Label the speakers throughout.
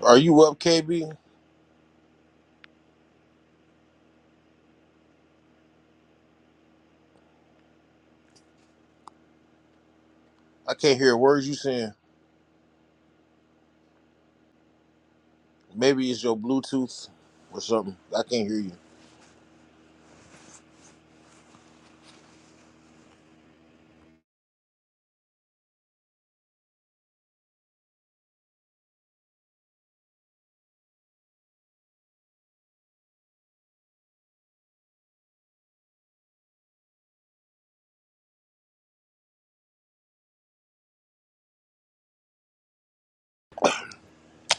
Speaker 1: Are you up, KB? I can't hear words you saying. Maybe it's your Bluetooth or something. I can't hear you.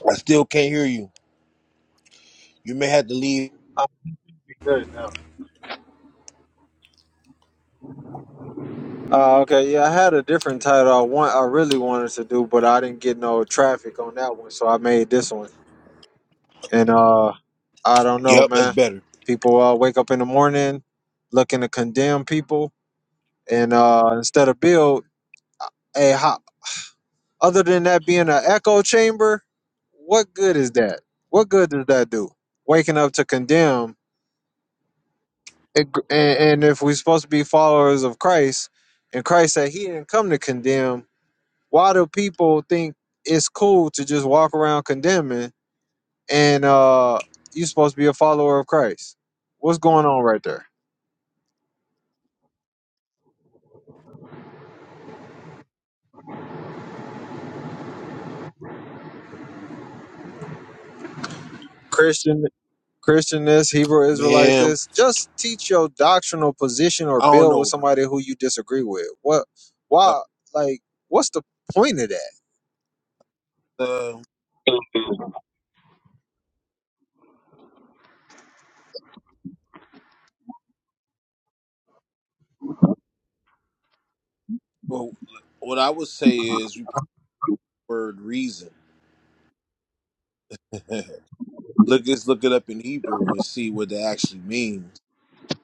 Speaker 1: I still can't hear you. You may have to leave.
Speaker 2: I be good now. Uh, okay, yeah, I had a different title I want I really wanted to do, but I didn't get no traffic on that one, so I made this one. And uh I don't know,
Speaker 1: Yep, that's
Speaker 2: man.
Speaker 1: better.
Speaker 2: People uh, wake up in the morning looking to condemn people, and uh instead of build, hey, how, other than that being an echo chamber, what good is that? What good does that do? Waking up to condemn, it, and, and if we're supposed to be followers of Christ, and Christ said He didn't come to condemn. why do people think it's cool to just walk around condemning and uh you're supposed to be a follower of Christ? What's going on right there? Christian Christian this, Hebrew Israelite
Speaker 1: Man,
Speaker 2: this. Just teach your doctrinal position or
Speaker 1: I don't
Speaker 2: build with
Speaker 1: know, bro.
Speaker 2: somebody who you disagree with. What
Speaker 1: Uh,
Speaker 2: why like what's the point of that?
Speaker 1: uh, well, what I would say is we probably word reason. look, let's look it up in Hebrew and see what that actually means,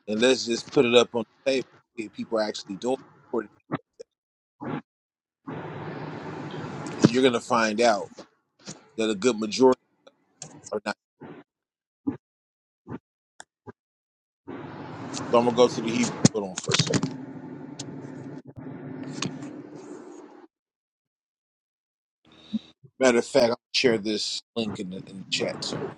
Speaker 1: and let's just put it up on the table. See if people are actually doing it, and you're gonna find out that a good majority are not. So I'm gonna go to the Hebrew. Hold on for a second. Matter of fact, I'll share this link in the, in the chat too.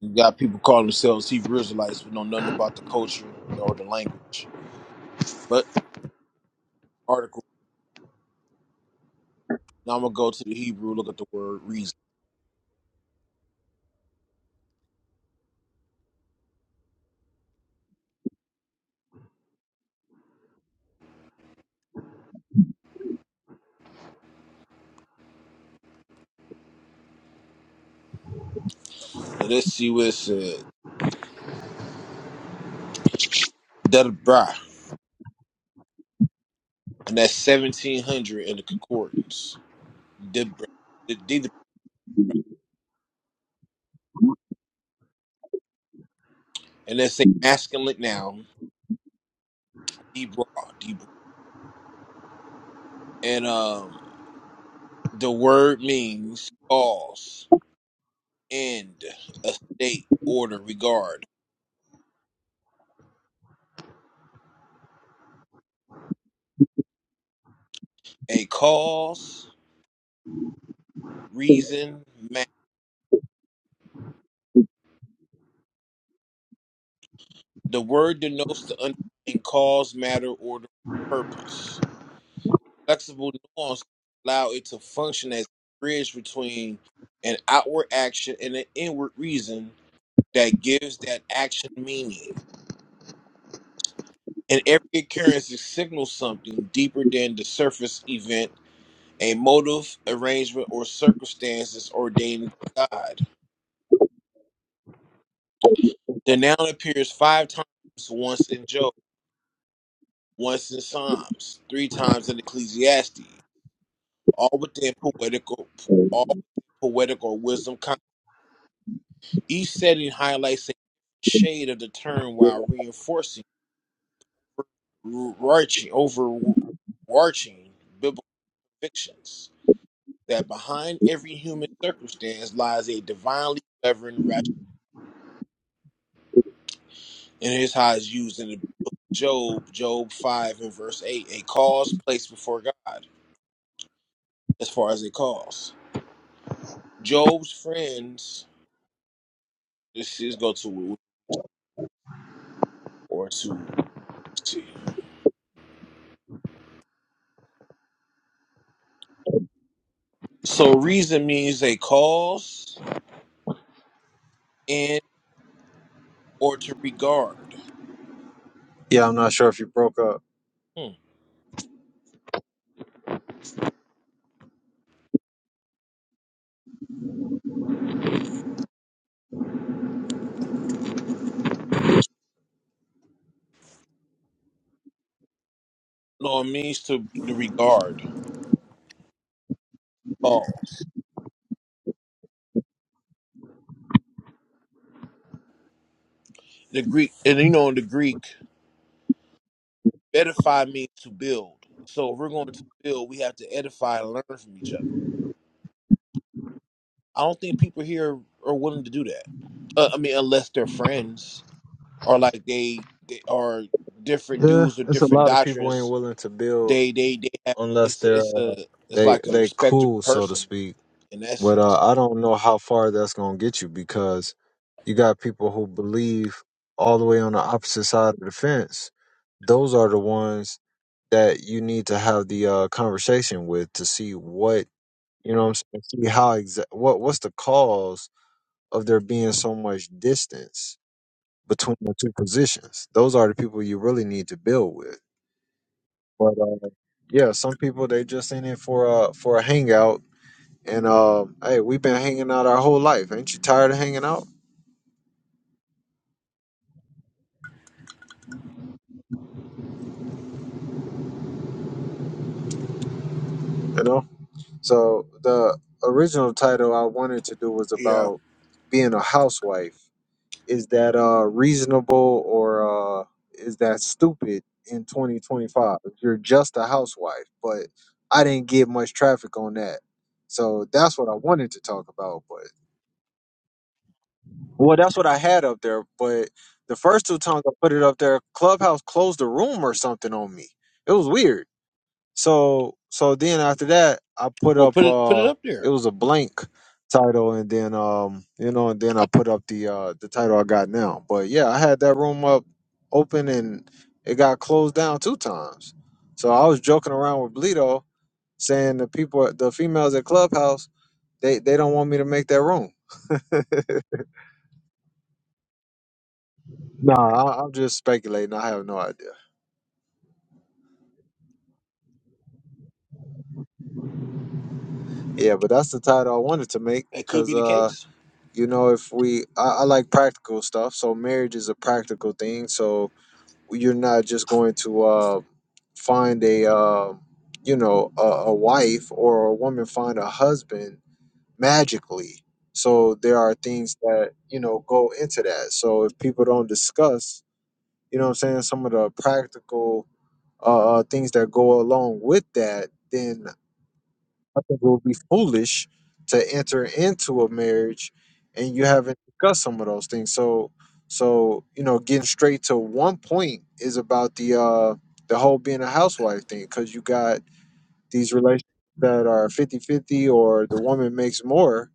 Speaker 1: You got people calling themselves Hebrew Israelites but know nothing about the culture or the language. But article. Now I'm gonna go to the Hebrew, look at the word reason. And let's see what it says. Debra. And that's seventeen hundred in the concordance. Debra. The- the- And that's a masculine noun. Debra. Debra. And um the word means cause, end, a state, order, regard. A cause reason, matter. The word denotes the underlying cause, matter, order, purpose. Flexible nuance allow it to function as a bridge between an outward action and an inward reason that gives that action meaning. And every occurrence signals something deeper than the surface event, a motive, arrangement, or circumstances ordained by God. The noun appears five times once in Job. once in Psalms, three times in Ecclesiastes, all within poetical, all poetical wisdom. con- Each setting highlights a shade of the term while reinforcing overarching, overarching biblical convictions that behind every human circumstance lies a divinely sovereign. rational. And here's how it's used in the book of Job, Job 5 and verse 8, a cause placed before God as far as a cause. Job's friends This is go to or to see. So reason means a cause and or to regard.
Speaker 2: Yeah, I'm not sure if you broke up.
Speaker 1: Hmm. No, it means to the regard cause. The Greek and you know in the Greek, edify means to build. So if we're going to build, we have to edify and learn from each other. I don't think people here are willing to do that. Uh, I mean, unless they're friends or like they they are different
Speaker 2: Yeah,
Speaker 1: dudes or
Speaker 2: it's a
Speaker 1: different
Speaker 2: lot of people ain't
Speaker 1: doctrines
Speaker 2: willing to build
Speaker 1: They they they have
Speaker 2: unless
Speaker 1: it's a,
Speaker 2: they're
Speaker 1: it's
Speaker 2: uh,
Speaker 1: a it's
Speaker 2: they
Speaker 1: like a
Speaker 2: they
Speaker 1: respected
Speaker 2: cool so to
Speaker 1: person
Speaker 2: speak
Speaker 1: in
Speaker 2: But
Speaker 1: essence.
Speaker 2: uh, I don't know how far that's gonna get you because you got people who believe all the way on the opposite side of the fence. Those are the ones that you need to have the uh, conversation with to see what you know. What I'm saying, see how exact what what's the cause of there being so much distance between the two positions. Those are the people you really need to build with. But uh, yeah, some people they just in it for a for a hangout and um, hey, we've been hanging out our whole life. Ain't you tired of hanging out? You know. So the original title I wanted to do was
Speaker 1: Yeah,
Speaker 2: about being a housewife. Is that uh reasonable or uh is that stupid in 2025? If you're just a housewife, but I didn't get much traffic on that. So that's what I wanted to talk about, but well, that's what I had up there. But the first two times I put it up there, Clubhouse closed the room or something on me. It was weird. So so then after that, I put
Speaker 1: Well,
Speaker 2: up
Speaker 1: put it put it
Speaker 2: uh
Speaker 1: up
Speaker 2: it
Speaker 1: there.
Speaker 2: was a blank title and then um you know and then
Speaker 1: I,
Speaker 2: I put up the uh the title I got now. But yeah, I had that room up open and it got closed down two times. So I was joking around with Bleedo saying the people the females at Clubhouse they they don't want me to make that room. Nah, I, I'm just speculating. I have no idea. Yeah, but that's the title I wanted to make
Speaker 1: it could be
Speaker 2: because
Speaker 1: the case.
Speaker 2: you know if we I, I like practical stuff so marriage is a practical thing so you're not just going to uh, find a uh, you know a, a wife or a woman find a husband magically so there are things that you know go into that so if people don't discuss you know what i'm saying some of the practical uh, uh, things that go along with that then I think it would be foolish to enter into a marriage and you haven't discussed some of those things. So so you know, getting straight to one point is about the uh the whole being a housewife thing because you got these relationships that are fifty fifty, or the woman makes more.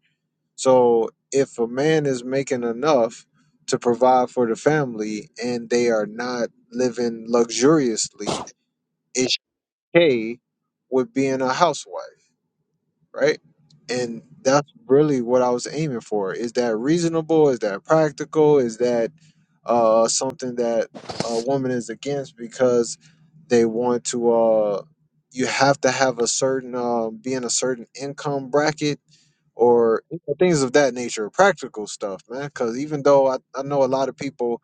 Speaker 2: So if a man is making enough to provide for the family and they are not living luxuriously, it's okay with being a housewife right? And that's really what I was aiming for. Is that reasonable? Is that practical? Is that uh, something that a woman is against because they want to? Uh, you have to have a certain, uh, be in a certain income bracket or you know, things of that nature, practical stuff, man. Because even though I, I know a lot of people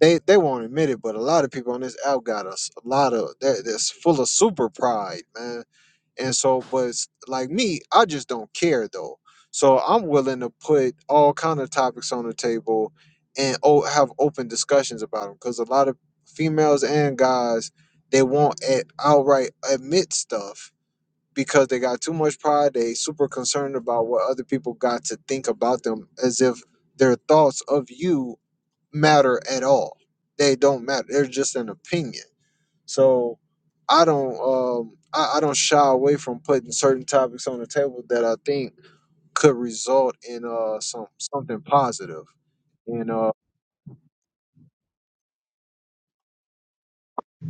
Speaker 2: they they won't admit it, but a lot of people on this app got us a lot of that that's full of super pride, man. And so, but it's- like me, I just don't care though. So I'm willing to put all kind of topics on the table and o- have open discussions about them because a lot of females and guys they won't at outright admit stuff because they got too much pride. They super concerned about what other people got to think about them as if their thoughts of you matter at all. They don't matter. They're just an opinion. So I don't um I, I don't shy away from putting certain topics on the table that I think could result in uh some something positive. And uh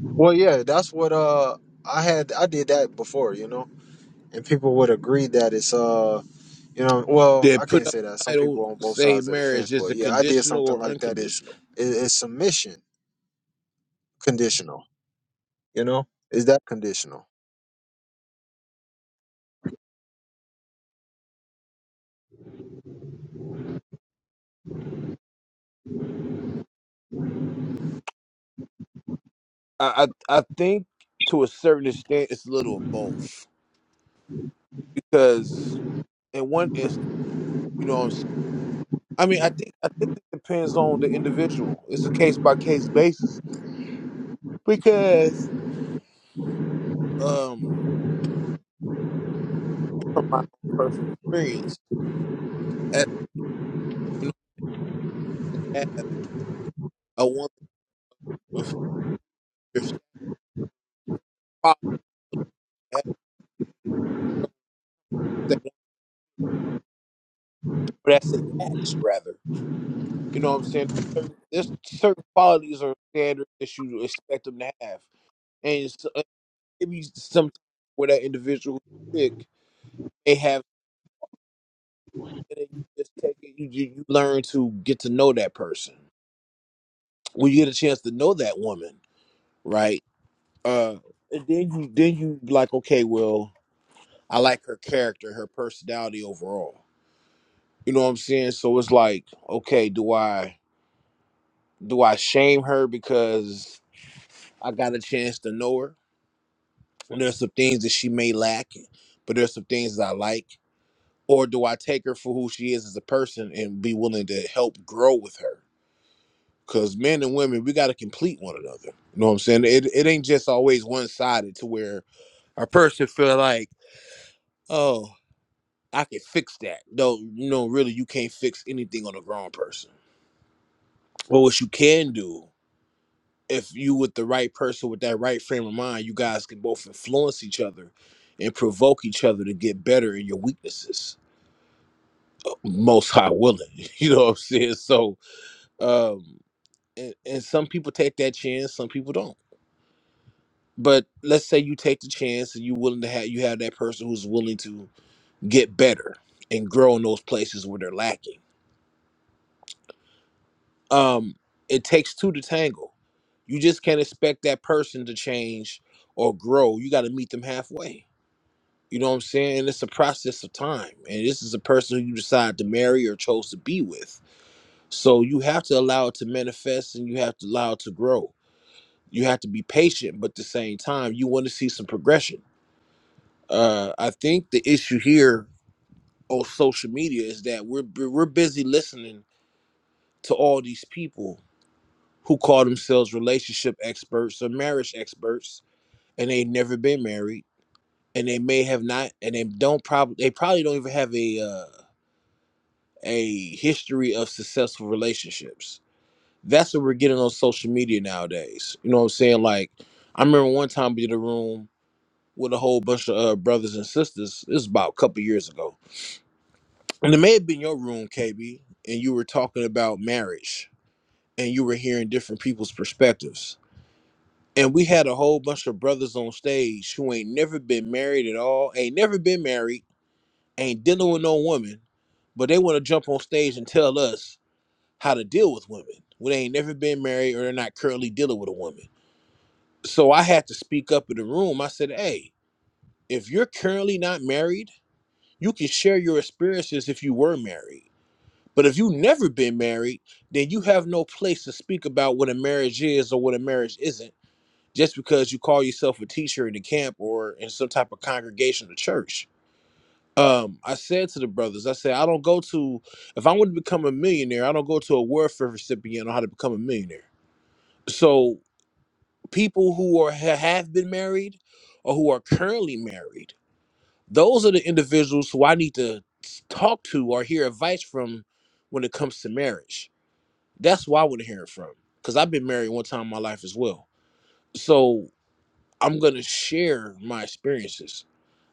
Speaker 2: well yeah, that's what uh I had I did that before, you know. And people would agree that it's uh you know, well,
Speaker 1: They
Speaker 2: I
Speaker 1: put
Speaker 2: can't
Speaker 1: up
Speaker 2: say that.
Speaker 1: the
Speaker 2: Some
Speaker 1: title
Speaker 2: people on both
Speaker 1: say
Speaker 2: sides of the
Speaker 1: marriage
Speaker 2: fence,
Speaker 1: is
Speaker 2: but
Speaker 1: a
Speaker 2: yeah, I did
Speaker 1: conditional
Speaker 2: something
Speaker 1: or
Speaker 2: like that is
Speaker 1: unconditional.
Speaker 2: is, is submission conditional, you know? Is that conditional?
Speaker 1: I, I I think to a certain extent it's a little of both because in one instance, you know, what I'm saying? I mean, I think I think it depends on the individual. It's a case by case basis because um, from my personal experience, as you know, I a woman. of your quality has that, that say match rather. You know what I'm saying? Certain- There's certain qualities or standards that you expect them to have, and it's, uh, maybe some where that individual you pick they have. and You just take it. You you you learn to get to know that person. When you get a chance to know that woman, right? Uh, and then you then you like, okay, well, I like her character, her personality overall. You know what I'm saying? So it's like, okay, do I? Do I shame her because I got a chance to know her? And there's some things that she may lack, but there's some things that I like. Or do I take her for who she is as a person and be willing to help grow with her? Because men and women, we got to complete one another. You know what I'm saying? It, it ain't just always one sided to where a person feel like, oh, I can fix that. No, no, really, you can't fix anything on a grown person. But what you can do if you with the right person with that right frame of mind, you guys can both influence each other and provoke each other to get better in your weaknesses. Most high willing. You know what I'm saying? So um and, and some people take that chance, some people don't. But let's say you take the chance and you're willing to have you have that person who's willing to get better and grow in those places where they're lacking. Um it takes two to tangle. You just can't expect that person to change or grow. You gotta meet them halfway You know what I'm saying? And it's a process of time. And this is a person who you decide to marry or chose to be with. So you have to allow it to manifest and you have to allow it to grow. You have to be patient, but at the same time, you want to see some progression. Uh, I think the issue here on social media is that we're we're busy listening to all these people who call themselves relationship experts or marriage experts, and they've never been married, and they may have not, and they don't probably they probably don't even have a uh, a history of successful relationships. That's what we're getting on social media nowadays. You know what I'm saying? Like, I remember one time we did a room with a whole bunch of uh, brothers and sisters. This is about a couple years ago. And it may have been your room, KB, and you were talking about marriage and you were hearing different people's perspectives. And we had a whole bunch of brothers on stage who ain't never been married at all, ain't never been married, ain't dealing with no woman, but they want to jump on stage and tell us how to deal with women when they ain't never been married or they're not currently dealing with a woman. So I had to speak up in the room. I said, Hey, if you're currently not married, you can share your experiences if you were married. But if you've never been married, then you have no place to speak about what a marriage is or what a marriage isn't just because you call yourself a teacher in the camp or in some type of congregation or church. Um, I said to the brothers, I said, I don't go to, if I want to become a millionaire, I don't go to a welfare recipient on how to become a millionaire. So people who are ha- have been married or who are currently married, those are the individuals who I need to s- talk to or hear advice from when it comes to marriage. That's why I want to hear it from because I've been married one time in my life as well. So I'm gonna share my experiences.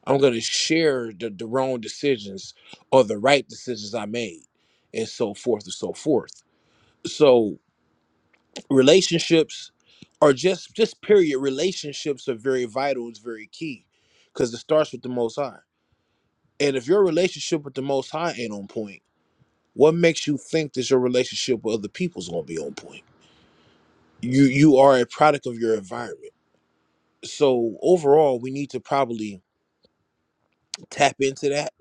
Speaker 1: I'm gonna share the, the wrong decisions or the right decisions I made, and so forth and so forth. So. relationships are just just period relationships are very vital it's very key because it starts with the most high and if your relationship with the most high ain't on point what makes you think that your relationship with other people's gonna be on point you you are a product of your environment so overall we need to probably tap into that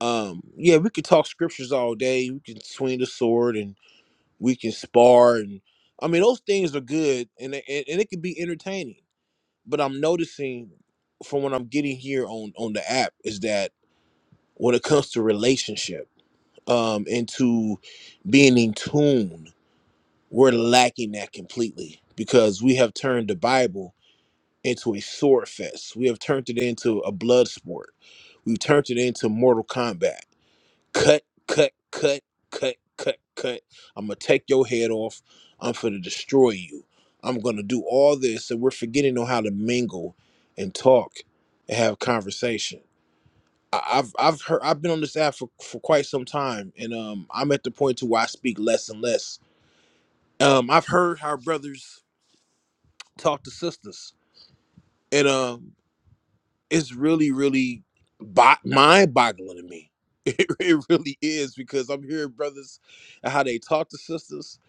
Speaker 1: um yeah we could talk scriptures all day we can swing the sword and we can spar and i mean those things are good and it- and, and it can be entertaining but I'm noticing from what I'm getting here on on the app is that when it comes to relationship um and to being in tune, we're lacking that completely because we have turned the Bible into a sword fest. We have turned it into a blood sport. We've turned it into Mortal Kombat cut, cut, cut, cut, cut, cut. I'm gonna take your head off. I'm gonna destroy you. I'm gonna do all this, and we're forgetting on how to mingle and talk and have conversation. I- I've I've heard I've been on this app for, for quite some time, and um, I'm at the point to where I speak less and less. Um, I've heard how brothers talk to sisters, and um, it's really really bo- mind boggling to me it, it really is because i'm hearing brothers and how they talk to sisters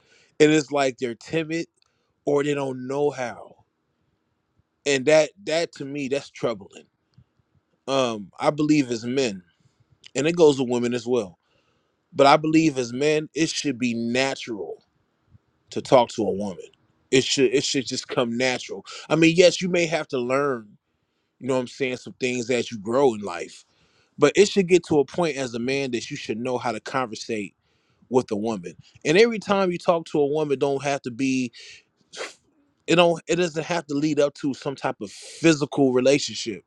Speaker 1: and it's like they're timid or they don't know how and that that to me that's troubling um i believe as men and it goes with women as well but i believe as men it should be natural to talk to a woman it should it should just come natural i mean yes you may have to learn you know what i'm saying some things as you grow in life but it should get to a point as a man that you should know how to conversate with a woman and every time you talk to a woman don't have to be it don't it doesn't have to lead up to some type of physical relationship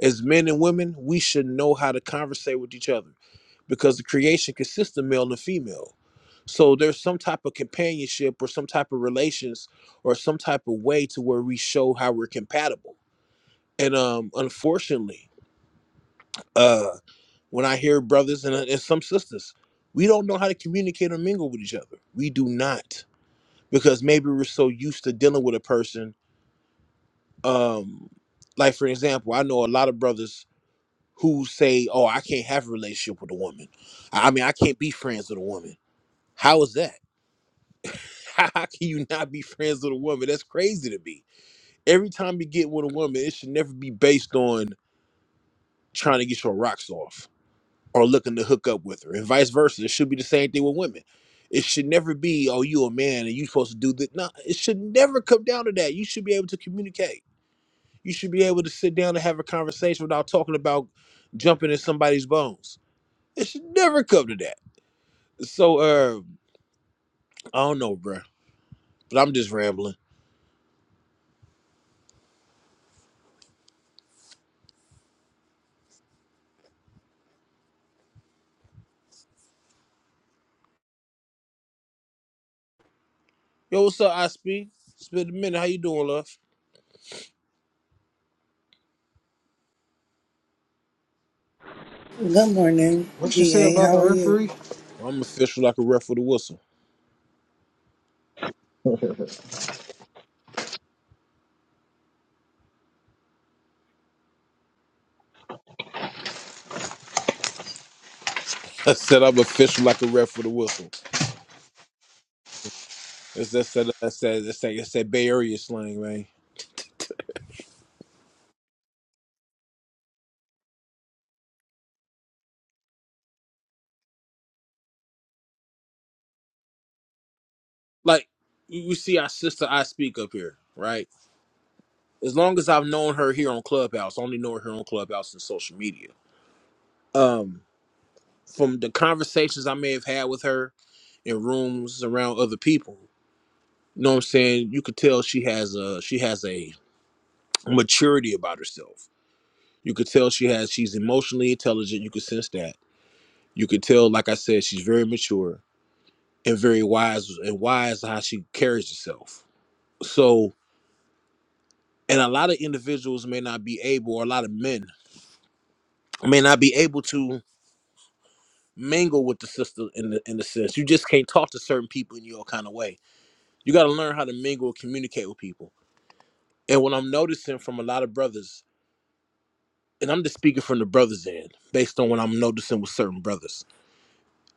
Speaker 1: as men and women we should know how to conversate with each other because the creation consists of male and female so there's some type of companionship or some type of relations or some type of way to where we show how we're compatible and um unfortunately uh when I hear brothers and, uh, and some sisters, we don't know how to communicate or mingle with each other. We do not because maybe we're so used to dealing with a person. Um, like for example, I know a lot of brothers who say, "Oh, I can't have a relationship with a woman. I I mean, I can't be friends with a woman." How is that? How can you not be friends with a woman? That's crazy to me. Every time you get with a woman, it should never be based on trying to get your rocks off are looking to hook up with her, and vice versa. It should be the same thing with women. It should never be, oh, you a man and you supposed to do that. No, it should never come down to that. You should be able to communicate. You should be able to sit down and have a conversation without talking about jumping in somebody's bones. It should never come to that. So, uh, I don't know, bruh, but I'm just rambling. Yo, what's up, I speak? It's been a minute. How you doing, love?
Speaker 3: Good morning,
Speaker 2: What you say
Speaker 3: BA.
Speaker 2: about
Speaker 3: How
Speaker 2: the
Speaker 3: are you?
Speaker 2: referee?
Speaker 1: I'm official like a ref with a whistle. I said I'm official like a ref with a whistle. It's that's that that's that that's that, that's that Bay Area slang, man. like you, you see our sister I speak up here, right? As long as I've known her here on Clubhouse, only know her on Clubhouse and social media. Um, from the conversations I may have had with her in rooms around other people, you know what I'm saying? You could tell she has a she has a maturity about herself. You could tell she has she's emotionally intelligent. You could sense that. You could tell, like I said, she's very mature and very wise and wise how she carries herself. So and a lot of individuals may not be able or a lot of men may not be able to mingle with the sister in the in the sense you just can't talk to certain people in your kind of way. You got to learn how to mingle and communicate with people. And what I'm noticing from a lot of brothers, and I'm just speaking from the brothers' end, based on what I'm noticing with certain brothers,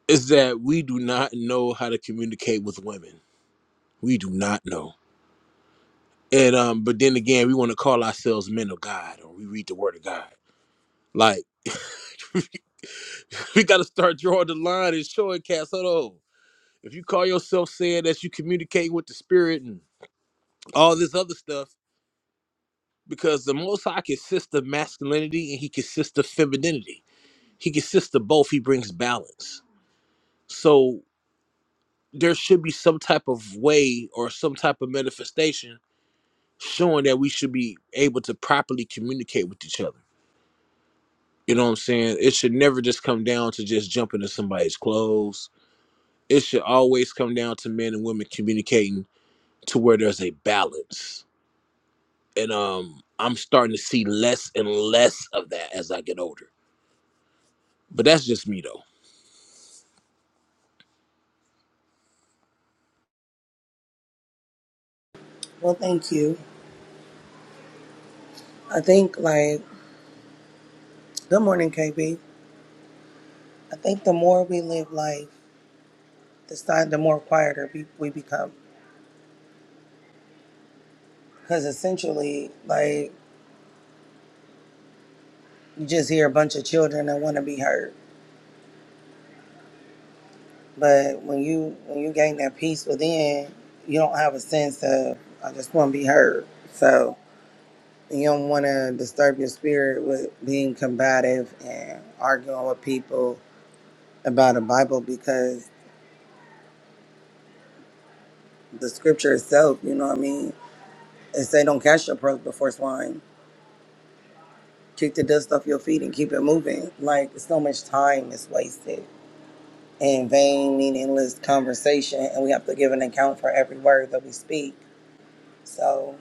Speaker 1: is that we do not know how to communicate with women. We do not know. And um, but then again, we want to call ourselves men of God, or we read the Word of God. Like we got to start drawing the line and showing cats. Hold on. If you call yourself saying that you communicate with the spirit and all this other stuff, because the Most High consists of masculinity and he consists of femininity. He consists of both. He brings balance. So there should be some type of way or some type of manifestation showing that we should be able to properly communicate with each other. You know what I'm saying? It should never just come down to just jumping in somebody's clothes. It should always come down to men and women communicating to where there's a balance and um I'm starting to see less and less of that as I get older. But that's just me though.
Speaker 3: Well, thank you. I think like good morning, KB. I think the more we live life, the si- the more quieter we, we become. Because essentially, like you just hear a bunch of children that want to be heard, but when you when you gain that peace within, you don't have a sense of I just want to be heard. So you don't want to disturb your spirit with being combative and arguing with people about a Bible because the scripture itself, you know what I mean? It say don't cast your pearls before swine. Kick the dust off your feet and keep it moving. Like so much time is wasted in vain, meaningless conversation, and we have to give an account for every word that we speak. So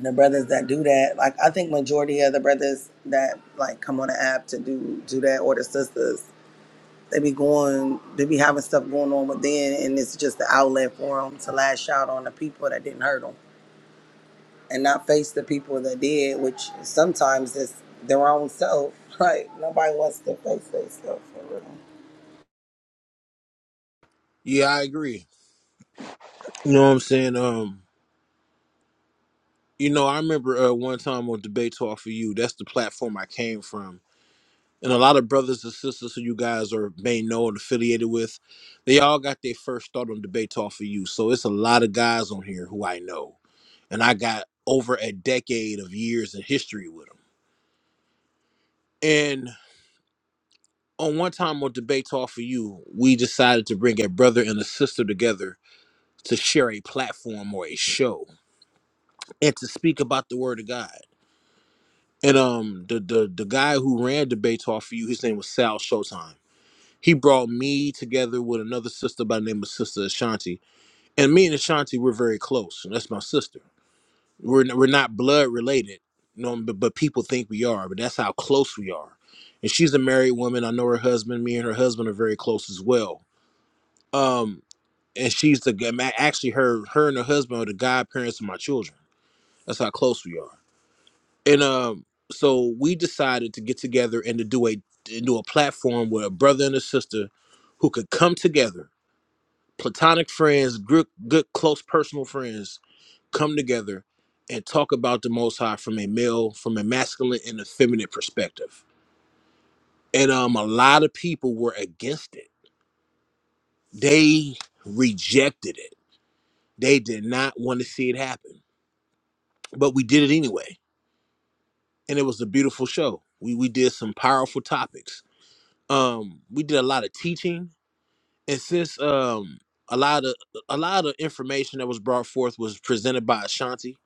Speaker 3: the brothers that do that, like I think majority of the brothers that like come on the app to do do that or the sisters, they be going, they be having stuff going on within, and it's just the outlet for them to lash out on the people that didn't hurt hurt them. and not face the people that did, which sometimes is their own self. Like nobody wants to face their self for real.
Speaker 1: Yeah, I agree. You know what I'm saying? Um, you know, I remember uh, one time on Debate Talk for You, that's the platform I came from. And a lot of brothers and sisters who you guys are may know and affiliated with, they all got their first start on Debate Talk for You. So it's a lot of guys on here who I know. And I got over a decade of years in history with them. On one time on Debate Talk for You, we decided to bring a brother and a sister together to share a platform or a show and to speak about the Word of God. And um, the the the guy who ran Debate Talk for You, his name was Sal Showtime. He brought me together with another sister by the name of Sister Ashanti, and me and Ashanti we're very close, and that's my sister. We're n- we're not blood related, you know, but, but people think we are, but that's how close we are. And she's a married woman. I know her husband. Me and her husband are very close as well. Um, and she's the g- ma- actually her her and her husband are the godparents of my children. That's how close we are. And um, so we decided to get together and to do a and do a platform where a brother and a sister who could come together, platonic friends, good good close personal friends, come together and talk about the Most High from a male, from a masculine and a feminine perspective. And um, a lot of people were against it. They rejected it. They did not want to see it happen but we did it anyway and it was a beautiful show we we did some powerful topics um we did a lot of teaching and since um a lot of a lot of information that was brought forth was presented by Ashanti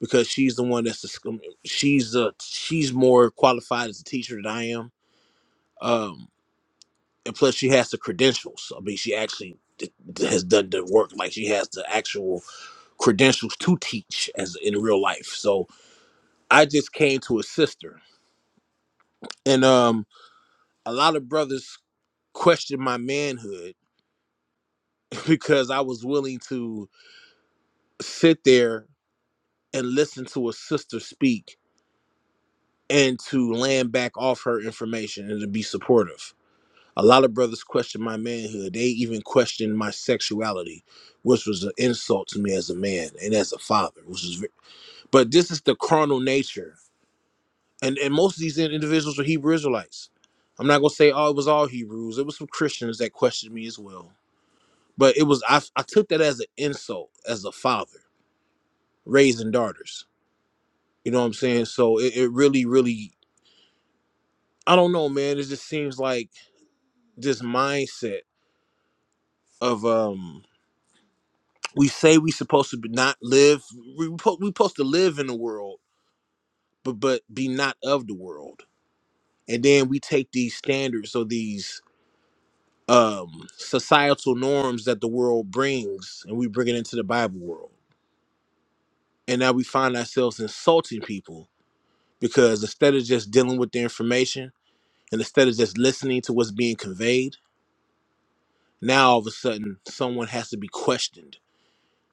Speaker 1: because she's the one that's the, sc- she's uh she's more qualified as a teacher than I am um and plus she has the credentials I mean she actually d- d- has done the work like she has the actual credentials to teach as in real life so I just came to assist her and um. a lot of brothers questioned my manhood because I was willing to sit there and listen to a sister speak and to land back off her information and to be supportive. A lot of brothers questioned my manhood. They even questioned my sexuality, which was an insult to me as a man and as a father. Which is, ve- but this is the carnal nature, and and most of these individuals were Hebrew Israelites. I'm not gonna say oh it was all Hebrews. It was some Christians that questioned me as well But it was I I took that as an insult as a father raising daughters. You know what I'm saying? So it, it really, really I don't know, man. It just seems like this mindset of um we say we supposed to be not live we po- we supposed to live in the world, but but be not of the world. And then we take these standards or these um societal norms that the world brings and we bring it into the Bible world. And now we find ourselves insulting people because instead of just dealing with the information and instead of just listening to what's being conveyed, now all of a sudden someone has to be questioned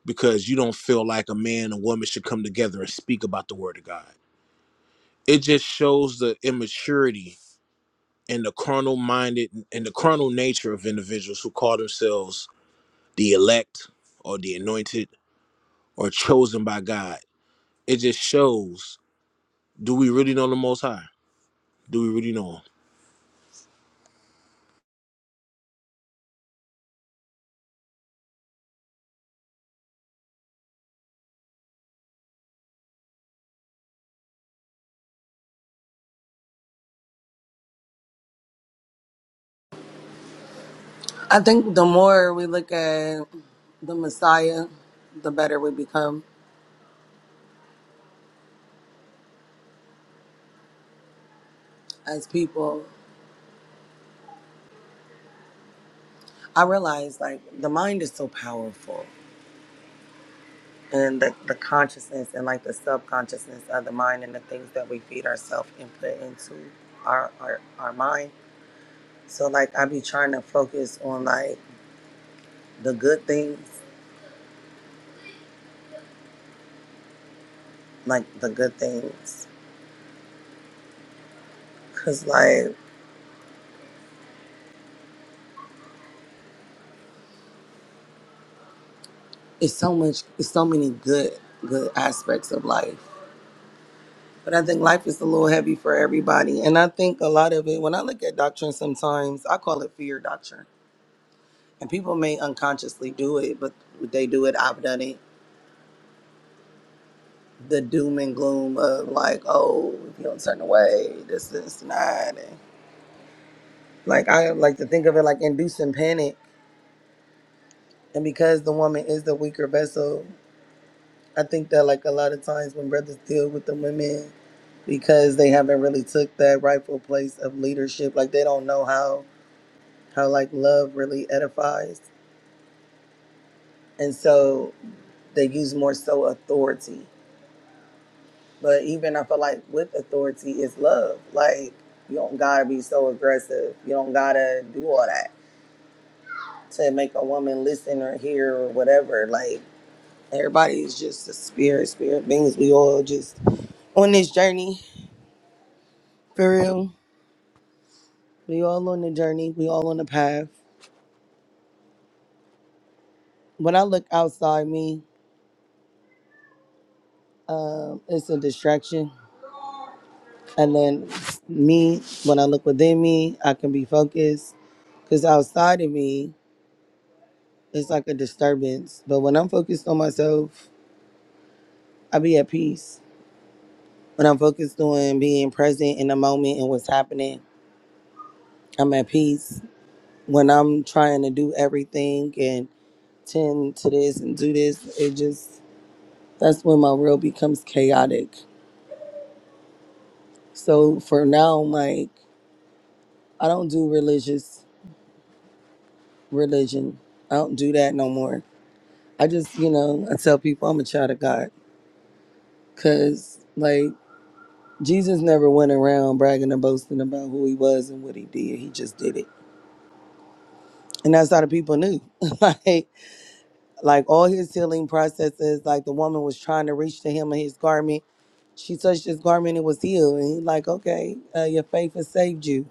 Speaker 1: because you don't feel like a man and woman should come together and speak about the word of God. It just shows the immaturity and the carnal minded and the carnal nature of individuals who call themselves the elect or the anointed or chosen by God. It just shows do we really know the most high? Do we really know him?
Speaker 3: I think the more we look at the Messiah, the better we become as people. I realize like the mind is so powerful and the, the consciousness and like the subconsciousness of the mind and the things that we feed ourselves and put into our, our our mind. So like I be trying to focus on like the good things, like the good things Cause like it's so much, it's so many good, good aspects of life. But I think life is a little heavy for everybody, and I think a lot of it. When I look at doctrine, sometimes I call it fear doctrine, and people may unconsciously do it, but they do it. I've done it. The doom and gloom of like, oh, if you don't turn away, this, this, and that. And like I like to think of it like inducing panic, and because the woman is the weaker vessel. I think that like a lot of times when brothers deal with the women because they haven't really took that rightful place of leadership, like they don't know how how like love really edifies. And so they use more so authority. But even I feel like with authority is love. Like you don't gotta be so aggressive. You don't gotta do all that to make a woman listen or hear or whatever. Like everybody is just a spirit, spirit beings. We all just on this journey for real. We all on the journey. We all on the path. When I look outside me, um, it's a distraction. And then me, when I look within me, I can be focused. Cause outside of me, it's like a disturbance. But when I'm focused on myself, I be at peace. When I'm focused on being present in the moment and what's happening, I'm at peace. When I'm trying to do everything and tend to this and do this, it just that's when my world becomes chaotic So for now, like I don't do religious religion. I don't do that no more. I just, you know, I tell people I'm a child of God because like Jesus never went around bragging and boasting about who he was and what he did. He just did it. And that's how the people knew. like like all his healing processes, like the woman was trying to reach to him in his garment. She touched his garment and was healed. And he's like, okay, uh, your faith has saved you.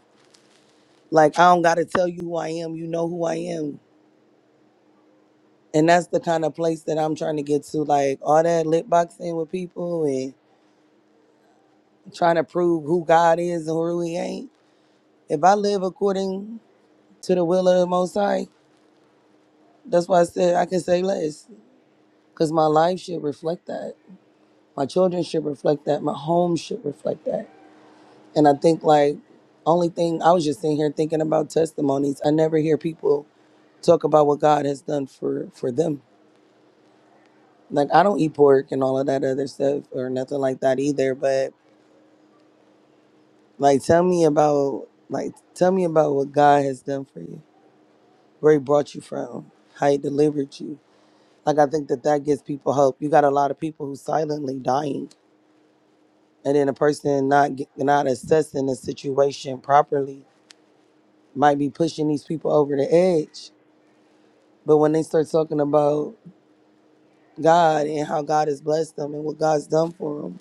Speaker 3: Like, I don't got to tell you who I am. You know who I am And that's the kind of place that I'm trying to get to. Like all that lip boxing with people and trying to prove who God is and who he ain't. If I live according to the will of the Most High, that's why I said I can say less. Because my life should reflect that. My children should reflect that. My home should reflect that. And I think like only thing I was just sitting here thinking about testimonies. I never hear people talk about what God has done for for them. Like I don't eat pork and all of that other stuff or nothing like that either. But Like, tell me about like tell me about what God has done for you, where He brought you from, how He delivered you. Like, I think that that gives people hope. You got a lot of people who silently dying, and then a person not get- not assessing the situation properly might be pushing these people over the edge. But when they start talking about God and how God has blessed them and what God's done for them,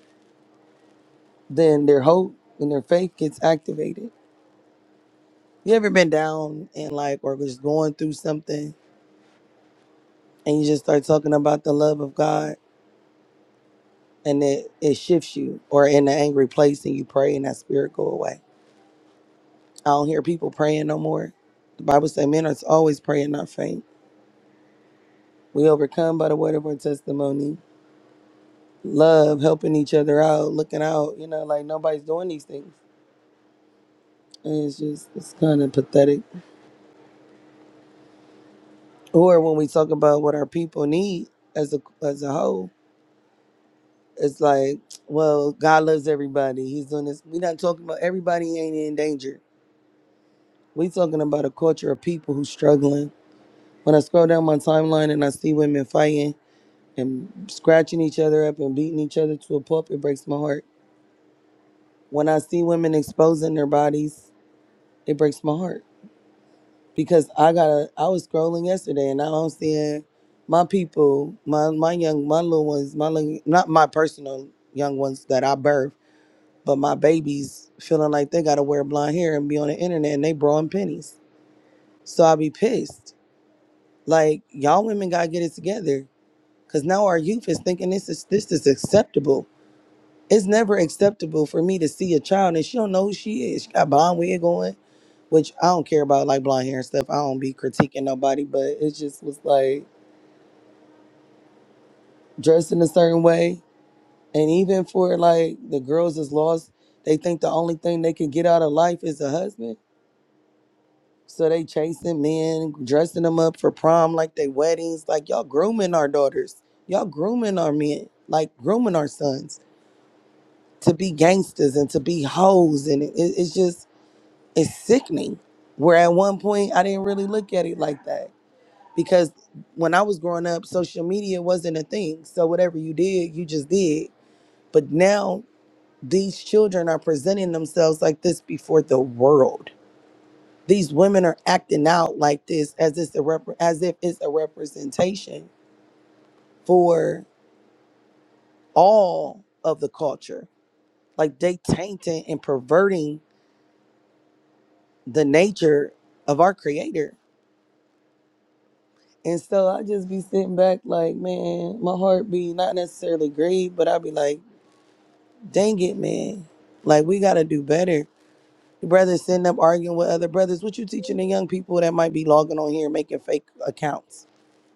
Speaker 3: then their hope and their faith gets activated. You ever been down and like, or just going through something? and you just start talking about the love of God and it, it shifts you or in an angry place and you pray and that spirit go away. I don't hear people praying no more. The Bible says men are always praying, not faint. We overcome by the word of our testimony. Love, helping each other out, looking out, you know, like nobody's doing these things. And it's just it's kind of pathetic. Or when we talk about what our people need as a as a whole, it's like, well, God loves everybody. He's doing this. We're not talking about everybody ain't in danger We talking about a culture of people who's struggling. When I scroll down my timeline and I see women fighting and scratching each other up and beating each other to a pulp, it breaks my heart. When I see women exposing their bodies, it breaks my heart because I got to I was scrolling yesterday and now I'm seeing my people, my my young, my little ones, my little, not my personal young ones that I birthed, but my babies feeling like they got to wear blonde hair and be on the internet and they brawling pennies. So I be pissed Like y'all women gotta get it together, cause now our youth is thinking this is this is acceptable. It's never acceptable for me to see a child and she don't know who she is. She got blonde wig going, which I don't care about like blonde hair and stuff. I don't be critiquing nobody, but it just was like dressed in a certain way. And even for like the girls that's lost, they think the only thing they can get out of life is a husband. So they chasing men, dressing them up for prom like they weddings. Like y'all grooming our daughters. Y'all grooming our men. Like grooming our sons to be gangsters and to be hoes. And it, it- it's just, it's sickening. Where at one point I didn't really look at it like that because when I was growing up, social media wasn't a thing. So whatever you did, you just did. But now these children are presenting themselves like this before the world these women are acting out like this as it's a rep- as if it's a representation for all of the culture like they tainting and perverting the nature of our creator and so i just be sitting back like man my heart be not necessarily grieved but i be like dang it man like we gotta do better brothers sitting up arguing with other brothers what you teaching the young people that might be logging on here and making fake accounts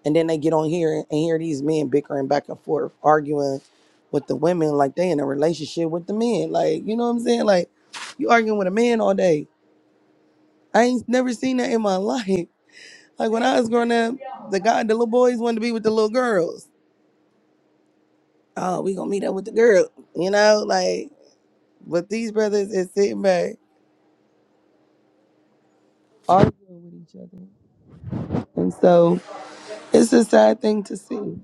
Speaker 3: And then they get on here and hear these men bickering back and forth, arguing with the women like they in a relationship with the men. Like, you know what I'm saying? Like, you arguing with a man all day. I ain't never seen that in my life. Like when I was growing up, the guy, the little boys wanted to be with the little girls. Oh, we gonna meet up with the girl, you know? Like, but these brothers is sitting back arguing with each other, and so it's a sad thing to see.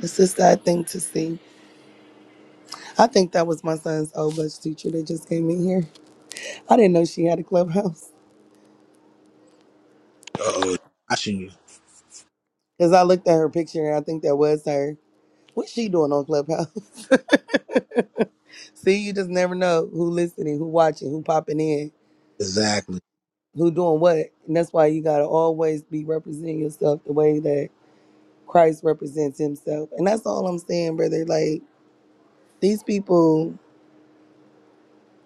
Speaker 3: It's a sad thing to see. I think that was my son's old bus teacher that just came in here. I didn't know she had a clubhouse
Speaker 1: Uh oh. I should
Speaker 3: because I looked at her picture and I think that was her. What's she doing on Clubhouse? See, you just never know who listening, who watching, who popping in,
Speaker 1: Exactly.
Speaker 3: who doing what, and that's why you gotta always be representing yourself the way that Christ represents Himself, and that's all I'm saying, brother. Like these people,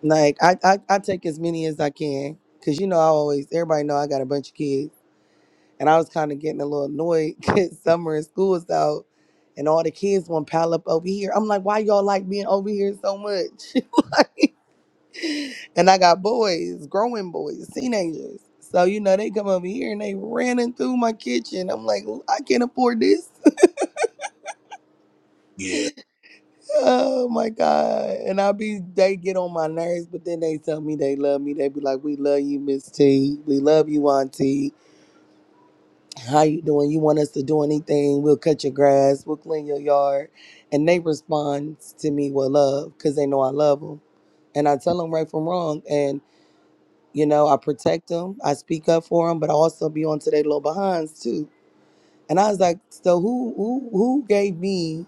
Speaker 3: like I I, I take as many as I can because you know I always everybody know I got a bunch of kids. And I was kind of getting a little annoyed because summer and school was out and all the kids want to pile up over here. I'm like, why y'all like being over here so much? and I got boys, growing boys, teenagers. So, you know, they come over here and they running through my kitchen. I'm like, I can't afford this. oh my God. And I be, they get on my nerves, but then they tell me they love me. They be like, we love you, Miss T. We love you, Auntie. how you doing? You want us to do anything? We'll cut your grass. We'll clean your yard. And they respond to me with love because they know I love them. And I tell them right from wrong. And, you know, I protect them. I speak up for them, but I also be on to their little behinds too. And I was like, so who who who gave me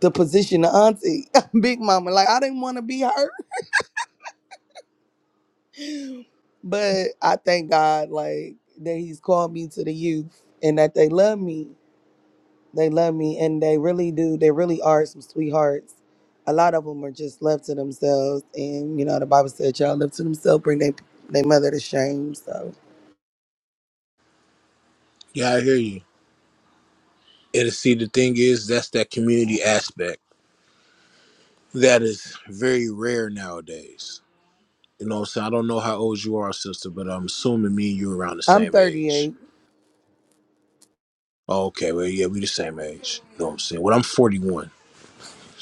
Speaker 3: the position of auntie, big mama? Like, I didn't want to be her. But I thank God, like, that he's called me to the youth and that they love me They love me, and they really do. They really are some sweethearts. A lot of them are just left to themselves, and you know the Bible said, "Y'all left to themselves, bring their their mother to shame." So
Speaker 1: Yeah, I hear you. And see, the thing is, that's that community aspect that is very rare nowadays. You know, so I don't know how old you are, sister, but I'm assuming me and you are around the
Speaker 3: I'm
Speaker 1: same age.
Speaker 3: 38.
Speaker 1: Oh, Okay, well, yeah, we the same age. You know what I'm saying? Well, I'm 41,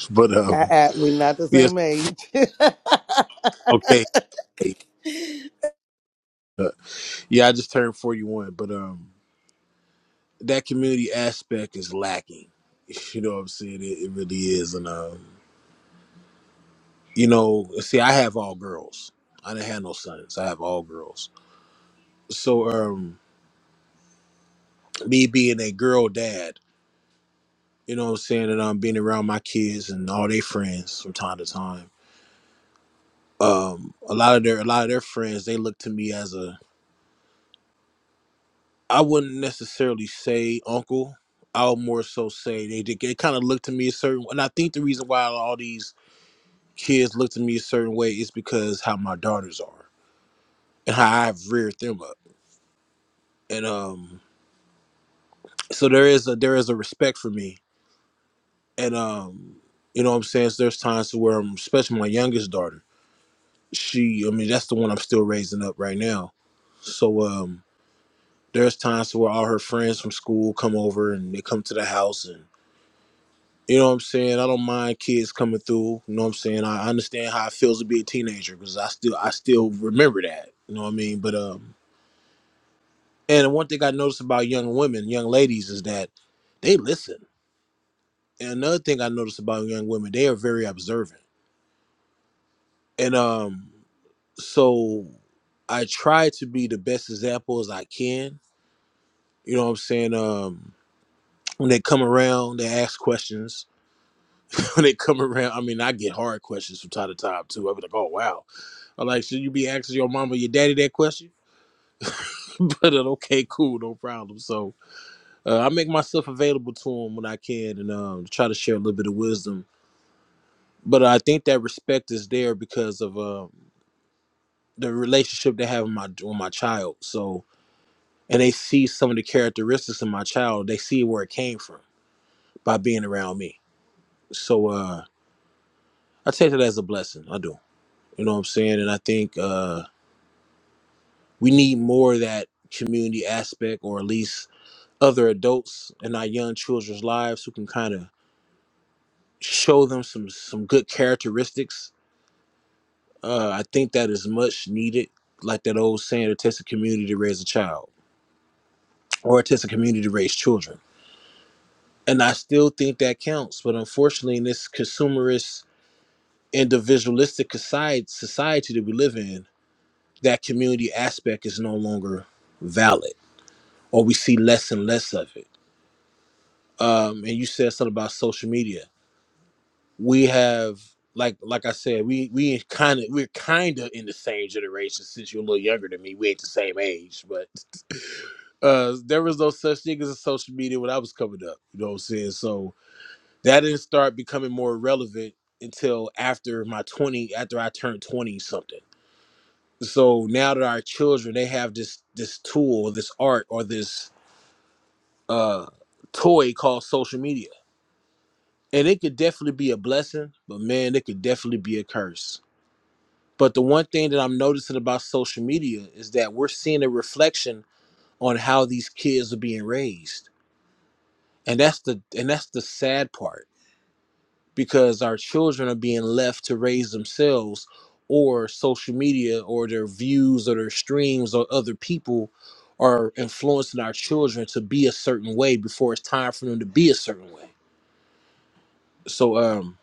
Speaker 1: but
Speaker 3: I,
Speaker 1: um,
Speaker 3: I, we not the
Speaker 1: yes,
Speaker 3: same age.
Speaker 1: okay, Uh, yeah, I just turned 41, but um, that community aspect is lacking. You know what I'm saying? It, it really is, and um, you know, see, I have all girls. I didn't have no sons. I have all girls so um me being a girl dad you know what i'm saying and i'm being around my kids and all their friends from time to time um a lot of their a lot of their friends they look to me as a i wouldn't necessarily say uncle i would more so say they did they kind of look to me a certain and i think the reason why all these kids look to me a certain way is because how my daughters are and how i've reared them up and um so there is a there is a respect for me and um you know what i'm saying so there's times to where i especially my youngest daughter she i mean that's the one i'm still raising up right now so um there's times to where all her friends from school come over and they come to the house and you know what i'm saying i don't mind kids coming through you know what i'm saying i I understand how it feels to be a teenager because i still i still remember that you know what i mean but um and one thing i noticed about young women young ladies is that they listen and another thing i noticed about young women they are very observant and um so I try to be the best example as I can. You know what I'm saying? Um, when they come around, they ask questions. when they come around, I mean, I get hard questions from time to time too. I'll be like, "Oh wow!" I'm like, "Should you be asking your mom or your daddy that question?" but uh, okay, cool, no problem. So uh, I make myself available to them when I can, and um, try to share a little bit of wisdom. But uh, I think that respect is there because of um the relationship they have with my with my child. So and they see some of the characteristics of my child. They see where it came from by being around me. So uh, I take that as a blessing. I do. You know what I'm saying? And I think uh, we need more of that community aspect, or at least other adults in our young children's lives who can kind of show them some some good characteristics. Uh, I think that is much needed. Like that old saying, it takes a community to raise a child, or it takes a community to raise children. And I still think that counts. But unfortunately, in this consumerist individualistic society, society that we live in, that community aspect is no longer valid, or we see less and less of it. Um, and you said something about social media. We have, like, like I said, we we kind of we're kind of in the same generation. Since you're a little younger than me, we ain't the same age. But uh, there was no such thing as a social media when I was coming up. You know what I'm saying? So that didn't start becoming more relevant until after my 20, after I turned 20 something so now that our children they have this this tool this art or this uh toy called social media and it could definitely be a blessing but man it could definitely be a curse but the one thing that i'm noticing about social media is that we're seeing a reflection on how these kids are being raised and that's the and that's the sad part because our children are being left to raise themselves or social media or their views or their streams or other people are influencing our children to be a certain way before it's time for them to be a certain way so um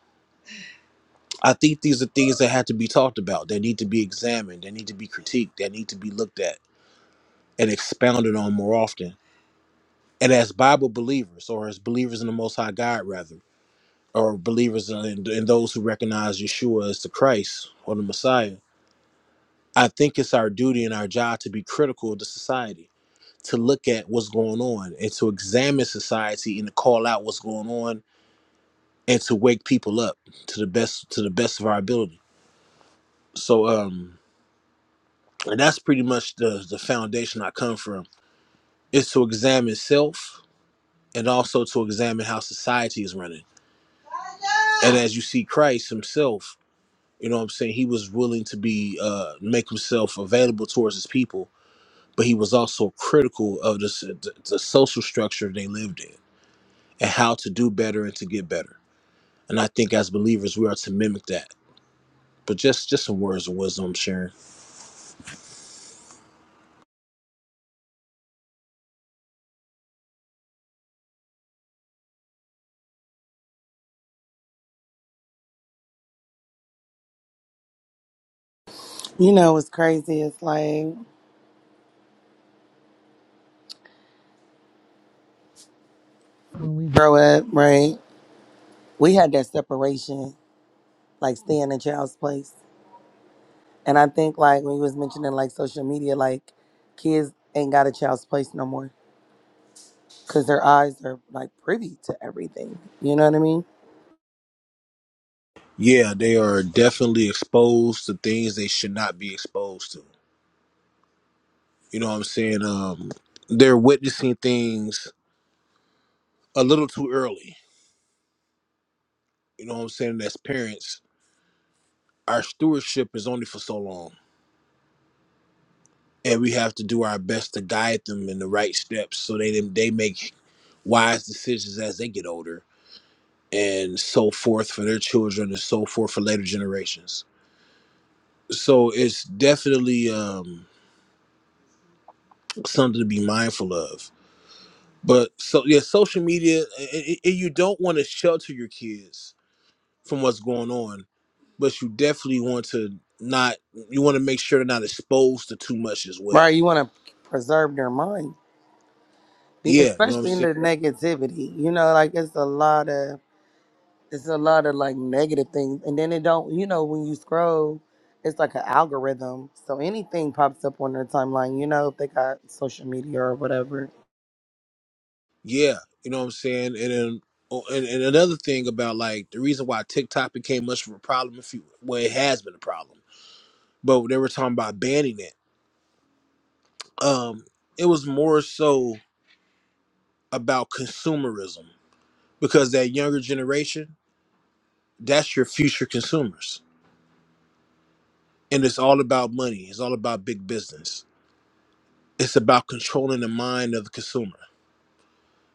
Speaker 1: i think these are things that have to be talked about they need to be examined they need to be critiqued they need to be looked at and expounded on more often and as bible believers or as believers in the most high god rather or believers in, in those who recognize yeshua as the christ or the messiah I think it's our duty and our job to be critical of the society, to look at what's going on and to examine society and to call out what's going on and to wake people up to the best to the best of our ability. So um and that's pretty much the the foundation I come from is to examine self and also to examine how society is running. And as you see Christ himself, you know what I'm saying, he was willing to be uh make himself available towards his people but he was also critical of the, s- the, the social structure they lived in and how to do better and to get better. And I think as believers, we are to mimic that. But just just some words of wisdom I'm sharing.
Speaker 3: you know what's crazy? It's like when we grow up, right? We had that separation, like staying in child's place, and I think like when you was mentioning like social media, like kids ain't got a child's place no more because their eyes are like privy to everything. You know what I mean?
Speaker 1: Yeah, they are definitely exposed to things they should not be exposed to. You know what I'm saying? Um, they're witnessing things a little too early. You know what I'm saying? As parents, our stewardship is only for so long. And we have to do our best to guide them in the right steps so they, they make wise decisions as they get older and so forth for their children and so forth for later generations so it's definitely um, something to be mindful of but so yeah social media i i you don't want to shelter your kids from what's going on but you definitely want to not you want to make sure they're not exposed to too much as
Speaker 3: Right? You
Speaker 1: well
Speaker 3: want to preserve their mind, be,
Speaker 1: yeah you know what i'm
Speaker 3: especially in
Speaker 1: saying
Speaker 3: the negativity. You know, like it's a lot of it's a lot of like negative things, and then it don't. You know, when you scroll, it's like an algorithm, so anything pops up on their timeline. You know, if they got social media or whatever.
Speaker 1: Yeah, you know what I'm saying. And then, oh, and, and another thing about like the reason why TikTok became much of a problem, if you well, it has been a problem, but they were talking about banning it. Um, it was more so about consumerism because that younger generation, that's your future consumers, and it's all about money. It's all about big business. It's about controlling the mind of the consumer.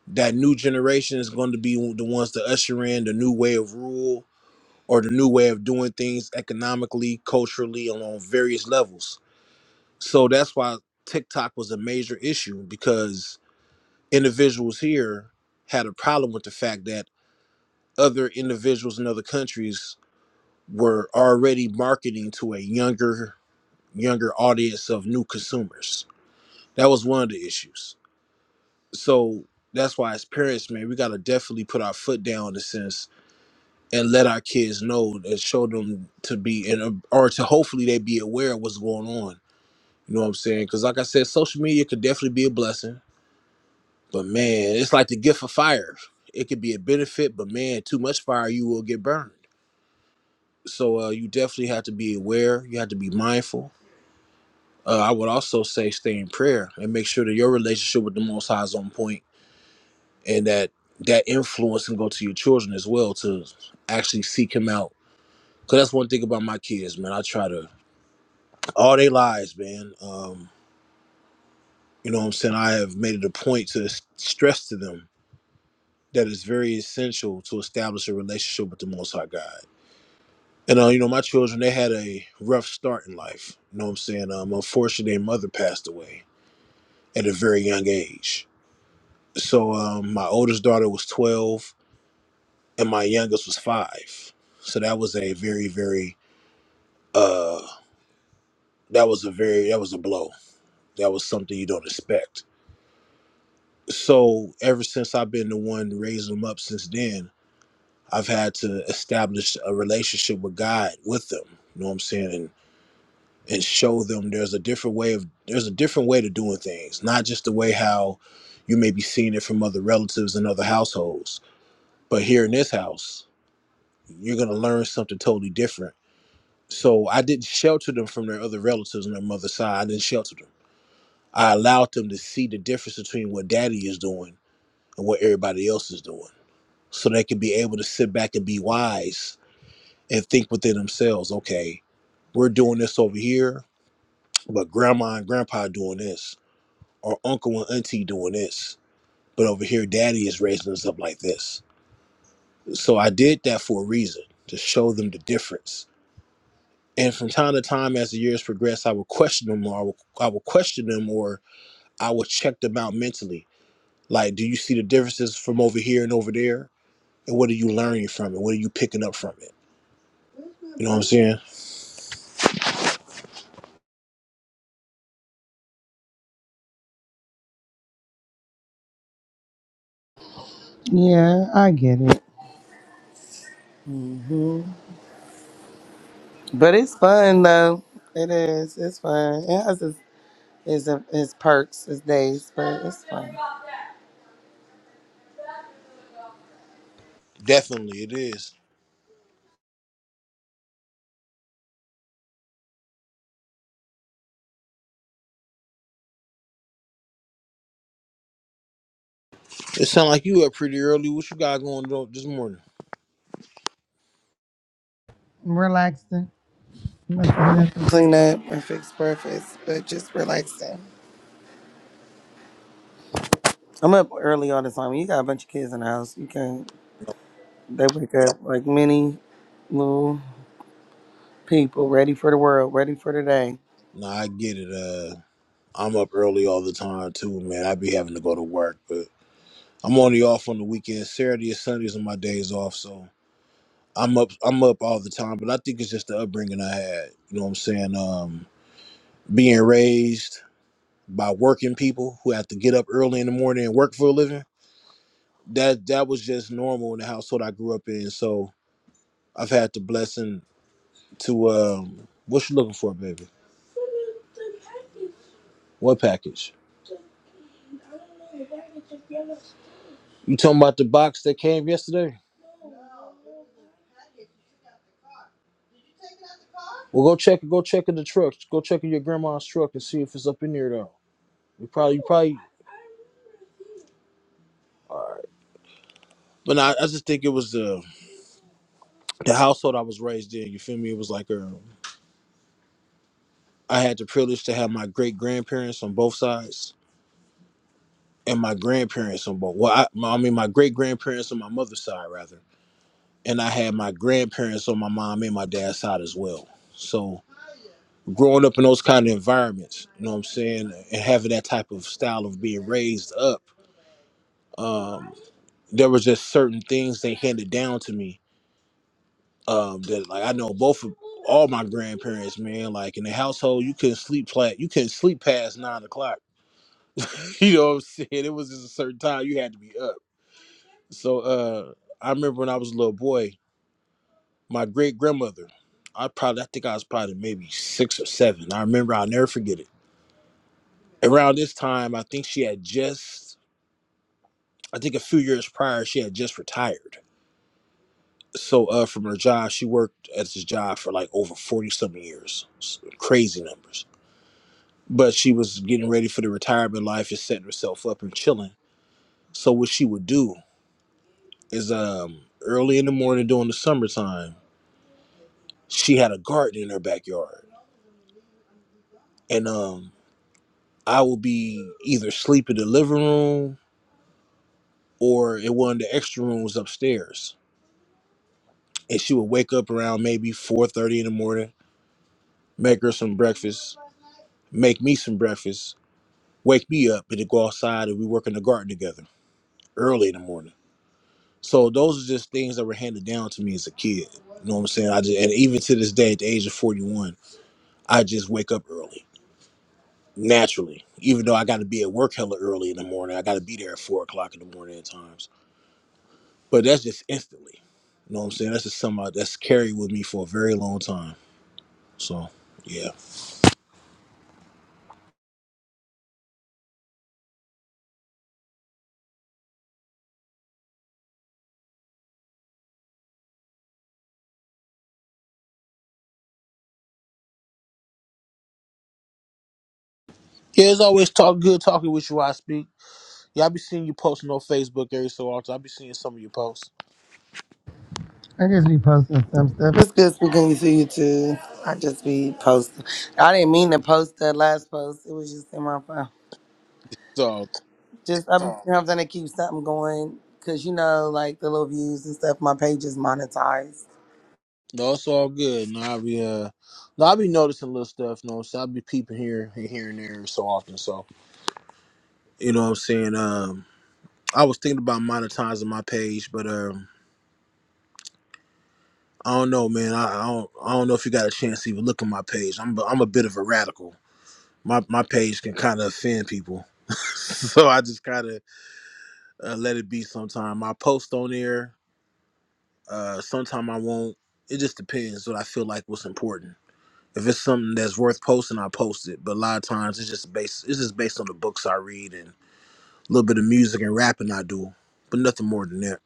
Speaker 1: That new generation is going to be the ones to usher in the new way of rule or the new way of doing things economically, culturally, along various levels. So that's why TikTok was a major issue because individuals here had a problem with the fact that other individuals in other countries were already marketing to a younger younger audience of new consumers. That was one of the issues. So that's why as parents, man, we gotta definitely put our foot down in a sense and let our kids know and show them to be and or to hopefully they be aware of what's going on. You know what I'm saying? Because like I said, social media could definitely be a blessing, but man, it's like the gift of fire. It could be a benefit, but man, too much fire, you will get burned. So uh, you definitely have to be aware. You have to be mindful. Uh, I would also say stay in prayer and make sure that your relationship with the Most High is on point, and that that influence can go to your children as well to actually seek Him out. Cause that's one thing about my kids, man. I try to all their lives, man. Um, you know what I'm saying? I have made it a point to s- stress to them that it's very essential to establish a relationship with the Most High God. And, uh, you know, my children, they had a rough start in life. You know what I'm saying? Um, unfortunately, their mother passed away at a very young age. So um, my oldest daughter was 12 and my youngest was five. So that was a very, very, uh, that was a very, that was a blow. That was something you don't expect so ever since I've been the one raising them up since then, I've had to establish a relationship with God with them. You know what I'm saying? And and show them there's a different way of there's a different way to doing things, not just the way how you may be seeing it from other relatives and other households. But here in this house, you're gonna learn something totally different. So I didn't shelter them from their other relatives on their mother's side. I didn't shelter them. I allowed them to see the difference between what daddy is doing and what everybody else is doing so they can be able to sit back and be wise and think within themselves, okay, we're doing this over here, but grandma and grandpa doing this, or uncle and auntie doing this, but over here daddy is raising us up like this. So I did that for a reason, to show them the difference. And from time to time, as the years progress, I would question them, or I would, I would question them, or I would check them out mentally. Like, do you see the differences from over here and over there? And what are you learning from it? What are you picking up from it? You know what I'm saying?
Speaker 3: Yeah, I get it, but it's fun though. It is. It's fun. It has its its, its perks, its days, but it's fun.
Speaker 1: Definitely, it is. It sound like you up pretty early. What you got going on this morning?
Speaker 3: Relaxing. I'm not clean up and fix breakfast, but just relaxing. I'm up early all the time. You got a bunch of kids in the house. You can't. They wake up like many little people, ready for the world, ready for the day.
Speaker 1: Nah, I get it. Uh, I'm up early all the time too, man. I be having to go to work, but I'm only off on the weekends. Saturday and Sundays are my days off, so I'm up. I'm up all the time, but I think it's just the upbringing I had. You know what I'm saying? Um, being raised by working people who have to get up early in the morning and work for a living. That that was just normal in the household I grew up in. So I've had the blessing to um, what you looking for, baby? What package? You talking about the box that came yesterday? Well, go check it. go check in the truck. Go check in your grandma's truck and see if it's up in there though. You probably you probably. All right. But nah, I I just think it was the the household I was raised in. You feel me? It was like um, I had the privilege to have my great grandparents on both sides and my grandparents on both. Well, I, my, I mean my great grandparents on my mother's side rather, and I had my grandparents on my mom and my dad's side as well. So growing up in those kind of environments, you know what I'm saying, and having that type of style of being raised up, um, there was just certain things they handed down to me um, that, like, I know both of all my grandparents, man, like in the household, you couldn't sleep flat, you couldn't sleep past nine o'clock. You know what I'm saying? It was just a certain time you had to be up. So uh, I remember when I was a little boy, my great grandmother, I probably, I think I was probably maybe six or seven. I remember, I'll never forget it. Around this time, I think she had just I think a few years prior, she had just retired. So uh, from her job, she worked at this job for like over forty some years, S- crazy numbers. But she was getting ready for the retirement life and setting herself up and chilling. So what she would do is um, early in the morning during the summertime, she had a garden in her backyard, and um, I would be either sleep in the living room or in one of the extra rooms upstairs. And she would wake up around maybe four thirty in the morning, make her some breakfast, make me some breakfast, wake me up, and then go outside and we work in the garden together early in the morning. So those are just things that were handed down to me as a kid. You know what I'm saying? I just and even to this day, at the age of 41, I just wake up early naturally. Even though I got to be at work hella early in the morning, I got to be there at four o'clock in the morning at times. But that's just instantly. You know what I'm saying? That's just something I- that's carried with me for a very long time. So yeah, yeah. It's always talk good talking with you. I speak. Yeah, I be seeing you posting on Facebook every so often. I be seeing some of your posts.
Speaker 3: I just be posting some stuff. It's good speaking to you too. I just be posting. I didn't mean to post that last post. It was just in my phone.
Speaker 1: So
Speaker 3: Just I'm, you know, I'm trying to keep something going because you know, like the little views and stuff. My page is monetized.
Speaker 1: no, it's all good. No, I be uh no, I be noticing little stuff, you know, so I be peeping here and here and there every so often. So you know what I'm saying? Um I was thinking about monetizing my page, but um I don't know, man. I, I don't I don't know if you got a chance to even look at my page. I'm i I'm a bit of a radical. My my page can kind of offend people, so I just kind of uh, let it be. Sometime I post on there. Uh, sometime I won't. It just depends what I feel like what's important. If it's something that's worth posting, I post it. But a lot of times it's just based it's just based on the books I read and a little bit of music and rapping I do. But nothing more than that.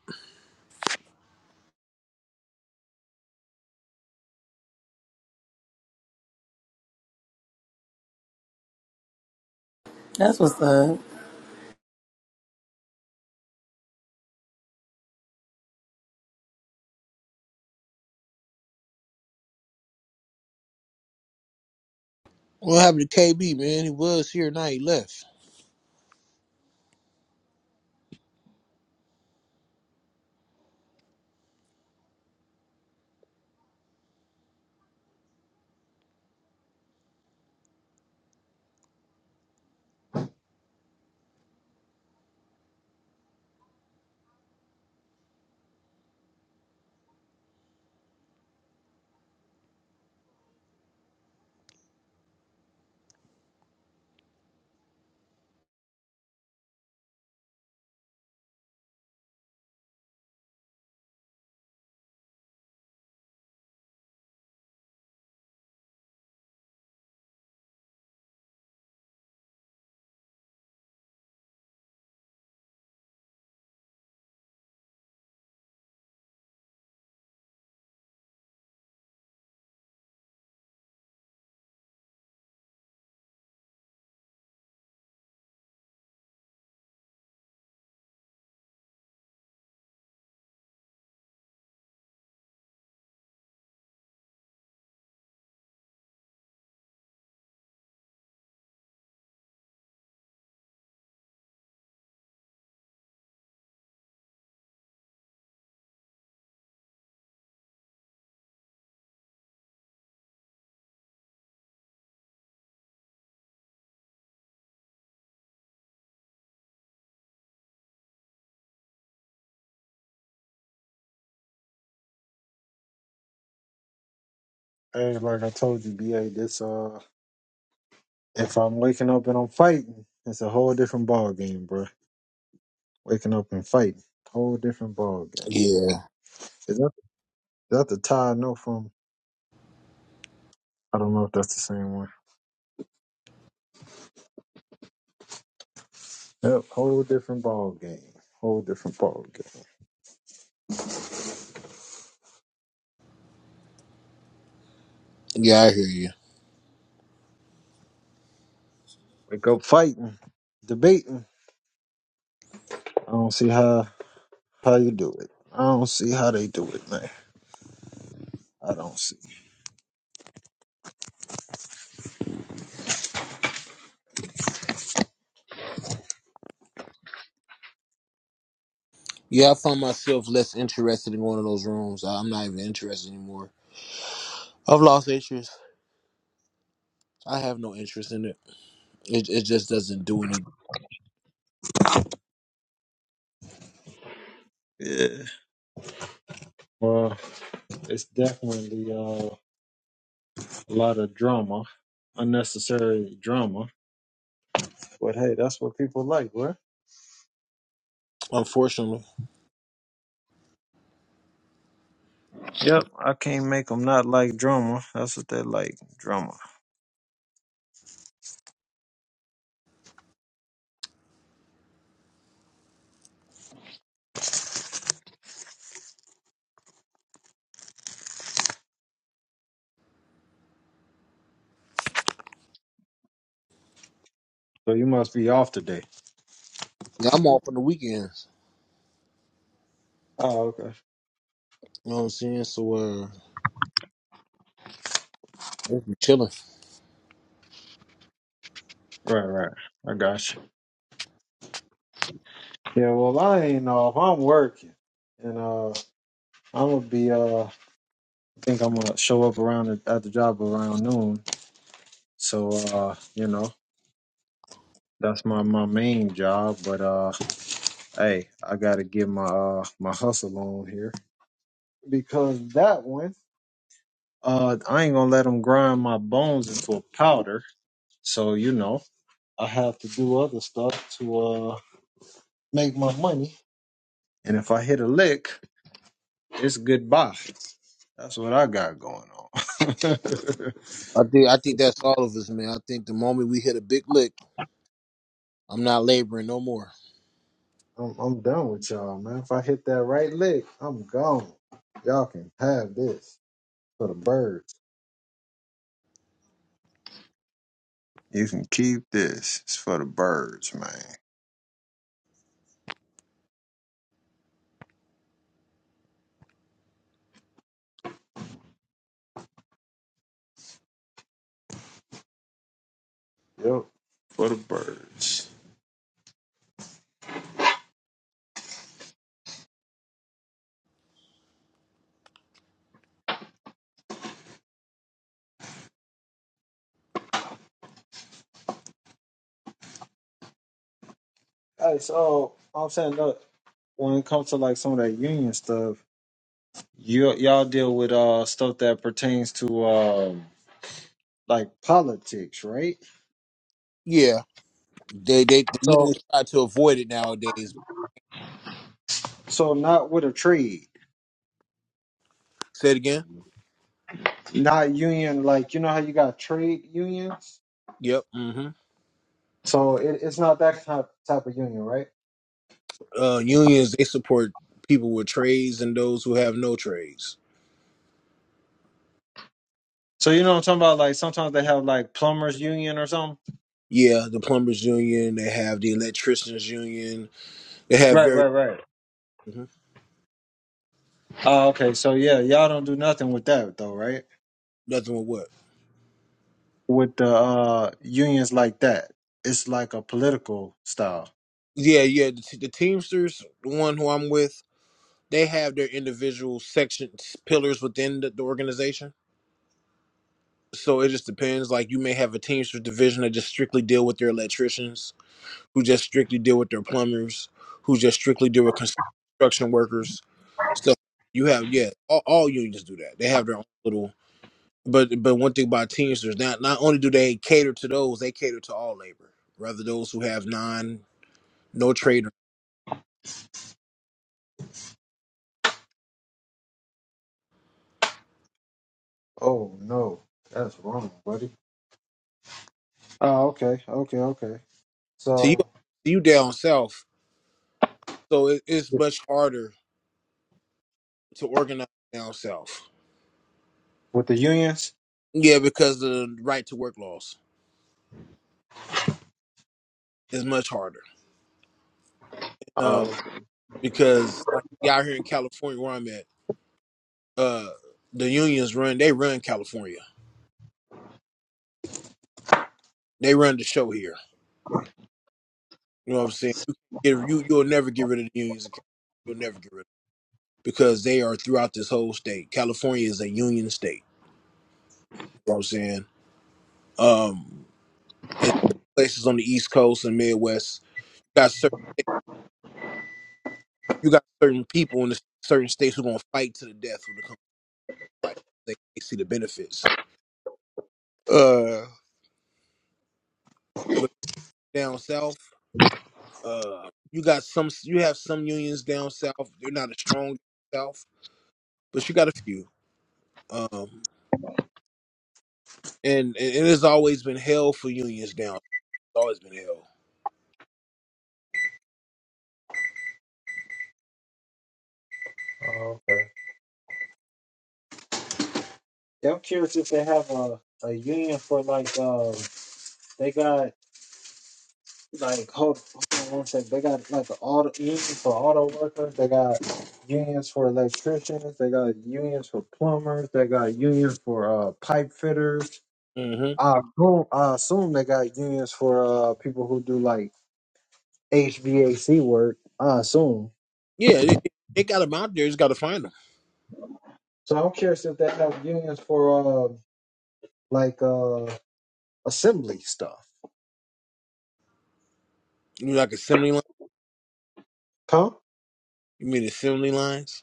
Speaker 3: That's what's up.
Speaker 1: What happened to KB, man? He was here, now he left.
Speaker 2: Hey, like I told you, BA, this uh if I'm waking up and I'm fighting, it's a whole different ball game, bro. Waking up and fighting. Whole different ball game.
Speaker 1: Yeah,
Speaker 2: Is that that the tie I know from I don't know if that's the same one. Yep, whole different ball game. Whole different ball game.
Speaker 1: yeah, I hear you.
Speaker 2: Wake up fighting, debating. I don't see how how you do it. I don't see how they do it, man. I don't see.
Speaker 1: Yeah, I find myself less interested in going to those rooms. I- I'm not even interested anymore. I've lost interest. I have no interest in it. It, it just doesn't do any.
Speaker 2: Yeah. Well, it's definitely uh A lot of drama, unnecessary drama. But hey, that's what people like, what?
Speaker 1: Unfortunately,
Speaker 2: Yep, I can't make them not like drama. That's what they like, drama. So you must be off today.
Speaker 1: yeah, I'm off on the weekends.
Speaker 2: Oh, okay.
Speaker 1: You know what I'm saying? So, uh, Just be chilling.
Speaker 2: Right, right. I got you. Yeah, well, I ain't off. I'm working, and uh, I'm gonna be uh, I think I'm gonna show up around at, at the job around noon. So uh, you know, that's my my main job. But uh, hey, I gotta get my uh my hustle on here because that one. Uh, I ain't gonna let them grind my bones into a powder. So you know, I have to do other stuff to uh make my money. And if I hit a lick, it's goodbye. That's what I got going on.
Speaker 1: I think I think that's all of us, man. I think the moment we hit a big lick, I'm not laboring no more.
Speaker 2: I'm, I'm done with y'all, man. If I hit that right lick, I'm gone. Y'all can have this for the birds. You can keep this. It's for the birds, man. Yep. For the birds. Hey, so I'm saying, no, when it comes to like some of that union stuff, you y'all deal with uh stuff that pertains to um like politics, right?
Speaker 1: Yeah, they they the
Speaker 2: So
Speaker 1: unions try to avoid it nowadays.
Speaker 2: so not with a trade,
Speaker 1: Say it again.
Speaker 2: not union. Like you know how you got trade unions,
Speaker 1: Yep. hmm
Speaker 2: so it, it's not that type type of union, right?
Speaker 1: Uh, unions they support people with trades and those who have no trades.
Speaker 2: So you know what I'm talking about? Like sometimes they have like plumbers union or something.
Speaker 1: Yeah, the plumbers union. They have the electricians union. They have
Speaker 2: Right,
Speaker 1: very
Speaker 2: right, right.
Speaker 1: Mhm.
Speaker 2: Oh, okay. So yeah, y'all don't do nothing with that though, right?
Speaker 1: nothing with what.
Speaker 2: With the uh unions like that, it's like a political style.
Speaker 1: Yeah, yeah. The, the Teamsters, the one who I'm with, they have their individual section pillars within the, the organization. So it just depends. Like you may have a Teamsters division that just strictly deal with their electricians, who just strictly deal with their plumbers, who just strictly deal with construction workers. Stuff you have, yeah, all, all unions do that. They have their own little. But but one thing about Teamsters, not not only do they cater to those, they cater to all labor, rather those who have non no trade
Speaker 2: Oh no, that's wrong, buddy. Oh, okay, okay, okay.
Speaker 1: So you
Speaker 2: So
Speaker 1: you down south, so it, it's much harder to organize down south.
Speaker 2: with the unions,
Speaker 1: Yeah, because of the right to work laws is much harder. Um,
Speaker 2: um,
Speaker 1: because like out here in California where I'm at, uh, the unions run. They run California. They run the show here. You know what I'm saying? You can't get, you you'll never get rid of the unions. In California. You'll never get rid of them because they are throughout this whole state. California is a union state. You know what I'm saying? Um, and places on the East Coast and Midwest you got certain you got certain people in the certain states who gonna fight to the death when it comes to fight. They, they see the benefits. Uh, but down south. Uh, you got some. You have some unions down south. They're not as strong south, but you got a few. Um, and, and it has always been hell for unions down. It's always been hell.
Speaker 2: Oh, okay. Yeah, I'm curious if they have a, a union for like um they got like hold, hold on one sec. They got like an auto union for auto workers. They got unions for electricians. They got unions for plumbers. They got unions for uh pipe fitters.
Speaker 1: hmm
Speaker 2: I assume, I assume they got unions for uh people who do like HVAC work. I assume.
Speaker 1: Yeah, they, they got them out there. Just got to find them.
Speaker 2: So I'm curious if they have unions for uh, like uh, assembly stuff.
Speaker 1: You like assembly line?
Speaker 2: Huh?
Speaker 1: You mean assembly lines?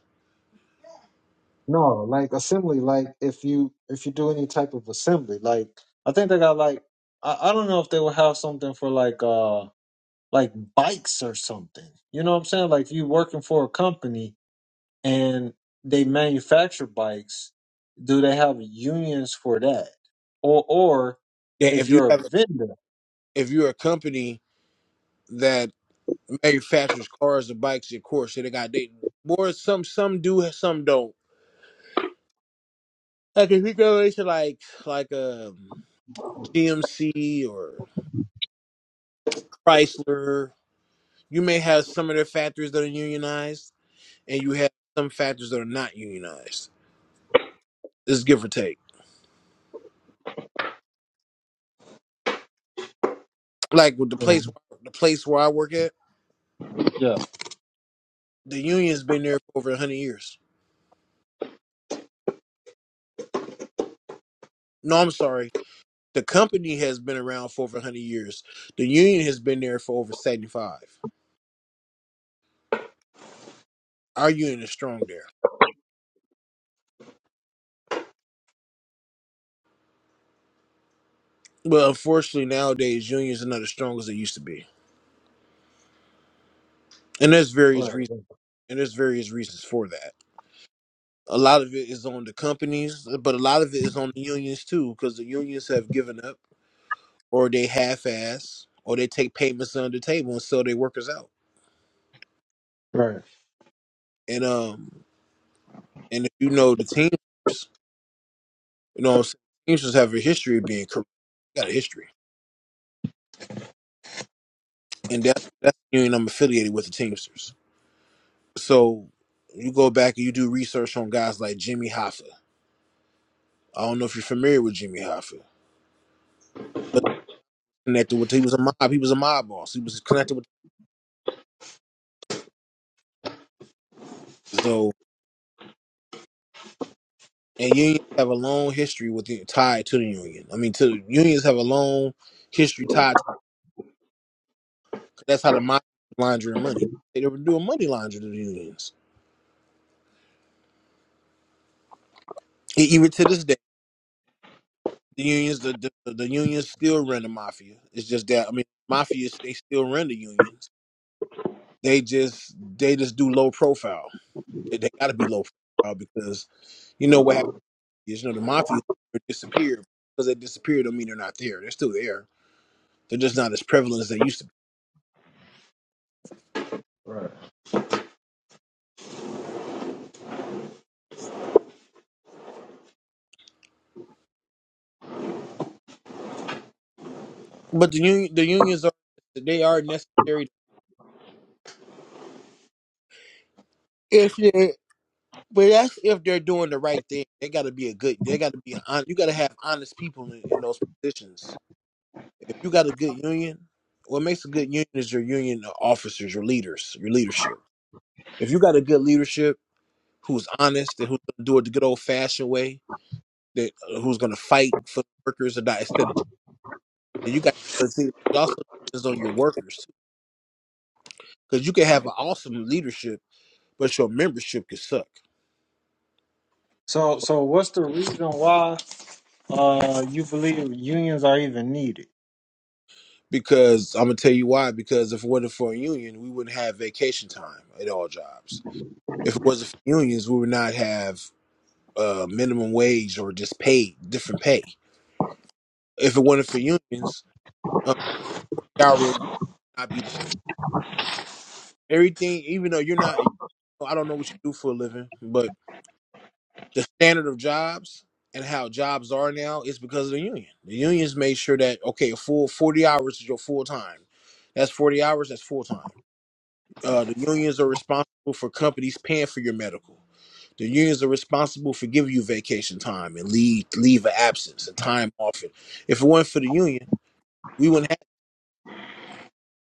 Speaker 2: No, like assembly. Like if you if you do any type of assembly, like I think they got like I, I don't know if they will have something for like uh like bikes or something. You know what I'm saying? Like if you working for a company and they manufacture bikes, do they have unions for that? Or or
Speaker 1: Yeah,
Speaker 2: if
Speaker 1: if you
Speaker 2: you're a
Speaker 1: have
Speaker 2: vendor,
Speaker 1: if you're a company that manufactures cars or bikes, of course, they got they more some some do some don't. Like if you go into like like a GMC or Chrysler, you may have some of their factories that are unionized, and you have some factories that are not unionized. This is give or take. Like with the
Speaker 2: you know?
Speaker 1: place the place where I work at.
Speaker 2: yeah,
Speaker 1: The union's been there for over 100 years. No, I'm sorry. The company has been around for over 100 years. The union has been there for over 75. Our union is strong there. But unfortunately, nowadays, unions are not as strong as they used to be. And there's various
Speaker 2: right,
Speaker 1: reasons. And there's various reasons for that. A lot of it is on the companies, but a lot of it is on the unions too, because the unions have given up or they half-ass or they take payments under the table and sell their workers out.
Speaker 2: right, right.
Speaker 1: And um, and if you know the team. You know what I'm saying? Teamsters have a history of being corrupt. Got a history. And that that's the union I'm affiliated with, the Teamsters. So you go back and you do research on guys like Jimmy Hoffa. I don't know if you're familiar with Jimmy Hoffa, but connected with he was a mob. He was a mob boss. He was connected with so and unions have a long history with the tied to the union. I mean, to unions have a long history tied. To, that's how the mob laundering money. They were doing money laundering to the unions, E- even to this day. The unions, the, the the unions still run the mafia. It's just that I mean, mafias they still run the unions. They just they just do low profile. They, they got to be low profile because you know what happened is you know the mafia disappeared because they disappeared don't mean they're not there. They're still there. They're just not as prevalent as they used to be.
Speaker 2: right.
Speaker 1: But the union the unions are they are necessary if they but that's if they're doing the right thing. They got to be a good. They got to be an hon- you got to have honest people in, in those positions if you got a good union, what makes a good union is your union officers, your leaders, your leadership. If you got a good leadership who's honest and who's gonna do it the good old fashioned way, that uh, who's gonna fight for workers or not instead of and you got but see it also depends on your workers because you can have an awesome leadership, but your membership could suck.
Speaker 2: So, so what's the reason why uh you believe unions are even needed?
Speaker 1: Because I'm gonna tell you why. Because if it wasn't for a union, we wouldn't have vacation time at all jobs. If it wasn't for unions, we would not have uh, minimum wage or just pay different pay. If it wasn't for unions, uh, forty hour week would really not be the everything. Even though you're not, I don't know what you do for a living, but the standard of jobs and how jobs are now is because of the union. The unions made sure that okay, a full forty hours is your full time. That's forty hours. That's full time. Uh, the unions are responsible for companies paying for your medical. The unions are responsible for giving you vacation time and leave leave of absence and time off. And if it weren't for the union, we wouldn't have.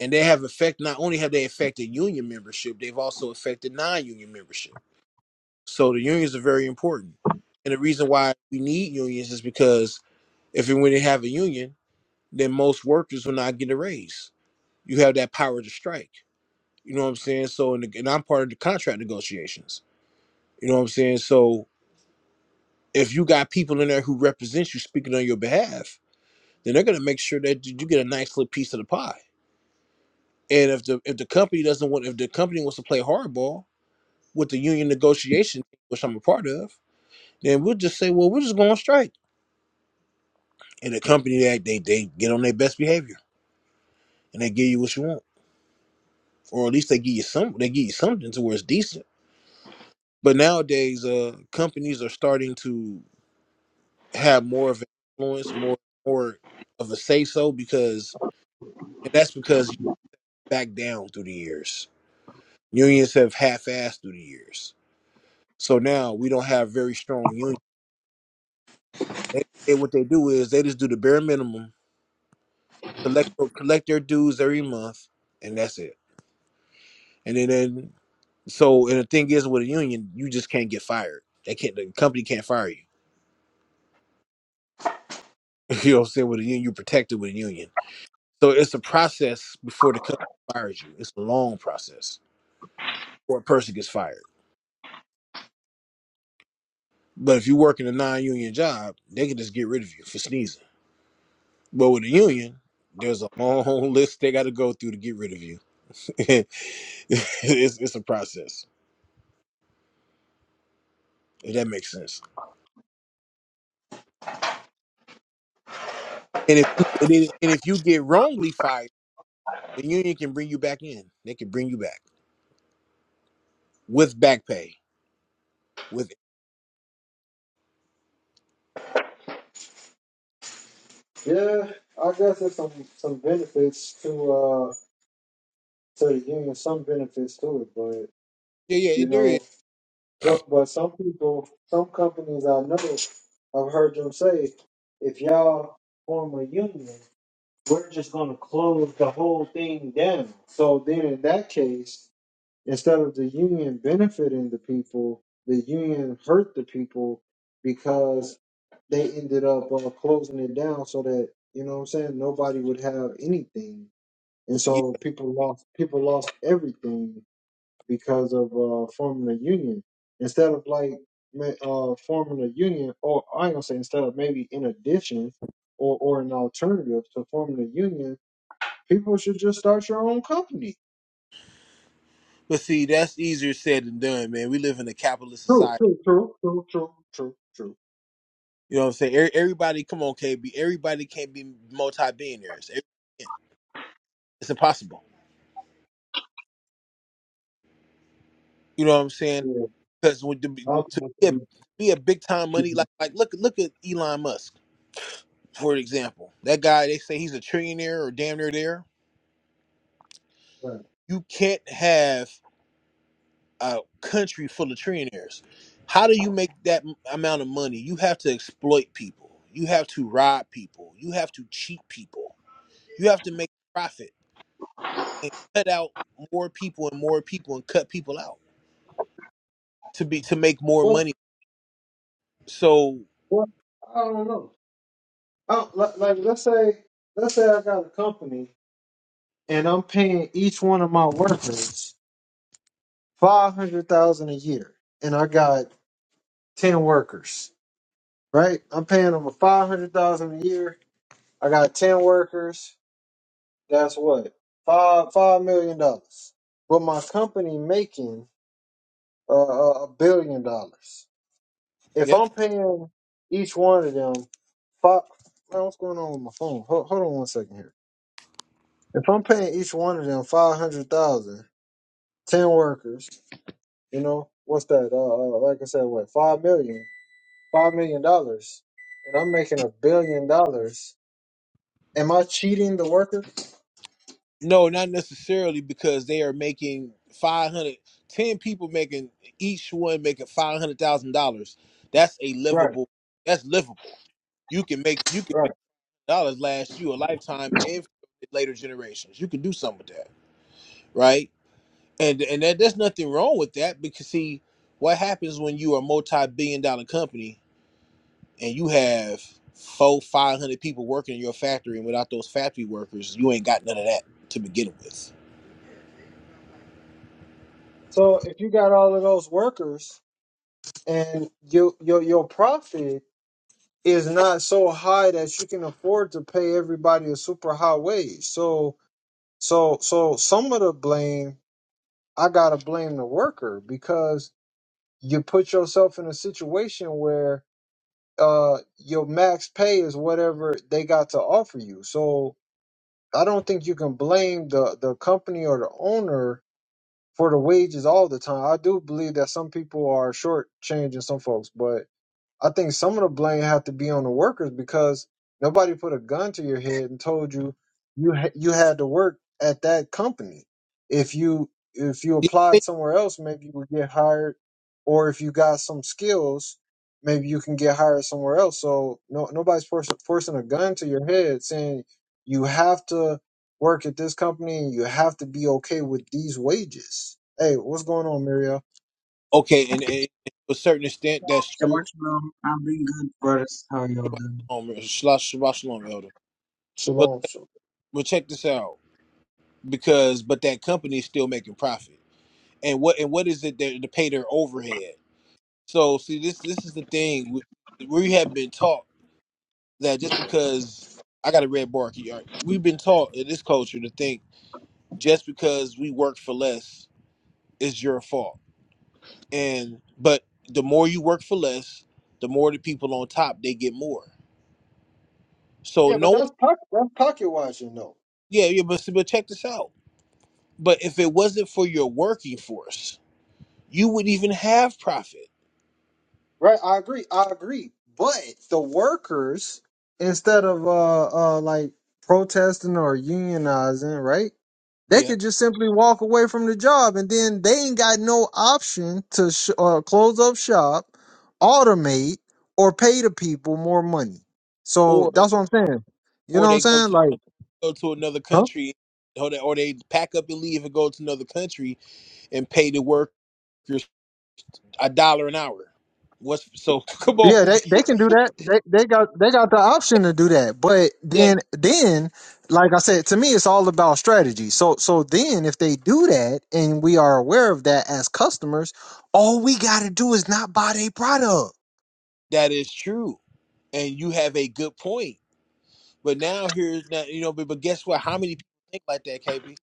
Speaker 1: And they have effect. Not only have they affected union membership, they've also affected non-union membership. So the unions are very important. And the reason why we need unions is because if and when they have a union, then most workers will not get a raise. You have that power to strike. You know what I'm saying? So and, and I'm part of the contract negotiations. You know what I'm saying? So if you got people in there who represent you speaking on your behalf then they're going to make sure that you get a nice little piece of the pie. And if the if the company doesn't want if the company wants to play hardball with the union negotiation, which I'm a part of, then we'll just say, well, we're just going on strike. And the company they they, they get on their best behavior and they give you what you want, or at least they give you some they give you something to where it's decent. But nowadays, uh, companies are starting to have more of an influence, more more of a say so because and that's because you back down through the years. Unions have half assed through the years So now we don't have very strong unions. They, they what they do is they just do the bare minimum, collect collect their dues every month, and that's it. And then, then so and the thing is with a union, you just can't get fired. They can't the company can't fire you. You know what I'm saying? With a union, you're protected with a union. So it's a process before the company fires you. It's a long process before a person gets fired. But if you work in a non-union job, they can just get rid of you for sneezing. But with a union, there's a long list they got to go through to get rid of you it's it's a process. If that makes sense. And if you and if and if you get wrongly fired, the union can bring you back in. They can bring you back with back pay. With
Speaker 2: Yeah, I guess there's some some benefits to uh to the union, some benefits to it, but
Speaker 1: yeah, yeah,
Speaker 2: you
Speaker 1: there is.
Speaker 2: know, but but some people, some companies I know, I've heard them say, if y'all form a union, we're just gonna close the whole thing down. So then, in that case. instead of the union benefiting the people, the union hurt the people because they ended up uh, closing it down so that you know what I'm saying nobody would have anything, and
Speaker 1: Yeah,
Speaker 2: so people lost people lost everything because of uh, forming a union instead of like ma- uh, forming a union, or I ain't gonna say instead of maybe in addition. Or, or an alternative to forming a union, people should just start your own company.
Speaker 1: but see, that's easier said than done, man. We live in a capitalist
Speaker 2: True,
Speaker 1: society.
Speaker 2: true, true, true, true, true, true.
Speaker 1: You know what I'm saying? Every- Everybody, come on, KB. Everybody can't be multi-billionaires. Every- yeah, It's impossible. You know what I'm saying?
Speaker 2: Yeah,
Speaker 1: Because to be, to be a,
Speaker 2: ultimately,
Speaker 1: be a big time money, like
Speaker 2: Jesus
Speaker 1: like look look at Elon Musk. for example, that guy they say he's a trillionaire or damn near there.
Speaker 2: Christ.
Speaker 1: You can't have a country full of trillionaires. How do you make that m- amount of money? You have to exploit people. You have to rob people. You have to cheat people. You have to make profit and cut out more people and more people and cut people out to be to make more
Speaker 2: What?
Speaker 1: money. So,
Speaker 2: What? I don't know. I, like, like, let's say, let's say I got a company and I'm paying each one of my workers five hundred thousand a year, and I got ten workers. Right? I'm paying them a five hundred thousand a year. I got ten workers. That's what five five million dollars. But my company making uh, a a billion dollars. If
Speaker 1: yep,
Speaker 2: I'm paying each one of them five, man, what's going on with my phone? Hold, hold on one second here. If I'm paying each one of them five hundred thousand, ten workers, you know, what's that? Uh, uh, like I said, what five million, five million dollars, and I'm making a billion dollars. Am I cheating the worker?
Speaker 1: No, not necessarily because they are making 500 10 people making each one making five hundred thousand dollars. That's a
Speaker 2: Right,
Speaker 1: livable. That's livable. You can make you can make
Speaker 2: right.
Speaker 1: dollars last you a lifetime and later generations. You can do something with that, right? And and that, there's nothing wrong with that because see what happens when you are a multi-billion dollar company and you have four five hundred people working in your factory and without those factory workers you ain't got none of that to begin with.
Speaker 2: So if you got all of those workers and your your your profit is not so high that you can afford to pay everybody a super high wage, so So so some of the blame I gotta blame the worker because you put yourself in a situation where uh your max pay is whatever they got to offer you. So I don't think you can blame the the company or the owner for the wages all the time. I do believe that some people are shortchanging some folks, but I think some of the blame have to be on the workers because nobody put a gun to your head and told you you ha- you had to work at that company. If you if you applied somewhere else, maybe you would get hired, or if you got some skills, maybe you can get hired somewhere else. So no nobody's forcing forcing a gun to your head saying you have to work at this company and you have to be okay with these wages. Hey, what's going on, Mario?
Speaker 1: Okay, and, and to a certain extent, that's
Speaker 4: Shabbat
Speaker 1: true.
Speaker 4: shalom. I'm doing good, brothers. How are y'all
Speaker 1: Shabbat
Speaker 4: doing?
Speaker 1: shalom, Shabbat shabbat shalom, elder. But
Speaker 2: Shalom. shalom.
Speaker 1: but check this out, because but that company is still making profit, and what and what is it that to pay their overhead? So see, this this is the thing we, we have been taught that just because I got a red bar key, all right, we've been taught in this culture to think just because we work for less is your fault, and but the more you work for less, the more the people on top they get more. So
Speaker 2: Yeah, but
Speaker 1: no
Speaker 2: that's pocket, that's pocket watching though.
Speaker 1: Yeah, yeah, but but check this out. But if it wasn't for your working force, you wouldn't even have profit.
Speaker 2: Right, I agree. I agree. But the workers, instead of uh uh like protesting or unionizing, right? They
Speaker 1: Yeah.
Speaker 2: could just simply walk away from the job, and then they ain't got no option to sh- uh, close up shop, automate, or pay the people more money. So
Speaker 1: Or
Speaker 2: that's what I'm saying. You
Speaker 1: or
Speaker 2: know what I'm
Speaker 1: they go
Speaker 2: saying?
Speaker 1: to
Speaker 2: Like,
Speaker 1: go to another
Speaker 2: huh?
Speaker 1: country, or they, or they pack up and leave and go to another country and pay the workers a dollar an hour. What's so come
Speaker 2: Yeah,
Speaker 1: on,
Speaker 2: they, they can do that. They they got they got the option to do that. But
Speaker 1: that,
Speaker 2: then then like I said, to me it's all about strategy. So so then if they do that and we are aware of that as customers, all we gotta do is not buy their product.
Speaker 1: that is true, and you have a good point. But now here's now you know, but, but guess what? How many people think like that, KB?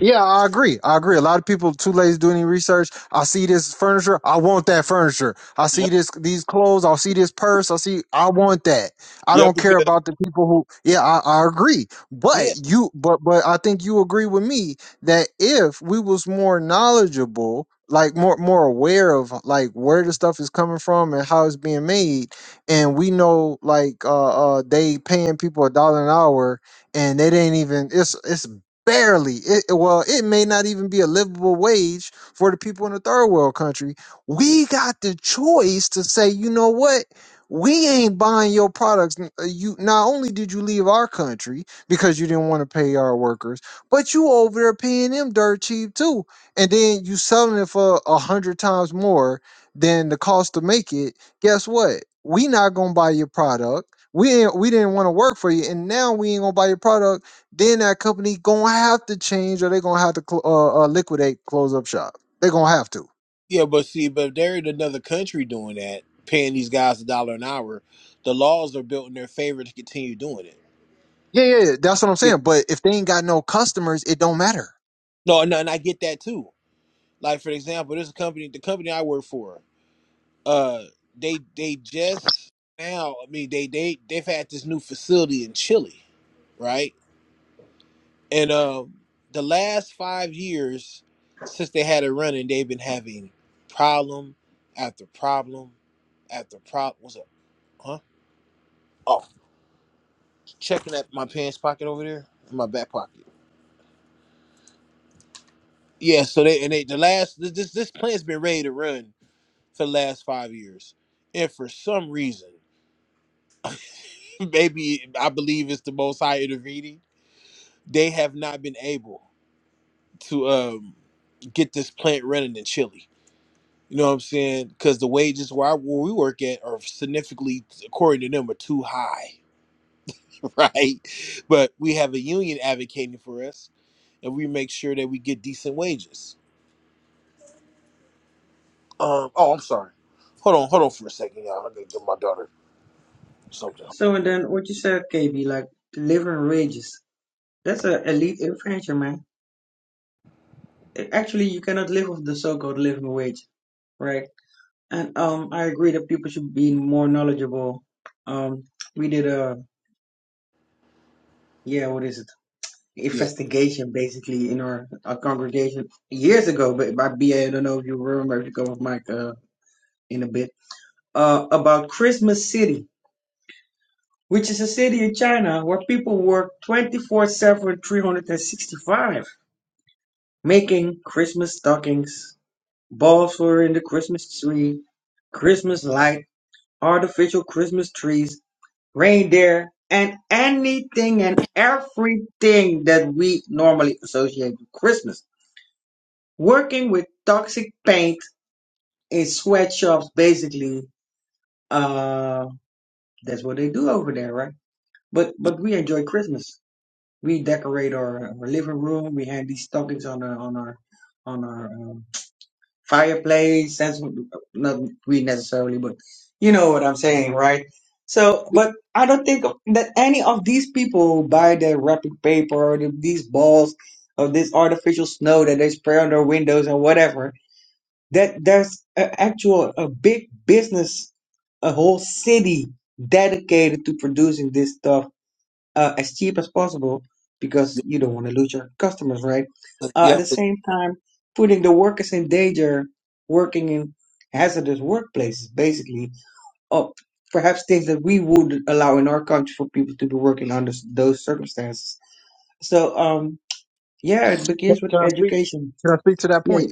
Speaker 2: Yeah, I agree. I agree. A lot of people too lazy to do any research. I see this furniture. I want that furniture. I
Speaker 1: Yeah.
Speaker 2: see this these clothes. I see this purse. I see. I want that. I
Speaker 1: Yeah,
Speaker 2: don't care
Speaker 1: because
Speaker 2: about the people who. Yeah, I, I agree.
Speaker 1: yeah,
Speaker 2: But you, but but I think you agree with me that if we was more knowledgeable, like more more aware of like where the stuff is coming from and how it's being made, and we know like uh, uh they paying people a dollar an hour and they didn't even it's it's barely it it- well it may not even be a livable wage for the people in the third world country we got the choice to say you know what we ain't buying your products N- uh, you not only did you leave our country because you didn't want to pay our workers but you over there paying them dirt cheap too and then you selling it for a hundred times more than the cost to make it guess what we not gonna buy your product we ain't, we didn't want to work for you and now we ain't gonna buy your product then that company gonna have to change, or they're gonna have to cl- uh, uh, liquidate, close up shop. They're gonna have to.
Speaker 1: Yeah, but see, but if they're in another country doing that, paying these guys a dollar an hour, the laws are built in their favor to continue doing it.
Speaker 2: Yeah, yeah, yeah, that's what I'm
Speaker 1: Yeah.
Speaker 2: saying. But if they ain't got no customers, it don't matter.
Speaker 1: No, no, and I get that too. Like for example, this company, the company I work for, uh, they they just now, I mean, they they they've had this new facility in Chile, right? And um, the last five years since they had it running, they've been having problem after problem after problem. What's up? Huh? Oh, checking at my pants pocket over there in my back pocket. Yeah, so they and they the last this this this plan's been ready to run for the last five years, and for some reason, maybe I believe it's the Most High intervening. They have not been able to um get this plant running in Chile. You know what I'm saying? Because the wages where, I, where we work at are significantly, according to them, are too high, right? But we have a union advocating for us, and we make sure that we get decent wages Um. Oh, I'm sorry. Hold on. Hold on for a second, y'all. I gotta give my daughter something.
Speaker 4: So and then what you said, KB, like living wages. That's a elite infringement, man. A- Actually, you cannot live off the so-called living wage, right? And um, I agree that people should be more knowledgeable. Um, we did a yeah, what is it?
Speaker 1: Yeah.
Speaker 4: Investigation basically in our, our congregation years ago, but by BA, I don't know if you remember if you come with Mike uh, in a bit uh about Christmas City which is a city in China where people work 24 7, 365, making Christmas stockings, balls for in the Christmas tree, Christmas light, artificial Christmas trees, reindeer, and anything and everything that we normally associate with Christmas. Working with toxic paint in sweatshops, basically, uh, that's what they do over there, right? But
Speaker 1: Yeah.
Speaker 4: but we enjoy Christmas. we decorate our, our living room. We hang these stockings on our on our on our um, fireplace. That's what, not we necessarily, but you know what I'm saying, right? So, but I don't think that any of these people buy the wrapping paper or the, these balls of this artificial snow that they spray on their windows and whatever. That there's an actual a big business, a whole city dedicated to producing this stuff uh, as cheap as possible because
Speaker 1: Yeah.
Speaker 4: you don't want to lose your customers, right?
Speaker 1: yeah.
Speaker 4: Uh,
Speaker 1: yeah.
Speaker 4: at the same time, putting the workers in danger, working in hazardous workplaces, basically, or perhaps things that we would allow in our country for people to be working under s- those circumstances. So, um, yeah, it
Speaker 2: Can,
Speaker 4: begins with
Speaker 2: can I speak?
Speaker 4: education.
Speaker 2: Can I speak to that
Speaker 4: Yeah,
Speaker 2: point?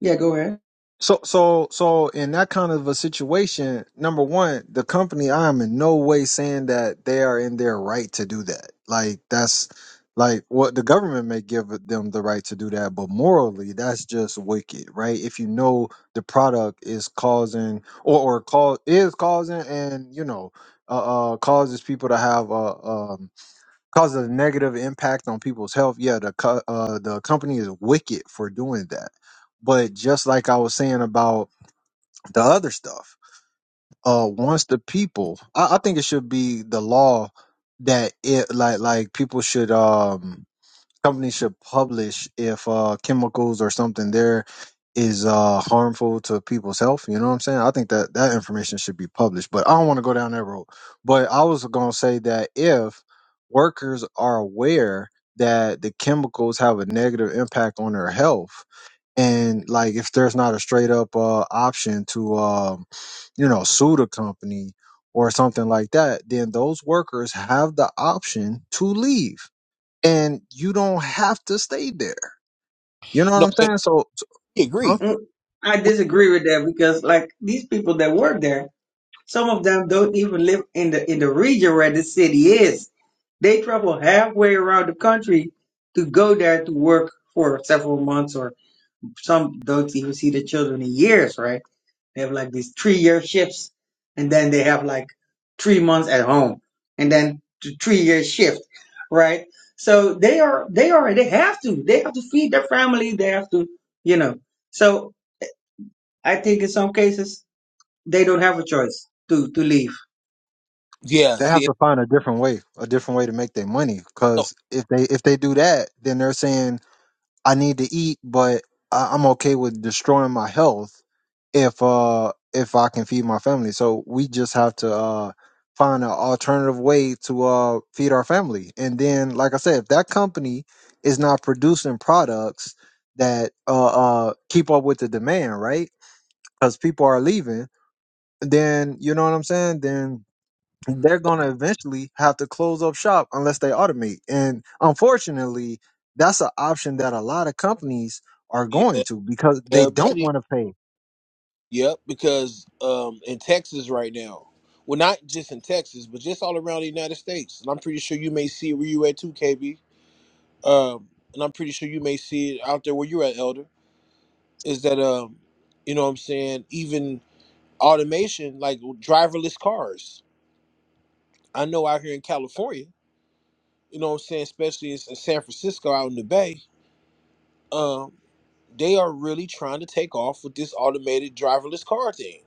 Speaker 4: yeah, go ahead.
Speaker 2: So so so in that kind of a situation, number one, the company I am in no way saying that they are in their right to do that. Like that's like what the government may give them the right to do that, but morally that's just wicked, right? If you know the product is causing or or cause is causing and you know uh, uh causes people to have a um cause a negative impact on people's health. Yeah, the co- uh, the company is wicked for doing that. But just like I was saying about the other stuff, uh, once the people, I, I think it should be the law that it like like people should um companies should publish if uh, chemicals or something there is uh, harmful to people's health. You know what I'm saying? I think that that information should be published, but I don't want to go down that road. But I was going to say that if workers are aware that the chemicals have a negative impact on their health, and like if there's not a straight up uh, option to, um, you know, sue the company or something like that, then those workers have the option to leave and you don't have to stay there. You know what
Speaker 1: No,
Speaker 2: I'm
Speaker 1: eh,
Speaker 2: saying? So, so-
Speaker 1: he
Speaker 2: huh?
Speaker 1: agreed.
Speaker 4: Mm, I disagree with that because, like, these people that work there. Some of them don't even live in the in the region where the city is. They travel halfway around the country to go there to work for several months, or some don't even see the children in years. Right? They have like these three year shifts, and then they have like three months at home, and then t- three year shift. Right? So they are they are they have to they have to feed their family. They have to you know. So I think in some cases they don't have a choice to to leave
Speaker 1: Yeah.
Speaker 2: They have
Speaker 1: See.
Speaker 2: to find a different way, a different way to make their money.
Speaker 1: No.
Speaker 2: Because if they if they do that, then they're saying I need to eat, but I, I'm okay with destroying my health if uh if I can feed my family. So we just have to uh find an alternative way to uh feed our family. And then, like I said, if that company is not producing products that uh, uh keep up with the demand, right? because people are leaving, then you know what I'm saying? Then they're gonna eventually have to close up shop unless they automate. And unfortunately, that's an option that a lot of companies are
Speaker 1: Yeah,
Speaker 2: going to because they
Speaker 1: yeah,
Speaker 2: don't
Speaker 1: buddy.
Speaker 2: want to pay.
Speaker 1: Yep. Because um, in Texas right now, well, not just in Texas, but just all around the United States, and I'm pretty sure you may see it where you at too, KB. Um, and I'm pretty sure you may see it out there where you're at, Elder. Is that um, you know what I'm saying? Even automation, like driverless cars. I know out here in California. you know what I'm saying, especially it's in San Francisco out in the Bay, um, they are really trying to take off with this automated driverless car thing.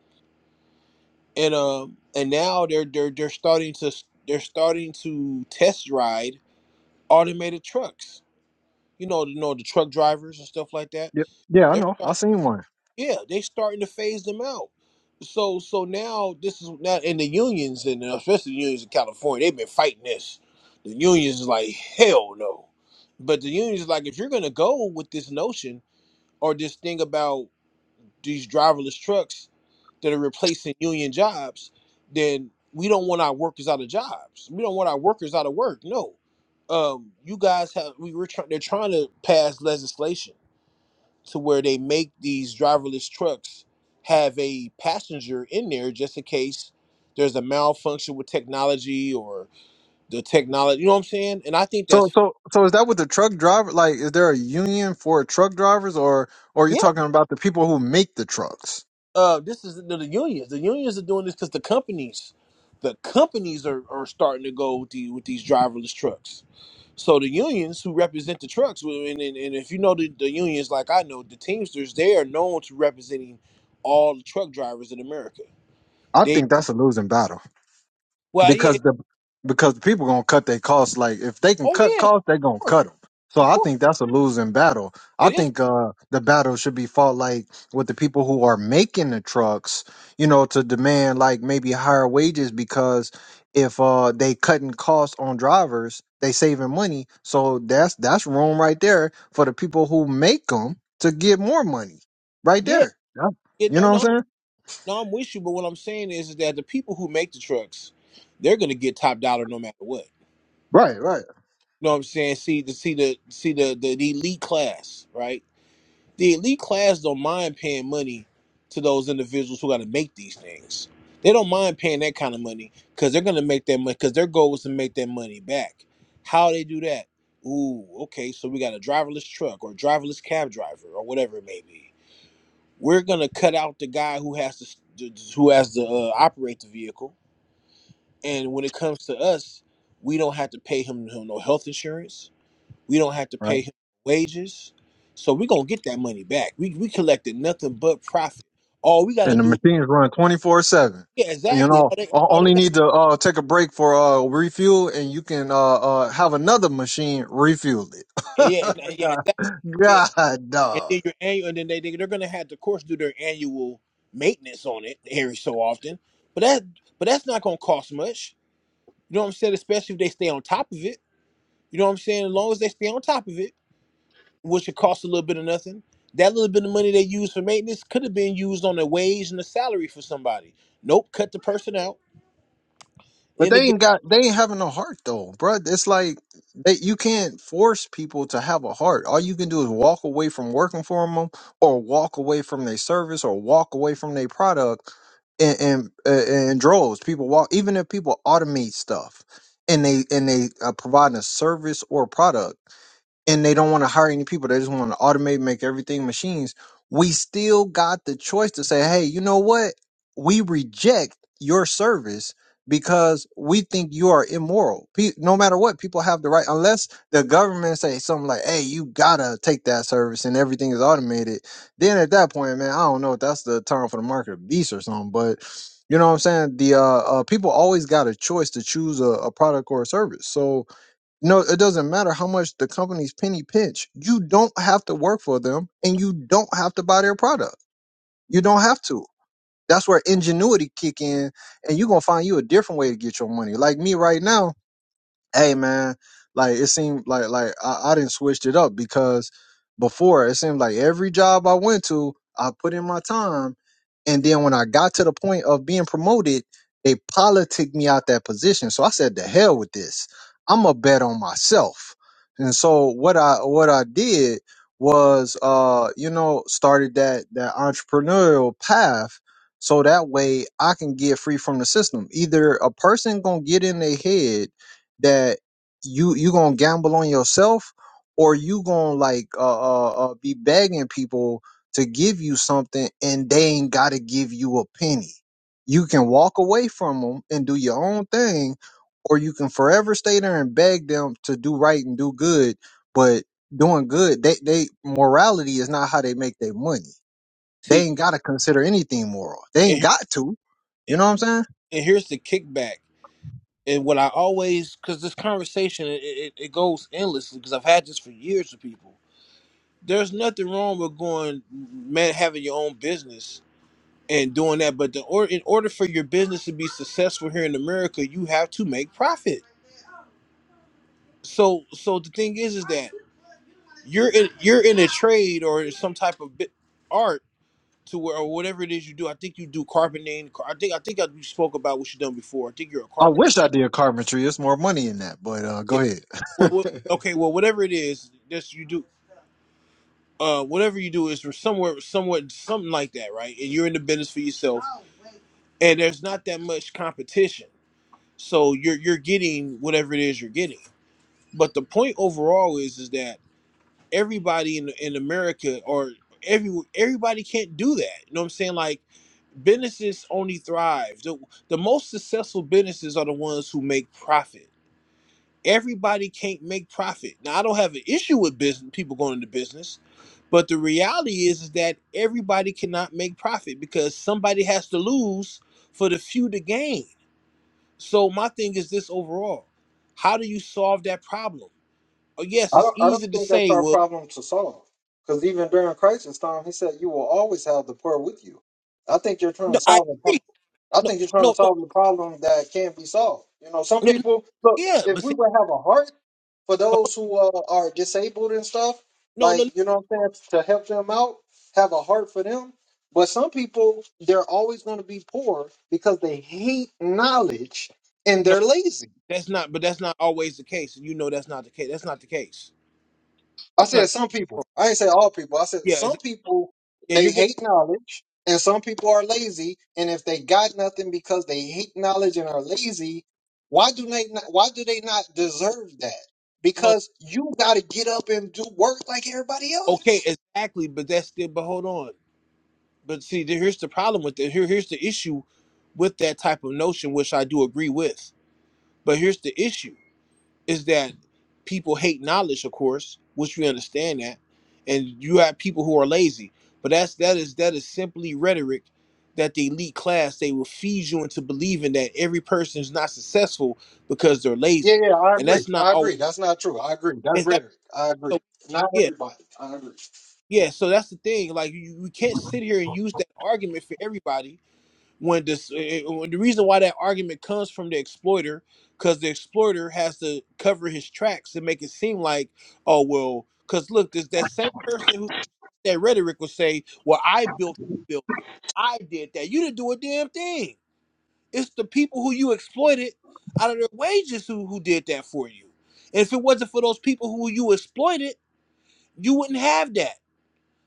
Speaker 1: And um and now they're they're they're starting to they're starting to test ride automated trucks. You know, you know the truck drivers and stuff like that.
Speaker 2: Yeah, yeah, I
Speaker 1: They're
Speaker 2: know. I've seen one.
Speaker 1: Yeah, they starting to phase them out. So so now this is now in the unions and especially the unions in California, they've been fighting this. The unions is like, hell no. But the unions is like, if you're gonna go with this notion or this thing about these driverless trucks that are replacing union jobs, then we don't want our workers out of jobs. We don't want our workers out of work. No. Um, you guys have we were trying they're trying to pass legislation to where they make these driverless trucks have a passenger in there just in case there's a malfunction with technology or the technology. You know what I'm saying? And I think
Speaker 2: So,
Speaker 1: that's
Speaker 2: so, so is that with the truck driver? Like, is there a union for truck drivers, or, or are you
Speaker 1: yeah.
Speaker 2: talking about the people who make the trucks?
Speaker 1: Uh, this is the, the unions. The unions are doing this because the companies, the companies are, are starting to go with the with these driverless trucks. So the unions who represent the trucks, well, and, and, and if you know the, the unions like I know, the Teamsters, they are known to representing all the truck drivers in America.
Speaker 2: I
Speaker 1: They
Speaker 2: think that's a losing battle.
Speaker 1: well, yeah,
Speaker 2: because the because the people gonna cut their costs. Like if they can
Speaker 1: oh
Speaker 2: cut
Speaker 1: yeah, of
Speaker 2: costs, they gonna
Speaker 1: course.
Speaker 2: cut them. So
Speaker 1: Of
Speaker 2: I
Speaker 1: course,
Speaker 2: think that's a losing battle. I
Speaker 1: it is.
Speaker 2: think uh, the battle should be fought like with the people who are making the trucks, you know, to demand like maybe higher wages because if uh, they cutting costs on drivers, they saving money. So that's that's room right there for the people who make them to get more money, right
Speaker 1: Yeah,
Speaker 2: there. Yeah.
Speaker 1: yeah.
Speaker 2: You
Speaker 1: No,
Speaker 2: know
Speaker 1: no,
Speaker 2: what I'm saying?
Speaker 1: no. I'm with you, but what I'm saying is, is that the people who make the trucks, they're gonna get top dollar no matter what.
Speaker 2: Right,
Speaker 1: You know what I'm saying? See the see the see the the, the elite class, right? The elite class don't mind paying money to those individuals who got to make these things. They don't mind paying that kind of money because they're gonna make that money because their goal is to make that money back. How they do that? Ooh, okay. So we got a driverless truck or driverless cab driver or whatever it may be we're gonna cut out the guy who has to who has to uh, operate the vehicle. And when it comes to us, we don't have to pay him no no health insurance. We don't have to
Speaker 2: right,
Speaker 1: pay him wages. So we're gonna get that money back. We we collected nothing but profit. All we gotta
Speaker 2: and the
Speaker 1: do,
Speaker 2: machines run 24 7
Speaker 1: yeah,
Speaker 2: you
Speaker 1: exactly.
Speaker 2: know
Speaker 1: All they
Speaker 2: o-
Speaker 1: all they
Speaker 2: only
Speaker 1: got,
Speaker 2: need to uh take a break for uh refuel and you can uh uh have another machine refuel it
Speaker 1: yeah, and- and- yeah,
Speaker 2: god
Speaker 1: exactly.
Speaker 2: god
Speaker 1: And
Speaker 2: dog
Speaker 1: then your annual, and then they they- they're gonna have to, of course, do their annual maintenance on it every so often. But that but that's not gonna cost much. You know what I'm saying? Especially if they stay on top of it. You know what I'm saying? As long as they stay on top of it, which it costs a little bit of nothing, that little bit of money they use for maintenance could have been used on a wage and a salary for somebody. Nope, cut the person out,
Speaker 2: But
Speaker 1: and they
Speaker 2: they
Speaker 1: get
Speaker 2: ain't got they ain't having no heart though, bruh. It's like they, you can't force people to have a heart. All you can do is walk away from working for them, or walk away from their service, or walk away from their product. And and uh, and droves people walk even if people automate stuff and they and they uh, provide a service or product and they don't want to hire any people. They just want to automate, make everything machines. We still got the choice to say, hey, you know what? We reject your service because we think you are immoral. Pe- no matter what, people have the right, unless the government say something like, hey, you gotta take that service and everything is automated. Then at that point, man, I don't know if that's the time for the market of beast or something, but you know what I'm saying? The uh, uh people always got a choice to choose a, a product or a service. So no, it doesn't matter how much the companies penny pinch. You don't have to work for them and you don't have to buy their product. You don't have to. That's where ingenuity kick in and you're going to find you a different way to get your money. Like me right now, hey man, like it seemed like like I, I didn't switched it up because before it seemed like every job I went to, I put in my time, and then when I got to the point of being promoted, they politicked me out that position. So I said, "The hell with this! I'm a bet on myself." And so what I what I did was, uh, you know, started that that entrepreneurial path. So that way I can get free from the system. Either a person gonna get in their head that you you gonna gamble on yourself or you gonna like uh, uh, uh be begging people to give you something and they ain't gotta give you a penny you can walk away from them and do your own thing or you can forever stay there and beg them to do right and do good but doing good they they morality is not how they make their money they
Speaker 1: see.
Speaker 2: ain't gotta consider anything moral they
Speaker 1: And,
Speaker 2: ain't got to you
Speaker 1: here-
Speaker 2: know what i'm saying
Speaker 1: and here's the kickback. And what I always, because this conversation it, it, it goes endlessly, because I've had this for years with people. There's nothing wrong with going, man, having your own business and doing that. But the, or, in order for your business to be successful here in America, you have to make profit So so the thing is is that you're in you're in a trade or some type of bit art to where or whatever it is you do. I think you do carpeting. car- I think I think I you spoke about what you done before. I think you're a
Speaker 2: I
Speaker 1: carpenter.
Speaker 2: wish I did carpentry. It's more money in that, but uh,
Speaker 1: Yeah.
Speaker 2: go
Speaker 1: What,
Speaker 2: ahead.
Speaker 1: what, okay. Well, whatever it is that you do, uh, whatever you do is for somewhere, somewhat, something like that, right? And you're in the business for yourself, and there's not that much competition, so you're you're getting whatever it is you're getting. But the point overall is is that everybody in in America or every everybody can't do that. You know what I'm saying? Like businesses only thrive. The, the most successful businesses are the ones who make profit. Everybody can't make profit. Now I don't have an issue with business people going into business, but the reality is, is that everybody cannot make profit because somebody has to lose for the few to gain. So my thing is this overall. How do you solve that problem? Oh yes,
Speaker 2: I
Speaker 1: it's
Speaker 2: don't, I
Speaker 1: easy
Speaker 2: don't
Speaker 1: to
Speaker 2: think that's
Speaker 1: say,
Speaker 2: our
Speaker 1: well,
Speaker 2: problem to solve. Because even during crisis time, he said, "You will always have the poor with you." I think you're trying
Speaker 1: no,
Speaker 2: to
Speaker 1: I
Speaker 2: solve a pro-
Speaker 1: agree.
Speaker 2: I
Speaker 1: No,
Speaker 2: think you're trying
Speaker 1: no,
Speaker 2: to
Speaker 1: no.
Speaker 2: solve a problem that can't be solved. You know, some
Speaker 1: Yeah, no,
Speaker 2: people look.
Speaker 1: yeah,
Speaker 2: If
Speaker 1: but
Speaker 2: we
Speaker 1: see,
Speaker 2: would have a heart for those who uh, are disabled and stuff,
Speaker 1: no, no,
Speaker 2: like you know, what I'm saying to help them out, have a heart for them. But some people, they're always going to be poor because they hate knowledge and
Speaker 1: no,
Speaker 2: they're lazy.
Speaker 1: that's not. But that's not always the case, and you know that's not the case. That's not the case.
Speaker 2: I
Speaker 1: That's not.
Speaker 2: said some people. I ain't say all people. I said
Speaker 1: Yeah, exactly.
Speaker 2: some people
Speaker 1: yeah,
Speaker 2: they
Speaker 1: you're gonna.
Speaker 2: hate knowledge and some people are lazy and if they got nothing because they hate knowledge and are lazy, why do they not why do they not deserve that?
Speaker 1: No,
Speaker 2: Because you got to get up and do work like everybody
Speaker 1: okay,
Speaker 2: else.
Speaker 1: exactly. But that's still. But hold on. But see, there- here's the problem with it. Here, here's the issue with that type of notion, which I do agree with. But here's the issue. is that people hate knowledge, of course, which we understand that, and you have people who are lazy. But that's that is that is simply rhetoric that the elite class they will feed you into believing that every person is not successful because they're
Speaker 2: Yeah,
Speaker 1: lazy,
Speaker 2: yeah, I
Speaker 1: and
Speaker 2: agree.
Speaker 1: that's not
Speaker 2: I
Speaker 1: always
Speaker 2: agree. That's not true. I agree. That's
Speaker 1: is that
Speaker 2: rhetoric. I agree.
Speaker 1: so
Speaker 2: Not
Speaker 1: yeah
Speaker 2: everybody. I agree.
Speaker 1: yeah so that's the thing like you, you can't sit here and use that argument for everybody when this eh, eh, when the reason why that argument comes from the exploiter because the exploiter has to cover his tracks and make it seem like oh well because look this that same person who that rhetoric will say well i built this building i did that you didn't do a damn thing it's the people who you exploited out of their wages who, who did that for you and if it wasn't for those people who you exploited you wouldn't have that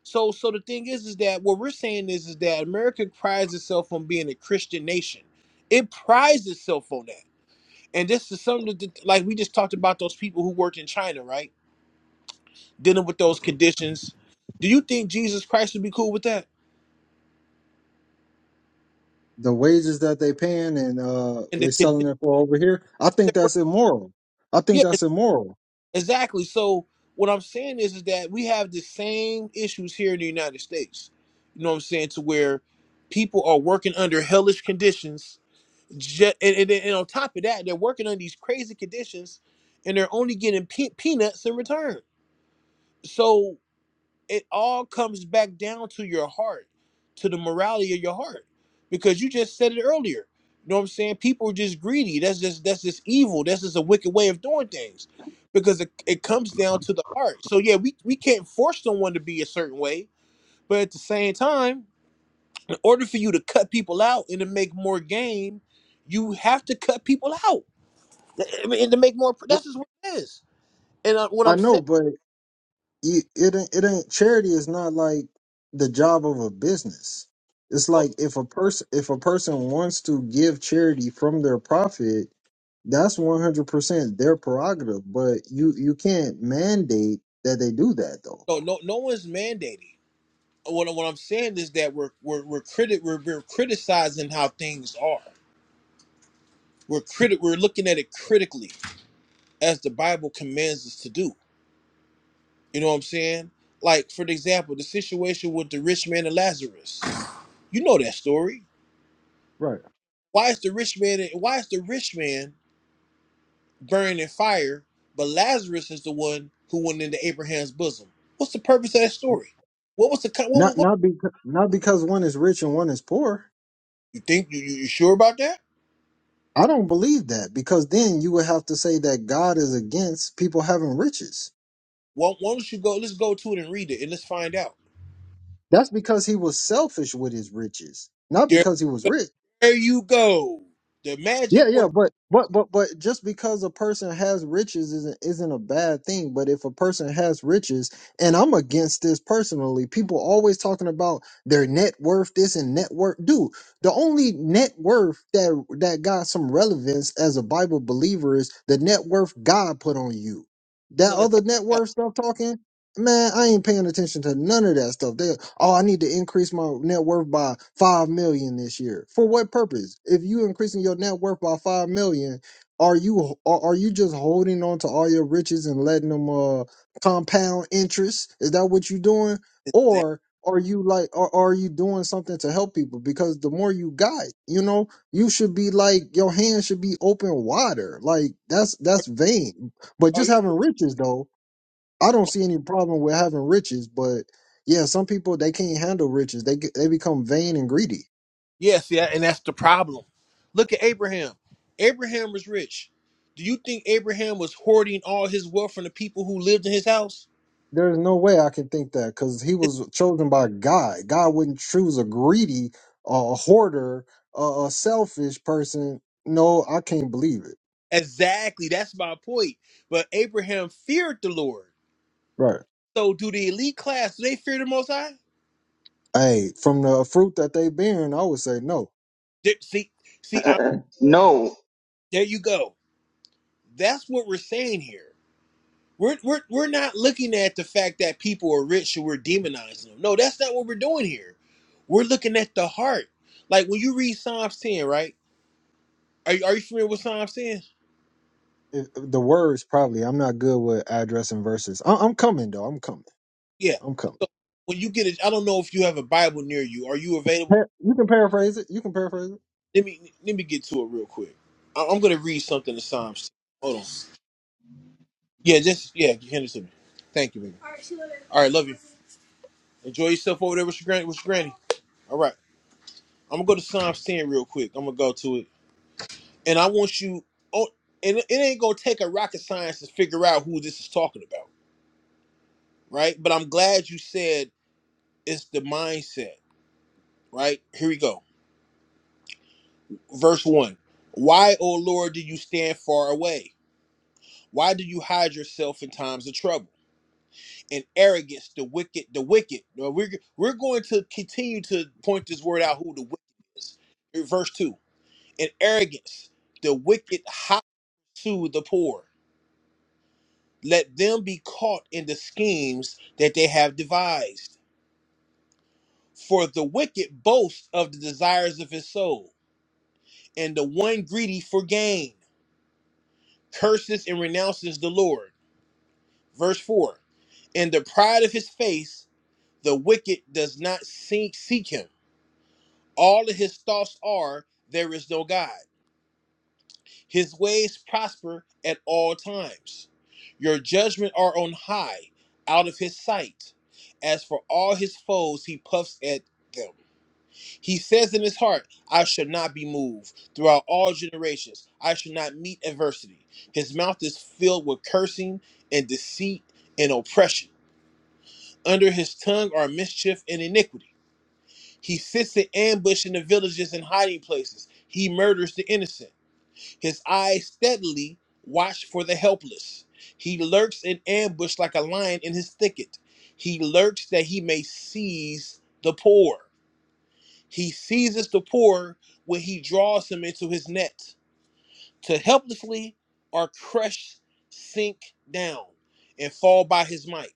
Speaker 1: so, so the thing is, is that what we're saying is, is that America prides itself on being a Christian nation. It prides itself on that. And this is something that, that- like we just talked about those people who worked in China, right? Dealing with those conditions. Do you think Jesus Christ would be cool with that?
Speaker 2: The wages that they paying and uh
Speaker 1: And the
Speaker 2: they selling
Speaker 1: conditions
Speaker 2: it for over here, I think
Speaker 1: that were,
Speaker 2: that's immoral. I think
Speaker 1: yeah, e-
Speaker 2: that's immoral.
Speaker 1: exactly. So what I'm saying is, is that we have the same issues here in the United States. You know what I'm saying? To where people are working under hellish conditions Ju- and, and, and on top of that, they're working on these crazy conditions, and they're only getting pe- peanuts in return. So it all comes back down to your heart, to the morality of your heart, because you just said it earlier. You know what I'm saying? People are just greedy. That's just that's just evil. That's just a wicked way of doing things, because it, it comes down to the heart. So yeah, we we can't force someone to be a certain way, but at the same time, in order for you to cut people out and to make more game, you have to cut people out I mean, to make more.
Speaker 2: Yeah,
Speaker 1: That's just what it is. And uh, what
Speaker 2: I
Speaker 1: I'm
Speaker 2: know,
Speaker 1: saying,
Speaker 2: but you it ain't- it ain't charity is not like the job of a business. It's
Speaker 1: Well,
Speaker 2: like if a person if a person wants to give charity from their profit, that's one hundred percent their prerogative. But you you can't mandate that they do that though.
Speaker 1: No, no, no one's mandating. What, what I'm saying is that we're we're we're, criti- we're we're criticizing how things are. We're criti- We're looking at it critically, as the Bible commands us to do. You know what I'm saying? Like for example, the situation with the rich man and Lazarus. You know that story.
Speaker 2: Right.
Speaker 1: Why is the rich man? Why is the rich man? burned in fire, but Lazarus is the one who went into Abraham's bosom. What's the purpose of that story? What was the co- what, what,
Speaker 2: Not
Speaker 1: what-
Speaker 2: not because not because one is rich and one is poor.
Speaker 1: you think you, you you sure about that?
Speaker 2: I don't believe that because then you would have to say that God is against people having riches.
Speaker 1: Well, why don't you go? Let's go to it and read it, and let's find out.
Speaker 2: That's because he was selfish with his riches, not
Speaker 1: There,
Speaker 2: because he was rich.
Speaker 1: there you go. The magic
Speaker 2: Yeah,
Speaker 1: word.
Speaker 2: yeah, but but but but just because a person has riches isn't isn't a bad thing. But if a person has riches, and I'm against this personally, people always talking about their net worth, this and net worth. Dude, the only net worth that that got some relevance as a Bible believer is the net worth God put on you. That
Speaker 1: no, let's
Speaker 2: other
Speaker 1: check
Speaker 2: net
Speaker 1: it out.
Speaker 2: worth stuff talking Man, I ain't paying attention to none of that stuff. They, oh, I need to increase my net worth by five million this year. For what purpose? If you increasing your net worth by five million, are you are, are you just holding on to all your riches and letting them uh compound interest? Is that what you doing?
Speaker 1: Is that-
Speaker 2: Or are you like are, are you doing something to help people? Because the more you got, you know, you should be like your hand should be open wider. Like that's that's vain. But
Speaker 1: Are
Speaker 2: just
Speaker 1: you?
Speaker 2: having riches though I don't see any problem with having riches, but yeah, some people they can't handle riches. They get- they become vain and greedy.
Speaker 1: Yeah, see, that- and that's the problem. Look at Abraham. Abraham was rich. Do you think Abraham was hoarding all his wealth from the people who lived in his house?
Speaker 2: There's no way I can think that because he was chosen by God. God wouldn't choose a greedy, uh, a hoarder, uh, a selfish person. No, I can't believe it.
Speaker 1: Exactly. That's my point. But Abraham feared the Lord.
Speaker 2: Right.
Speaker 1: So do the elite class, do they fear the most high?
Speaker 2: Hey, from the fruit that they bearing, I would say no.
Speaker 1: They- See, see, I,
Speaker 4: Uh, no,
Speaker 1: there you go. That's what we're saying here. We're, we're, we're not looking at the fact that people are rich and we're demonizing them. No, that's not what we're doing here. We're looking at the heart. Like when you read Psalms 10, right? Are you, are you familiar with Psalms 10?
Speaker 2: If, the words probably. I'm not good with addressing verses. I, I'm coming though. I'm coming.
Speaker 1: Yeah.
Speaker 2: I'm coming.
Speaker 1: So when you get it, I don't know if you have a Bible near you. Are you available
Speaker 2: Pa- You can paraphrase it. You can paraphrase it.
Speaker 1: let me let me get to it real quick. I- I'm gonna read something to Psalms. Hold on. Yeah, just yeah, hand it to me. Thank you, baby. All right, see you later. All right, love you. Enjoy yourself over there with your granny. With your granny. All right, I'm gonna go to Psalms 10 real quick. I'm gonna go to it, and I want you. Oh, and it ain't gonna take a rocket science to figure out who this is talking about, right? But I'm glad you said it's the mindset, right? Here we go. Verse one. Why, O Lord, do you stand far away? Why do you hide yourself in times of trouble? and arrogance, the wicked, the wicked. Now, We're, we're going to continue to point this word out who the wicked is. Verse 2 And arrogance, the wicked hot to the poor. Let them be caught in the schemes that they have devised. For the wicked boasts of the desires of his soul, and the one greedy for gain curses and renounces the Lord. Verse 4 In the pride of his face, the wicked does not seek, seek him All of his thoughts are, there is no God. His ways prosper at all times. Your judgment are on high, out of his sight. As for all his foes, he puffs at them. He says in his heart, I shall not be moved. Throughout all generations, I shall not meet adversity. His mouth is filled with cursing and deceit and oppression. Under his tongue are mischief and iniquity. He sits in ambush in the villages and hiding places. He murders the innocent. His eyes steadily watch for the helpless. He lurks in ambush like a lion in his thicket. He lurks that he may seize the poor. He seizes the poor when he draws him into his net. To helplessly are crushed, sink down, and fall by his might.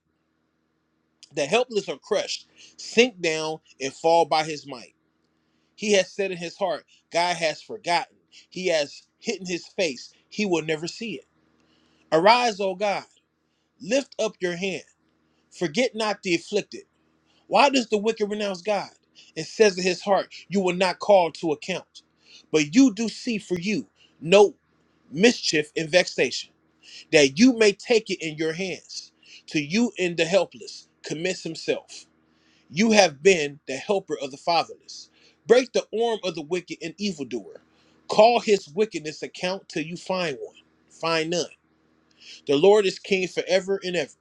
Speaker 1: The helpless are crushed, sink down, and fall by his might. He has said in his heart, God has forgotten. He has hidden his face. He will never see it. Arise, O God, lift up your hand. Forget not the afflicted. Why does the wicked renounce God and says in his heart, You will not call to account? But you do see for you no mischief and vexation, that you may take it in your hands. To you and the helpless commits himself. You have been the helper of the fatherless. Break the arm of the wicked and evildoer. Call his wickedness account till you find one. Find none. The Lord is king forever and ever.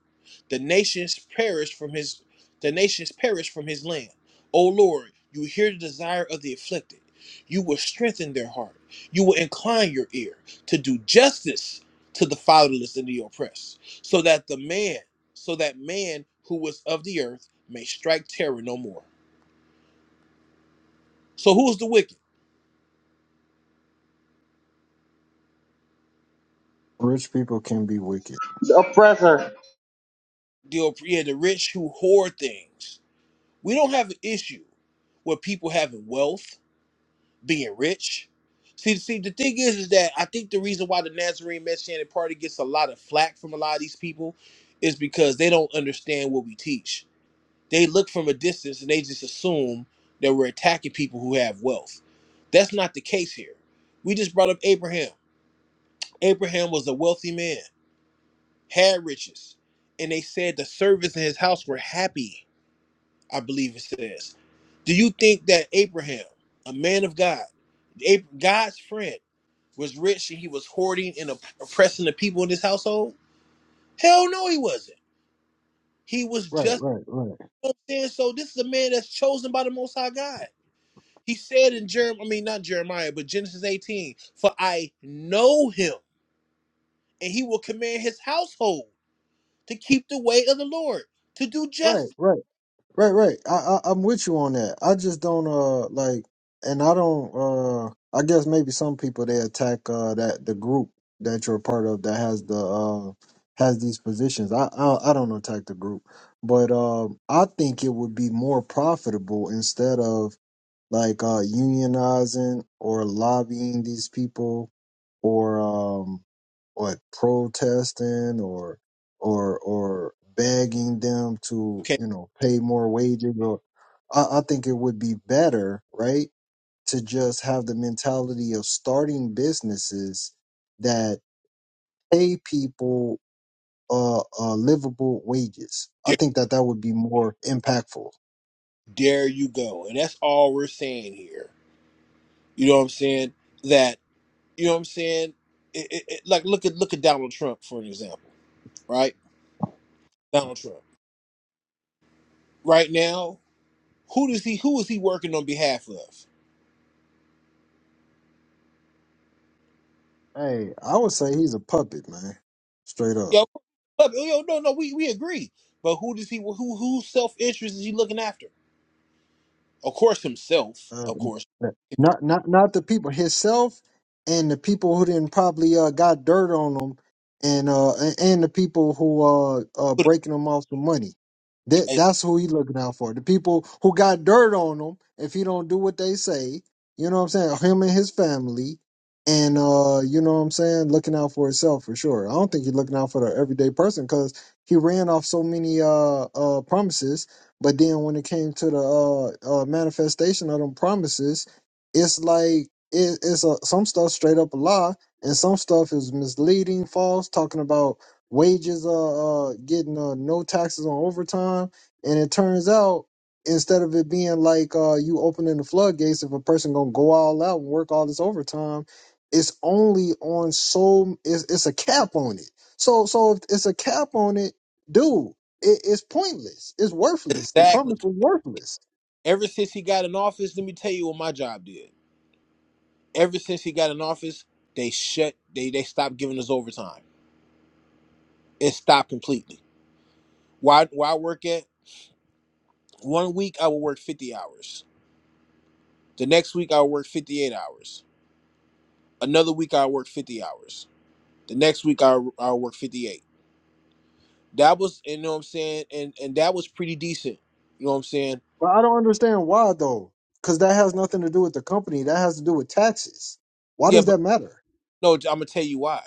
Speaker 1: The nations perish from his the nations perish from his land. O Lord, you hear the desire of the afflicted. You will strengthen their heart. You will incline your ear to do justice to the fatherless and the oppressed, so that the man, so that man who was of the earth may strike terror no more. So who's the wicked?
Speaker 2: Rich people can be wicked.
Speaker 1: The yeah, the rich who hoard things. We don't have an issue with people having wealth, being rich. See, see, the thing is, is that I think the reason why the Nazarene Messianic Party gets a lot of flack from a lot of these people is because they don't understand what we teach. They look from a distance and they just assume that we're attacking people who have wealth. That's not the case here. We just brought up Abraham. Abraham was a wealthy man. had riches, and they said the servants in his house were happy, I believe it says. Do you think that Abraham, a man of God, Ab- God's friend, was rich and he was hoarding and op- oppressing the people in his household? Hell no, he wasn't. He was
Speaker 2: Right,
Speaker 1: just
Speaker 2: right, right.
Speaker 1: you know what I'm saying. So this is a man that's chosen by the Most High God. He said in Jeremiah, I mean not Jeremiah, but Genesis 18, for I know him, and he will command his household to keep the way of the Lord, to do
Speaker 2: Right,
Speaker 1: justice.
Speaker 2: right, right, right. I, I I'm with you on that. I just don't uh like, and I don't uh. I guess maybe some people they attack uh that the group that you're a part of that has the uh has these positions. I I, I don't attack the group, but um I think it would be more profitable instead of like uh unionizing or lobbying these people or um what protesting or or or begging them to
Speaker 1: Okay,
Speaker 2: you know pay more wages or I, I think it would be better right to just have the mentality of starting businesses that pay people uh, uh livable wages i think that that would be more impactful
Speaker 1: there you go. And that's all we're saying here. You know what I'm saying? That you know what I'm saying? It, it, it- like look at look at Donald Trump for an example, right? Donald Trump. Right now, who does he who is he working on behalf of?
Speaker 2: hey i would say he's a puppet man straight up
Speaker 1: Yo, yo, no, no, we, we agree. But who does he who whose self interest is he looking after? Of course himself,
Speaker 2: uh,
Speaker 1: of course.
Speaker 2: not not not the people himself and the people who then probably uh, got dirt on him and uh and and the people who uh uh
Speaker 1: Put-
Speaker 2: breaking him off the money that that's who he looking out for the people who got dirt on him if he don't do what they say you know what i'm saying him and his family and uh you know what i'm saying looking out for himself for sure i don't think he's looking out for the everyday person because he ran off so many uh uh promises but then when it came to the uh, uh, manifestation of them promises, it's like it, it's a, some stuff straight up a lie, and some stuff is misleading, false, talking about wages uh, uh getting uh, no taxes on overtime, and it turns out instead of it being like uh you opening the floodgates if a person gonna go all out and work all this overtime, it's only on so it's, it's a cap on it. So so if it's a cap on it, dude. It, it's pointless. It's worthless. The
Speaker 1: Exactly.
Speaker 2: promise was worthless.
Speaker 1: Ever since he got in office, let me tell you what my job did. Ever since he got in office, they shut they they stopped giving us overtime. It stopped completely. Why why work at one week I will work 50 hours. The next week I'll work 58 hours. Another week I'll work 50 hours. The next week I'll, I'll work 58. That was you know what I'm saying and and that was pretty decent. You know what I'm saying?
Speaker 2: But I don't understand why though, because that has nothing to do with the company. That has to do with taxes. Why
Speaker 1: Yeah,
Speaker 2: does
Speaker 1: but
Speaker 2: that matter?
Speaker 1: no, I'm going to tell you why.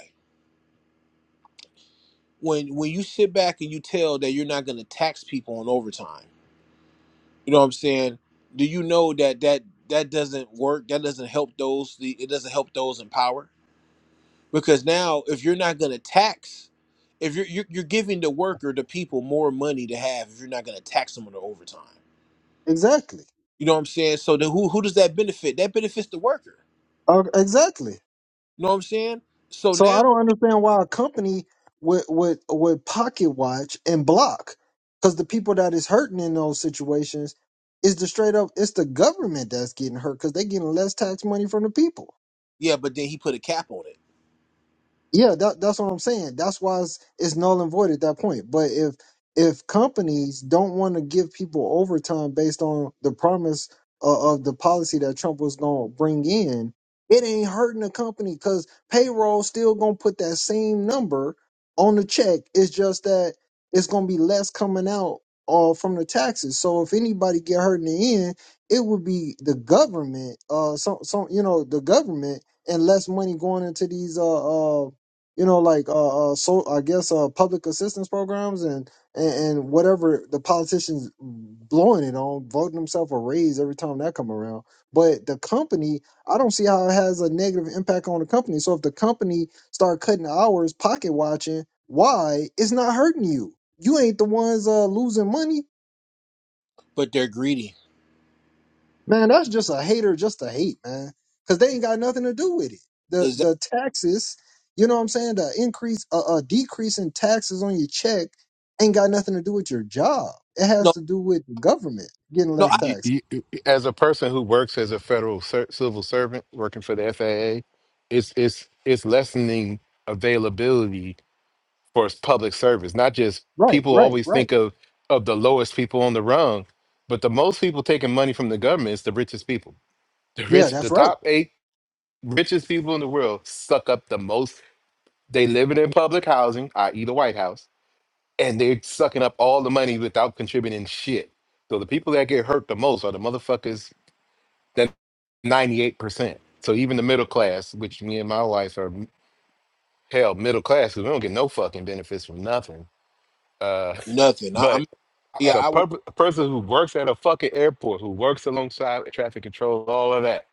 Speaker 1: When when you sit back and you tell that you're not going to tax people on overtime You know what I'm saying? Do you know that that that doesn't work? That doesn't help those. The it doesn't help those in power because now if you're not going to tax, if you're, you're you're giving the worker the people more money to have if you're not going to tax them on the overtime.
Speaker 2: Exactly.
Speaker 1: You know what I'm saying? So then who who does that benefit? That benefits the worker.
Speaker 2: Uh, exactly.
Speaker 1: You know what I'm saying? So
Speaker 2: So I
Speaker 1: now
Speaker 2: don't understand why a company would would would pocket watch and block, because the people that is hurting in those situations is the straight up it's the government that's getting hurt because they're getting less tax money from the people.
Speaker 1: yeah, but then he put a cap on it.
Speaker 2: Yeah, that, that's what I'm saying. That's why it's, it's null and void at that point. But if if companies don't want to give people overtime based on the promise of, of the policy that Trump was going to bring in, it ain't hurting the company because payroll still going to put that same number on the check. It's just that it's going to be less coming out uh, from the taxes. So if anybody get hurt in the end, it would be the government. Uh, some some you know the government and less money going into these uh uh you know, like uh, uh so I guess uh public assistance programs and, and and whatever the politicians blowing it on, voting themselves a raise every time that come around. But the company, I don't see how it has a negative impact on the company. So if the company start cutting hours, pocket watching, why it's not hurting you? You ain't the ones uh losing money.
Speaker 1: But they're greedy.
Speaker 2: Man, that's just a hater just to hate, man. Because they ain't got nothing to do with it. The
Speaker 1: Is that
Speaker 2: the taxes, you know what I'm saying? The increase, a uh, uh, decrease in taxes on your check ain't got nothing to do with your job. It has
Speaker 1: no
Speaker 2: to do with the government getting
Speaker 1: no
Speaker 2: less
Speaker 1: I,
Speaker 5: You,
Speaker 2: taxes.
Speaker 5: you, as a person who works as a federal ser- civil servant working for the FAA, it's it's it's lessening availability for s- public service. Not just
Speaker 2: Right,
Speaker 5: people
Speaker 2: right,
Speaker 5: always
Speaker 2: right.
Speaker 5: think of of the lowest people on the rung, but the most people taking money from the government is the richest people. The
Speaker 2: Yeah,
Speaker 5: rich, the
Speaker 2: that's right.
Speaker 5: top eight richest people in the world suck up the most. They live in public housing, i.e., the White House, and they're sucking up all the money without contributing shit. So the people that get hurt the most are the motherfuckers 98%. So even the middle class, which me and my wife are m- hell middle class because we don't get no fucking benefits from nothing. Uh,
Speaker 1: nothing? I, I'm
Speaker 5: but as
Speaker 1: yeah
Speaker 5: a,
Speaker 1: I will.
Speaker 5: pub- a person who works at a fucking airport, who works alongside traffic control, all of that,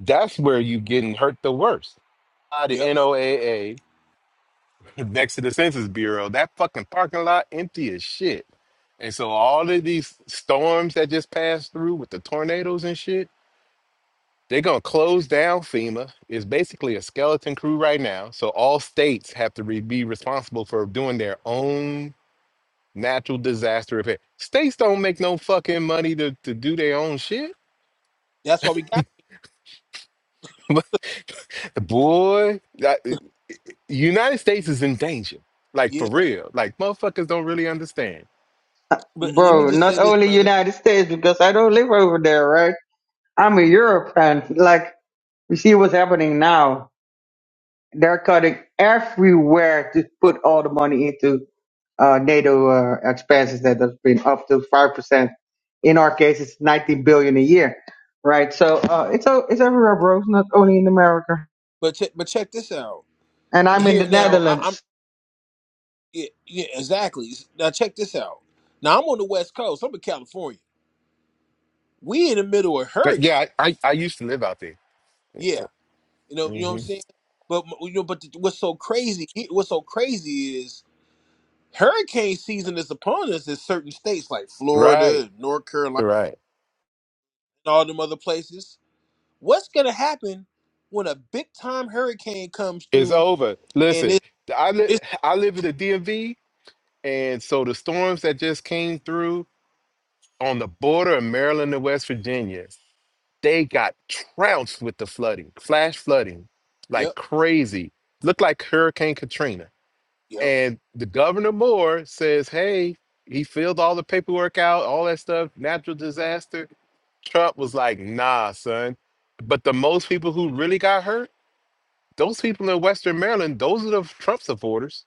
Speaker 5: that's where you getting hurt the worst. By the
Speaker 1: Yep.
Speaker 5: NOAA, next to the Census Bureau, that fucking parking lot empty as shit. And so all of these storms that just passed through with the tornadoes and shit, They're going to close down FEMA. It's basically a skeleton crew right now. So all states have to re- be responsible for doing their own natural disaster repair. States don't make no fucking money to, to do their own shit.
Speaker 1: That's why we got
Speaker 5: Boy, that- uh, United States is in danger. Like
Speaker 1: yeah.
Speaker 5: for real. Like motherfuckers don't really understand.
Speaker 4: Uh,
Speaker 1: But let me
Speaker 4: bro,
Speaker 1: just
Speaker 4: not
Speaker 1: say this,
Speaker 4: only
Speaker 1: brother.
Speaker 4: United States because I don't live over there, right? I'm a Europe fan. Like we see what's happening now. They're cutting everywhere to put all the money into uh, NATO uh, expenses that has been up to five percent. In our case, it's 19 billion a year, right? So uh, it's o- it's everywhere, bro. It's not only in America.
Speaker 1: But check, but check this out.
Speaker 4: And I'm in
Speaker 1: Here
Speaker 4: the
Speaker 1: now, I, I'm
Speaker 4: Netherlands.
Speaker 1: yeah, yeah, exactly. Now check this out. Now I'm on the West Coast. I'm in California. We in the middle of
Speaker 5: But
Speaker 1: hurricane.
Speaker 5: yeah, I, I, I used to live out there.
Speaker 1: Yeah, you know, you know what I'm
Speaker 5: hmm
Speaker 1: saying. But you know, but what's so crazy? What's so crazy is hurricane season is upon us in certain states like Florida,
Speaker 5: Right,
Speaker 1: and North Carolina,
Speaker 5: right.
Speaker 1: and all them other places. What's gonna happen when a big time hurricane comes
Speaker 5: It's
Speaker 1: through
Speaker 5: over.
Speaker 1: and
Speaker 5: Listen,
Speaker 1: it,
Speaker 5: I li-
Speaker 1: it's
Speaker 5: I live in the DMV. And so the storms that just came through on the border of Maryland and West Virginia, they got trounced with the flooding, flash flooding,
Speaker 1: yep,
Speaker 5: like crazy. Looked like Hurricane Katrina.
Speaker 1: yep,
Speaker 5: And the governor Moore says, hey, he filled all the paperwork out, all that stuff, natural disaster. Trump was like, nah, son. But the most people who really got hurt, those people in Western Maryland, those are the Trump supporters.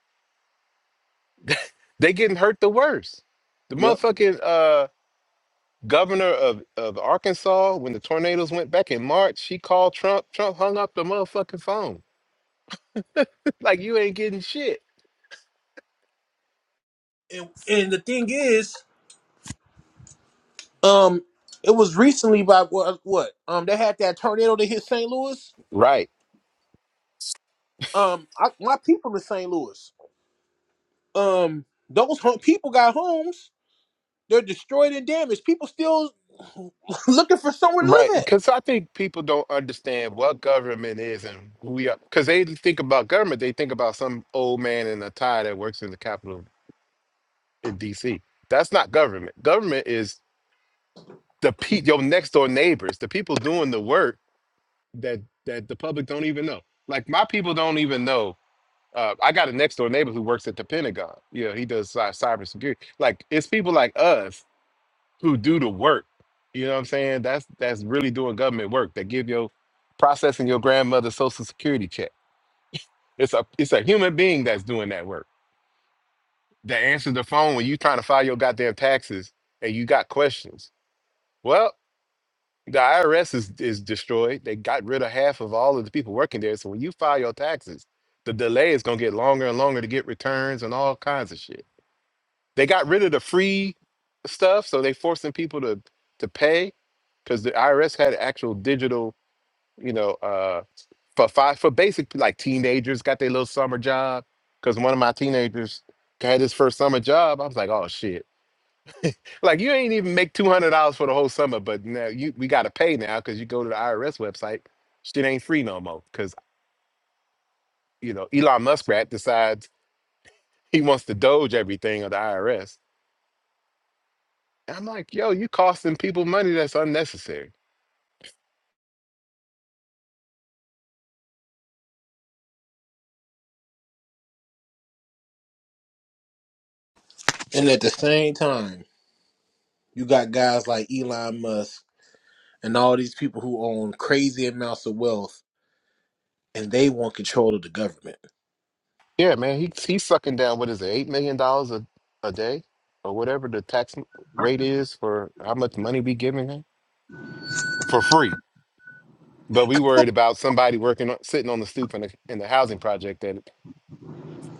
Speaker 5: They getting hurt the worst. The
Speaker 1: yep.
Speaker 5: motherfucking uh governor of, of Arkansas, when the tornadoes went back in March, she called Trump. Trump hung up the motherfucking phone. like, you ain't getting shit.
Speaker 1: And and the thing is, Um, it was recently by what? What? Um, they had that tornado that hit St. Louis.
Speaker 5: Right.
Speaker 1: Um, I, my people in St. Louis. Um, those home, people got homes. They're destroyed and damaged. People still looking for somewhere to
Speaker 5: Right.
Speaker 1: live at.
Speaker 5: Because I think people don't understand what government is and who we are. Because they think about government, they think about some old man in a tie that works in the Capitol in D.C. That's not government. Government is the pe- your next door neighbors, the people doing the work that that the public don't even know. Like my people don't even know uh, I got a next door neighbor who works at the Pentagon. You know, he does cy- cybersecurity. Like it's people like us who do the work. You know what I'm saying? That's that's really doing government work. That give your processing your grandmother's social security check. It's a it's a human being that's doing that work. That answers the phone when you trying to file your goddamn taxes and you got questions. Well, the IRS is is destroyed. They got rid of half of all of the people working there. So when you file your taxes, the delay is gonna get longer and longer to get returns and all kinds of shit. They got rid of the free stuff, so they forcing people to to pay because the IRS had actual digital, you know, uh, for five for basic like teenagers got their little summer job. Because one of my teenagers had his first summer job, I was like, oh shit! Like you ain't even make two hundred dollars for the whole summer, but now you we got to pay now because you go to the IRS website, shit ain't free no more. Because you know Elon Muskrat decides he wants to doge everything of the IRS. And I'm like, yo, you costing people money that's unnecessary.
Speaker 1: And at the same time, you got guys like Elon Musk and all these people who own crazy amounts of wealth, and they want control of the government.
Speaker 5: Yeah, man, he he's sucking down what is it, eight million dollars a a day or whatever the tax rate is for how much money we giving him for free. But we worried about somebody working on, sitting on the stoop in the in the housing project. And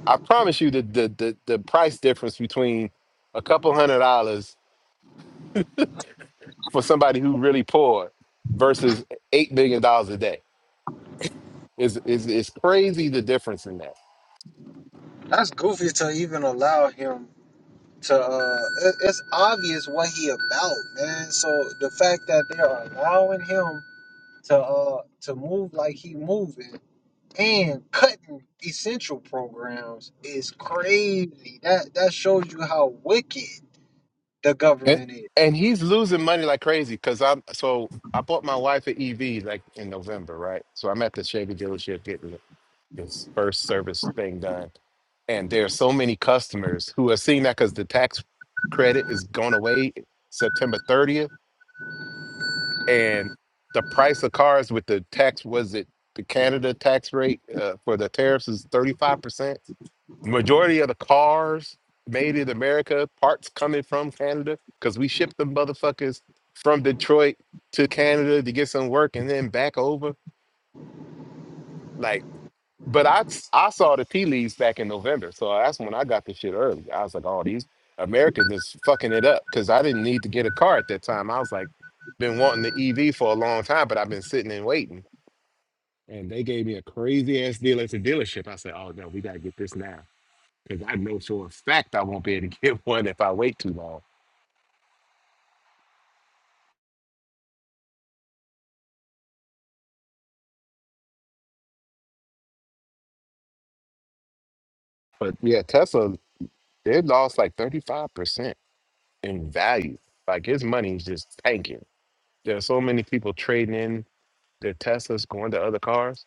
Speaker 5: I promise you, the the the, the price difference between a couple hundred dollars for somebody who really poor versus eight million dollars a day is is is crazy. The difference in that.
Speaker 2: That's allow him to. Uh, it- it's obvious what he about. The fact that they are him to uh to move like he and cutting these arms easily. That that the gun
Speaker 5: And
Speaker 2: is.
Speaker 5: and he's losing money like crazy because I'm so I bought my wife an EV like in November, right? So I'm at the Chevy dealership getting this first service thing done, and there are so many customers who are seeing that because the tax credit is going away September 30th, and the price of cars with the tax was it the Canada tax rate uh, for the tariffs is 35%. Majority of the cars made in America, parts coming from Canada, because we ship them motherfuckers from Detroit to Canada to get some work and then back over. Like, but I I saw the tea leaves back in November, so that's when I got this shit early. I was like, all these Americans is fucking it up because I didn't need to get a car at that time. I was like, been wanting the EV for a long time, but I've been sitting and waiting. And they gave me a crazy ass deal at the dealership. I said, oh no, we gotta get this now. Because I know for a fact I won't be able to get one if I wait too long. But yeah, Tesla, they lost like 35% in value. Like his money is just tanking. There are so many people trading in their Teslas going to other cars.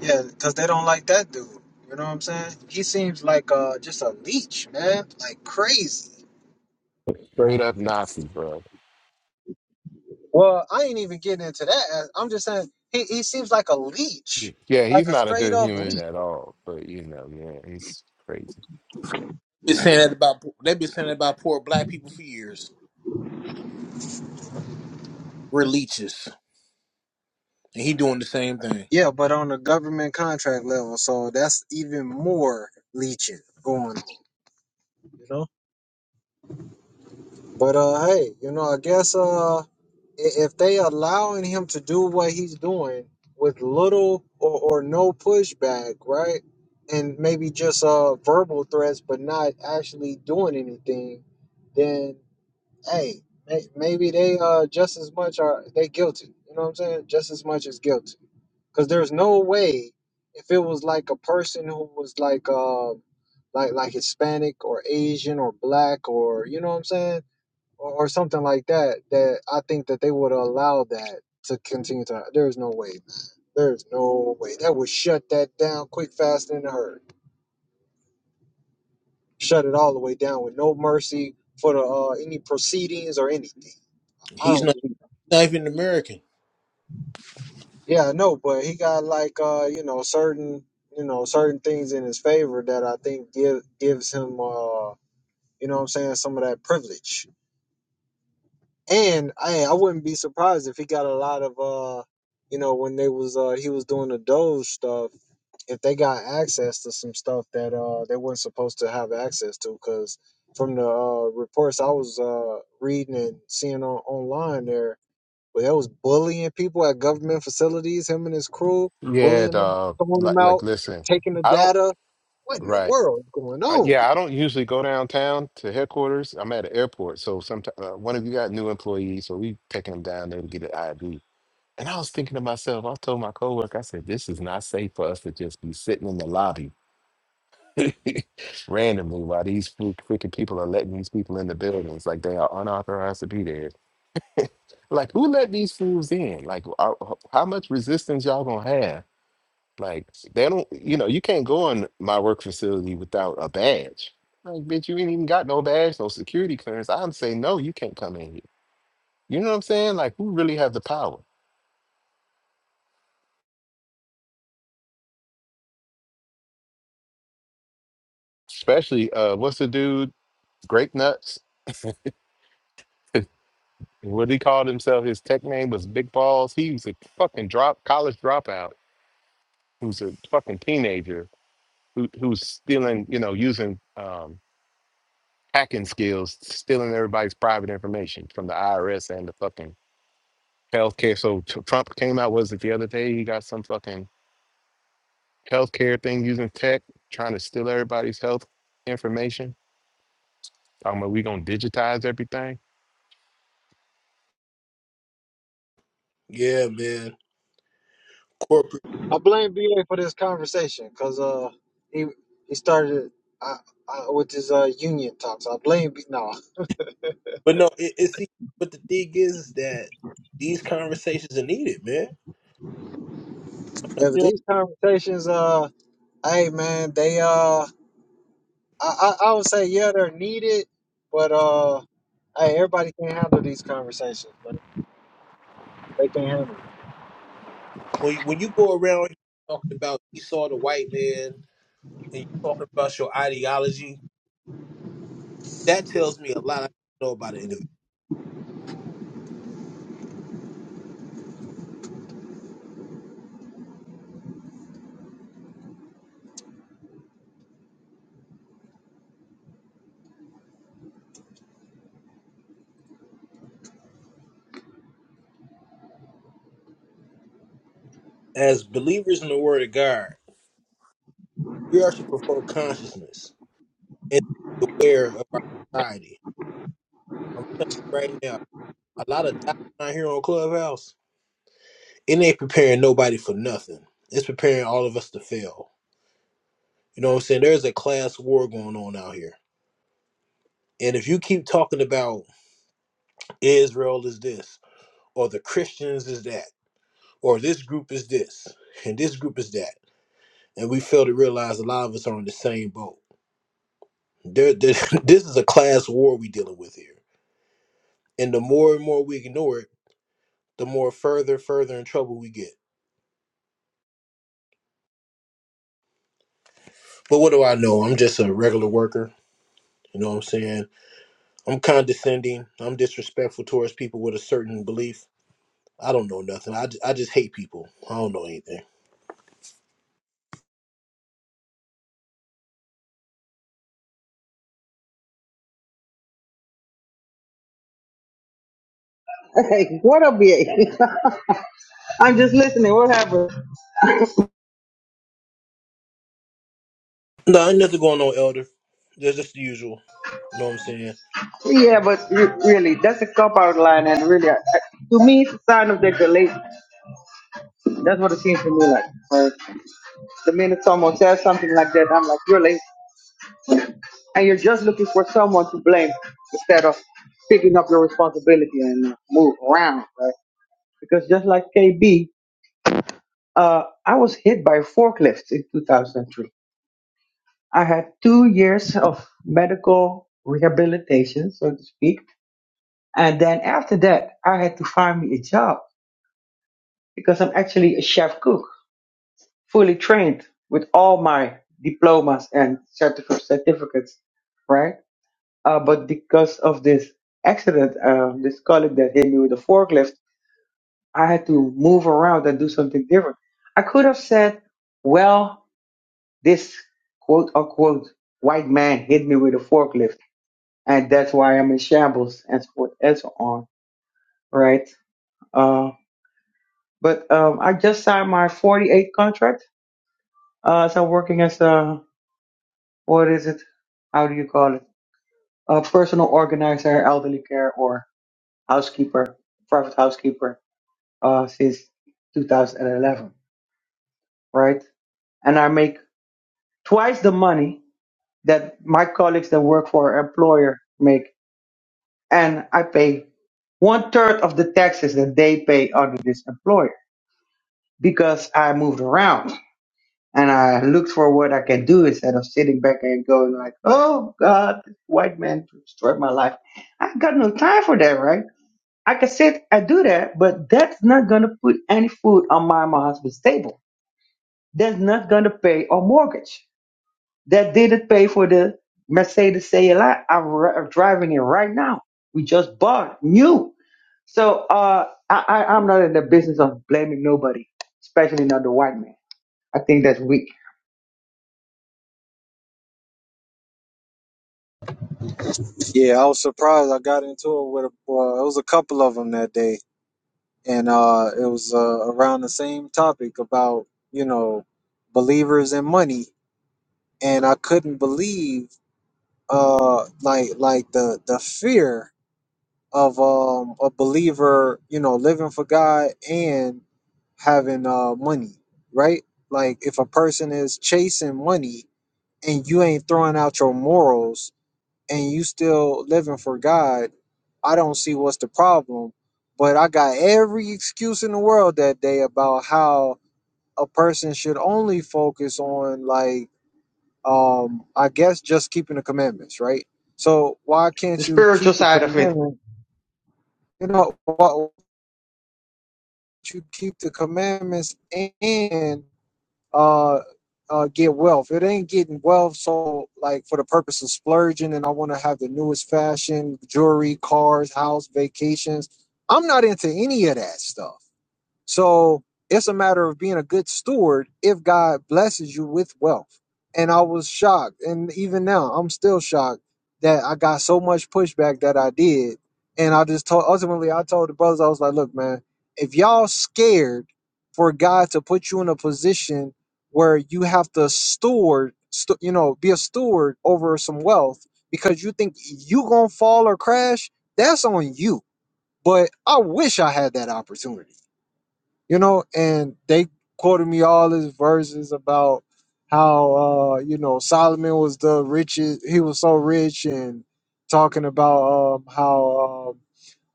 Speaker 2: Yeah, because they don't like that dude. You know what I'm saying? He seems like uh just a leech, man. Like crazy.
Speaker 5: Straight up Nazi, bro.
Speaker 2: Well, I'm getting into that. uh, I'm just saying he, he seems like a leech.
Speaker 5: Yeah, Yeah,
Speaker 2: Like
Speaker 5: he's
Speaker 2: a
Speaker 5: not a
Speaker 2: straight
Speaker 5: good
Speaker 2: up
Speaker 5: human
Speaker 2: leech.
Speaker 5: at all. But you know, man, he's crazy.
Speaker 1: Been saying that about they've been saying that about poor black people for years. We're leeches, and he doing the same thing.
Speaker 2: Yeah, but government contract level, so that's even more leeching going on. You know? But uh, hey, you know, I guess uh, i- if they allowing him to do what he's doing with little or, or no pushback, right? And maybe just uh verbal threats, but not actually doing anything, then hey, may- maybe they uh just as much are they guilty. You know what I'm saying? Just as much as guilty, because there's no way if it was like a person who was like uh like like Hispanic or Asian or black or you know what I'm saying or, or something like that, that I think that they would allow that to continue to. There's no way. There's no way. That would shut that down quick, fast, and in a hurry. Shut it all the way down with no mercy for the uh, any proceedings or anything. I
Speaker 1: He's
Speaker 2: don't believe. It.
Speaker 1: Not even American.
Speaker 2: Yeah, I know, but he got like uh, you know certain you know certain things in his favor that I think give gives him uh you know what I'm saying some of that privilege And I I wouldn't be surprised if he got a lot of uh you know when they was uh he was doing the Doge stuff if they got access to some stuff that uh they weren't supposed to have access to because from the uh, reports I was uh reading and seeing on online there where they was bullying people at government facilities him and his crew
Speaker 5: Yeah,
Speaker 2: bullying them
Speaker 5: dog.
Speaker 2: throwing
Speaker 5: Like,
Speaker 2: them
Speaker 5: like,
Speaker 2: out
Speaker 5: listen,
Speaker 2: taking the
Speaker 5: I don't.
Speaker 2: data what in the
Speaker 5: Right.
Speaker 2: world is going
Speaker 5: Uh,
Speaker 2: on
Speaker 5: yeah, I don't usually go downtown to headquarters. I'm at the airport, so sometimes uh, one of you got new employees, so we taking them down there to get an ID. And I was thinking to myself, I told my coworker, I said, "This is not safe for us to just be sitting in the lobby randomly while these fru- freaking people are letting these people in the buildings like they are unauthorized to be there. Like, who let these fools in? Like, are, how much resistance y'all gonna have?" Like they don't, you know, you can't go in my work facility without a badge. Like, bitch, you ain't even got no badge, no security clearance. I'm saying, no, you can't come in here. You know what I'm saying? Like, who really have the power? Especially, uh, what's the dude? Grape Nuts. What he called himself, his tech name was Big Balls. He was a fucking drop college dropout who's a fucking teenager who, who's stealing, you know, using um, hacking skills, stealing everybody's private information from the IRS and the fucking healthcare. So Tr- Trump came out was it the other day? He got some fucking healthcare thing using tech, trying to steal everybody's health information. Talking about we gonna digitize everything.
Speaker 1: Yeah, man. Corporate.
Speaker 2: I blame BA for this conversation because uh he he started uh, uh, with his uh union talks. I blame B- no
Speaker 1: But no, it, it see. But the thing is, is that these conversations are needed, man.
Speaker 2: yeah,
Speaker 1: You know,
Speaker 2: these conversations. Uh, hey, uh, I did, but uh, hey, everybody can't handle these conversations. Like, they can't handle
Speaker 1: when when you go around talking about Esau the white man and you talking about your ideology, that tells me a lot I don't know about an individual. As believers in the Word of God, we are to perform consciousness and be aware of our society. I'm telling you right now, a lot of doctrine out here on Clubhouse. it ain't preparing nobody for nothing. It's preparing all of us to fail. You know what I'm saying? There's a class war going on out here. And if you keep talking about Israel is this, or the Christians is that, or this group is this, and this group is that, and we fail to realize a lot of us are in the same boat. There, there, this is a class war we dealing with here. And the more and more we ignore it, the more further, further in trouble we get. But what do I know? I'm just a regular worker. You know what I'm saying? I'm condescending. I'm disrespectful towards people with a certain belief. I don't know nothing. I, ju- I just hate people. I don't know anything.
Speaker 4: Hey, what up, BA? am just listening. What happened?
Speaker 1: No, ain't nothing going on, Elder. That's just the usual. You know what I'm saying?
Speaker 4: Yeah, but re- really, that's a cop out line, and really, I- to me, it's a sign of degradation. That's what it seems to me like. Where The minute someone says something like that, I'm like, you're lazy. And you're just looking for someone to blame instead of picking up your responsibility and uh, move around, right? Because just like KB, uh, I was hit by forklifts in 2003. I had two years of medical rehabilitation, so to speak. And then after that, I had to find me a job because I'm actually a chef cook, fully trained with all my diplomas and certif- certificates, right? Uh, but because of this accident, um, this colleague that hit me with a forklift, I had to move around and do something different. I could have said, well, this quote unquote white man hit me with a forklift, and that's why I'm in shambles, and so forth and so on, right? Uh, but um, I just signed my 48 contract. Uh, so I'm working as a what is it? How do you call it? A personal organizer, elderly care, or housekeeper, private housekeeper, uh, since 2011, right? And I make twice the money that my colleagues that work for an employer make, and I pay one third of the taxes that they pay under this employer because I moved around. and I looked for what I can do instead of sitting back and going like, "Oh God, this white man destroyed my life." I got no time for that, right? I can sit and do that, but that's not gonna put any food on my, my husband's table. That's not gonna pay our mortgage. That didn't pay for the Mercedes CLI am ri- I'm driving in right now. We just bought new. So uh, I, I, I'm not in the business of blaming nobody, especially not the white man. I think that's weak.
Speaker 2: it. Yeah, I was surprised. I got into it with a, well, it was a couple of them that day, and uh, it was uh, around the same topic about you know believers and money, and I couldn't believe uh like like the the fear of um a believer, you know, living for God and having uh money, right? Like if a person is chasing money and you ain't throwing out your morals and you still living for God, I don't see what's the problem. But I got every excuse in the world that day about how a person should only focus on like um I guess just keeping the commandments, right? So why
Speaker 4: The
Speaker 2: can't you
Speaker 4: spiritual
Speaker 2: keep the
Speaker 4: side of it
Speaker 2: commandment? You know, why, you keep the commandments and uh, uh, get wealth. It ain't getting wealth. So, like, for the purpose of splurging, and I want to have the newest fashion, jewelry, cars, house, vacations. I'm not into any of that stuff. So it's a matter of being a good steward if God blesses you with wealth. And I was shocked. And even now, I'm still shocked that I got so much pushback that I did. And I just told, ultimately, I told the brothers, I was like, look, man, if y'all scared for God to put you in a position where you have to steward, stu- you know, be a steward over some wealth because you think you going to fall or crash, that's on you. But I wish I had that opportunity you know, and they quoted me all his verses about how uh, you know Solomon was the richest, he was so rich, and talking about um, how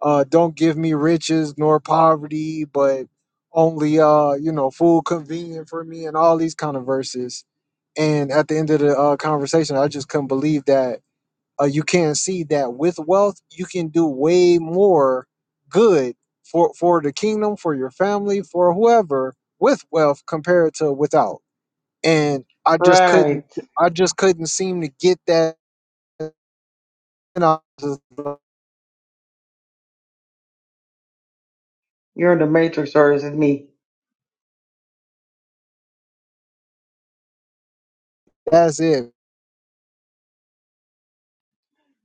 Speaker 2: um, uh, don't give me riches nor poverty, but only uh, you know food convenient for me, and all these kind of verses. And at the end of the uh, conversation, I just couldn't believe that uh, you can see that with wealth you can do way more good for for the kingdom for your family for whoever with wealth compared to without and i just couldn't
Speaker 4: Right.
Speaker 2: i just couldn't seem to get that and I was just like,
Speaker 4: You're in the matrix, or is it me?
Speaker 2: that's it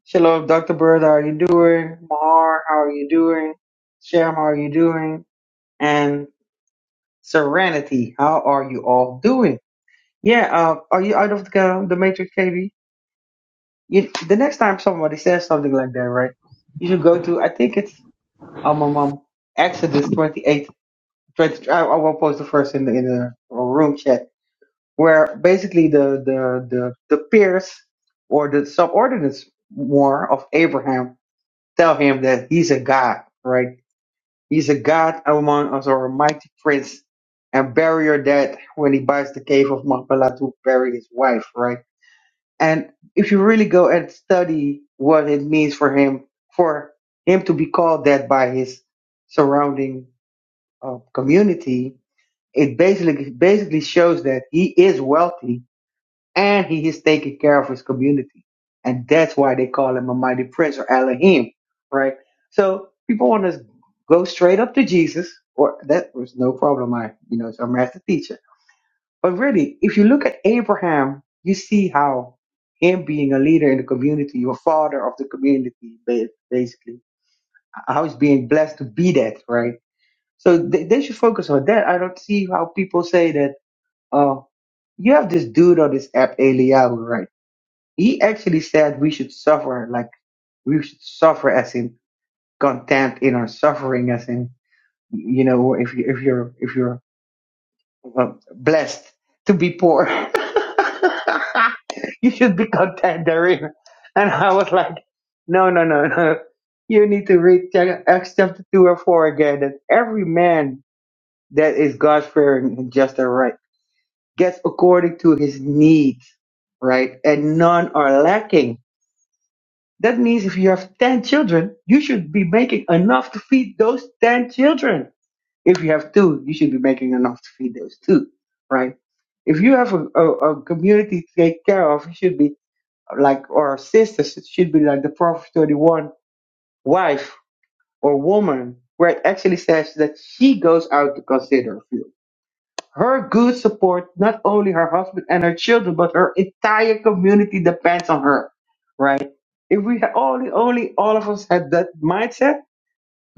Speaker 4: Hello, Dr. Bird, how are you doing? Mar, how are you doing? Sham, how are you doing? And Serenity, how are you all doing? Yeah, uh, are you out of the, uh, the matrix, KB? You, the next time somebody says something like that, right? You should go to, I think it's, um, um, um Exodus 28, 20, I, I will post the first in the, in the room chat where basically the the the, the peers or the subordinates more of Abraham tell him that he's a god, right? He's a god among us or a mighty prince and bury your dad when he buys the cave of Machpelah to bury his wife, right? And if you really go and study what it means for him, for him to be called that by his surrounding uh, community, it basically basically shows that he is wealthy and he is taking care of his community. And that's why they call him a mighty prince or Elohim, right? So people want to go straight up to Jesus, or that was no problem. I, you know, it's our master teacher. But really, if you look at Abraham, you see how him being a leader in the community, your father of the community, ba- basically, how he's being blessed to be that, right? So they, they should focus on that. I don't see how people say that, oh, you have this dude on this app, Eliyahu, right? He actually said we should suffer, like we should suffer as in content in our suffering, as in you know, if you if you're if you're uh, blessed to be poor, you should be content therein. And I was like, no, no, no, no. You need to read Ch- Acts chapter two and four again. That every man that is God fearing and just and right gets according to his needs, right, and none are lacking That means if you have 10 children, you should be making enough to feed those 10 children. If you have two, you should be making enough to feed those two, right? If you have a, a, a community to take care of, it should be like, or sisters, it should be like the Proverbs 31 wife or woman, where it actually says that she goes out to consider. a field. Her good support, not only her husband and her children, but her entire community depends on her, right? If we had only, only all of us had that mindset,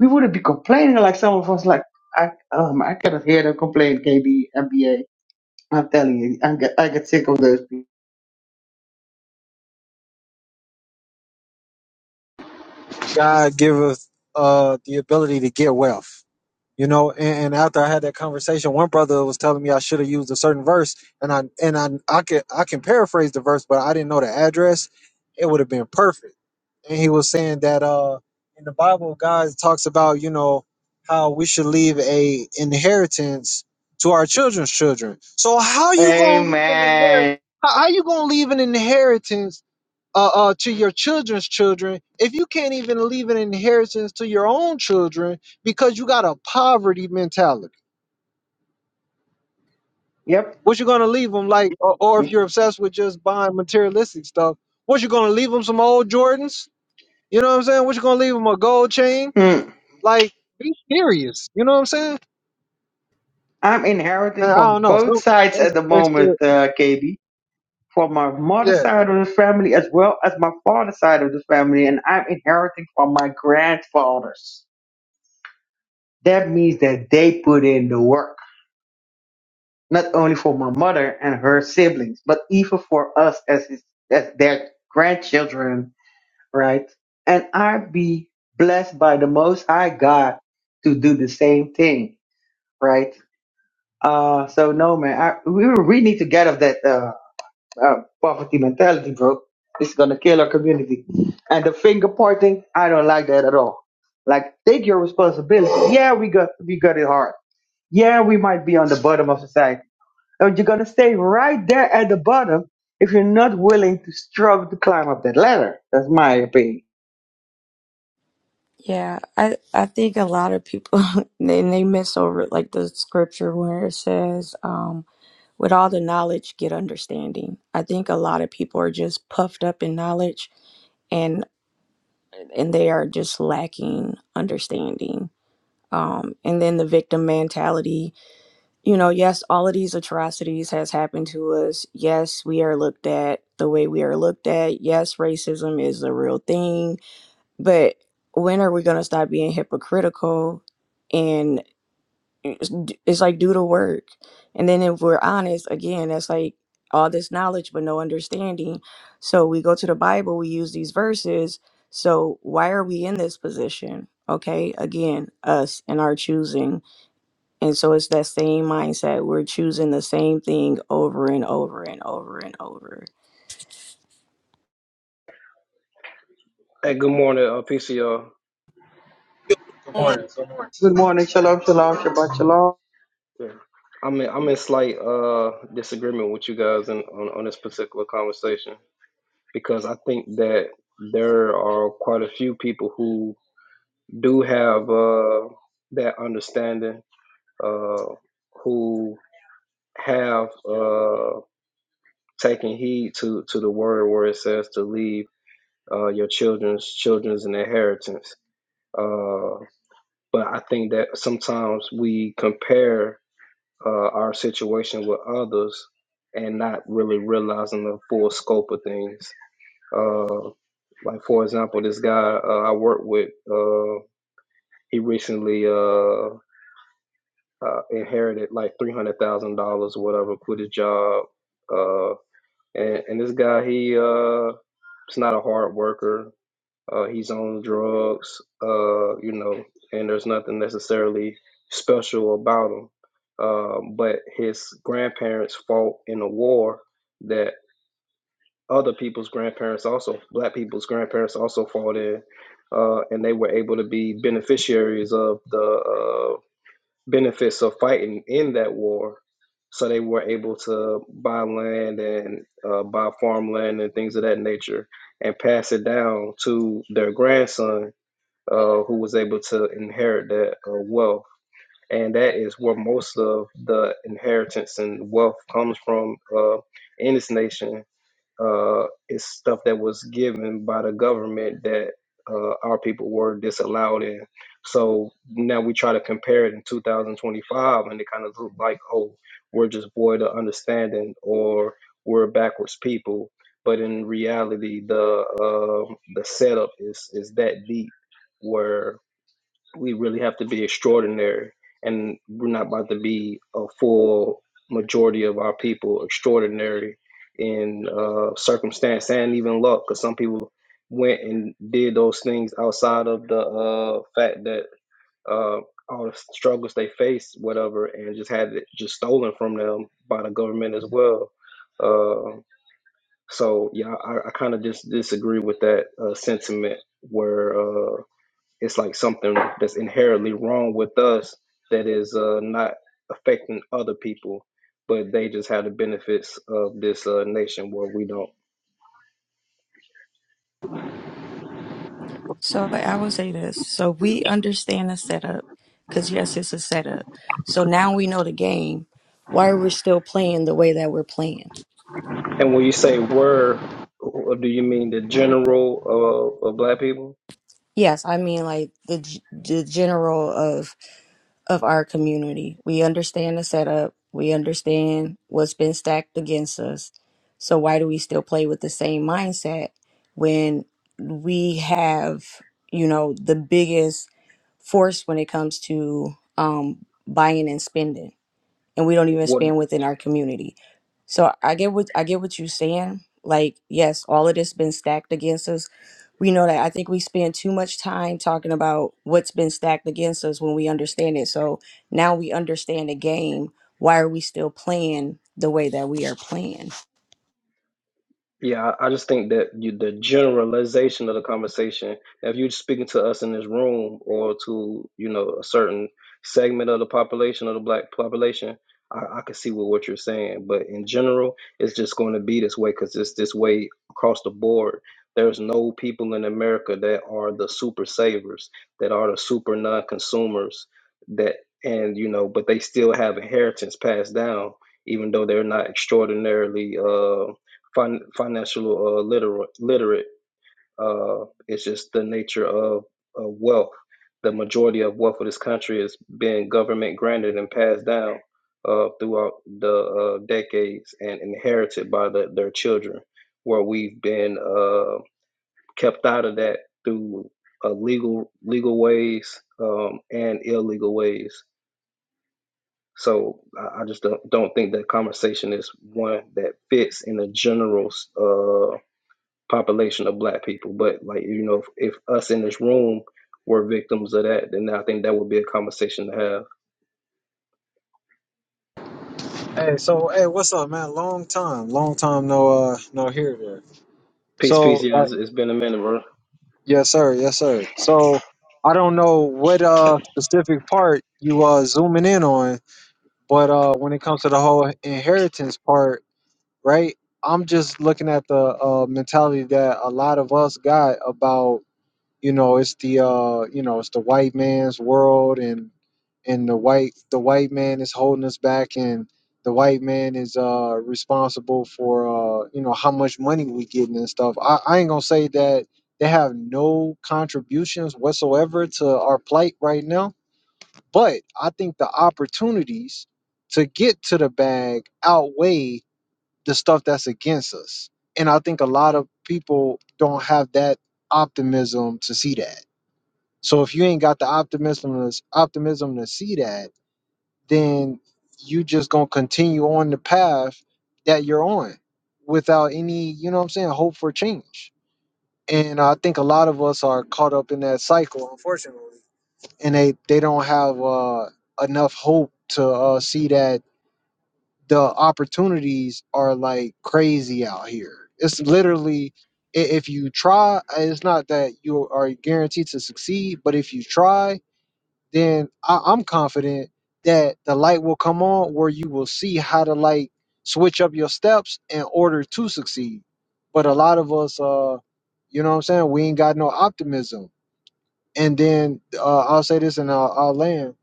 Speaker 4: we wouldn't be complaining like some of us, like, I, um, I cannot hear them complain, KB, MBA. I'm telling you, I get, I get sick of those people.
Speaker 2: god give us uh the ability to get wealth you know and, and after i had that conversation one brother was telling me i should have used a certain verse and i and i i can i can paraphrase the verse but i didn't know the address it would have been perfect and he was saying that uh in the Bible God talks about you know how we should leave a inheritance to our children's children. So how you gonna leave an inheritance?
Speaker 4: Amen.
Speaker 2: How, how you gonna leave an inheritance uh, uh to your children's children if you can't even leave an inheritance to your own children because you got a poverty mentality?
Speaker 4: Yep.
Speaker 2: What you gonna leave them like? Or, or if you're obsessed with just buying materialistic stuff, what you gonna leave them some old Jordans? You know what I'm saying? What you gonna leave them a gold chain?
Speaker 4: Hmm.
Speaker 2: Like, be serious. You know what I'm saying?
Speaker 4: I'm inheriting
Speaker 2: Man, I
Speaker 4: from
Speaker 2: don't know.
Speaker 4: both
Speaker 2: So
Speaker 4: sides
Speaker 2: that's,
Speaker 4: at the
Speaker 2: that's
Speaker 4: moment,
Speaker 2: good.
Speaker 4: uh, KB. for my mother's
Speaker 2: Yeah.
Speaker 4: side of the family as well as my father's side of the family, and I'm inheriting from my grandfathers. That means that they put in the work, not only for my mother and her siblings, but even for us as his, as their grandchildren, right? And I be blessed by the Most High God to do the same thing, right? Uh, so no man, I, we we need to get off that. Uh, uh, poverty mentality, bro. It's gonna kill our community. And the finger pointing, I don't like that at all. Like, take your responsibility. Yeah, we got we got it hard. Yeah, we might be on the bottom of society, but you're gonna stay right there at the bottom if you're not willing to struggle to climb up that ladder. That's my opinion.
Speaker 6: Yeah, I I think a lot of people they they miss over like the scripture where it says, um, "With all the knowledge, get understanding." I think a lot of people are just puffed up in knowledge and and they are just lacking understanding. Um, and then the victim mentality. You know, yes, all of these atrocities has happened to us. Yes, we are looked at the way we are looked at. Yes, racism is a real thing but when are we going to stop being hypocritical and it's it's like do the work? And then if we're honest, again, that's like all this knowledge but no understanding. So we go to the Bible, we use these verses. So why are we in this position? Okay, again, us and our choosing. And so it's that same mindset. We're choosing the same thing over and over and over and over.
Speaker 7: Hey, good morning, uh, PCO.
Speaker 1: No, no.
Speaker 4: Good morning, shalom, shalom, shabbat shalom.
Speaker 7: Yeah. I'm in, I'm in slight uh disagreement with you guys in, on on this particular conversation because I think that there are quite a few people who do have uh that understanding uh who have uh taken heed to to the word where it says to leave uh your children's children's an inheritance uh but I think that sometimes we compare uh, our situation with others and not really realizing the full scope of things. Uh, like for example, this guy uh, I work with, uh, he recently uh, uh, inherited like three hundred thousand dollars, whatever, quit his job, uh, and, and this guy he uh, is not a hard worker. Uh, he's on drugs, uh, you know, and there's nothing necessarily special about him. Um, but his grandparents fought in a war that other people's grandparents also, black people's grandparents also fought in, uh, and they were able to be beneficiaries of the uh, benefits of fighting in that war. So they were able to buy land and uh, buy farmland and things of that nature and pass it down to their grandson uh, who was able to inherit that uh, wealth. And that is where most of the inheritance and wealth comes from uh, in this nation. Uh, it's stuff that was given by the government that uh, our people were disallowed in. So now we try to compare it in 2025, and it kind of look like, oh, we're just void of understanding or we're a backwards people. But in reality, the um the setup is is that deep where we really have to be extraordinary and we're not about to be a full majority of our people extraordinary in uh, circumstance and even luck because some people went and did those things outside of the uh, fact that uh, all the struggles they faced whatever and just had it just stolen from them by the government as well uh, so yeah i, I kind of just disagree with that uh, sentiment where uh, it's like something that's inherently wrong with us that is uh, not affecting other people, but they just have the benefits of this uh, nation where we don't.
Speaker 6: So I will say this. So we understand the setup because, yes, it's a setup. So now we know the game. Why are we still playing the way that we're playing.
Speaker 7: And when you say "we're," do you mean the general uh, of black people?
Speaker 6: Yes, I mean like the g- the general of of our community. We understand the setup. We understand what's been stacked against us. So why do we still play with the same mindset when we have, you know, the biggest force when it comes to um buying and spending? and we don't even
Speaker 7: What?
Speaker 6: expand within our community. So I get what I get what you're saying. Like, yes, all of this been stacked against us. We know that I think we spend too much time talking about what's been stacked against us when we understand it. So now we understand the game. Why are we still playing the way that we are playing?
Speaker 7: Yeah, I I just think that you, the generalization of the conversation, if you're speaking to us in this room or to, you know, a certain segment of the population of the black population, I, I can see what, what you're saying. But in general, it's just going to be this way because it's this way across the board. There's no people in America that are the super savers, that are the super non-consumers, that and you know, but they still have inheritance passed down, even though they're not extraordinarily. uh, fin- financial uh, literate. literate. Uh, it's just the nature of, of wealth. The majority of wealth of this country is being government granted and passed down uh, throughout the uh, decades and inherited by the, their children, where we've been uh, kept out of that through uh, legal legal ways um, and illegal ways. So I, I just don't, don't think that conversation is one that fits in the general. uh, population of black people. But like you know, if, if us in this room were victims of that, then I think that would be a conversation to have.
Speaker 2: Hey, so hey, what's up, man? Long time, long time no uh no here there.
Speaker 7: Peace, peace.
Speaker 2: So
Speaker 7: Yeah,
Speaker 2: like,
Speaker 7: it's, it's been a minute, bro.
Speaker 2: yes sir, yes sir. So I don't know what uh specific part you uh zooming in on, but uh when it comes to the whole inheritance part, right? I'm just looking at the uh mentality that a lot of us got about You know, it's the uh, you know, it's the white man's world, and and the white the white man is holding us back, and the white man is uh responsible for uh you know how much money we getting and stuff. I, I ain't gonna say that they have no contributions whatsoever to our plight right now, but I think the opportunities to get to the bag outweigh the stuff that's against us and I think a lot of people don't have that optimism to see that. So if you ain't got the optimism to, optimism to see that, then you just gonna continue on the path that you're on without any, you know what I'm saying, hope for change. And I think a lot of us are caught up in that cycle, unfortunately, and they they don't have uh, enough hope to uh, see that the opportunities are like crazy out here. It's literally i- if you try, it's not that you are guaranteed to succeed, but if you try then I, I'm confident that the light will come on where you will see how to like switch up your steps in order to succeed. But a lot of us, uh, you know what I'm saying? We ain't got no optimism. And then uh, I'll say this and I'll, I'll land.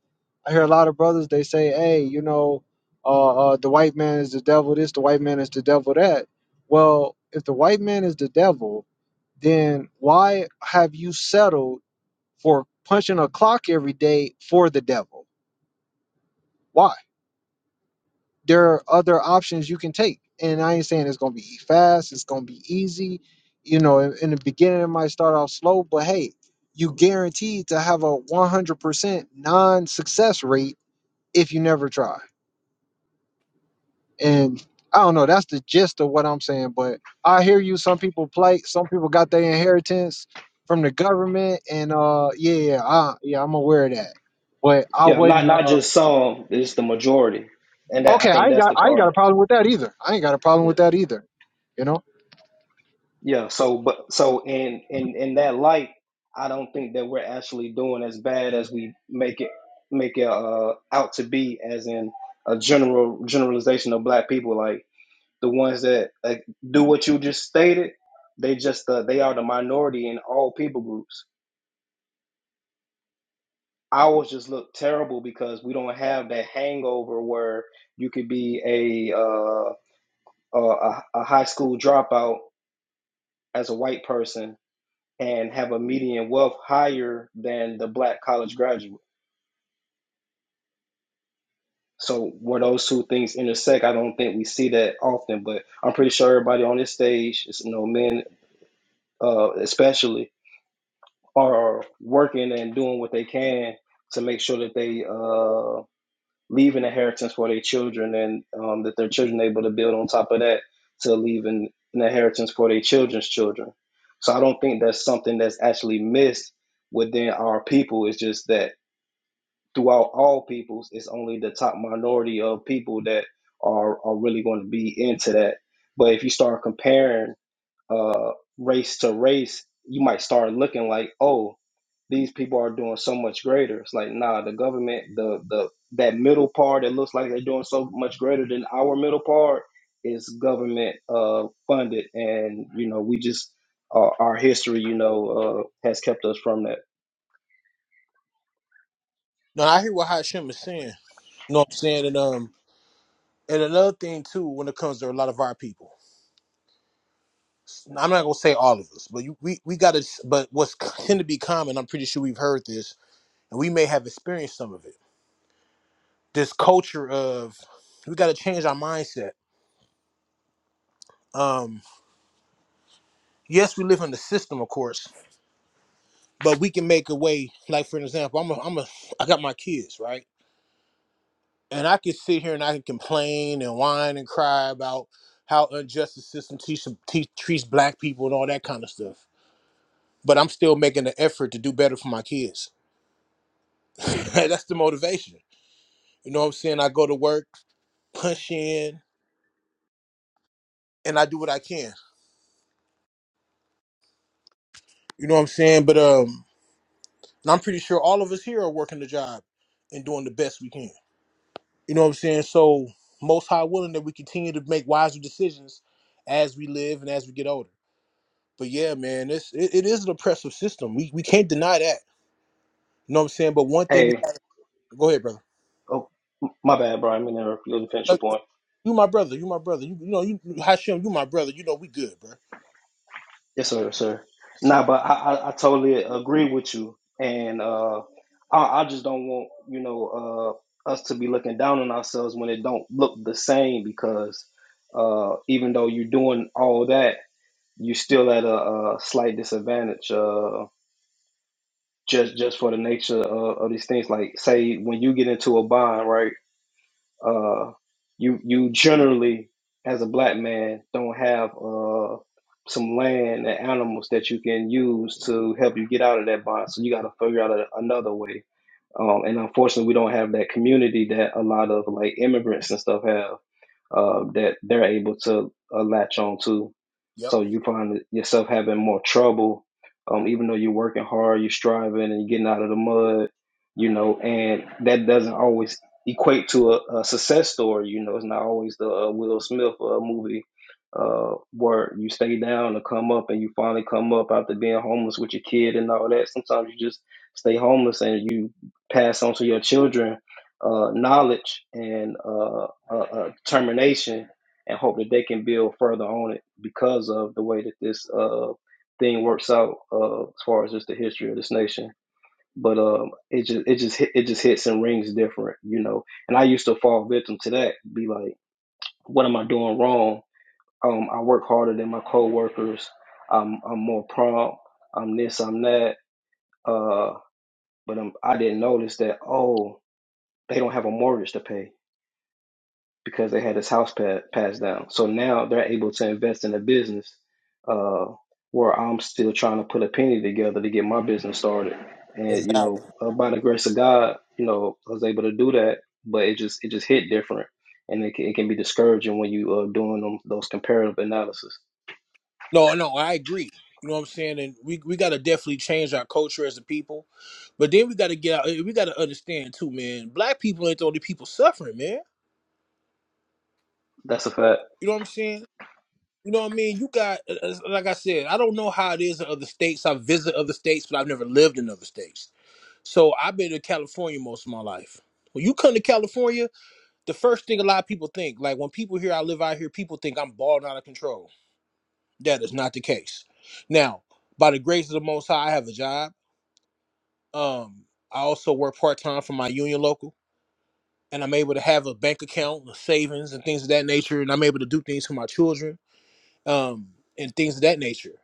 Speaker 2: I hear a lot of brothers, they say, hey, you know, uh, uh, the white man is the devil this, the white man is the devil that. Well, if the white man is the devil, then why have you settled for punching a clock every day for the devil? Why? There are other options you can take. And I ain't saying it's gonna be fast, it's gonna be easy. You know, in, in the beginning it might start off slow, but hey, you guaranteed to have a 100% non-success rate if you never try. And I don't know, that's the gist of what I'm saying, but I hear you some people plight, some people got their inheritance from the government and uh yeah, yeah, I, yeah, I'm aware of that. But I
Speaker 7: Yeah, not
Speaker 2: wouldn't
Speaker 7: not
Speaker 2: uh,
Speaker 7: just some. It's the majority, and that I
Speaker 2: okay, I
Speaker 7: think
Speaker 2: ain't
Speaker 7: that's
Speaker 2: got
Speaker 7: the
Speaker 2: I ain't got
Speaker 7: part.
Speaker 2: with that either. I ain't got a problem
Speaker 7: Yeah,
Speaker 2: with that either. You know?
Speaker 7: yeah. So, but so in in in that light, I don't think that we're actually doing as bad as we make it make it uh, out to be, as in a general generalization of black people. Like the ones that like, do what you just stated, they just uh, they are the minority in all people groups. Ours just look terrible because we don't have that hangover where you could be a uh, a, a high school dropout as a white person and have a median wealth higher than the black college graduate. So where those two things intersect, I don't think we see that often. But I'm pretty sure everybody on this stage, you know, men uh, especially, are working and doing what they can to make sure that they uh, leave an inheritance for their children and um, that their children are able to build on top of that to leave an, an inheritance for their children's children. So I don't think that's something that's actually missed within our people. It's just that throughout all peoples, it's only the top minority of people that are, are really going to be into that. But if you start comparing uh, race to race, you might start looking like, oh, these people are doing so much greater. It's like, nah, the government, the the that middle part that looks like they're doing so much greater than our middle part is government uh, funded, and you know, we just our our history, you know, uh, has kept us from that.
Speaker 1: No, I hear what Hashem is saying. You know what I'm saying? And um and another thing too, when it comes to a lot of our people. I'm not gonna say all of us, but you, we we gotta but what's tend to be common, I'm pretty sure we've heard this, and we may have experienced some of it. This culture of we gotta change our mindset. Um yes, we live in the system, of course, but we can make a way. Like for an example, I'm a, I'm a, I got my kids, right? And I can sit here and I can complain and whine and cry about how unjust the system teach, te treats black people and all that kind of stuff. But I'm still making the effort to do better for my kids. That's the motivation. You know what I'm saying? I go to work, punch in, and I do what I can. You know what I'm saying? But um, and I'm pretty sure all of us here are working the job and doing the best we can. You know what I'm saying? So, most high willing that we continue to make wiser decisions as we live and as we get older. But yeah, man, it's it, it is an oppressive system. We we can't deny that. You know what I'm saying? But one thing we
Speaker 7: Hey,
Speaker 1: go ahead, brother.
Speaker 7: oh, my bad, Brian. I mean, to finish
Speaker 1: Uh,
Speaker 7: your point.
Speaker 1: You my brother. You my brother. You, you know you Hashem. You my brother. You know we good, bro.
Speaker 7: Yes, sir, yes, sir. Nah, but I, I, I totally agree with you, and uh, I, I just don't want you know uh, us to be looking down on ourselves when it don't look the same because uh, even though you're doing all that, you're still at a, a slight disadvantage uh, just just for the nature of, of these things. Like say when you get into a bind, right? uh, you you generally as a black man don't have uh, some land and animals that you can use to help you get out of that bond. So you got to figure out a, another way. Um, and unfortunately, we don't have that community that a lot of like immigrants and stuff have uh, that they're able to uh, latch on to.
Speaker 1: Yep,
Speaker 7: So you find yourself having more trouble, um, even though you're working hard, you're striving, and you're getting out of the mud, you know, and that doesn't always equate to a, a success story. You know, it's not always the uh, Will Smith uh, movie uh, where you stay down and come up and you finally come up after being homeless with your kid and all that. Sometimes you just stay homeless and you pass on to your children uh, knowledge and. uh, uh, uh, termination and hope that they can build further on it because of the way that this uh, thing works out uh, as far as just the history of this nation. But um, it just it just hit, it just hits and rings different, you know. And I used to fall victim to that. Be like, what am I doing wrong? Um, I work harder than my coworkers. I'm I'm more prompt. I'm this. I'm that. Uh, but i I didn't notice that. Oh, they don't have a mortgage to pay because they had his house pa- passed down. So now they're able to invest in a business uh, where I'm still trying to put a penny together to get my business started. And you
Speaker 1: exactly.
Speaker 7: know, uh, by the grace of God, you know, I was able to do that. But it just it just hit different, and it can, it can be discouraging when you are doing them, those comparative analysis.
Speaker 1: No, no, I agree. You know what I'm saying? And we we gotta definitely change our culture as a people. But then we gotta get out. We gotta understand too, man. Black people ain't the only people suffering, man.
Speaker 7: That's a fact.
Speaker 1: You know what I'm saying? You know what I mean? You got, uh, uh, like I said, I don't know how it is in other states. I visit other states, but I've never lived in other states. So I've been to California most of my life. When you come to California, the first thing a lot of people think, like when people hear I live out here, people think I'm balling out of control. That is not the case. Now, by the grace of the Most High, I have a job. Um, I also work part time for my union local, and I'm able to have a bank account, savings, and things of that nature. And I'm able to do things for my children um, and things of that nature.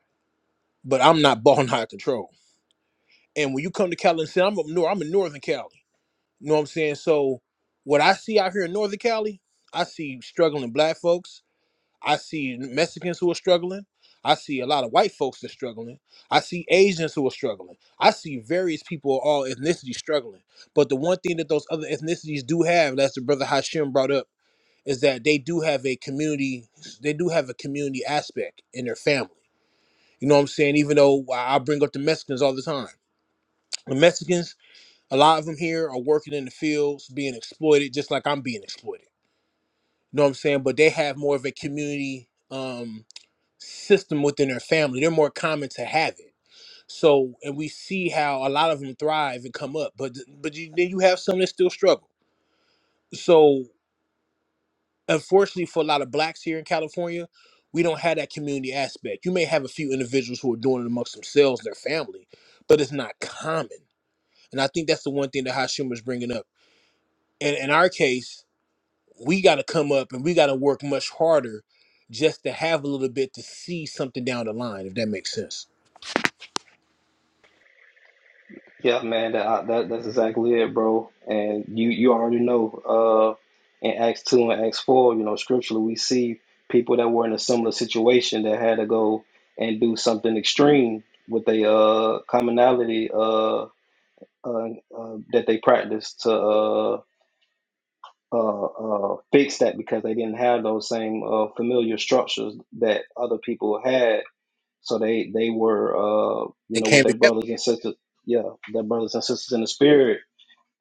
Speaker 1: but I'm not balling out of control. And when you come to Cali and say I'm up north, I'm in Northern Cali. You know what I'm saying? So what I see out here in Northern Cali, I see struggling black folks. I see Mexicans who are struggling. I see a lot of white folks that are struggling. I see Asians who are struggling. I see various people of all ethnicities struggling. But the one thing that those other ethnicities do have, that's the brother Hashim brought up, is that they do have a community, they do have a community aspect in their family. You know what I'm saying? Even though I I bring up the Mexicans all the time The Mexicans, a lot of them here are working in the fields, being exploited, just like I'm being exploited. You know what I'm saying? But they have more of a community um, system within their family. They're more common to have it. So, and we see how a lot of them thrive and come up, but but you, then you have some that still struggle. So, unfortunately, for a lot of blacks here in California, we don't have that community aspect. You may have a few individuals who are doing it amongst themselves, and their family, but it's not common. And I think that's the one thing that Hashim was bringing up And in our case, we got to come up and we got to work much harder just to have a little bit to see something down the line, if that makes sense.
Speaker 7: Yeah, man, that, that that's exactly it, bro. And you you already know, uh, in Acts two and Acts four, you know, scripturally we see people that were in a similar situation that had to go and do something extreme with a uh, commonality uh, uh, uh, that they practiced to uh, uh, uh, fix that because they didn't have those same uh, familiar structures that other people had. So they they were uh, you
Speaker 1: They
Speaker 7: know with
Speaker 1: came
Speaker 7: their
Speaker 1: together.
Speaker 7: brothers and sisters, yeah, their brothers and sisters in the spirit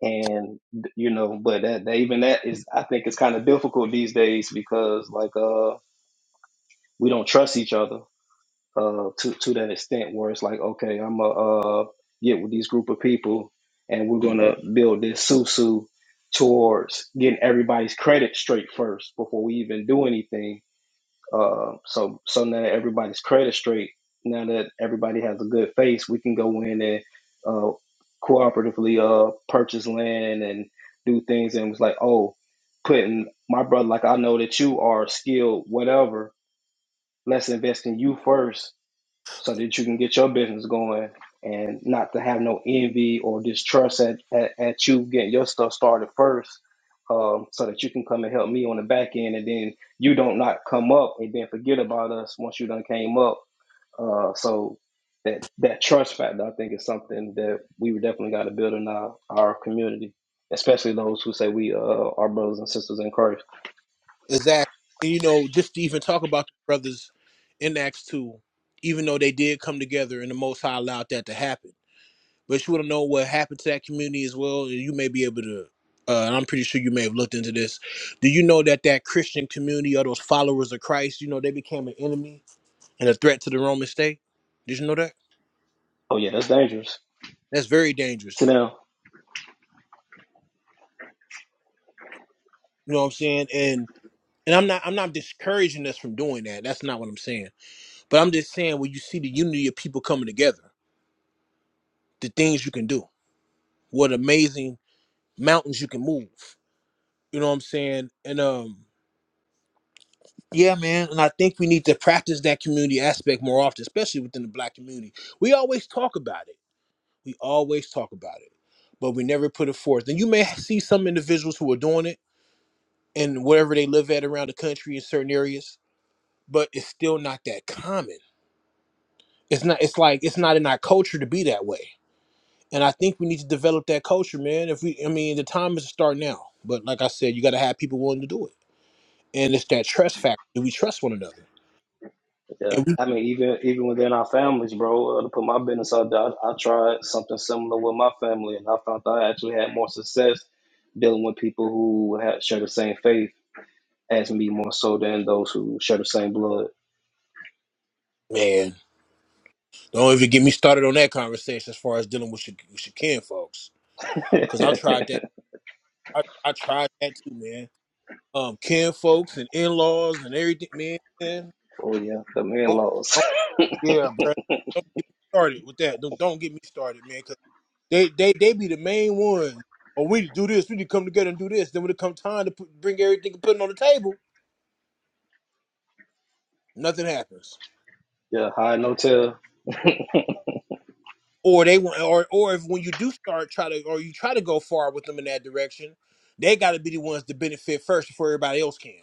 Speaker 7: and you know but that, that even that is i think it's kind of difficult these days because like uh we don't trust each other uh to to that extent where it's like okay i'm gonna uh get with these group of people and we're gonna build this susu towards getting everybody's credit straight first before we even do anything uh, so so now that everybody's credit straight, now that everybody has a good face, we can go in and uh, cooperatively uh, purchase land and do things. And it was like, oh, putting my brother, like I know that you are skilled, whatever. Let's invest in you first so that you can get your business going and not to have no envy or distrust at, at, at you getting your stuff started first um, so that you can come and help me on the back end and then you don't not come up and then forget about us once you done came up uh, so that that trust factor i think is something that we definitely got to build in our, our community especially those who say we uh, are brothers and sisters in christ
Speaker 1: Exactly. And, you know, just to even talk about the brothers in Acts 2, even though they did come together and the Most High allowed that to happen. But you want to know what happened to that community as well, and you may be able to. Uh, and I'm pretty sure you may have looked into this. Do you know that that Christian community or those followers of Christ, you know, they became an enemy and a threat to the Roman state? Did you know that?
Speaker 7: oh yeah that's dangerous
Speaker 1: That's very dangerous.
Speaker 7: So now.
Speaker 1: You know what I'm saying? And and I'm not I'm not discouraging us from doing that. That's not what I'm saying. But I'm just saying when you see the unity of people coming together, the things you can do, what amazing mountains you can move. You know what I'm saying? And um yeah, man, and I think we need to practice that community aspect more often, especially within the black community. We always talk about it. We always talk about it, but we never put it forth. And you may see some individuals who are doing it and wherever they live at around the country in certain areas but it's still not that common. It's not. It's like it's not in our culture to be that way. And I think we need to develop that culture, man. If we, I mean, the time is to start now. But like I said, you got to have people willing to do it. And it's that trust factor. Do we trust one another?
Speaker 7: Yeah,
Speaker 1: And we,
Speaker 7: I mean, even even within our families, bro. Uh, to put my business out there, I, I tried something similar with my family, and I found that I actually had more success dealing with people who had, share the same faith as me, more so than those who share the same blood.
Speaker 1: man, don't even get me started on that conversation as far as dealing with your, with your kin folks,
Speaker 7: oh
Speaker 1: because I tried
Speaker 7: yeah,
Speaker 1: that. I, I tried that too, man. Um, kin folks and in laws and everything, man. man.
Speaker 7: the man
Speaker 1: Oh,
Speaker 7: laws.
Speaker 1: oh, yeah, bro. Don't get me started with that. Don't, don't get me started, man. They they they be the main ones. Or we need to do this. We need to come together and do this. Then when it comes time to put, bring everything and put it on the table, nothing happens.
Speaker 7: yeah, high no tell.
Speaker 1: Or they want, or or if when you do start try to, or you try to go far with them in that direction, they got to be the ones to benefit first before everybody else can.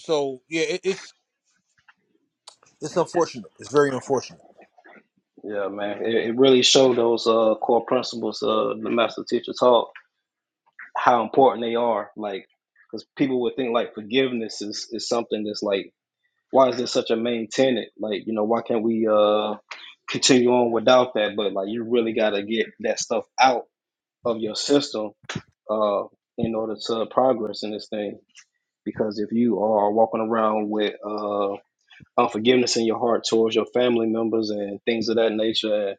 Speaker 1: So yeah, it, it's it's unfortunate. It's very unfortunate.
Speaker 7: Yeah, man, it, it really showed those uh, core principles uh, the master teacher taught how important they are. Like, because people would think like forgiveness is is something that's like why is this such a main tenet? Like, you know, why can't we uh continue on without that? But like, you really got to get that stuff out of your system uh in order to progress in this thing. Because if you are walking around with uh unforgiveness in your heart towards your family members and things of that nature,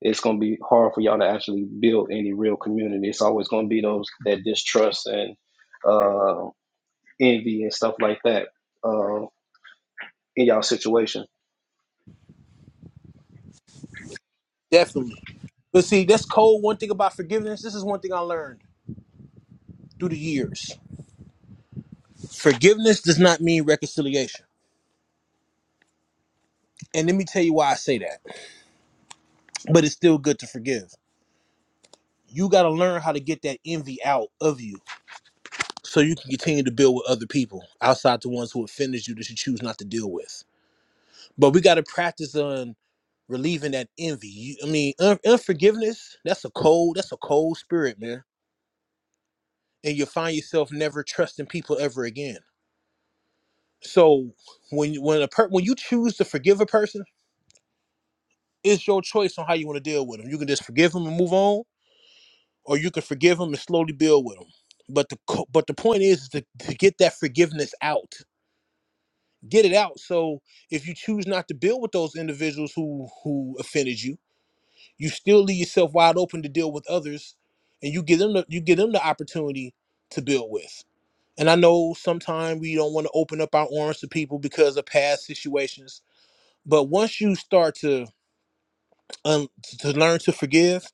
Speaker 7: it's gonna be hard for y'all to actually build any real community. It's always gonna be those that distrust and uh envy and stuff like that uh in y'all situation.
Speaker 1: Definitely. But see, that's cold. One thing about forgiveness. This is one thing I learned through the years. Forgiveness does not mean reconciliation. And let me tell you why I say that. But it's still good to forgive you got to learn how to get that envy out of you so you can continue to build with other people outside the ones who offended you that you choose not to deal with but we got to practice on relieving that envy you, i mean un- unforgiveness that's a cold that's a cold spirit man and you'll find yourself never trusting people ever again so when you- when a per- when you choose to forgive a person it's your choice on how you want to deal with them you can just forgive them and move on or you can forgive them and slowly build with them. But the co- but the point is to, to get that forgiveness out, get it out. So if you choose not to build with those individuals who who offended you, you still leave yourself wide open to deal with others, and you give them the, you give them the opportunity to build with. And I know sometimes we don't want to open up our arms to people because of past situations. But once you start to um, to learn to forgive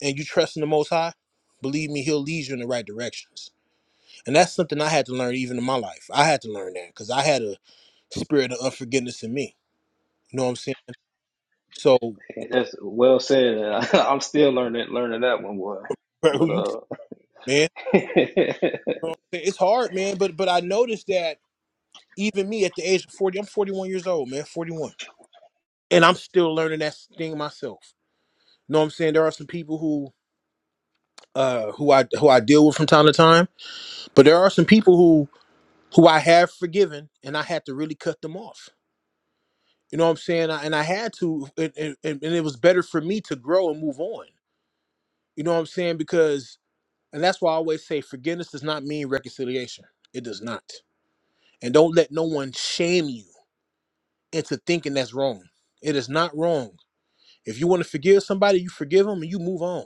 Speaker 1: and you trust in the Most High, believe me, He'll lead you in the right directions. And that's something I had to learn even in my life. I had to learn that because I had a spirit of unforgiveness in me. You know what I'm saying? So
Speaker 7: That's well said. I'm still learning learning that one boy.
Speaker 1: bro, who
Speaker 7: But
Speaker 1: you tell,
Speaker 7: uh,
Speaker 1: man? You know what I'm saying? It's hard, man. But but I noticed that even me at the age of 40, I'm 41 years old, man, 41. And I'm still learning that thing myself. You know what I'm saying? There are some people who uh who I who I deal with from time to time, but there are some people who who I have forgiven and I had to really cut them off. You know what I'm saying? I, and I had to, and, and, and it was better for me to grow and move on. You know what I'm saying? Because, and that's why I always say forgiveness does not mean reconciliation. It does not. And don't let no one shame you into thinking that's wrong. It is not wrong. If you want to forgive somebody, you forgive them and you move on.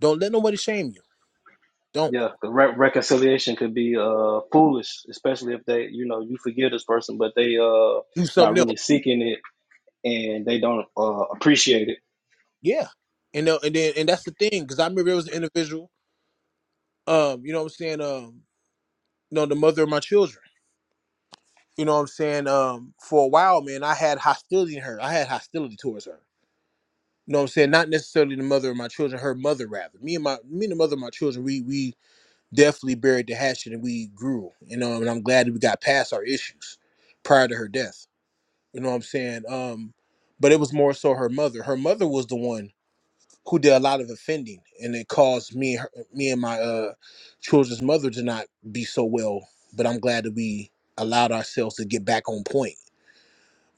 Speaker 1: Don't let nobody shame you. Don't
Speaker 7: yeah, 'cause re- reconciliation could be uh foolish, especially if they, you know, you forgive this person, but they uh
Speaker 1: do
Speaker 7: not
Speaker 1: something else.
Speaker 7: really seeking it and they don't uh appreciate it.
Speaker 1: Yeah. And, uh, and then, and that's the thing. Cause I remember it was an individual, um, you know what I'm saying? Um, you know, the mother of my children, you know what I'm saying? Um, for a while, man, I had hostility in her. I had hostility towards her You know what I'm saying? Not necessarily the mother of my children, her mother rather. Me and my me and the mother of my children, we we definitely buried the hatchet and we grew, you know, and I'm glad that we got past our issues prior to her death. You know what I'm saying? Um, but it was more so her mother. Her mother was the one who did a lot of offending and it caused me and her, me and my uh children's mother to not be so well. But I'm glad that we allowed ourselves to get back on point.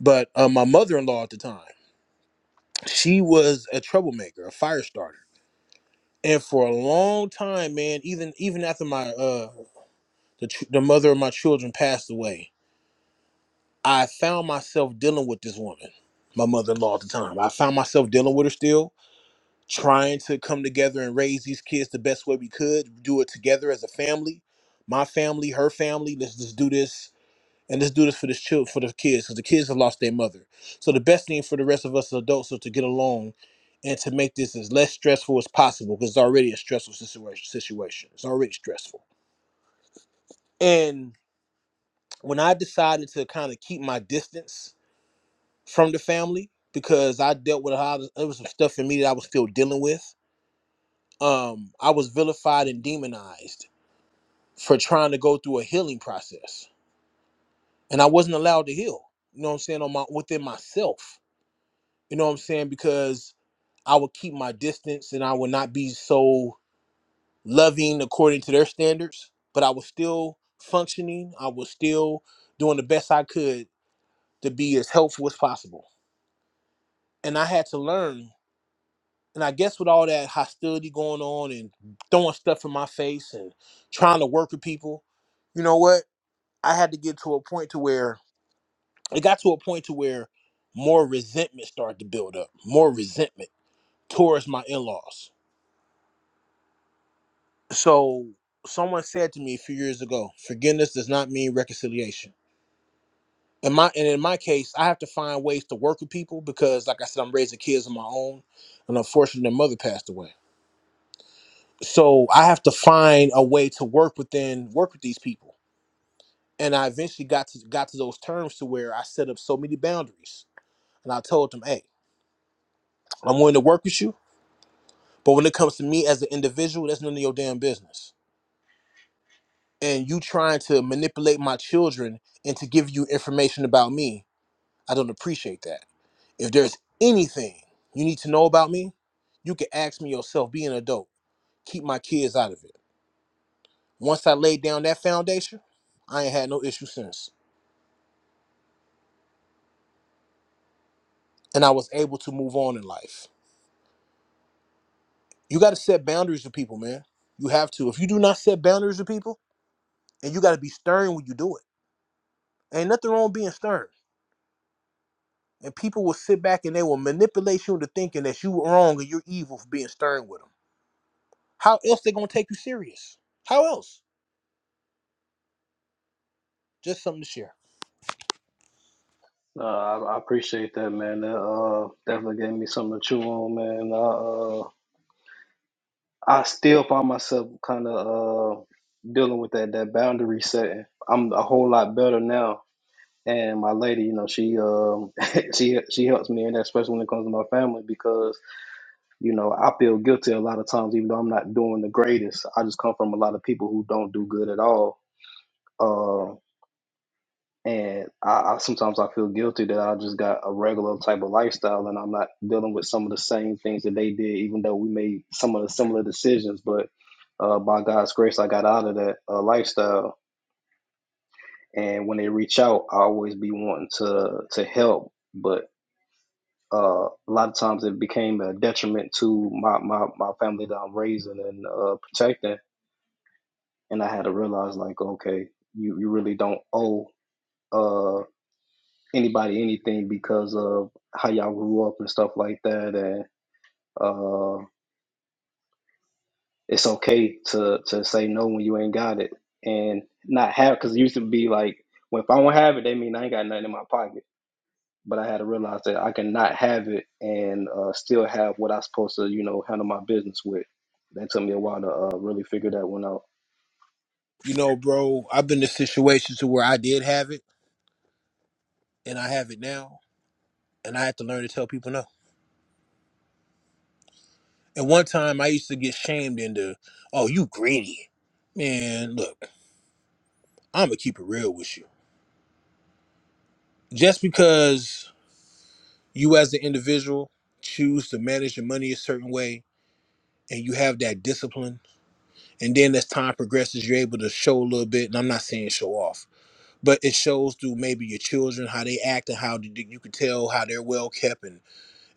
Speaker 1: But uh, my mother-in-law at the time, she was a troublemaker, a firestarter and for a long time man even even after my uh the, ch- the mother of my children passed away i found myself dealing with this woman my mother-in-law at the time i found myself dealing with her still trying to come together and raise these kids the best way we could do it together as a family my family her family let's just do this and let's do this for this child, for the kids, because the kids have lost their mother. So the best thing for the rest of us as adults is to get along and to make this as less stressful as possible, because it's already a stressful situation. Situation. It's already stressful. And when I decided to kind of keep my distance from the family, because I dealt with a lot of there was some stuff in me that I was still dealing with. Um, I was vilified and demonized for trying to go through a healing process, and I wasn't allowed to heal. You know what I'm saying? On my within myself You know what I'm saying? Because I would keep my distance and I would not be so loving according to their standards, but I was still functioning. I was still doing the best I could to be as helpful as possible. And I had to learn. And I guess with all that hostility going on and throwing stuff in my face and trying to work with people, you know what? I had to get to a point to where it got to a point to where more resentment started to build up, more resentment towards my in-laws So someone said to me a few years ago, forgiveness does not mean reconciliation. In my and in my case, I have to find ways to work with people because, like I said, I'm raising kids on my own, and unfortunately, their mother passed away. So I have to find a way to work within work with these people. And I eventually got to got to those terms to where I set up so many boundaries, and I told them, "Hey, I'm willing to work with you, but when it comes to me as an individual, that's none of your damn business." and you trying to manipulate my children and to give you information about me, I don't appreciate that. If there's anything you need to know about me, you can ask me yourself, be an adult. Keep my kids out of it. Once I laid down that foundation, I ain't had no issue since. And I was able to move on in life. You gotta set boundaries with people, man. You have to. If you do not set boundaries with people, and you gotta be stern when you do it. Ain't nothing wrong with being stern. And people will sit back and they will manipulate you into thinking that you were wrong and you're evil for being stern with them. How else they gonna take you serious? How else? Just something to share.
Speaker 7: Uh, I, I appreciate that, man. That uh definitely gave me something to chew on, man. I, uh, I still find myself kind of uh dealing with that that boundary setting. I'm a whole lot better now And my lady, you know, she um she she helps me in that, especially when it comes to my family, because you know I feel guilty a lot of times, even though I'm not doing the greatest. I just come from a lot of people who don't do good at all, uh, and I, I sometimes I feel guilty that I just got a regular type of lifestyle, and I'm not dealing with some of the same things that they did, even though we made some of the similar decisions. But uh, by God's grace, I got out of that uh, lifestyle. And when they reach out, I always be wanting to to help, but uh, a lot of times it became a detriment to my, my, my family that I'm raising and uh, protecting. And I had to realize, like, okay, you, you really don't owe uh, anybody anything because of how y'all grew up and stuff like that. And uh, it's okay to, to say no when you ain't got it and not have, because it used to be like, well, if I don't have it, they mean I ain't got nothing in my pocket but I had to realize that I cannot have it and uh, still have what I'm supposed to, you know, handle my business with. That took me a while to uh, really figure that one out.
Speaker 1: You know, bro, I've been in situations to where I did have it and I have it now, and I had to learn to tell people no. And one time I used to get shamed into, oh, you greedy. Man, look, I'm gonna keep it real with you. Just because you as an individual choose to manage your money a certain way and you have that discipline And then as time progresses, you're able to show a little bit. And I'm not saying show off, but it shows through maybe your children how they act and how th- you can tell how they're well kept and,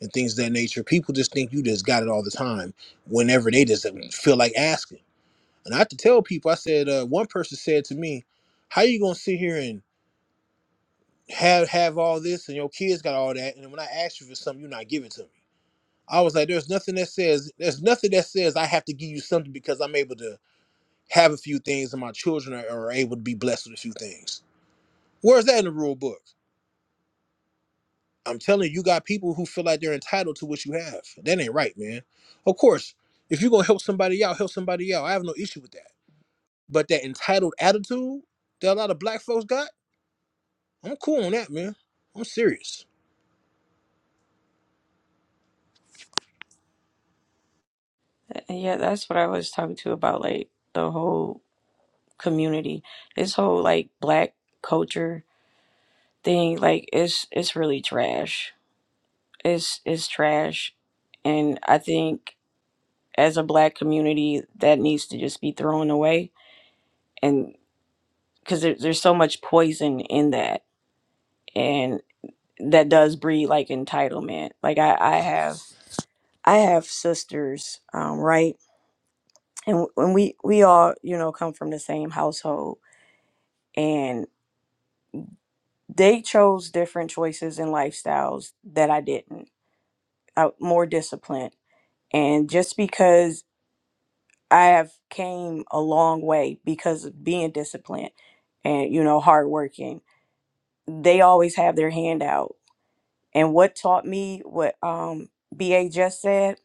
Speaker 1: and things of that nature. People just think you just got it all the time whenever they just feel like asking. And I have to tell people, I said, uh, one person said to me, How you going to sit here and have have all this and your kids got all that? And then when I ask you for something, you're not giving it to me. I was like, There's nothing that says, there's nothing that says I have to give you something because I'm able to have a few things and my children are, are able to be blessed with a few things. Where's that in the rule book? I'm telling you, you got people who feel like they're entitled to what you have. That ain't right, man. Of course, if you're gonna help somebody out, help somebody out. I have no issue with that. But that entitled attitude that a lot of black folks got, I'm cool on that, man. I'm serious.
Speaker 6: And yeah, that's what I was talking to about, like the whole community, this whole like black culture thing. Like it's it's really trash. is is trash and i think as a black community that needs to just be thrown away and because there, there's so much poison in that and that does breed like entitlement like i i have i have sisters um right and when we we all you know come from the same household and they chose different choices and lifestyles that i didn't I, more disciplined and just because I have came a long way because of being disciplined and you know hardworking. They always have their hand out. And what taught me what um BA just said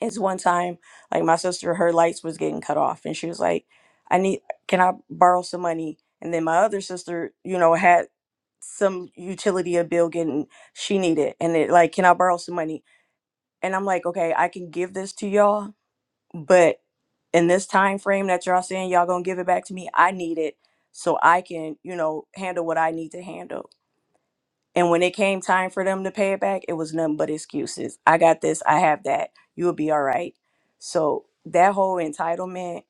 Speaker 6: is one time like my sister her lights was getting cut off and she was like I need can I borrow some money? And then my other sister, you know, had some utility a bill getting she needed and it like can I borrow some money? And I'm like, okay, I can give this to y'all but in this time frame that y'all saying y'all gonna give it back to me i need it so i can you know handle what i need to handle and when it came time for them to pay it back it was nothing but excuses i got this i have that you'll be all right so that whole entitlement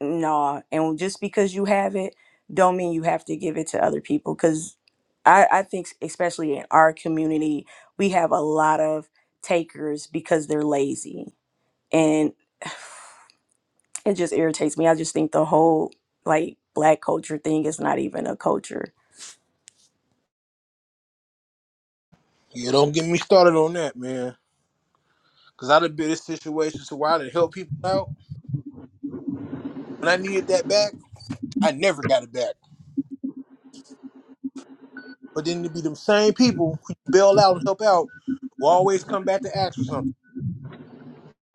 Speaker 6: nah and just because you have it don't mean you have to give it to other people because I, I think especially in our community we have a lot of takers because they're lazy and. it just irritates me. I just think the whole like black culture thing is not even a culture.
Speaker 1: Yeah, don't get me started on that, man. Cause I done been in situations to where I done help people out. When I needed that back, I never got it back. But then it be them same people who you bail out and help out will always come back to ask for something.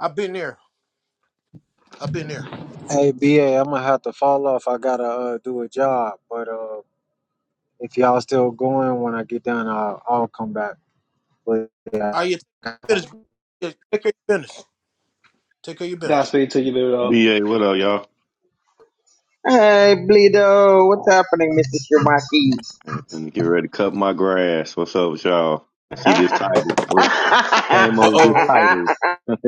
Speaker 1: I've been there. I've been there.
Speaker 2: Hey, B am gonna have to fall off. I gotta uh, do a job, but uh, if y'all still going when I get done, I'll, I'll come back. But
Speaker 1: All right, yeah,
Speaker 2: yeah,
Speaker 1: take care of your business. Yeah, Take care of your business. Take care of your business.
Speaker 7: Godspeed to you, baby dog.
Speaker 8: BA, what up, y'all?
Speaker 4: Hey, Bleedo, what's happening, Mr.
Speaker 8: And and get ready to cut my grass. What's up with y'all? See this title. What came
Speaker 1: Uh
Speaker 8: over this
Speaker 1: oh.
Speaker 4: Shirmaki?
Speaker 8: title?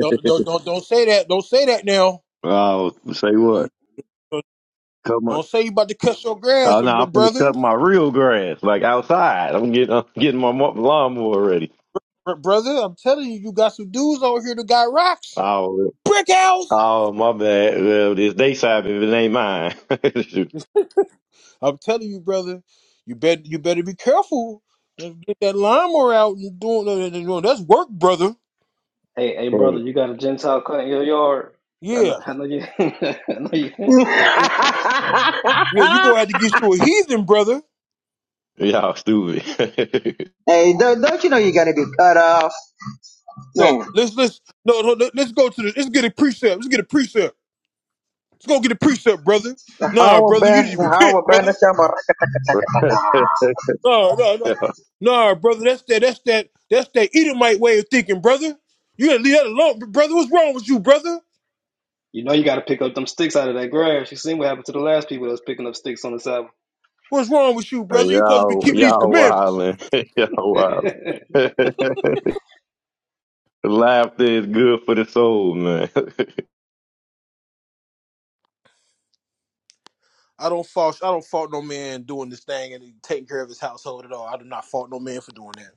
Speaker 1: Don't, don't don't don't say that. Don't say that now.
Speaker 8: Oh, say what? Cut my.
Speaker 1: Don't say you about to cut your grass,
Speaker 8: Oh no,
Speaker 1: br-
Speaker 8: I'm finna
Speaker 1: brother.
Speaker 8: cut my real grass, like outside. I'm getting, I'm getting my mo- lawnmower ready.
Speaker 1: Br- brother, I'm telling you, you got some dudes over here that got rocks,
Speaker 8: Oh,
Speaker 1: brick house.
Speaker 8: oh, my bad. Well, it's they side, if it ain't mine.
Speaker 1: I'm telling you, brother, you better you better be careful. Let's Get that lawnmower out and doing that's work, brother.
Speaker 7: Hey, hey, brother,
Speaker 8: hey,
Speaker 7: you got a Gentile cut in your yard? I know,
Speaker 1: Yeah.
Speaker 7: I know you. I know you.
Speaker 4: hey,
Speaker 1: Yeah, you gonna have to get you a heathen, brother.
Speaker 8: y'all stupid.
Speaker 4: don't, don't you know you're gonna be cut off?
Speaker 1: No,
Speaker 4: Yeah.
Speaker 1: let's let's no, no let- let's go to the let's get a precept. Let's get a precept. Let's go get a precept, brother. Nah,
Speaker 4: How
Speaker 1: brother, you
Speaker 4: about
Speaker 1: need to
Speaker 4: how
Speaker 1: repent,
Speaker 4: about the
Speaker 1: brother.
Speaker 4: summer?
Speaker 1: No, no, no. Nah, brother, that's that that's that that's that Edomite way of thinking, brother. You gotta leave that alone, br- brother. What's wrong with you, brother?
Speaker 7: You know you got to pick up them sticks out of that grass. You seen what happened to the last people that was picking up sticks on the Sabbath.
Speaker 1: What's wrong with you, brother? You supposed to be
Speaker 8: y'all,
Speaker 1: keeping these
Speaker 8: y'all
Speaker 1: commandments.
Speaker 8: wildin'. y'all wildin'. Laughter is good for the soul, man.
Speaker 1: I don't fault I don't fault no man doing this thing and taking care of his household at all. I do not fault no man for doing that.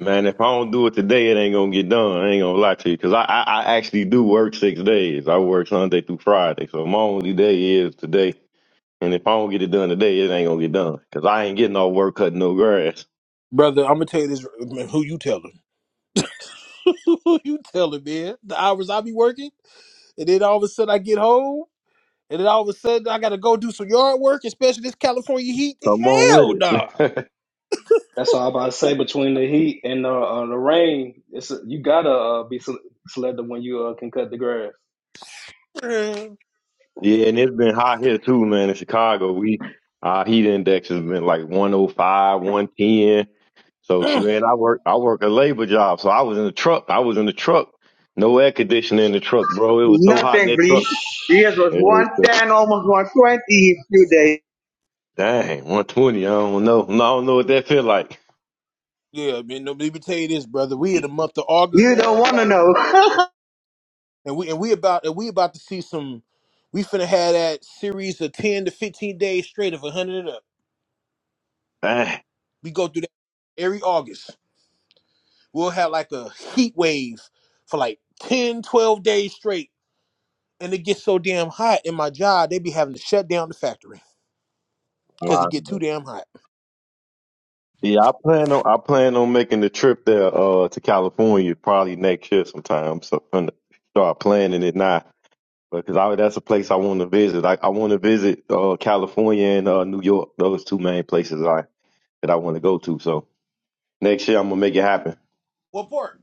Speaker 8: Man, if I don't do it today, it ain't gonna get done. I ain't gonna lie to you, cause I, I, I actually do work six days. I work Sunday through Friday, so my only day is today. And if I don't get it done today, it ain't gonna get done, cause I ain't getting no work cutting no grass.
Speaker 1: Brother, I'm gonna tell you this man, who you telling. you tell him, man. The hours I be working, and then all of a sudden I get home, and then all of a sudden I gotta go do some yard work, especially this California heat.
Speaker 8: Come on with
Speaker 1: Hell nah.
Speaker 8: it.
Speaker 7: That's all I'm about to say. Between the heat and the, uh, the rain, it's you gotta uh, be sel- selective when you uh, can cut the grass.
Speaker 1: Man.
Speaker 8: yeah, and it's been hot here too, man. In Chicago, we our heat index has been like one oh five, one ten. So
Speaker 1: Mm.
Speaker 8: she and I work I work a labor job. So I was in the truck. I was in the truck. No air conditioning in the truck, bro. It was so hot in
Speaker 4: Nothing,
Speaker 8: that
Speaker 4: please.
Speaker 8: truck.
Speaker 4: You guys was
Speaker 8: It was,
Speaker 4: one
Speaker 8: uh,
Speaker 4: ten, almost one twenty a few days.
Speaker 8: dang, one twenty. I don't know. No, I don't know what that feel like.
Speaker 1: yeah, man. No, let me tell you this, brother. We in the month of August
Speaker 4: You
Speaker 1: now,
Speaker 4: don't wanna
Speaker 1: Cali,
Speaker 4: know.
Speaker 1: and we and we about and we about to see some. We finna have that series of ten to fifteen days straight of hundred and up.
Speaker 8: Dang.
Speaker 1: We go through that every August. We'll have like a heat wave for like 10, 12 days straight and it gets so damn hot in my job, they be having to shut down the factory because it
Speaker 8: Uh,
Speaker 1: get too damn hot.
Speaker 8: Yeah, I plan on I plan on making the trip there uh to California probably next year sometime. So I'm gonna start planning it now. Because I, that's a place I want to visit. I, I want to visit uh, California and uh, New York. Those two main places I that I want to go to. So next year I'm gonna make it happen.
Speaker 1: What part?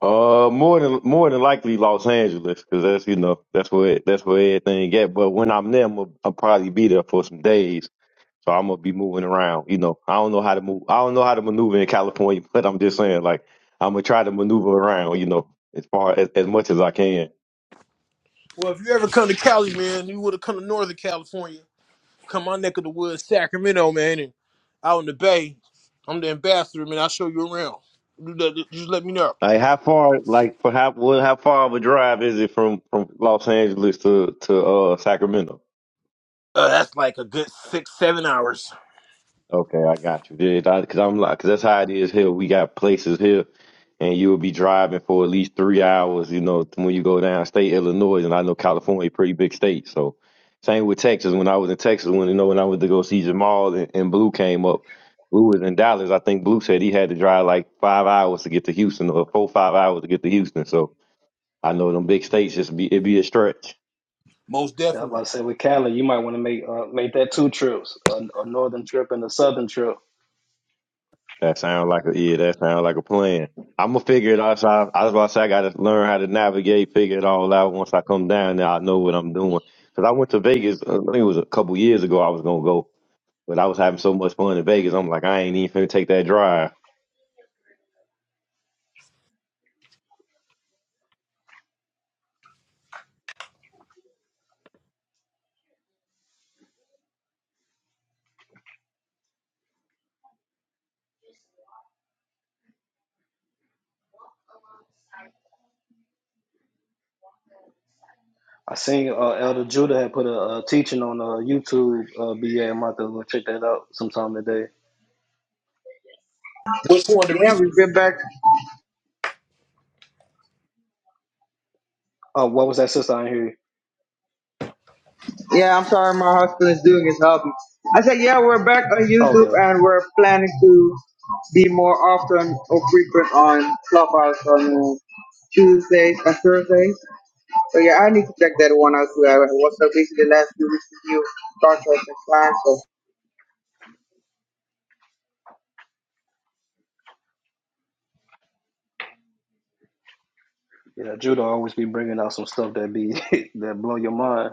Speaker 8: Uh, more than more than likely Los Angeles, because that's you know that's where that's where everything get. But when I'm there, I'm gonna, I'll probably be there for some days, so I'm gonna be moving around. You know, I don't know how to move. I don't know how to maneuver in California, but I'm just saying, like, I'm gonna try to maneuver around. You know, as far as, as much as I can.
Speaker 1: Well, if you ever come to Cali, man, you would have come to Northern California. Come my neck of the woods, Sacramento, man, and out in the Bay. I'm the ambassador, man. I'll show you around. You let- Just let me know.
Speaker 8: Like, how far, like, for how well, how far of a drive is it from from Los Angeles to to uh Sacramento?
Speaker 1: Uh, that's like a good six, seven hours,
Speaker 8: Okay, I got you. Because I'm like, because that's how it is here. We got places here, and you will be driving for at least three hours. You know, when you go down state Illinois, and I know California, a pretty big state. So, same with Texas. When I was in Texas, when you know, when I went to go see Jamal and, and Blue came up, Blue was in Dallas. I think Blue said he had to drive like five hours to get to Houston, or four five hours to get to Houston. So I know them big states just be it be a stretch.
Speaker 1: most
Speaker 7: Yeah, I was
Speaker 1: definitely.
Speaker 7: about to say with Cali, you might want to make uh, make that two trips, a, a northern trip and a southern trip.
Speaker 8: That sounds like a yeah. That sounds like a plan. I'm gonna figure it out. So I, I was about to say I gotta learn how to navigate, figure it all out. Once I come down there, I know what I'm doing. Cause I went to Vegas. uh, I think it was a couple years ago. I was gonna go, but I was having so much fun in Vegas. I'm like, I ain't even finna take that drive.
Speaker 7: I seen uh, Elder Judah had put a, uh teaching on uh, YouTube. Uh, BA, I'm about to go check that out sometime today.
Speaker 1: Which one the
Speaker 4: yeah,
Speaker 1: reasons?
Speaker 4: we've been back.
Speaker 7: Oh, what was that sister I didn't hear? you.
Speaker 4: Yeah, I'm sorry, my husband is doing his hobby. I said, yeah, we're back on
Speaker 7: Oh,
Speaker 4: YouTube
Speaker 7: okay.
Speaker 4: and we're planning to be more often or frequent on Clubhouse on uh, Tuesdays and Thursdays. So yeah, I need to check that one out too. I was so busy the last few weeks with you, Star Trek and fine. So
Speaker 7: Yeah, Judah always be bringing out some stuff that be that blow your mind.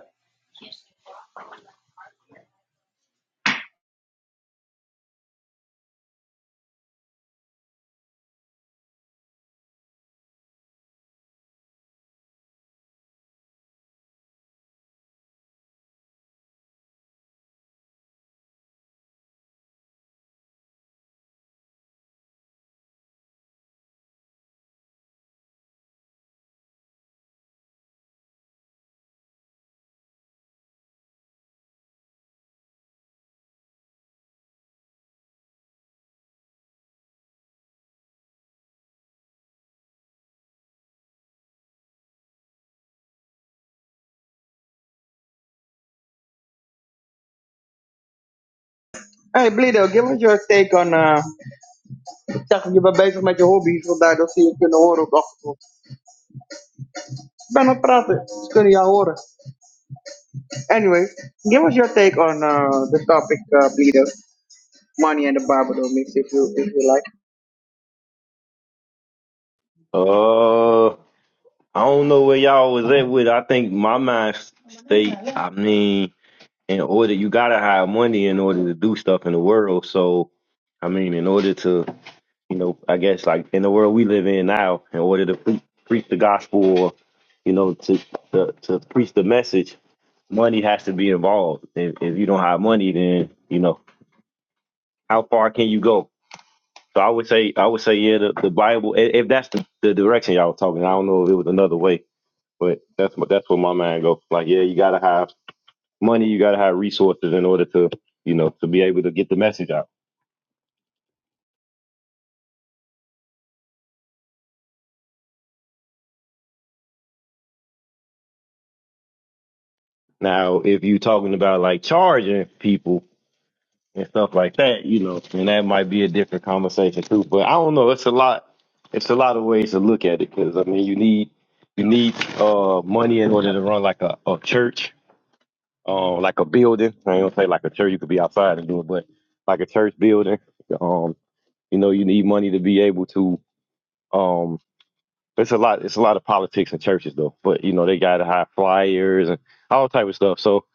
Speaker 4: hey Blido, give us your take on uh ik zag dat je bent bezig met je hobby's vandaar dat ze je kunnen horen op de achtergrond. Ik ben aan het praten, ze kunnen jou horen. Anyway, give us your take on uh the topic uh Blido. Money and the Barbado mix if you if you like.
Speaker 8: Uh, I don't know where y'all was at with. I think my mind state. I mean, in order you gotta have money in order to do stuff in the world. So, I mean, in order to you know, I guess like in the world we live in now, in order to pre- preach the gospel or, you know, to, to to preach the message, money has to be involved. If, if you don't have money, then you know how far can you go? So I would say, I would say, yeah, the, the Bible. i- If that's the, the direction y'all were talking, I don't know if it was another way, but that's what that's where my mind goes. Like, yeah, you gotta have money, you gotta have resources in order to, you know, to be able to get the message out. Now, if you're talking about like charging people, and stuff like that, you know, and that might be a different conversation too. But I don't know. It's a lot. It's a lot of ways to look at it because I mean, you need you need uh money in order to run like a, a church, uh, like a building. I ain't gonna say like a church. You could be outside and do it, but like a church building. Um, you know, you need money to be able to. Um, it's a lot. It's a lot of politics in churches though. But you know, they got high flyers and all type of stuff. So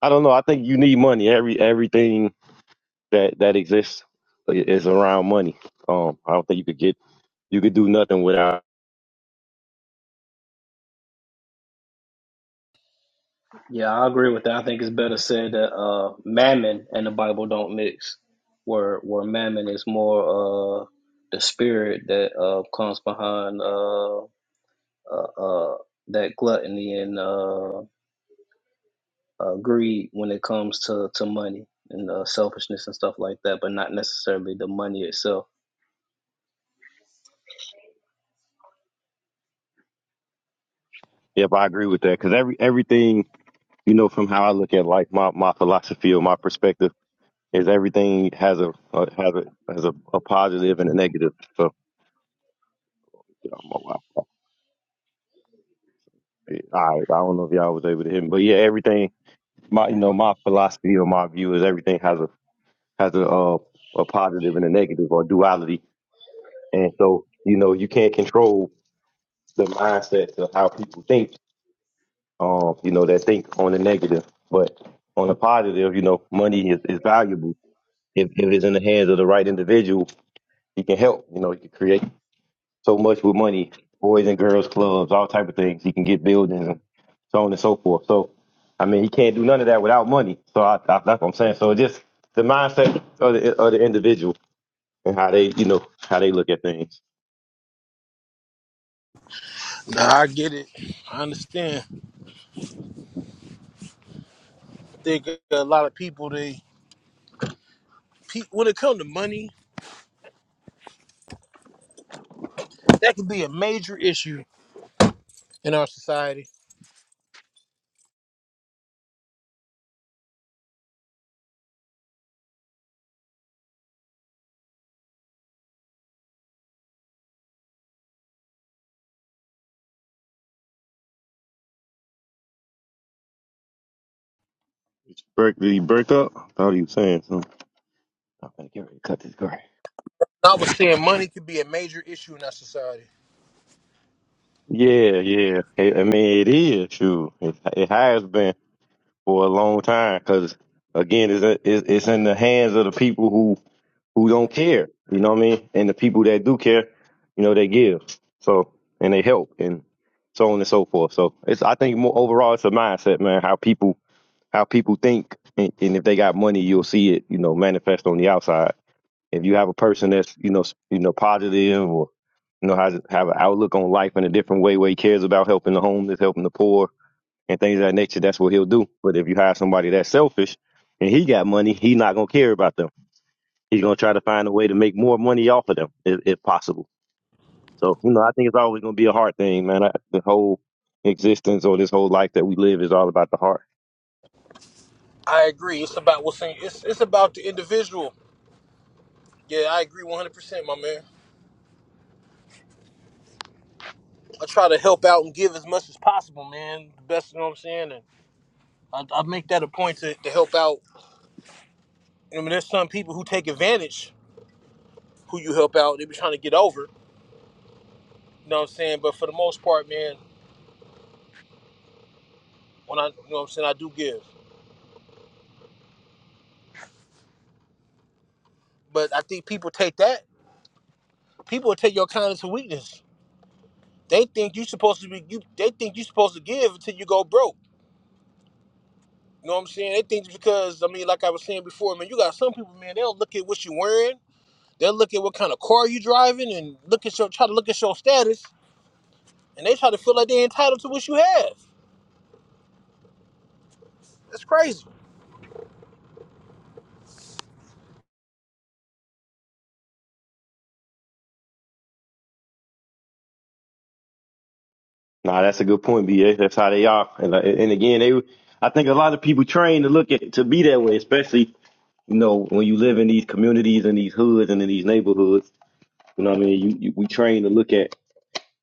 Speaker 8: I don't know. I think you need money. Every everything that that exists is around money. Um, I don't think you could get you could do nothing without.
Speaker 7: Yeah, I agree with that. I think it's better said that uh, mammon and the Bible don't mix, where where mammon is more uh, the spirit that uh, comes behind. Uh, uh, uh, that gluttony and uh, uh, greed when it comes to, to money and uh, selfishness and stuff like that, but not necessarily the money itself.
Speaker 8: If I agree with that, because every everything you know from how I look at life, my my philosophy or my perspective is everything has a, a has a has a, a positive and a negative. So you know, my, my, I I don't know if y'all was able to hear me, but yeah, everything my you know my philosophy or my view is everything has a has a uh, a positive and a negative or duality, and so you know you can't control the mindset of how people think um, you know, that think on the negative. But on the positive, you know, money is, is valuable. If, if it's in the hands of the right individual, he can help. You know, he can create so much with money, boys and girls clubs, all type of things. He can get buildings and so on and so forth. So, I mean, he can't do none of that without money. So I, I, that's what I'm saying. So it's just the mindset of the, of the individual and how they, you know, how they look at things.
Speaker 1: Nah, I get it. I understand. I think a lot of people they pe- when it comes to money, that could be a major issue in our society
Speaker 8: Did you break, did he break up? I thought he was saying something. I'm gonna get ready to cut this grass.
Speaker 1: I was saying money could be a major issue in our society.
Speaker 8: Yeah, yeah. I I mean, it is true. It, it has been for a long time because, again, it's, it's it's in the hands of the people who who don't care. You know what I mean? And the people that do care, you know, they give. So and they help and so on and so forth. So it's I think more overall it's a mindset, man. How people how people think and, and if they got money, you'll see it, you know, manifest on the outside if you have a person that's you know you know positive or you know has have an outlook on life in a different way where he cares about helping the homeless, helping the poor, and things of that nature, that's what he'll do. But if you have somebody that's selfish and he got money, he's not gonna care about them. He's gonna try to find a way to make more money off of them if, if possible. So you know, I think it's always gonna be a heart thing, man. I, the whole existence or this whole life that we live is all about the heart.
Speaker 1: I agree. It's about what's in, it's it's about the individual. Yeah, I agree 100, percent my man. I try to help out and give as much as possible, man. The best, you know what I'm saying. And I, I make that a point to, to help out. I mean, there's some people who take advantage who you help out. They be trying to get over. You know what I'm saying. But for the most part, man, when I you know what I'm saying, I do give. But I think people take that. People take your kindness for weakness. They think you're supposed to be you. They think you're supposed to give until you go broke. You know what I'm saying? They think because I mean, like I was saying before, man, you got some people, man. They'll look at what you're wearing, they'll look at what kind of car you driving, and look at your try to look at your status, and they try to feel like they're entitled to what you have. That's crazy.
Speaker 8: Nah, that's a good point, BA. That's how they are, and, uh, and again, they I think a lot of people train to look at to be that way, especially you know, when you live in these communities and these hoods and in these neighborhoods, you know what I mean? You, you we train to look at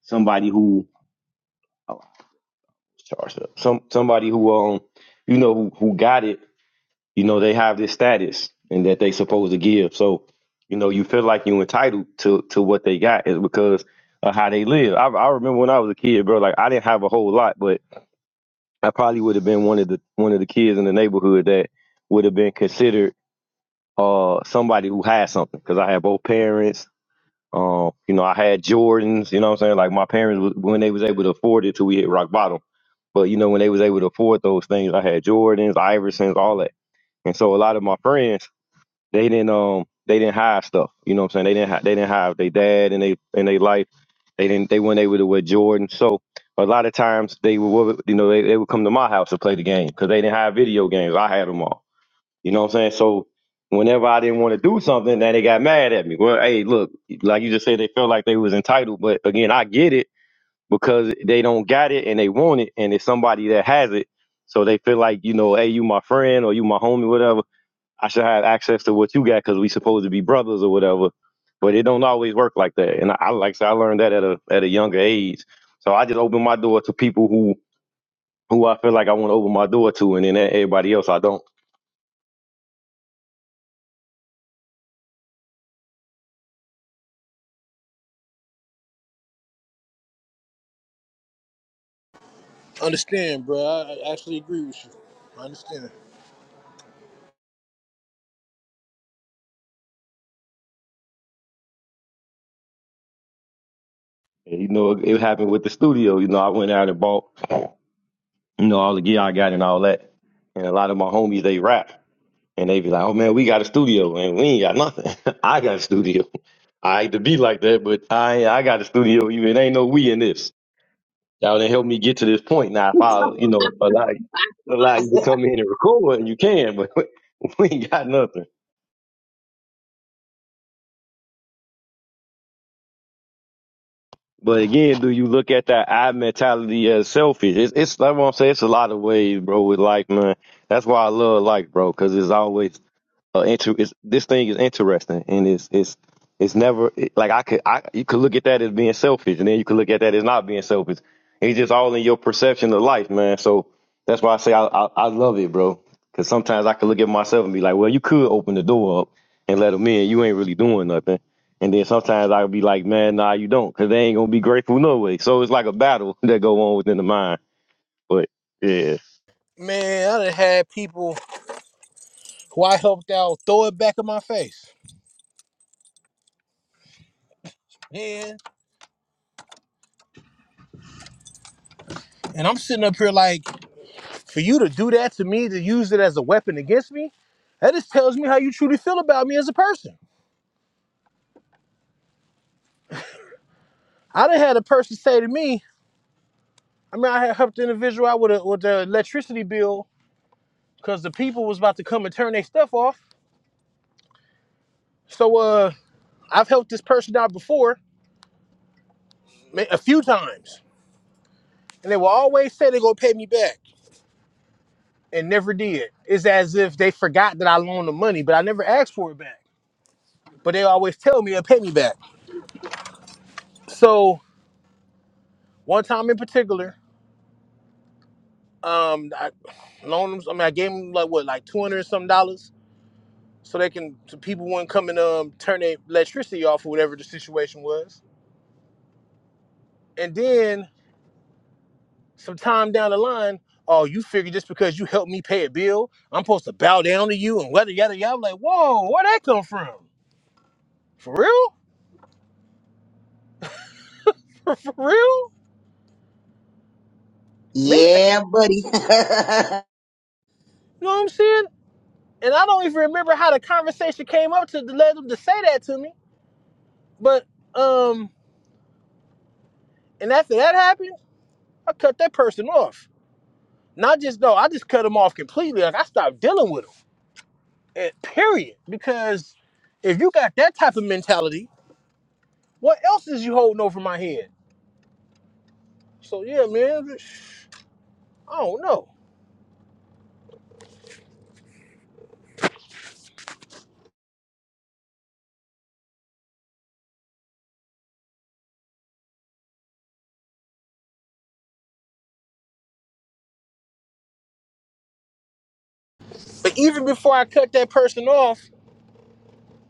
Speaker 8: somebody who oh, charged up. Some somebody who um you know who, who got it, you know, they have this status and that they supposed to give. So, you know, you feel like you entitled to to what they got is because of how they live. I I remember when I was a kid, bro, like I didn't have a whole lot, but I probably would have been one of the one of the kids in the neighborhood that would have been considered uh somebody who had something because I had both parents Um, you know, I had Jordans, you know what I'm saying? Like my parents was, when they was able to afford it till we hit rock bottom. But you know, when they was able to afford those things, I had Jordans, Iversons, all that. And so a lot of my friends, they didn't um they didn't hide stuff. You know what I'm saying? They didn't have they didn't have their dad and they and they life. They didn't they weren't able to wear Jordan. So a lot of times they would you know they, they would come to my house to play the game because they didn't have video games. I had them all. You know what I'm saying? So whenever I didn't want to do something, then they got mad at me. Well, hey, look, like you just said, they felt like they was entitled. But again, I get it because they don't got it and they want it, and it's somebody that has it. So they feel like, you know, hey, you my friend or you my homie, whatever. I should have access to what you got because we supposed to be brothers or whatever. But it don't always work like that. And I, I like I said, I learned that at a at a younger age. So I just open my door to people who who I feel like I want to open my door to, and then everybody else I don't.
Speaker 1: Understand, bro? I I actually agree with you. I understand.
Speaker 8: And, you know, it happened with the studio. You know, I went out and bought, you know, all the gear I got and all that. And a lot of my homies, they rap. And they be like, oh man, we got a studio and we ain't got nothing. I got a studio. I hate to be like that, but I I got a studio. You it ain't no we in this. Y'all done helped me get to this point. Now, if I, you know, allow, allow you to come in and record, and you can, but we ain't got nothing. But again, do you look at that I mentality as selfish? It's, it's like what I'm saying. It's a lot of ways, bro. With like, man, that's why I love like, bro, because it's always uh, inter- it's, this thing is interesting and it's it's it's never it- like I could I you could look at that as being selfish and then you could look at that as not being selfish. It's just all in your perception of life, man. So that's why I say I I, I love it, bro. Because sometimes I could look at myself and be like, well, you could open the door up and let them in. You ain't really doing nothing. And then sometimes i would be like, man, nah, you don't, because they ain't gonna be grateful no way. So it's like a battle that go on within the mind. But yeah,
Speaker 1: Man, I done had people who I helped out throw it back in my face. Man, and I'm sitting up here like, for you to do that to me, to use it as a weapon against me, that just tells me how you truly feel about me as a person. I done had a person say to me. I mean, I had helped the individual out with, a, with the electricity bill because the people was about to come and turn their stuff off. So uh, I've helped this person out before a few times, and they will always say they're gonna pay me back, and never did. It's as if they forgot that I loaned them money, but I never asked for it back. But they always tell me they'll pay me back. So one time in particular, um, I loaned them. I mean, I gave them like what, like two hundred and some dollars, so they can so people wouldn't come and um turn their electricity off or whatever the situation was And then some time down the line, oh, you figure just because you helped me pay a bill, I'm supposed to bow down to you and whether yada yada. I'm like, whoa, where would that come from? For real? For, for real? Man, you
Speaker 4: Yeah, buddy.
Speaker 1: know what I'm saying? And I don't even remember how the conversation came up to, to let them to say that to me. But um, and after that happened, I cut that person off. Not just though, I just cut them off completely. Like I stopped dealing with them. And period. Because if you got that type of mentality, what else is you holding over my head? So yeah, man. I don't know. But even before I cut that person off,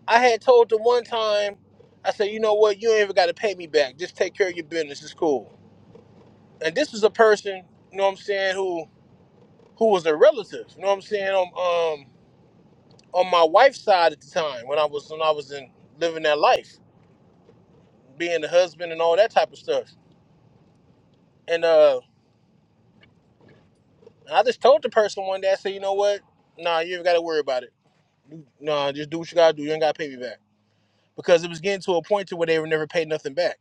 Speaker 1: I had told the one time, I said, you know what, you ain't even gotta pay me back. Just take care of your business. It's cool. And this was a person, you know what I'm saying, who who was a relative, you know what I'm saying, on um on my wife's side at the time when I was when I was in living that life, being the husband and all that type of stuff. And uh I just told the person one day, I said, you know what? Nah, you ain't gotta worry about it. You- Nah, just do what you gotta do. You ain't gotta pay me back. because it was getting to a point to where they were never paid nothing back.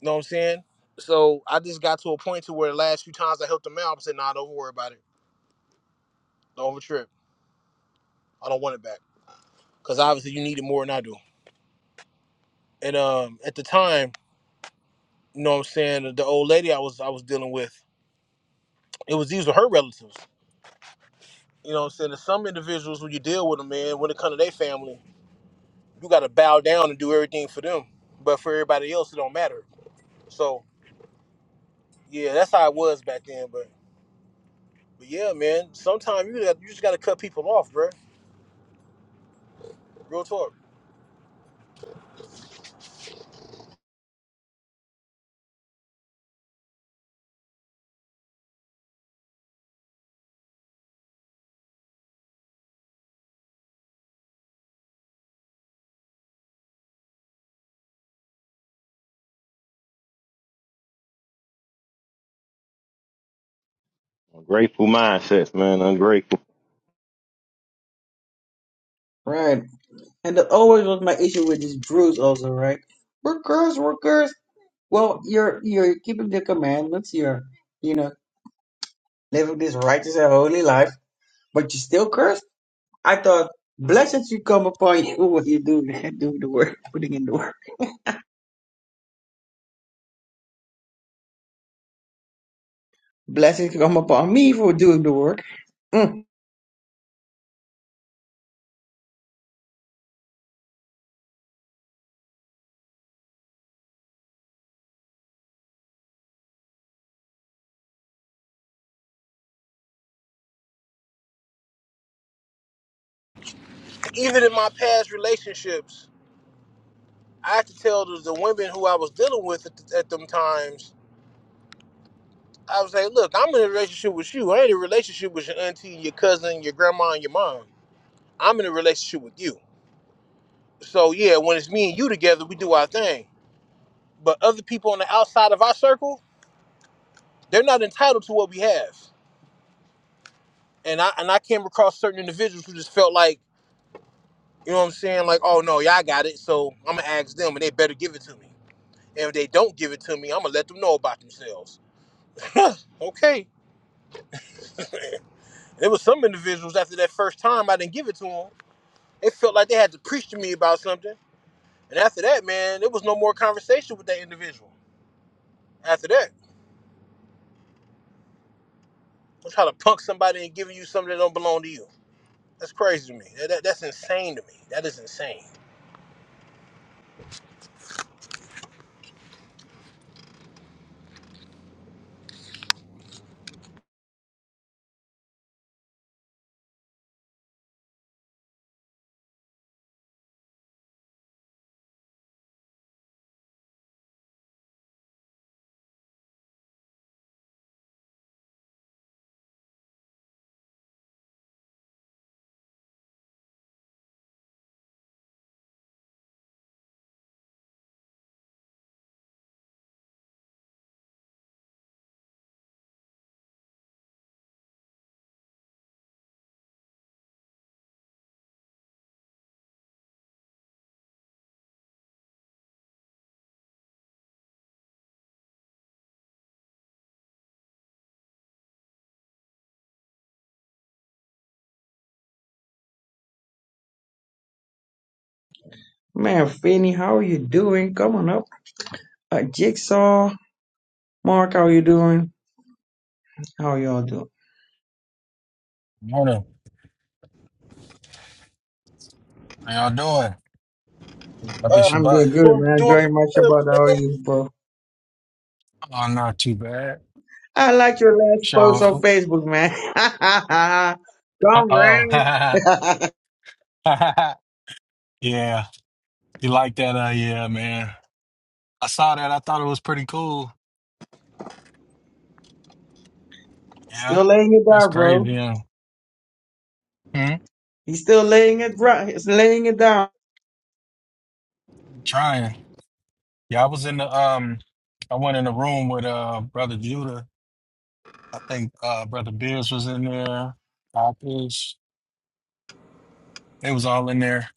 Speaker 1: You know what I'm saying? So I just got to a point to where the last few times I helped them out, I said, "Nah, don't worry about it. Don't over trip. I don't want it back because obviously you need it more than I do." And um, at the time, you know what I'm saying, the old lady I was I was dealing with, it was these were her relatives. You know what I'm saying? There's some individuals when you deal with them, man, when it comes to their family, you got to bow down and do everything for them. But for everybody else, it don't matter. So yeah, that's how it was back then. But. But yeah, man, sometimes you got- you just gotta cut people off, bro. Real talk.
Speaker 8: grateful mindsets, man. Ungrateful.
Speaker 4: right. And that always was my issue with these brews also, right? We're cursed, we're cursed. Well, you're you're keeping the commandments, you're you know. living this righteous and holy life, but you are still cursed? I thought blessings should come upon you when you do doing the work, putting in the work. Blessings come upon me for doing the work. Mm.
Speaker 1: Even in my past relationships, I had to tell the, the women who I was dealing with at, the, at them times. I was like, look, I'm in a relationship with you. I ain't in a relationship with your auntie, your cousin, your grandma, and your mom. I'm in a relationship with you. So yeah, when it's me and you together, we do our thing. But other people on the outside of our circle, they're not entitled to what we have. And I and I came across certain individuals who just felt like You know what I'm saying? Like, oh no, y'all got it. So I'm gonna ask them, and they better give it to me. And if they don't give it to me, I'm gonna let them know about themselves. okay. there was some individuals after that first time I didn't give it to them. They felt like they had to preach to me about something. And after that, man, there was no more conversation with that individual. After that, I'm trying to punk somebody and giving you something that don't belong to you. That's crazy to me. That, that- that's insane to me. That is insane.
Speaker 4: Man, Finney, how are you doing? Come on up. Uh, Jigsaw, Mark, how you doing? How y'all doing?
Speaker 9: Morning. How y'all doing? Up in
Speaker 1: Uh,
Speaker 4: I'm
Speaker 9: Shabbat?
Speaker 4: doing good,
Speaker 1: doing
Speaker 4: man.
Speaker 1: doing
Speaker 4: Enjoying
Speaker 1: pretty
Speaker 4: my
Speaker 1: good,
Speaker 4: Shabbat. How are you, bro?
Speaker 9: Oh, not too bad.
Speaker 4: I like your last post on
Speaker 9: So,
Speaker 4: Facebook, man.
Speaker 9: uh,
Speaker 4: Come
Speaker 9: oh,
Speaker 4: round.
Speaker 9: yeah. You like that? Uh, yeah, man. I saw that. I thought it was pretty cool. Yeah,
Speaker 4: Still laying it
Speaker 9: that's
Speaker 4: down, bro.
Speaker 9: crazy. Yeah. Hmm?
Speaker 4: He's still laying it, dri- he's laying it down.
Speaker 9: Trying. Yeah, I was in the um, I went in the room with uh brother Judah. I think uh brother Beers was in there. Papas. They was all in there.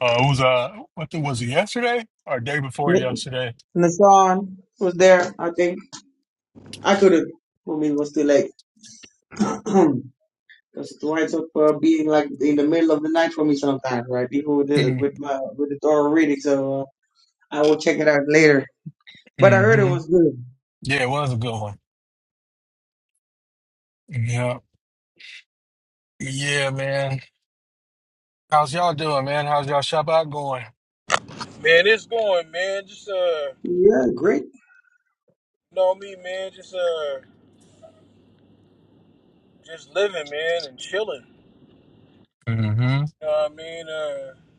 Speaker 9: Uh, it was uh, what the, was it yesterday or day before yesterday?
Speaker 4: And Nassan was there, I think. I couldn't. For me, it was too late. Because it winds up uh, being like in the middle of the night for me sometimes, right? Even with the, with my with the Torah reading, so uh, I will check it out later. But I heard it
Speaker 9: Mm-hmm.
Speaker 4: was good.
Speaker 9: Yeah, it was a good one. Yeah. Yeah, man. How's y'all doing, man? How's y'all shop out going?
Speaker 1: man. It's going, man. Just uh, you
Speaker 4: Yeah, great.
Speaker 1: know me, man. Just uh. Just living, man, and chilling.
Speaker 9: Mm-hmm.
Speaker 1: You know what I mean? Uh,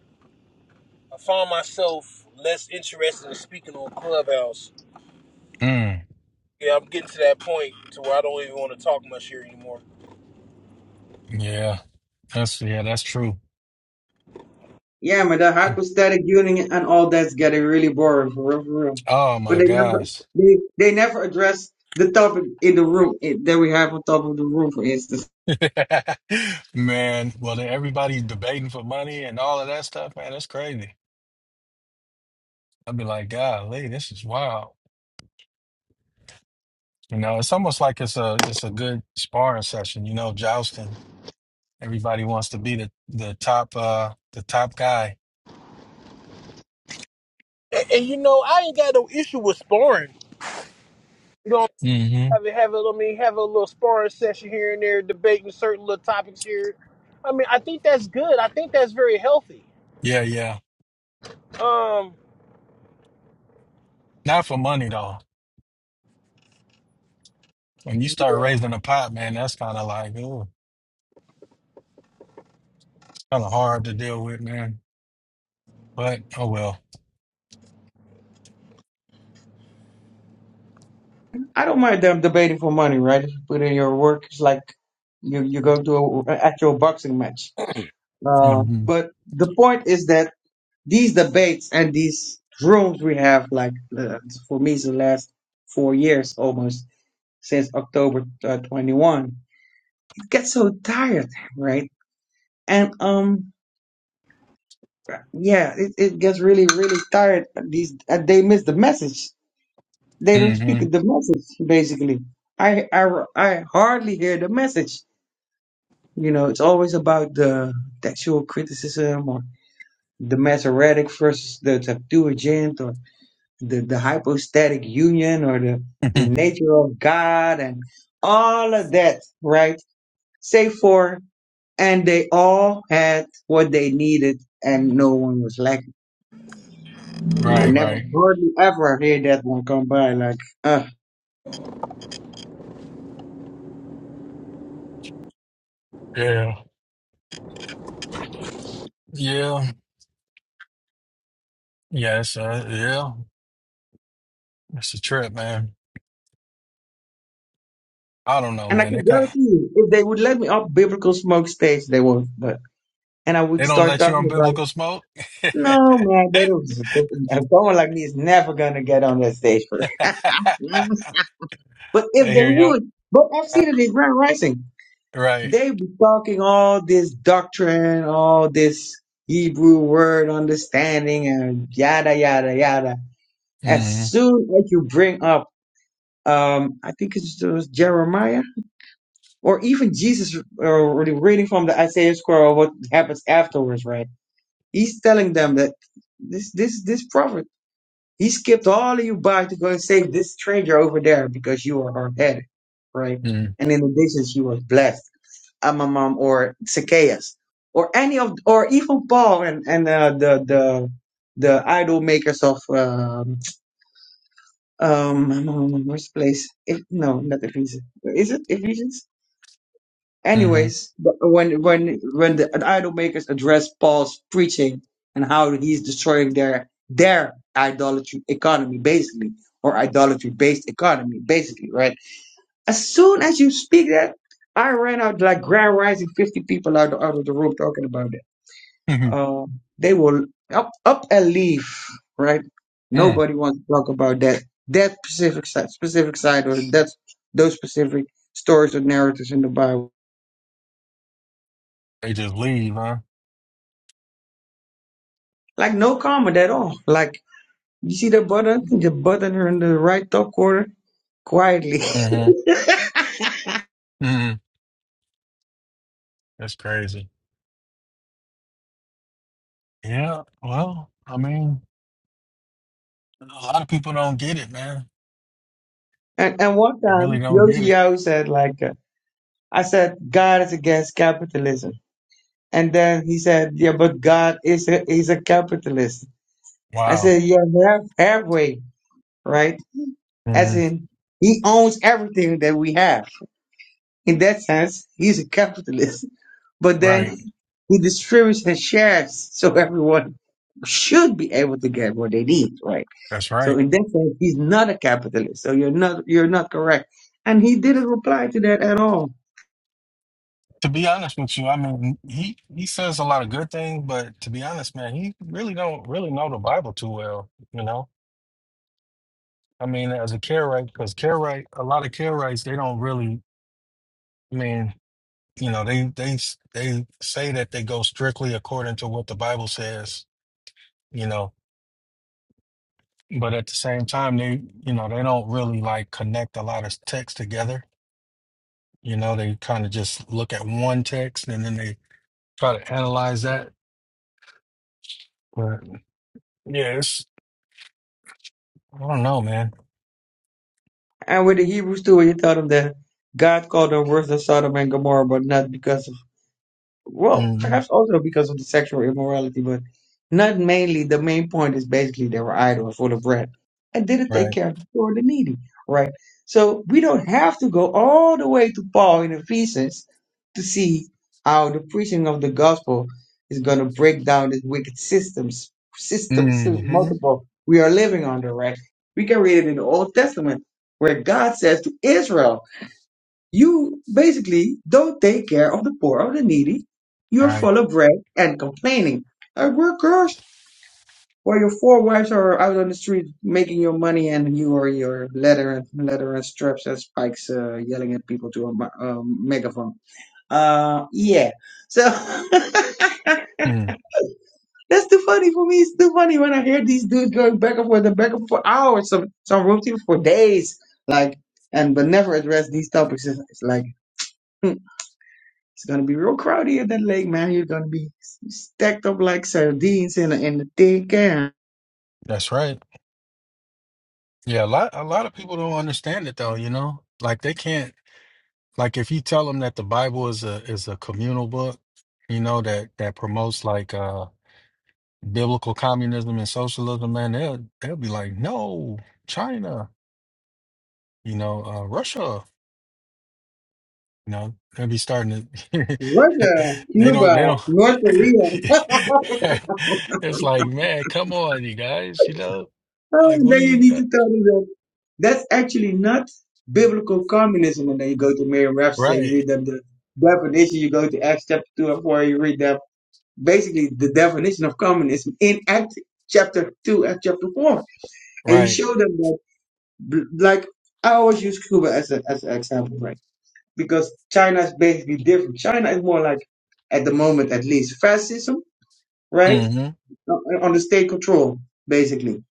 Speaker 1: I find myself less interested in speaking on Clubhouse.
Speaker 9: Mm.
Speaker 1: Yeah, I'm getting to that point to where I don't even want to talk much here anymore.
Speaker 9: Yeah. That's yeah, that's true.
Speaker 4: Yeah, man, the hypostatic union and all that's getting really boring for real, for real.
Speaker 9: Oh
Speaker 4: But
Speaker 9: my
Speaker 4: they never
Speaker 9: gosh.
Speaker 4: they they never address the topic in the room eh, that we have on top of the room, for instance.
Speaker 9: Man, well then everybody's debating for money and all of that stuff, man. That's crazy. I'd be like, golly, this is wild. You know, it's almost like it's a it's a good sparring session, you know, jousting. Everybody wants to be the the top uh the top guy.
Speaker 1: And, and you know, I ain't got no issue with sparring. You know,
Speaker 9: Mm-hmm.
Speaker 1: have a, have a, I mean, have a little sparring session here and there, debating certain little topics here. I mean, I think that's good. I think that's very healthy.
Speaker 9: Yeah, yeah.
Speaker 1: Um,
Speaker 9: Not for money though. When you start
Speaker 1: yeah.
Speaker 9: raising a pot, man, that's kind of like, oh, kind of hard to deal with, man. But oh well.
Speaker 4: I don't mind them debating for money, right? If you put in your work, it's like you you go to a, an actual boxing match. Uh,
Speaker 9: hmm
Speaker 4: but the point is that these debates and these rooms we have, like uh, for me, it's the last four years almost since October uh, 21, it gets so tired, right? And um, yeah, it, it gets really really tired. These and they miss the message. They don't speak
Speaker 9: hmm
Speaker 4: the message basically. I I I hardly hear the message You know, it's always about the textual criticism or the Masoretic versus the Septuagint or the, the hypostatic union or the, the nature of God and all of that, right? Save for, and they all had what they needed and no one was lacking. I
Speaker 9: Right,
Speaker 4: never
Speaker 9: right.
Speaker 4: hardly ever hear that one come by like, uh,
Speaker 9: Yeah. Yeah. Yes. Uh, yeah. It's a trip, man. I don't know,
Speaker 4: and I
Speaker 9: man. They
Speaker 4: can
Speaker 9: kind
Speaker 4: guarantee you, if they would let me up biblical smoke stage, they won't, but and I would
Speaker 9: they don't
Speaker 4: start
Speaker 9: let you on
Speaker 4: talking about
Speaker 9: biblical smoke.
Speaker 4: No, man, they don't. A woman like me is never gonna get on that stage for. But if
Speaker 9: they
Speaker 4: they
Speaker 9: hear you.
Speaker 4: would, but I've
Speaker 9: uh,
Speaker 4: seen it in Grand Rising.
Speaker 9: Right.
Speaker 4: They be talking all this doctrine, all this Hebrew word understanding, and yada yada yada. As
Speaker 9: hmm
Speaker 4: soon as you bring up, um, I think it's it was Jeremiah or even Jesus, or reading from the Isaiah scroll, what happens afterwards, right? He's telling them that this this this prophet. He skipped all of you by to go and save this stranger over there because you are hard headed, right?
Speaker 9: Mm-hmm.
Speaker 4: And in addition, she was blessed. Amamam or Zacchaeus or any of, or even Paul and, and uh, the, the, the idol makers of, um, um, where's the place? If, no, not Ephesians. Is it Ephesians?
Speaker 9: Mm-hmm.
Speaker 4: Anyways, but when when when the idol makers address Paul's preaching and how he's destroying their their idolatry economy, basically, or idolatry based economy, basically, right? As soon as you speak that, I ran out like grand rising, fifty people out out of the room talking about it. Um, they will up up and leave, right?
Speaker 9: Mm.
Speaker 4: Nobody wants to talk about that that specific side, specific side or that those specific stories or narratives in the Bible.
Speaker 9: They just leave, huh?
Speaker 4: Like no comment at all. Like you see the button, the button her in the right top corner quietly.
Speaker 9: hmm hmm That's crazy. Yeah. Well, I mean. A lot of people don't get it, man.
Speaker 4: and and one
Speaker 9: They really
Speaker 4: time
Speaker 9: don't get it.
Speaker 4: Yoshio said like uh, I said God is against capitalism. And then he said, Yeah, but God is a is a capitalist. I
Speaker 9: Wow.
Speaker 4: said, Yeah, half, halfway, right? As
Speaker 9: Mhm.
Speaker 4: in he owns everything that we have. In that sense, he's a capitalist. But
Speaker 9: Right.
Speaker 4: then he distributes his shares so everyone should be able to get what they need, right?
Speaker 9: That's
Speaker 4: So
Speaker 9: right.
Speaker 4: in that sense, he's not a capitalist. So you're not you're not correct. And he didn't reply to that at all.
Speaker 9: To be honest with you, I mean, he he says a lot of good things, but to be honest, man, he really don't really know the Bible too well. You know, I mean, as a Karaite, because Karaite, a lot of Karaites, they don't really. I mean, you know, they they they say that they go strictly according to what the Bible says. You know, but at the same time, they you know they don't really like connect a lot of texts together You know, they kind of just look at one text and then they try to analyze that. But yeah, it's, I don't know, man.
Speaker 4: And with the Hebrews too, when you tell them that God called them worth of Sodom and Gomorrah, but not because of Well,
Speaker 9: hmm
Speaker 4: perhaps also because of the sexual immorality, but not mainly. The main point is basically they were idols full of bread and didn't take
Speaker 9: Right.
Speaker 4: care of the poor and the needy, right? So we don't have to go all the way to Paul in Ephesians to see how the preaching of the gospel is going to break down this wicked systems, systems, systems
Speaker 9: hmm
Speaker 4: multiple we are living under, right? We can read it in the Old Testament where God says to Israel, you basically don't take care of the poor or the needy. You're
Speaker 9: Right.
Speaker 4: full of bread and complaining. Uh, we're cursed. While your four wives are out on the street making your money, and you are your leather and leather and straps and spikes uh, yelling at people to a mi- um, megaphone. Uh, yeah. So that's
Speaker 9: Mm.
Speaker 4: too funny for me. It's too funny when I hear these dudes going back and forth and back and forth for hours, some some room teams for days, like and but never address these topics. It's, it's like. hmm. It's gonna be real crowded at that lake, man. You're gonna be stacked up like sardines in a, in a thick air.
Speaker 9: That's right. Yeah, a lot a lot of people don't understand it though, you know? Like they can't like if you tell them that the Bible is a is a communal book, you know, that that promotes like uh biblical communism and socialism, man, they'll they'll be like, "No, China, you know, uh Russia." You know, they'll be starting to.
Speaker 4: Russia,
Speaker 9: they don't.
Speaker 4: Cuba,
Speaker 9: They don't.
Speaker 4: North Korea.
Speaker 9: it's like, man, come on, you guys. You know,
Speaker 4: Oh,
Speaker 9: like,
Speaker 4: and
Speaker 9: what are
Speaker 4: then you
Speaker 9: you?
Speaker 4: need
Speaker 9: uh,
Speaker 4: to tell them that that's actually not biblical communism. And then you go to Mary and you
Speaker 9: Right.
Speaker 4: read them the definition. You go to Acts chapter two and four, you read them basically the definition of communism in Acts chapter two and chapter four, and you
Speaker 9: Right.
Speaker 4: show them that, like I always use Cuba as a, as an example, right? because China is basically different. China is more like, at the moment at least, fascism, right?
Speaker 9: Mm-hmm.
Speaker 4: On on the state control, basically.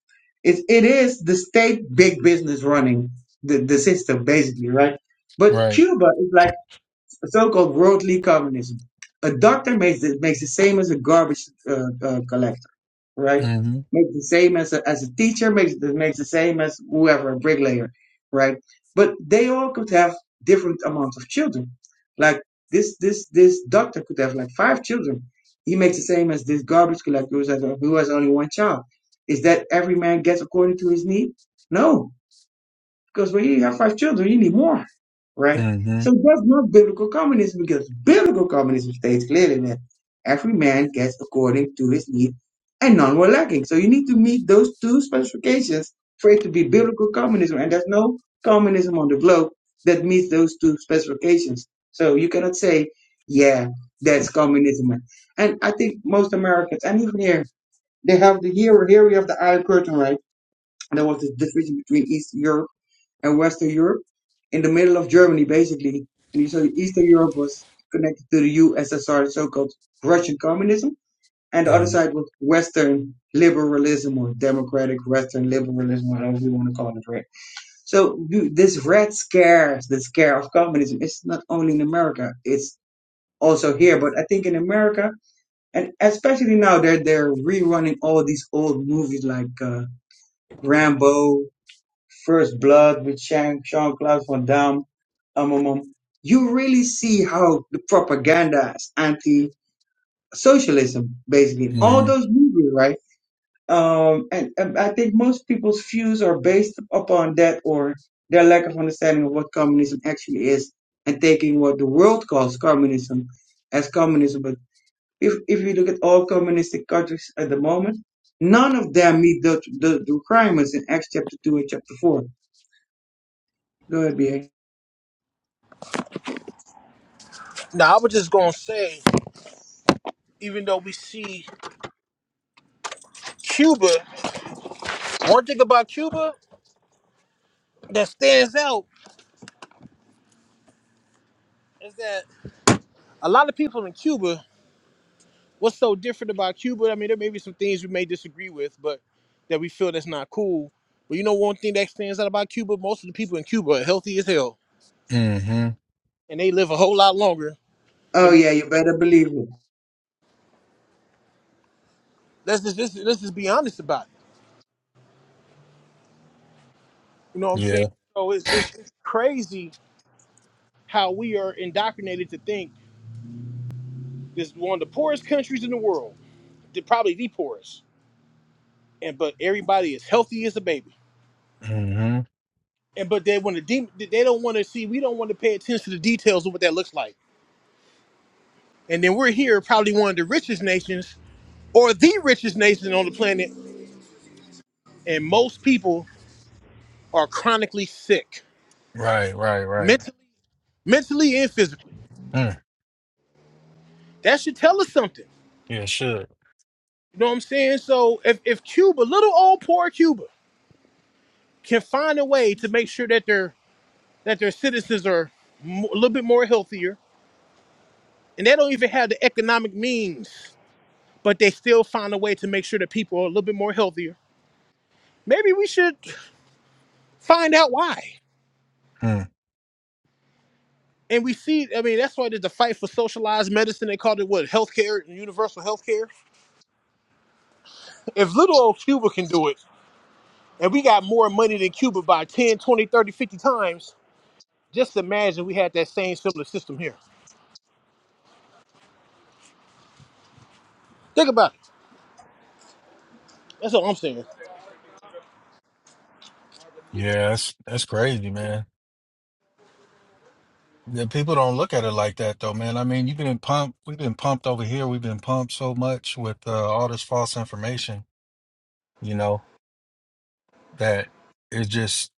Speaker 4: It, it is the state big business running the, the system, basically, right? But
Speaker 9: Right.
Speaker 4: Cuba is like so-called worldly communism. A doctor makes the, makes the same as a garbage uh, uh, collector right?
Speaker 9: Mm-hmm.
Speaker 4: Makes the same as a, as a teacher, makes the, makes the same as whoever, a bricklayer, right? But they all could have different amounts of children. Like this, this, this doctor could have like five children. He makes the same as this garbage collector who has, who has only one child. Is that every man gets according to his need? No because when you have five children, you need more, right? So
Speaker 9: Mm-hmm.
Speaker 4: that's not biblical communism because biblical communism states clearly that every man gets according to his need and none were lacking. So you need to meet those two specifications for it to be biblical communism. And there's no communism on the globe that meets those two specifications. So you cannot say, yeah, that's communism. And I think most Americans, and even here, they have the hero, theory of the Iron Curtain, right? And there was this division between East Europe and Western Europe, in the middle of Germany, basically. And you saw Eastern Europe was connected to the USSR, so-called Russian communism, and the other side was Western liberalism or democratic Western liberalism, whatever you want to call it, right? So you- this red scare, the scare of communism, is not only in America; it's also here. But I think in America, and especially now, they're they're rerunning all these old movies like uh, Rambo, First Blood with Jean Claude Van Damme. Um, um, um. You really see how the propaganda is anti socialism, basically. All
Speaker 9: Mm-hmm.
Speaker 4: those movies, right? Um, and, and I think most people's views are based upon that or their lack of understanding of what communism actually is and taking what the world calls communism as communism. But if, if you look at all communistic countries at the moment, none of them meet the, the, the requirements in Acts chapter 2 and chapter 4. Go ahead, BA.
Speaker 1: Now, I was just gonna say, even though we see Cuba, one thing about Cuba that stands out. is that a lot of people in Cuba, what's so different about Cuba? I mean, there may be some things we may disagree with, but that we feel that's not cool. But you know, one thing that stands out about Cuba, most of the people in Cuba are healthy as hell,
Speaker 9: Mm-hmm.
Speaker 1: and they live a whole lot longer
Speaker 4: Oh
Speaker 1: than.
Speaker 4: yeah, you better believe it.
Speaker 1: Let's just let's, let's just be honest about it. You know what I'm saying?
Speaker 9: Yeah.
Speaker 1: So it's, it's it's crazy how we are indoctrinated to think this is one of the poorest countries in the world, the- probably the poorest, and but everybody is healthy as a baby.
Speaker 9: Mm-hmm.
Speaker 1: and but they want to de- they don't want to see we don't want to pay attention to the details of what that looks like and then we're here probably one of the richest nations or the richest nation on the planet and most people are chronically sick
Speaker 9: Right. Right. Right.
Speaker 1: mentally mentally and physically
Speaker 9: Mm.
Speaker 1: that should tell us something
Speaker 9: Yeah. Should.
Speaker 1: you know what i'm saying so if, if cuba little old poor cuba can find a way to make sure that their that their citizens are mo- a little bit more healthier and they don't even have the economic means but they still find a way to make sure that people are a little bit more healthier. Maybe we should find out why.
Speaker 9: Mm.
Speaker 1: And we see, I mean, that's why there's a fight for socialized medicine. They called it what, healthcare and universal healthcare. If little old Cuba can do it, and we got more money than Cuba by 10, 20, 30, 50 times, just imagine we had that same similar system here. Think about it. That's all I'm saying.
Speaker 9: Yeah. That's that's crazy, man. Yeah, people don't look at it like that though, man. I mean, you've been pumped. We've been pumped over here. We've been pumped so much with uh, all this false information, you know, that it's just,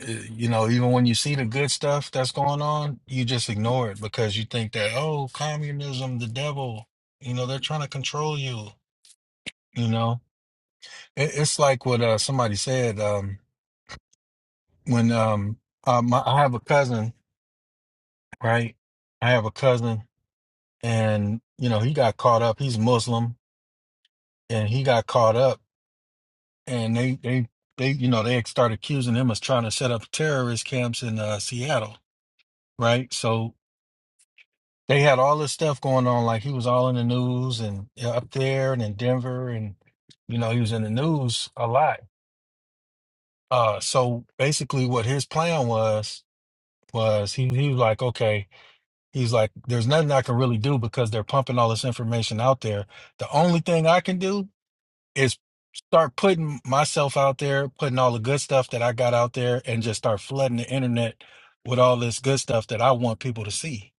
Speaker 9: uh, you know, even when you see the good stuff that's going on, you just ignore it because you think that, oh, communism, the devil, you know, they're trying to control you, you know. It, it's like what uh, somebody said um, when um, uh, my, I have a cousin, right? I have a cousin and, you know, he got caught up. He's Muslim and he got caught up and they they they you know they started accusing him of trying to set up terrorist camps in uh, Seattle right so they had all this stuff going on like he was all in the news and uh, up there and in Denver and you know he was in the news a lot uh so basically what his plan was was he he was like okay he's like there's nothing I can really do because they're pumping all this information out there the only thing I can do is start putting myself out there, putting all the good stuff that I got out there, and just start flooding the internet with all this good stuff that I want people to see.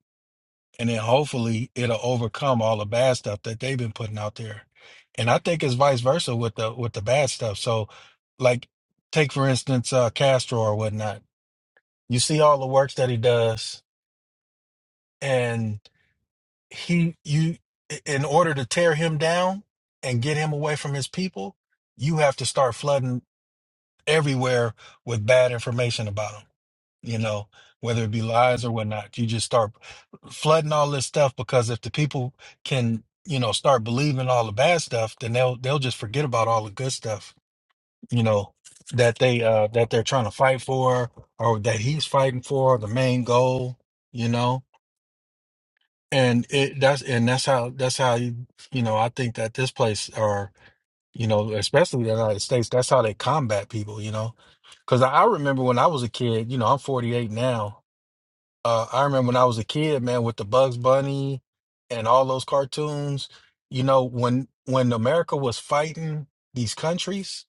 Speaker 9: And then hopefully it'll overcome all the bad stuff that they've been putting out there. And I think it's vice versa with the with the bad stuff. So like take for instance uh Castro or whatnot. You see all the works that he does and he you in order to tear him down and get him away from his people, you have to start flooding everywhere with bad information about them, you know, whether it be lies or whatnot. You just start flooding all this stuff because if the people can, you know, start believing all the bad stuff, then they'll they'll just forget about all the good stuff, you know, that they uh that they're trying to fight for or that he's fighting for, the main goal, you know. And it that's and that's how that's how you you know, I think that this place or you know, especially in the United States. That's how they combat people, you know. Because I I remember when I was a kid, you know, I'm 48 now. Uh, I remember when I was a kid, man, with the Bugs Bunny and all those cartoons, you know, when when America was fighting these countries,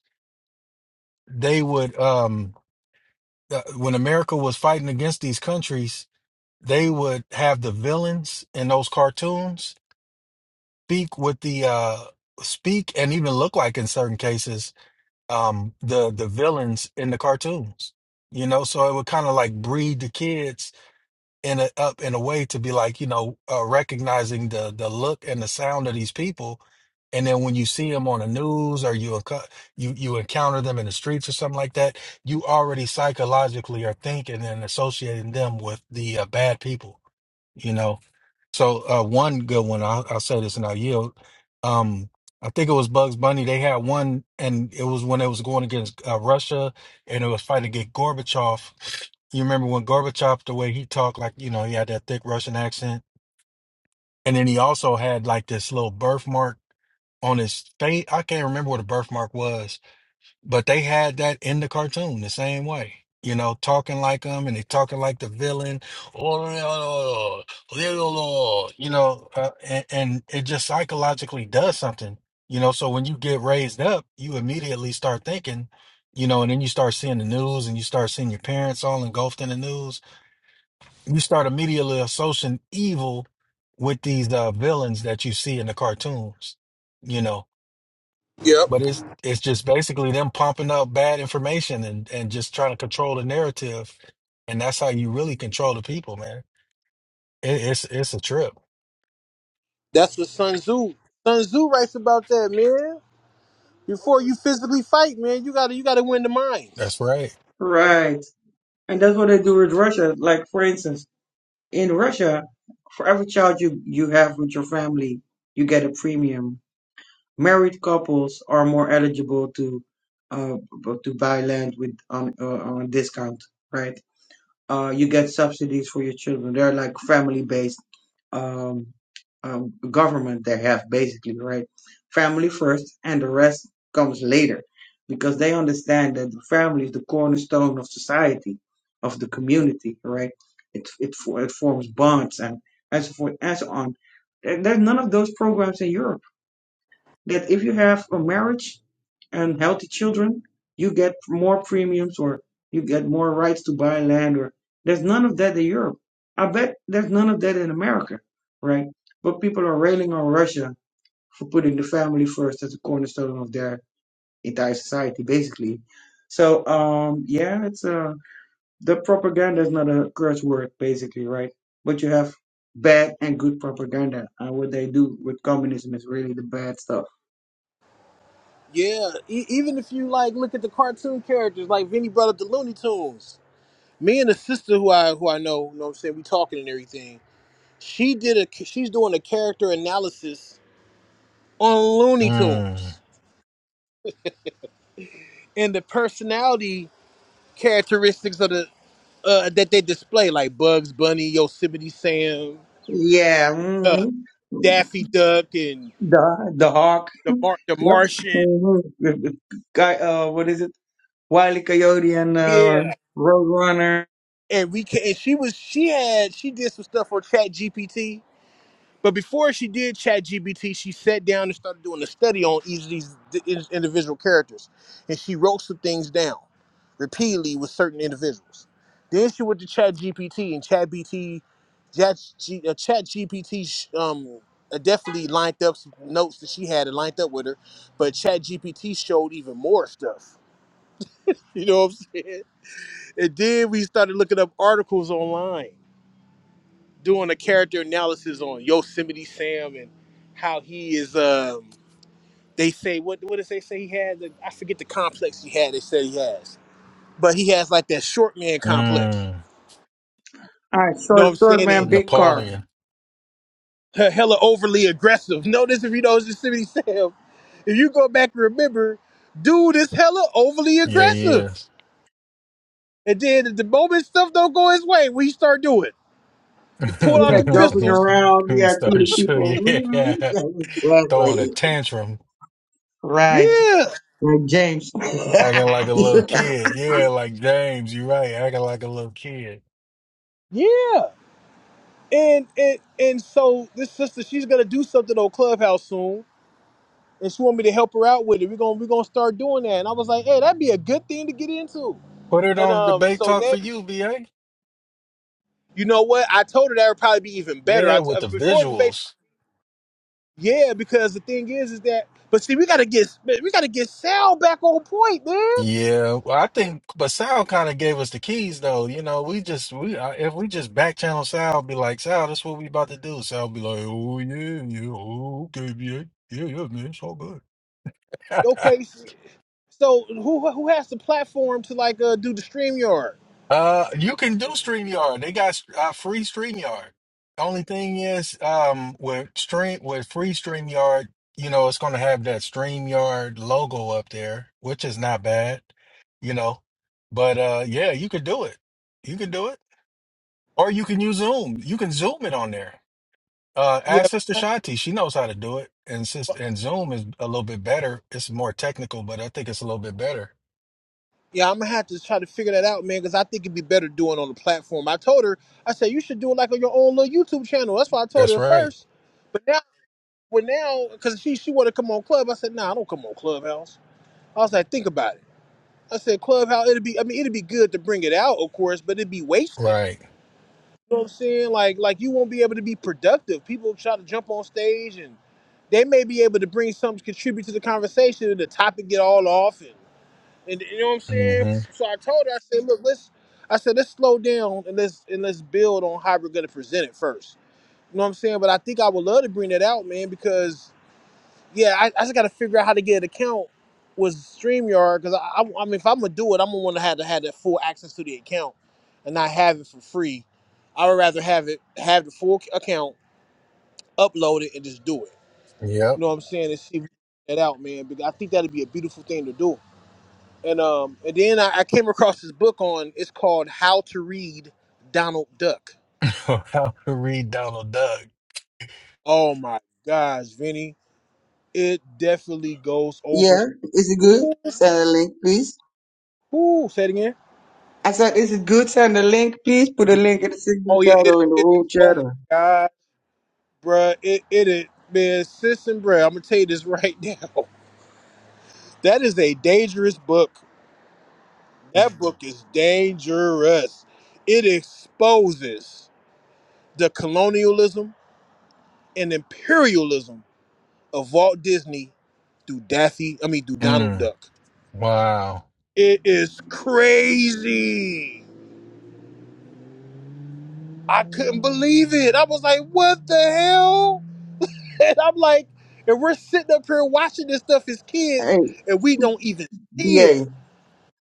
Speaker 9: they would um uh, when America was fighting against these countries, they would have the villains in those cartoons speak with the uh speak and even look like in certain cases um the the villains in the cartoons you know so it would kind of like breed the kids in a up in a way to be like you know uh, recognizing the the look and the sound of these people and then when you see them on the news or you enco- you you encounter them in the streets or something like that you already psychologically are thinking and associating them with the uh, bad people you know so uh, one good one, I'll, I'll say this and I'll yield. Um, I think it was Bugs Bunny. They had one, and it was when it was going against uh, Russia, and it was fighting against Gorbachev. You remember when Gorbachev, the way he talked, like you know, he had that thick Russian accent, and then he also had like this little birthmark on his face. I can't remember what the birthmark was, but they had that in the cartoon the same way. You know, talking like them and they talking like the villain. Oh, you know, uh, and, and it just psychologically does something. You know, so when you get raised up, you immediately start thinking, you know, and then you start seeing the news and you start seeing your parents all engulfed in the news. You start immediately associating evil with these uh, villains that you see in the cartoons, you know
Speaker 1: Yep.
Speaker 9: but it's it's just basically them pumping up bad information and and just trying to control the narrative, and that's how you really control the people, man. It, it's it's a trip.
Speaker 1: That's what Sun Tzu. Sun Tzu writes about that, man. Before you physically fight, man, you gotta you gotta win the minds.
Speaker 9: That's right.
Speaker 4: Right. And that's what they do with Russia. Like, for instance, in Russia, for every child you, you have with your family, you get a premium. Married couples are more eligible to uh b- to buy land with on uh, on a discount, right? uh, you get subsidies for your children. They're like family based um, um, government they have basically, right? Family first, and the rest comes later, because they understand that the family is the cornerstone of society, of the community, right? It it, for- it forms bonds and and so forth and so on. There- There's none of those programs in Europe that if you have a marriage and healthy children, you get more premiums or you get more rights to buy land or there's none of that in Europe. I bet there's none of that in America, right? But people are railing on Russia for putting the family first as a cornerstone of their entire society, basically. So um yeah, it's uh the propaganda is not a curse word, basically, right? But you have bad and good propaganda. And what they do with communism is really the bad stuff
Speaker 1: Yeah, e- even if you like look at the cartoon characters, like Vinny brought up the Looney Tunes. Me and the sister who I who I know, you know what I'm saying, we talking and everything. She did a she's doing a character analysis on Looney
Speaker 9: Mm,
Speaker 1: Tunes and the personality characteristics of the uh, that they display, like Bugs Bunny, Yosemite Sam,
Speaker 4: Yeah.
Speaker 1: uh,
Speaker 4: hmm
Speaker 1: Daffy Duck, and
Speaker 4: The the hawk.
Speaker 1: the Mar- the
Speaker 4: Yep.
Speaker 1: Martian.
Speaker 4: hmm Guy. Uh, what is it? Wiley Coyote and uh,
Speaker 1: Yeah,
Speaker 4: Roadrunner.
Speaker 1: and we can. And she was she had she did some stuff for Chat GPT But before she did ChatGPT, she sat down and started doing a study on each of these di- in- individual characters. And she wrote some things down repeatedly with certain individuals. Then she went to ChatGPT and chat ChatGPT uh, chat sh- um, uh, definitely lined up some notes that she had and lined up with her. But ChatGPT showed even more stuff. You know what I'm saying? And then we started looking up articles online doing a character analysis on Yosemite Sam and how he is. Um, they say what what does they say he had? The, I forget the complex he had. They said he has, but he has like that short man complex.
Speaker 9: mm.
Speaker 4: All right,
Speaker 1: You know what
Speaker 4: short,
Speaker 1: I'm saying?
Speaker 4: short
Speaker 1: And
Speaker 4: man, big car.
Speaker 9: Napoleon.
Speaker 1: he- hella overly aggressive. Notice if you know Yosemite Sam, if you go back and remember, dude is hella overly
Speaker 9: Yeah, he
Speaker 1: aggressive.
Speaker 9: is.
Speaker 1: And then the moment stuff don't go his way, we start doing. He pull out
Speaker 4: Yeah,
Speaker 1: the
Speaker 4: jumping
Speaker 1: pistols.
Speaker 4: around. Yeah,
Speaker 9: Started
Speaker 4: shooting
Speaker 9: show,
Speaker 4: people. hmm
Speaker 9: yeah, throwing a
Speaker 4: Exactly.
Speaker 9: tantrum,
Speaker 4: Right.
Speaker 1: Yeah,
Speaker 4: Like James.
Speaker 9: acting like
Speaker 4: yeah.
Speaker 9: a
Speaker 4: Is
Speaker 9: little kid. Yeah, like James, you're right, acting like a little kid.
Speaker 1: yeah. And and and so this sister, she's gonna do something on Clubhouse soon, and she want me to help her out with it. We're gonna we're gonna start doing that. And I was like, hey, that'd be a good thing to get into.
Speaker 9: Put it
Speaker 1: And
Speaker 9: on
Speaker 1: um,
Speaker 9: debate
Speaker 1: so
Speaker 9: talk for
Speaker 1: next,
Speaker 9: you, BA.
Speaker 1: you know what? I told her that would probably be even better.
Speaker 9: Yeah,
Speaker 1: I t-
Speaker 9: with
Speaker 1: uh,
Speaker 9: the
Speaker 1: before debate,
Speaker 9: visuals.
Speaker 1: yeah, because the thing is, is that but see, we gotta get we gotta get Sal back on point, man.
Speaker 9: Yeah, well, I think, but Sal kind of gave us the keys, though. You know, we just we I- if we just back channel Sal, be like, Sal, that's what we about to do. Sal be like, oh yeah, yeah, oh, okay, yeah, yeah, yeah, man, it's all good.
Speaker 1: Okay, so who who has the platform to like uh, do the stream yard?
Speaker 9: uh, you can do StreamYard. They got uh, free StreamYard. Only thing is, um, with stream with free StreamYard, you know, it's gonna have that StreamYard logo up there, which is not bad, you know. But uh, yeah, you could do it. You could do it. Or you can use Zoom. You can Zoom it on there. Uh,
Speaker 1: Yeah,
Speaker 9: ask Sister Shanti. She knows how to do it. And sis, and Zoom is a little bit better. It's more technical, but I think it's a little bit better.
Speaker 1: Yeah, I'm gonna have to try to figure that out, man, because I think it'd be better doing on the platform. I told her, I said you should do it like on your own little YouTube channel. That's why I told her
Speaker 9: That's
Speaker 1: at
Speaker 9: right.
Speaker 1: first. But now, but now, because she she wanted to come on Club, I said, Nah, I don't come on Clubhouse. I was like, Think about it. I said, Clubhouse, it'd be, I mean, it'd be good to bring it out, of course, but it'd be wasted.
Speaker 9: Right.
Speaker 1: You know what I'm saying? Like, like you won't be able to be productive. People try to jump on stage, and they may be able to bring something to contribute to the conversation, and the topic get all off, and and you know what I'm saying?
Speaker 9: hmm
Speaker 1: So I told her, I said, look, let's I said, let's slow down and let's and let's build on how we're gonna present it first. You know what I'm saying? But I think I would love to bring that out, man, because yeah, I, I just gotta figure out how to get an account with StreamYard because I, I I mean if I'm gonna do it, I'm gonna wanna have to have that full access to the account and not have it for free. I would rather have it have the full account, upload it and just do it. You
Speaker 9: Yep.
Speaker 1: know what I'm saying? And see if we can get that out, man. Because I think that'd be a beautiful thing to do. And um, and then I, I came across this book on. It's called How to Read Donald Duck.
Speaker 9: how to read Donald Duck.
Speaker 1: Oh my gosh, Vinny, it definitely goes over.
Speaker 4: it good?
Speaker 1: Ooh,
Speaker 4: Send a link, please.
Speaker 1: ooh, say it again.
Speaker 4: I said, is it good? Send a link, please. Put a link in the signal
Speaker 1: Oh
Speaker 4: chat
Speaker 1: yeah, it
Speaker 4: or in the
Speaker 1: it is.
Speaker 4: room
Speaker 1: Oh
Speaker 4: chat.
Speaker 1: my
Speaker 4: Or,
Speaker 1: god, bruh, it it is. Man, sis and bruh, I'm gonna tell you this right now. That is a dangerous book. That book is dangerous. It exposes the colonialism and imperialism of Walt Disney through Daffy, I mean through Donald
Speaker 9: Mm.
Speaker 1: Duck.
Speaker 9: Wow.
Speaker 1: It is crazy. I couldn't believe it. I was like, what the hell? And I'm like, and we're sitting up here watching this stuff as
Speaker 4: hey,
Speaker 1: kids and we don't even see it.
Speaker 4: BA.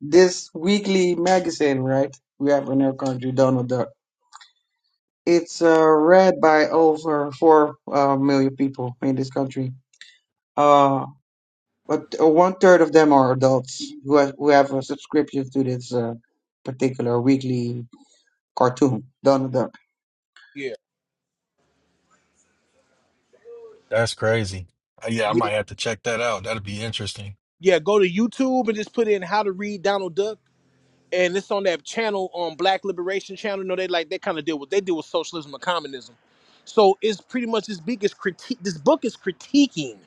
Speaker 4: this weekly magazine, right? We have in our country, Donald Duck. It's uh, read by over four uh, million people in this country. Uh, but one third of them are adults who have, who have a subscription to this uh, particular weekly cartoon, Donald Duck.
Speaker 1: Yeah.
Speaker 9: That's crazy. Uh, yeah, I
Speaker 1: Yeah.
Speaker 9: might have to check that out. That'd be interesting.
Speaker 1: Yeah. Go to YouTube and just put in how to read Donald Duck. And it's on that channel on Black Liberation Channel. No, they like they kind of deal with they deal with socialism and communism. So it's pretty much this big is critique this book is critiquing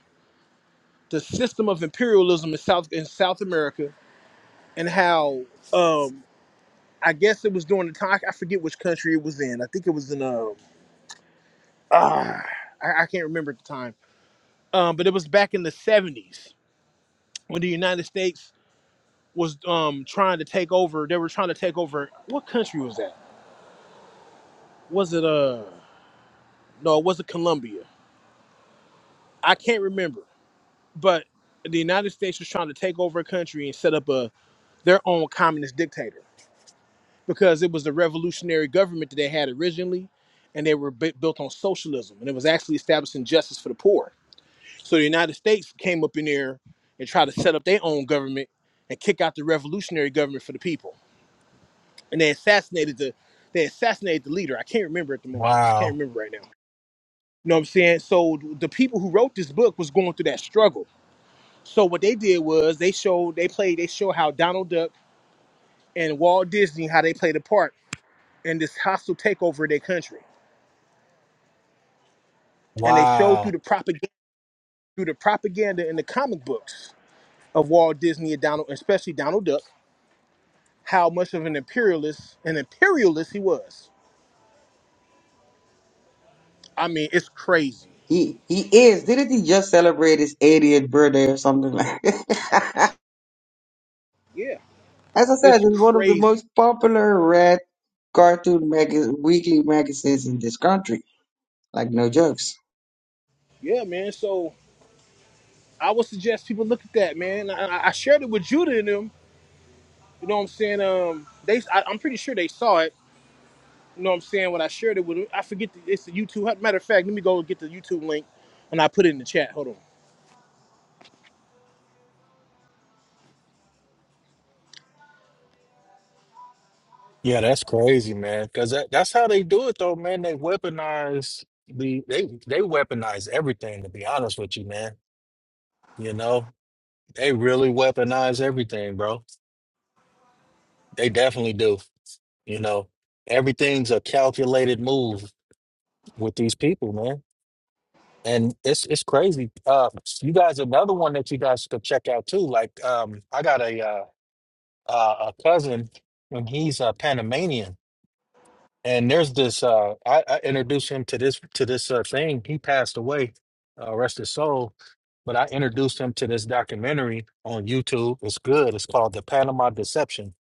Speaker 1: the system of imperialism in South in South America and how um I guess it was during the time I forget which country it was in. I think it was in um ah, I, I can't remember at the time. Um, but it was back in the seventies when the United States was um trying to take over. They were trying to take over. What country was that? Was it uh no? It wasn't Colombia. I can't remember. But the United States was trying to take over a country and set up a their own communist dictator because it was the revolutionary government that they had originally, and they were bu- built on socialism, and it was actually establishing justice for the poor. So the United States came up in there and tried to set up their own government and kick out the revolutionary government for the people, and they assassinated the they assassinated the leader. I can't remember at the moment. I just can't
Speaker 9: Wow.
Speaker 1: remember right now. You know what I'm saying? So the people who wrote this book was going through that struggle. So what they did was they showed they played they showed how Donald Duck and Walt Disney how they played a part in this hostile takeover of their country. and they showed
Speaker 9: Wow.
Speaker 1: through the propaganda through the propaganda in the comic books of Walt Disney and Donald, especially Donald Duck, how much of an imperialist an imperialist he was. I mean, it's crazy.
Speaker 4: He he is. Didn't he just celebrate his 80th birthday or something like? As
Speaker 1: Yeah,
Speaker 4: I said,
Speaker 1: it's
Speaker 4: it's one of the
Speaker 1: crazy.
Speaker 4: most popular read cartoon mag- weekly magazines in this country. Like no jokes.
Speaker 1: Yeah, man. So I would suggest people look at that, man. I, I I shared it with Judah and them. You know what I'm saying? Um, they, I, I'm pretty sure they saw it. You know what I'm saying? When I shared it with them, I forget the, it's the YouTube. Matter of fact, let me go get the YouTube link and I put it in the chat. Hold on.
Speaker 9: Yeah, that's crazy, man. Because that, that's how they do it, though, man. They weaponize the they they weaponize everything. To be honest with you, man, you know they really weaponize everything, bro. They definitely do. You know, everything's a calculated move with these people, man. And it's it's crazy. Uh, you guys, another one that you guys could check out too. Like, um, I got a uh, uh, a cousin, and he's a Panamanian. And there's this. Uh, I, I introduced him to this to this uh, thing. He passed away, uh, rest his soul. But I introduced him to this documentary on YouTube. It's good. It's called The Panama Deception,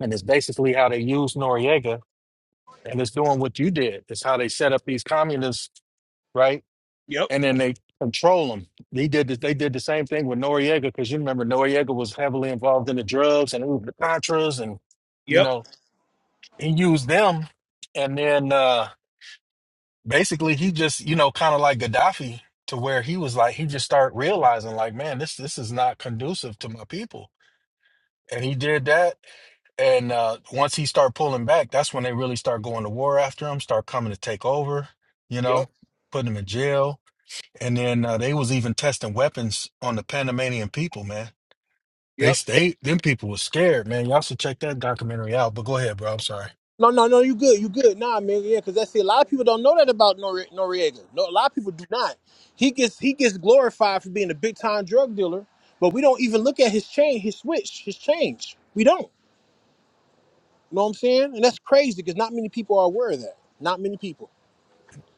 Speaker 9: and it's basically how they use Noriega, and it's doing what you did. It's how they set up these communists, right?
Speaker 1: Yep.
Speaker 9: And then they control them. He did. The, they did the same thing with Noriega because you remember Noriega was heavily involved in the drugs and it was the Contras, and you
Speaker 1: Yep.
Speaker 9: know he used them, and then. uh basically he just you know kind of like gaddafi to where he was like he just started realizing like man this this is not conducive to my people and he did that and uh once he started pulling back that's when they really start going to war after him start coming to take over you
Speaker 1: Yep.
Speaker 9: know putting him in jail and then uh, they was even testing weapons on the panamanian people man they
Speaker 1: Yep.
Speaker 9: stayed them people was scared man y'all should check that documentary out but go ahead bro i'm sorry
Speaker 1: No, no, no. You good. You good. Nah, man. Yeah, because that's it. A lot of people don't know that about Nor- Noriega. No, a lot of people do not. He gets he gets glorified for being a big time drug dealer, but we don't even look at his change, his switch, his change. We don't. You know what I'm saying? And that's crazy because not many people are aware of that. Not many people.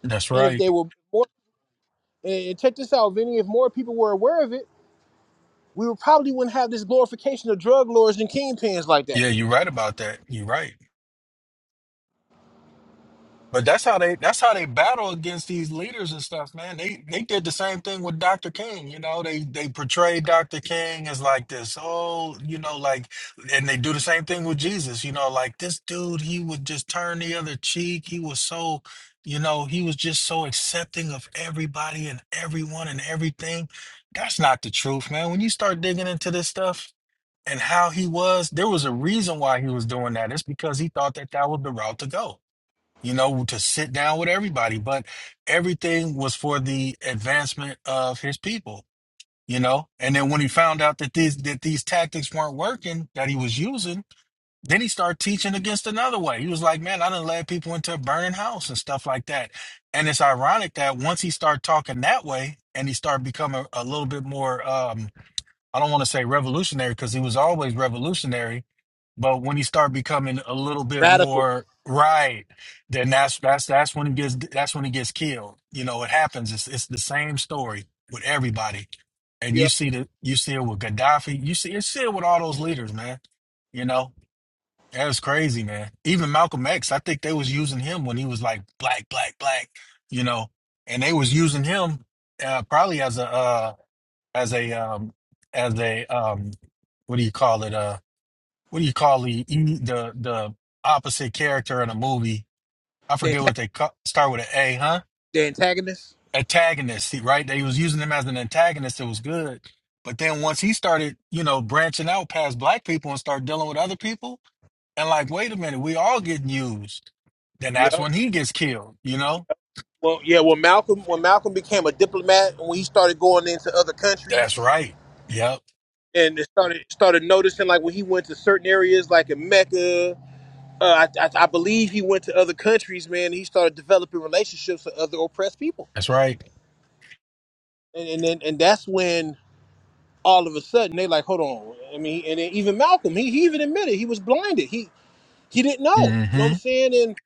Speaker 9: that's
Speaker 1: And if
Speaker 9: right
Speaker 1: they were more, and and check this out, Vinny. If more people were aware of it, we would probably wouldn't have this glorification of drug lords and kingpins like that.
Speaker 9: yeah you're right about that you're right But that's how they that's how they battle against these leaders and stuff, man. They they did the same thing with Dr. King, you know. They they portrayed Dr. King as like this, oh, you know, like and they do the same thing with Jesus, you know, like this dude, he would just turn the other cheek. He was so, you know, he was just so accepting of everybody and everyone and everything. That's not the truth, man. When you start digging into this stuff and how he was, there was a reason why he was doing that. It's because he thought that that was the route to go you know, to sit down with everybody, but everything was for the advancement of his people, you know. And then when he found out that these that these tactics weren't working that he was using, then he started teaching against another way. He was like, "Man, I done led people into a burning house and stuff like that." And it's ironic that once he started talking that way and he started becoming a little bit more, um, I don't want to say revolutionary because he was always revolutionary, but when he start becoming a little bit
Speaker 1: Radical.
Speaker 9: more right, then that's that's that's when he gets that's when he gets killed. You know, it happens. It's it's the same story with everybody. And
Speaker 1: Yeah.
Speaker 9: you see the you see it with Gaddafi. You see you see it with all those leaders, man. You know, that was crazy, man. Even Malcolm X, I think they was using him when he was like black, black, black. You know, and they was using him uh, probably as a uh, as a um, as a um, what do you call it? uh, what do you call the e- the the opposite character in a movie? I
Speaker 1: The,
Speaker 9: forget
Speaker 1: antag-
Speaker 9: what they ca- start with an A, huh?
Speaker 1: the antagonists.
Speaker 9: Antagonist, he- right? They was using him as an antagonist. It was good, but then once he started, you know, branching out past black people and start dealing with other people, and like, wait a minute, we all getting used. Then that's
Speaker 1: Yep.
Speaker 9: when he gets killed. You know?
Speaker 1: Well, yeah. Well, Malcolm, when Malcolm became a diplomat, and when he started going into other
Speaker 9: That's
Speaker 1: countries,
Speaker 9: right. Yep.
Speaker 1: and it started started noticing, like when he went to certain areas, like in Mecca, uh, I, I, I believe he went to other countries, man. He started developing relationships with other oppressed people,
Speaker 9: That's right.
Speaker 1: and and then, and that's when all of a sudden they like, hold on. I mean, and then even Malcolm, he, he even admitted he was blinded. He he didn't know. You know what I'm
Speaker 9: Mm-hmm.
Speaker 1: saying? And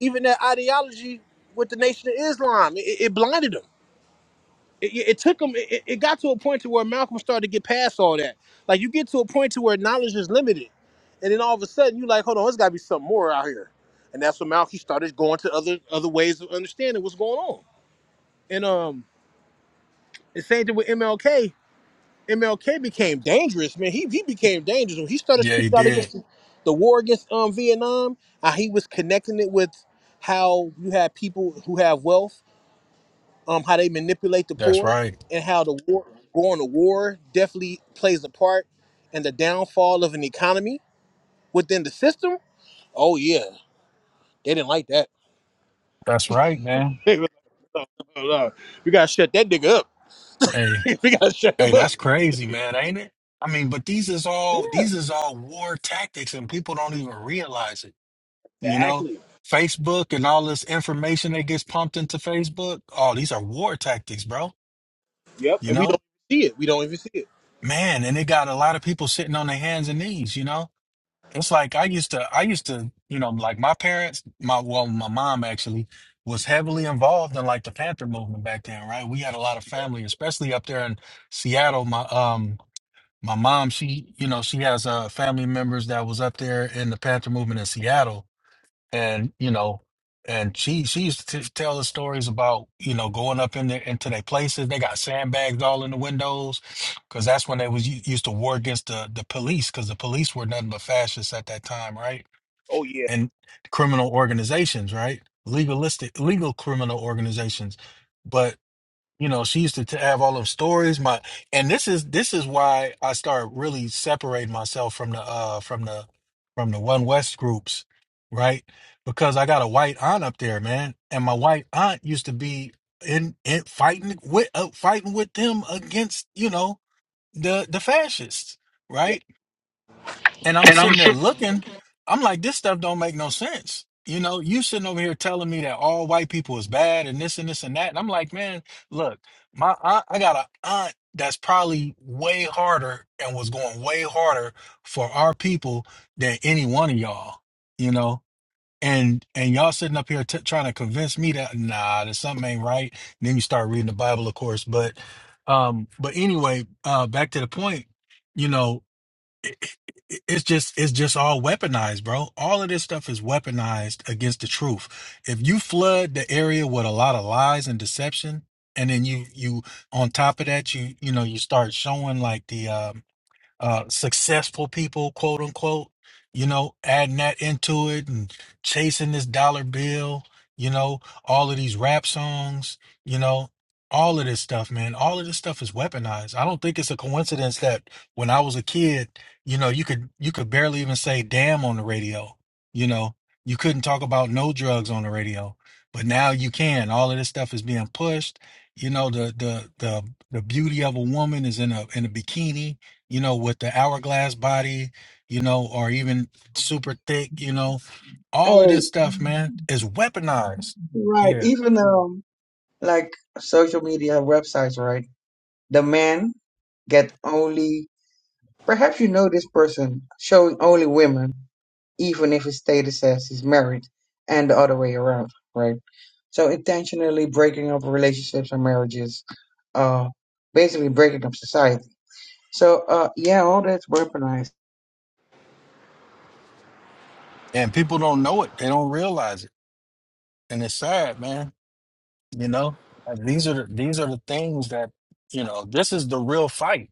Speaker 1: even that ideology with the Nation of Islam, it, it blinded him. it, it it took him. It, it got to a point to where Malcolm started to get past all that. Like you get to a point to where knowledge is limited, and then all of a sudden you like, hold on, there's got to be something more out here, and that's when Malcolm started going to other other ways of understanding what's going on. And um, the same thing with MLK. MLK became dangerous, man. He he became dangerous when he started
Speaker 9: Yeah, he
Speaker 1: speaking out against
Speaker 9: did.
Speaker 1: the, the war against um Vietnam. How he was connecting it with how you have people who have wealth um, how they manipulate the
Speaker 9: That's
Speaker 1: poor
Speaker 9: right.
Speaker 1: and how the war going to war definitely plays a part in the downfall of an economy within the system. Oh yeah, they didn't like that.
Speaker 9: That's right, man.
Speaker 1: They were like, Oh, no. we gotta shut that nigga up.
Speaker 9: Hey.
Speaker 1: we gotta shut
Speaker 9: Hey,
Speaker 1: him up.
Speaker 9: that's crazy, man, ain't it? I mean, but these is all these is all war tactics and people don't even realize it. You know,
Speaker 1: Exactly.
Speaker 9: Facebook and all this information that gets pumped into Facebook, oh, these are war tactics, bro.
Speaker 1: Yep.
Speaker 9: You
Speaker 1: And we don't
Speaker 9: know?
Speaker 1: see it. We don't even see it.
Speaker 9: Man, and it got a lot of people sitting on their hands and knees, you know? It's like I used to I used to, you know, like my parents, my well, my mom actually was heavily involved in like the Panther movement back then, right? We had a lot of family, especially up there in Seattle. My um my mom she you know she has uh family members that was up there in the panther movement in seattle and you know and she she used to t- tell us stories about you know going up in there into their places they got sandbags all in the windows because that's when they was u- used to war against the the police because the police were nothing but fascists at that time right
Speaker 1: Oh yeah.
Speaker 9: and criminal organizations right legalistic legal criminal organizations you know she used to t- have all them stories my and this is this is why i started really separating myself from the uh from the from the one west groups right because i got a white aunt up there man and my white aunt used to be in, in fighting with uh, fighting with them against you know the the fascists right and I'm
Speaker 1: And I'm
Speaker 9: sitting there
Speaker 1: sure.
Speaker 9: looking. I'm like, this stuff don't make no sense. You know, you sitting over here telling me that all white people is bad and this and this and that. And I'm like, man, look, my aunt, I got a aunt that's probably way harder and was going way harder for our people than any one of y'all. You know. And and y'all sitting up here t- trying to convince me that nah, that something ain't right. And then you start reading the Bible, of course. But um, but anyway, uh, back to the point. You know, it- it- it's just it's just all weaponized, bro. All of this stuff is weaponized against the truth. If you flood the area with a lot of lies and deception, and then you you on top of that you you know you start showing like the um uh, successful people, quote unquote, you know, adding that into it and chasing this dollar bill, you know, all of these rap songs, you know, all of this stuff, man. All of this stuff is weaponized. I don't think it's a coincidence that when I was a kid, you know, you could you could barely even say damn on the radio. You know, you couldn't talk about no drugs on the radio. But now you can. All of this stuff is being pushed. You know, the the the the beauty of a woman is in a in a bikini you know, with the hourglass body, you know, or even super thick, you know, all of
Speaker 4: Hey.
Speaker 9: this stuff, man, is weaponized.
Speaker 4: Right.
Speaker 9: Yeah.
Speaker 4: Even um like social media websites, right? The men get only perhaps you know this person showing only women, even if his status says he's married, and the other way around, right? So intentionally breaking up relationships and marriages, uh basically breaking up society. So uh yeah, all that's weaponized.
Speaker 9: And people don't know it. They don't realize it. And it's sad, man. You know, Like, these are the, these are the things that, you know, this is the real fight.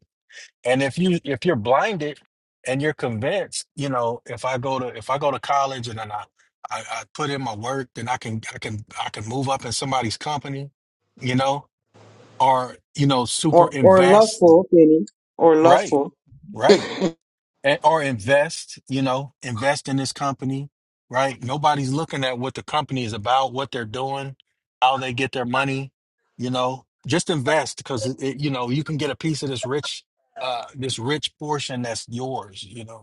Speaker 9: And if you if you're blinded and you're convinced, you know, if I go to if I go to college and then I, I, I put in my work, then I can I can I can move up in somebody's company, you know, or you know super
Speaker 4: Or or
Speaker 9: invest
Speaker 4: lustful, Penny. Or
Speaker 9: right
Speaker 4: lustful.
Speaker 9: right and, or invest you know invest in this company right nobody's looking at what the company is about what they're doing how they get their money you know just invest because it, it- you know you can get a piece of this rich uh this rich portion that's yours you know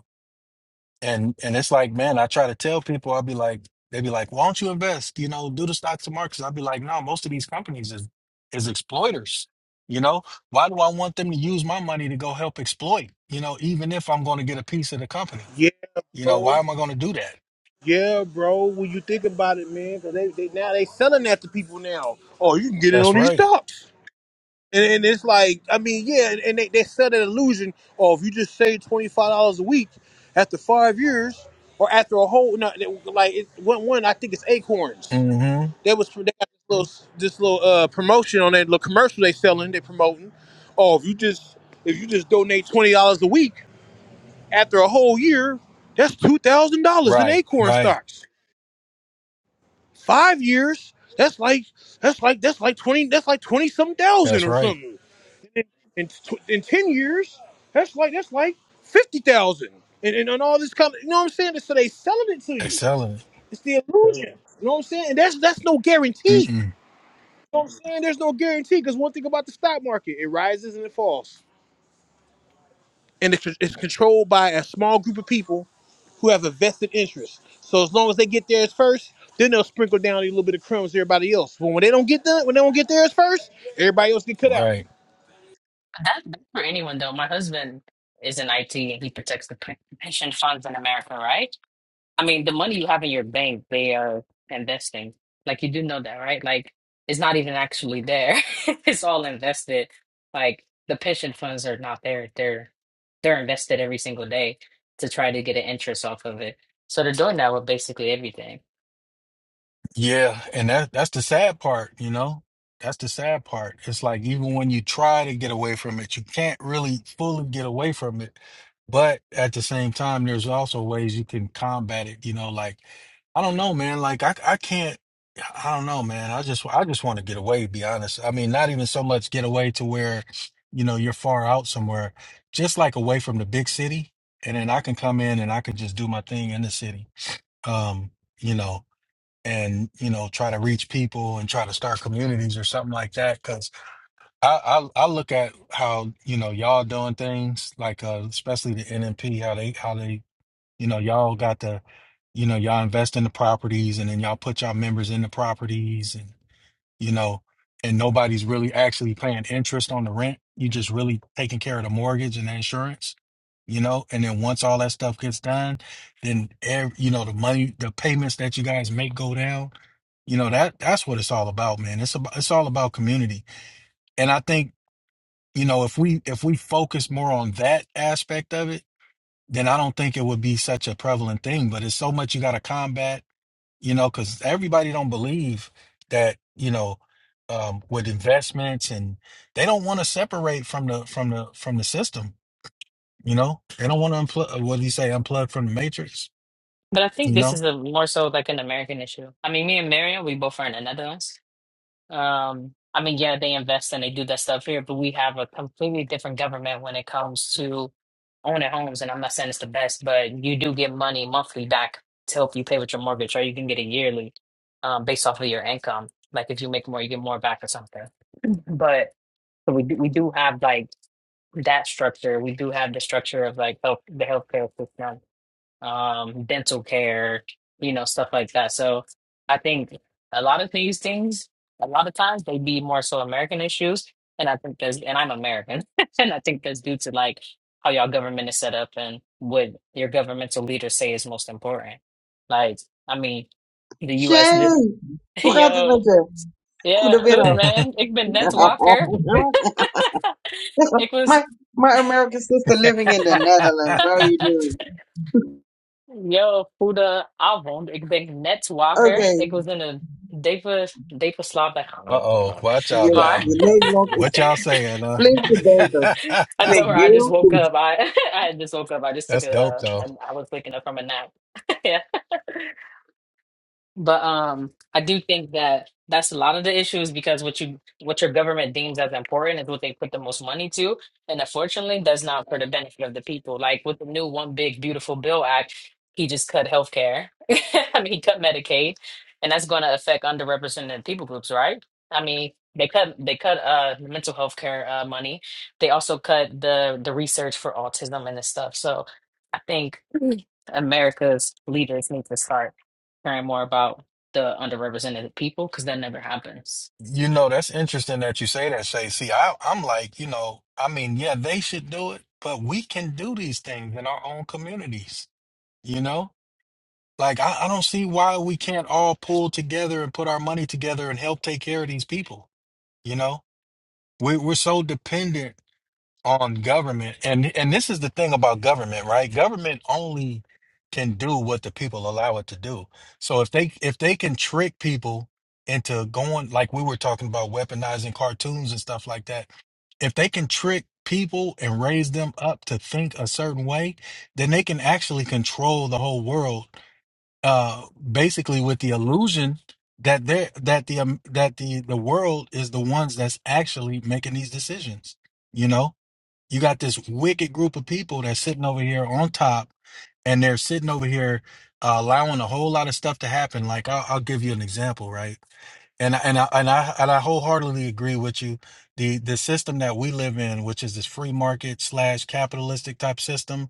Speaker 9: and and it's like, man, I try to tell people, I'll be like, they'd be like, why don't you invest? You know, do the stocks and markets. I'll be like, no, most of these companies is is exploiters. You know, why do I want them to use my money to go help exploit? You know, even if I'm going to get a piece of the company,
Speaker 1: Yeah,
Speaker 9: you know, why
Speaker 1: bro.
Speaker 9: am I going to do that?
Speaker 1: Yeah, bro. When you think about it, man, because they, they now they selling that to people now. Oh, you can get it on
Speaker 9: That's
Speaker 1: these
Speaker 9: right.
Speaker 1: stocks. And, and it's like, I mean, yeah, and, they, they set an illusion Oh, if you just save twenty five dollars a week after five years, or after a whole, no, they- like it, one one, I think it's Acorns.
Speaker 9: Mm-hmm.
Speaker 1: That was they got this little this little uh, promotion on that little commercial they selling, they promoting. Oh, if you just if you just donate twenty dollars a week after a whole year, that's two thousand dollars in
Speaker 9: Right.
Speaker 1: Acorn
Speaker 9: Right.
Speaker 1: stocks. Five years, that's like that's like that's like twenty that's like twenty something thousand
Speaker 9: That's
Speaker 1: or
Speaker 9: right.
Speaker 1: something. in tw- in ten years, that's like that's like fifty thousand, and, and and all this coming. You know what I'm saying? So they selling it to you.
Speaker 9: Excelling.
Speaker 1: It's the illusion. You know what I'm saying? And that's that's no guarantee. You
Speaker 9: Mm-mm.
Speaker 1: know what I'm saying? There's no guarantee because one thing about the stock market, it rises and it falls, and it's it's controlled by a small group of people who have a vested interest. So as long as they get theirs first. Then they'll sprinkle down a little bit of crumbs to everybody else. But when they don't get done, when they don't get theirs first, everybody else get cut out.
Speaker 9: Right.
Speaker 10: That, That's for anyone though. My husband is in IT and he protects the pen- pension funds in America, right? I mean, the money you have in your bank, they are investing. Like you do know that, right? Like it's not even actually there. It's all invested. Like the pension funds are not there. They're they're invested every single day to try to get an interest off of it. So they're doing that with basically everything.
Speaker 9: Yeah, and that that's the sad part, you know? That's the sad part. It's like even when you try to get away from it, you can't really fully get away from it. But at the same time, there's also ways you can combat it, you know, like I don't know, man, like I I can't I don't know, man. I just I just want to get away, to be honest. I mean, not even so much get away to where, you know, you're far out somewhere, just like away from the big city, and then I can come in and I can just do my thing in the city. Um, you know, and you know try to reach people and try to start communities or something like that because I, I i look at how you know y'all doing things like uh especially the NMP how they how they you know y'all got the you know y'all invest in the properties and then y'all put y'all members in the properties and you know and nobody's really actually paying interest on the rent you just really taking care of the mortgage and the insurance you know and then once all that stuff gets done then ev you know the money the payments that you guys make go down you know that that's what it's all about, man. It's about it's all about community. And I think you know if we if we focus more on that aspect of it, then I don't think it would be such a prevalent thing. But it's so much you got to combat, you know, because everybody don't believe that you know um, with investments and they don't want to separate from the from the from the system. You know, they don't want to unplug. What do you say? Unplug from the matrix.
Speaker 10: But I think
Speaker 9: You
Speaker 10: this
Speaker 9: know.
Speaker 10: is a more so like an American issue. I mean, me and Marion, we both are in the Netherlands. Um, I mean, yeah, they invest and they do that stuff here, but we have a completely different government when it comes to owning homes. And I'm not saying it's the best, but you do get money monthly back to help you pay with your mortgage, or you can get it yearly, um, based off of your income. Like if you make more, you get more back or something. But so we do, we do have like that structure. We do have the structure of like health, the healthcare system um, dental care, you know, stuff like that. So I think a lot of these things, a lot of times they be more so American issues. And I think that's, and I'm American, and I think that's due to like how y'all government is set up and what your governmental leaders say is most important. Like, I mean, the U.S. lit-
Speaker 4: Shame. Hoe gaat het
Speaker 10: Yo,
Speaker 4: met je?
Speaker 10: yeah, hood
Speaker 4: Goedemiddag.
Speaker 10: man. Ik ben net wakker. Ik was.
Speaker 4: my my American sister living
Speaker 9: uh
Speaker 4: in the Netherlands. How you doing?
Speaker 10: Yo, goede avond. Ik ben net wakker.
Speaker 4: Okay,
Speaker 10: Ik was in een diepe, diepe slaap.
Speaker 9: oh,
Speaker 10: Like,
Speaker 9: watch out
Speaker 4: your
Speaker 9: now.
Speaker 10: maar
Speaker 4: your Nederlands is
Speaker 9: What y'all saying, uh?
Speaker 4: flink verbeterd. Flink
Speaker 10: until I just
Speaker 4: heel,
Speaker 10: woke
Speaker 4: goed.
Speaker 10: up, I, I just woke up. I just took
Speaker 9: that's
Speaker 10: a,
Speaker 9: dope
Speaker 10: uh,
Speaker 9: though.
Speaker 10: and I was waking up from a nap. But um, I do think that that's a lot of the issues because what you what your government deems as important is what they put the most money to, and unfortunately, that's not for the benefit of the people. Like with the new One Big Beautiful Bill Act, he just cut healthcare. I mean, he cut Medicaid, and that's going to affect underrepresented people groups, right? I mean, they cut they cut uh mental health care uh, money. They also cut the the research for autism and this stuff. So I think Mm. America's leaders need to start caring more about the underrepresented people because that never happens.
Speaker 9: You know, that's interesting that you say that, Shay. See, I, I'm like, you know, I mean, yeah, they should do it, but we can do these things in our own communities, you know? Like I, I don't see why we can't all pull together and put our money together and help take care of these people, you know? We we're so dependent on government and and this is the thing about government right government only can do what the people allow it to do so if they if they can trick people into going like we were talking about weaponizing cartoons and stuff like that if they can trick people and raise them up to think a certain way then they can actually control the whole world uh basically with the illusion that they are that the um, that the the world is the ones that's actually making these decisions you know you got this wicked group of people that's sitting over here on top and they're sitting over here uh, allowing a whole lot of stuff to happen like I'll, I'll give you an example right and I, and I, and I and I wholeheartedly agree with you the the system that we live in which is this free market slash capitalistic type system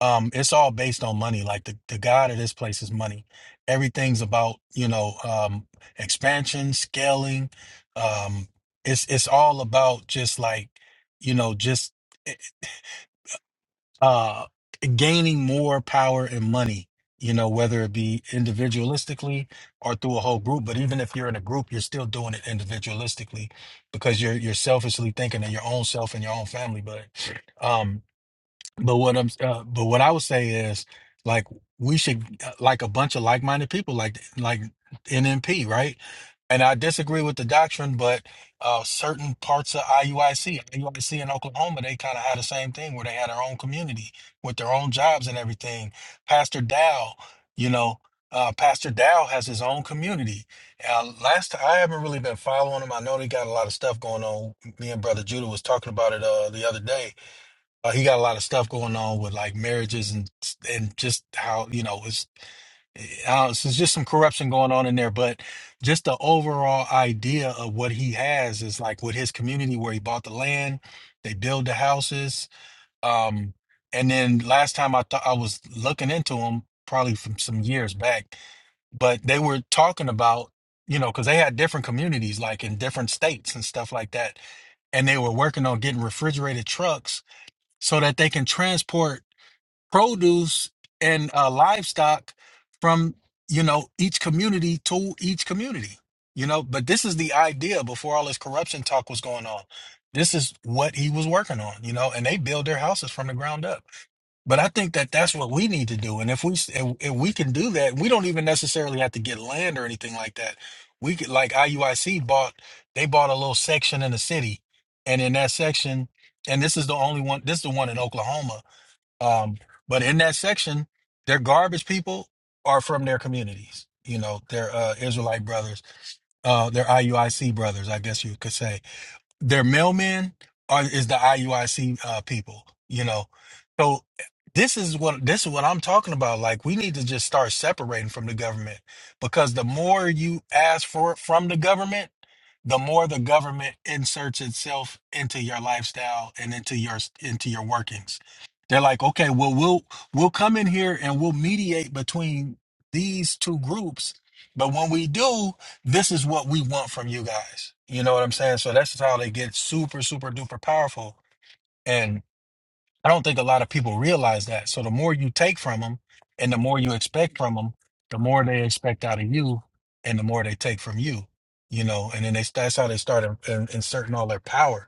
Speaker 9: um it's all based on money like the, the god of this place is money everything's about you know um expansion scaling um it's it's all about just like you know just uh, gaining more power and money, you know, whether it be individualistically or through a whole group. But even if you're in a group, you're still doing it individualistically because you're you're selfishly thinking of your own self and your own family. But um. But what I'm, uh, but what I would say is, like, we should, uh, like, a bunch of like-minded people, like, like NMP, right? And I disagree with the doctrine, but uh, certain parts of IUIC, IUIC in Oklahoma, they kind of had the same thing where they had their own community with their own jobs and everything. Pastor Dow, you know, uh, Pastor Dow has his own community. Uh, last t- I haven't really been following him. I know they got a lot of stuff going on. Me and Brother Judah was talking about it uh, the other day uh, he got a lot of stuff going on with like marriages and and just how you know it's uh, uh, so it's just some corruption going on in there. But just the overall idea of what he has is like with his community where he bought the land, they build the houses. Um, and then last time I thought I was looking into him probably from some years back, but they were talking about you know because they had different communities like in different states and stuff like that, and they were working on getting refrigerated trucks so that they can transport produce and uh, livestock from you know each community to each community you know but this is the idea before all this corruption talk was going on this is what he was working on you know and they build their houses from the ground up but I think that that's what we need to do. And if we if, if we can do that, we don't even necessarily have to get land or anything like that. We could like IUIC bought they bought a little section in the city, and in that section, and this is the only one. This is the one in Oklahoma. Um, but in that section, their garbage people are from their communities. You know, their uh, Israelite brothers, uh, their IUIC brothers, I guess you could say their mailmen are is the IUIC uh, people, you know. So this is what this is what I'm talking about. Like we need to just start separating from the government because the more you ask for it from the government, the more the government inserts itself into your lifestyle and into your into your workings. They're like, okay, well we'll we'll come in here and we'll mediate between these two groups, but when we do, this is what we want from you guys. You know what I'm saying? So that's just how they get super, super duper powerful. And I don't think a lot of people realize that. So the more you take from them and the more you expect from them, the more they expect out of you and the more they take from you, you know, and then they, that's how they start in, in- inserting all their power.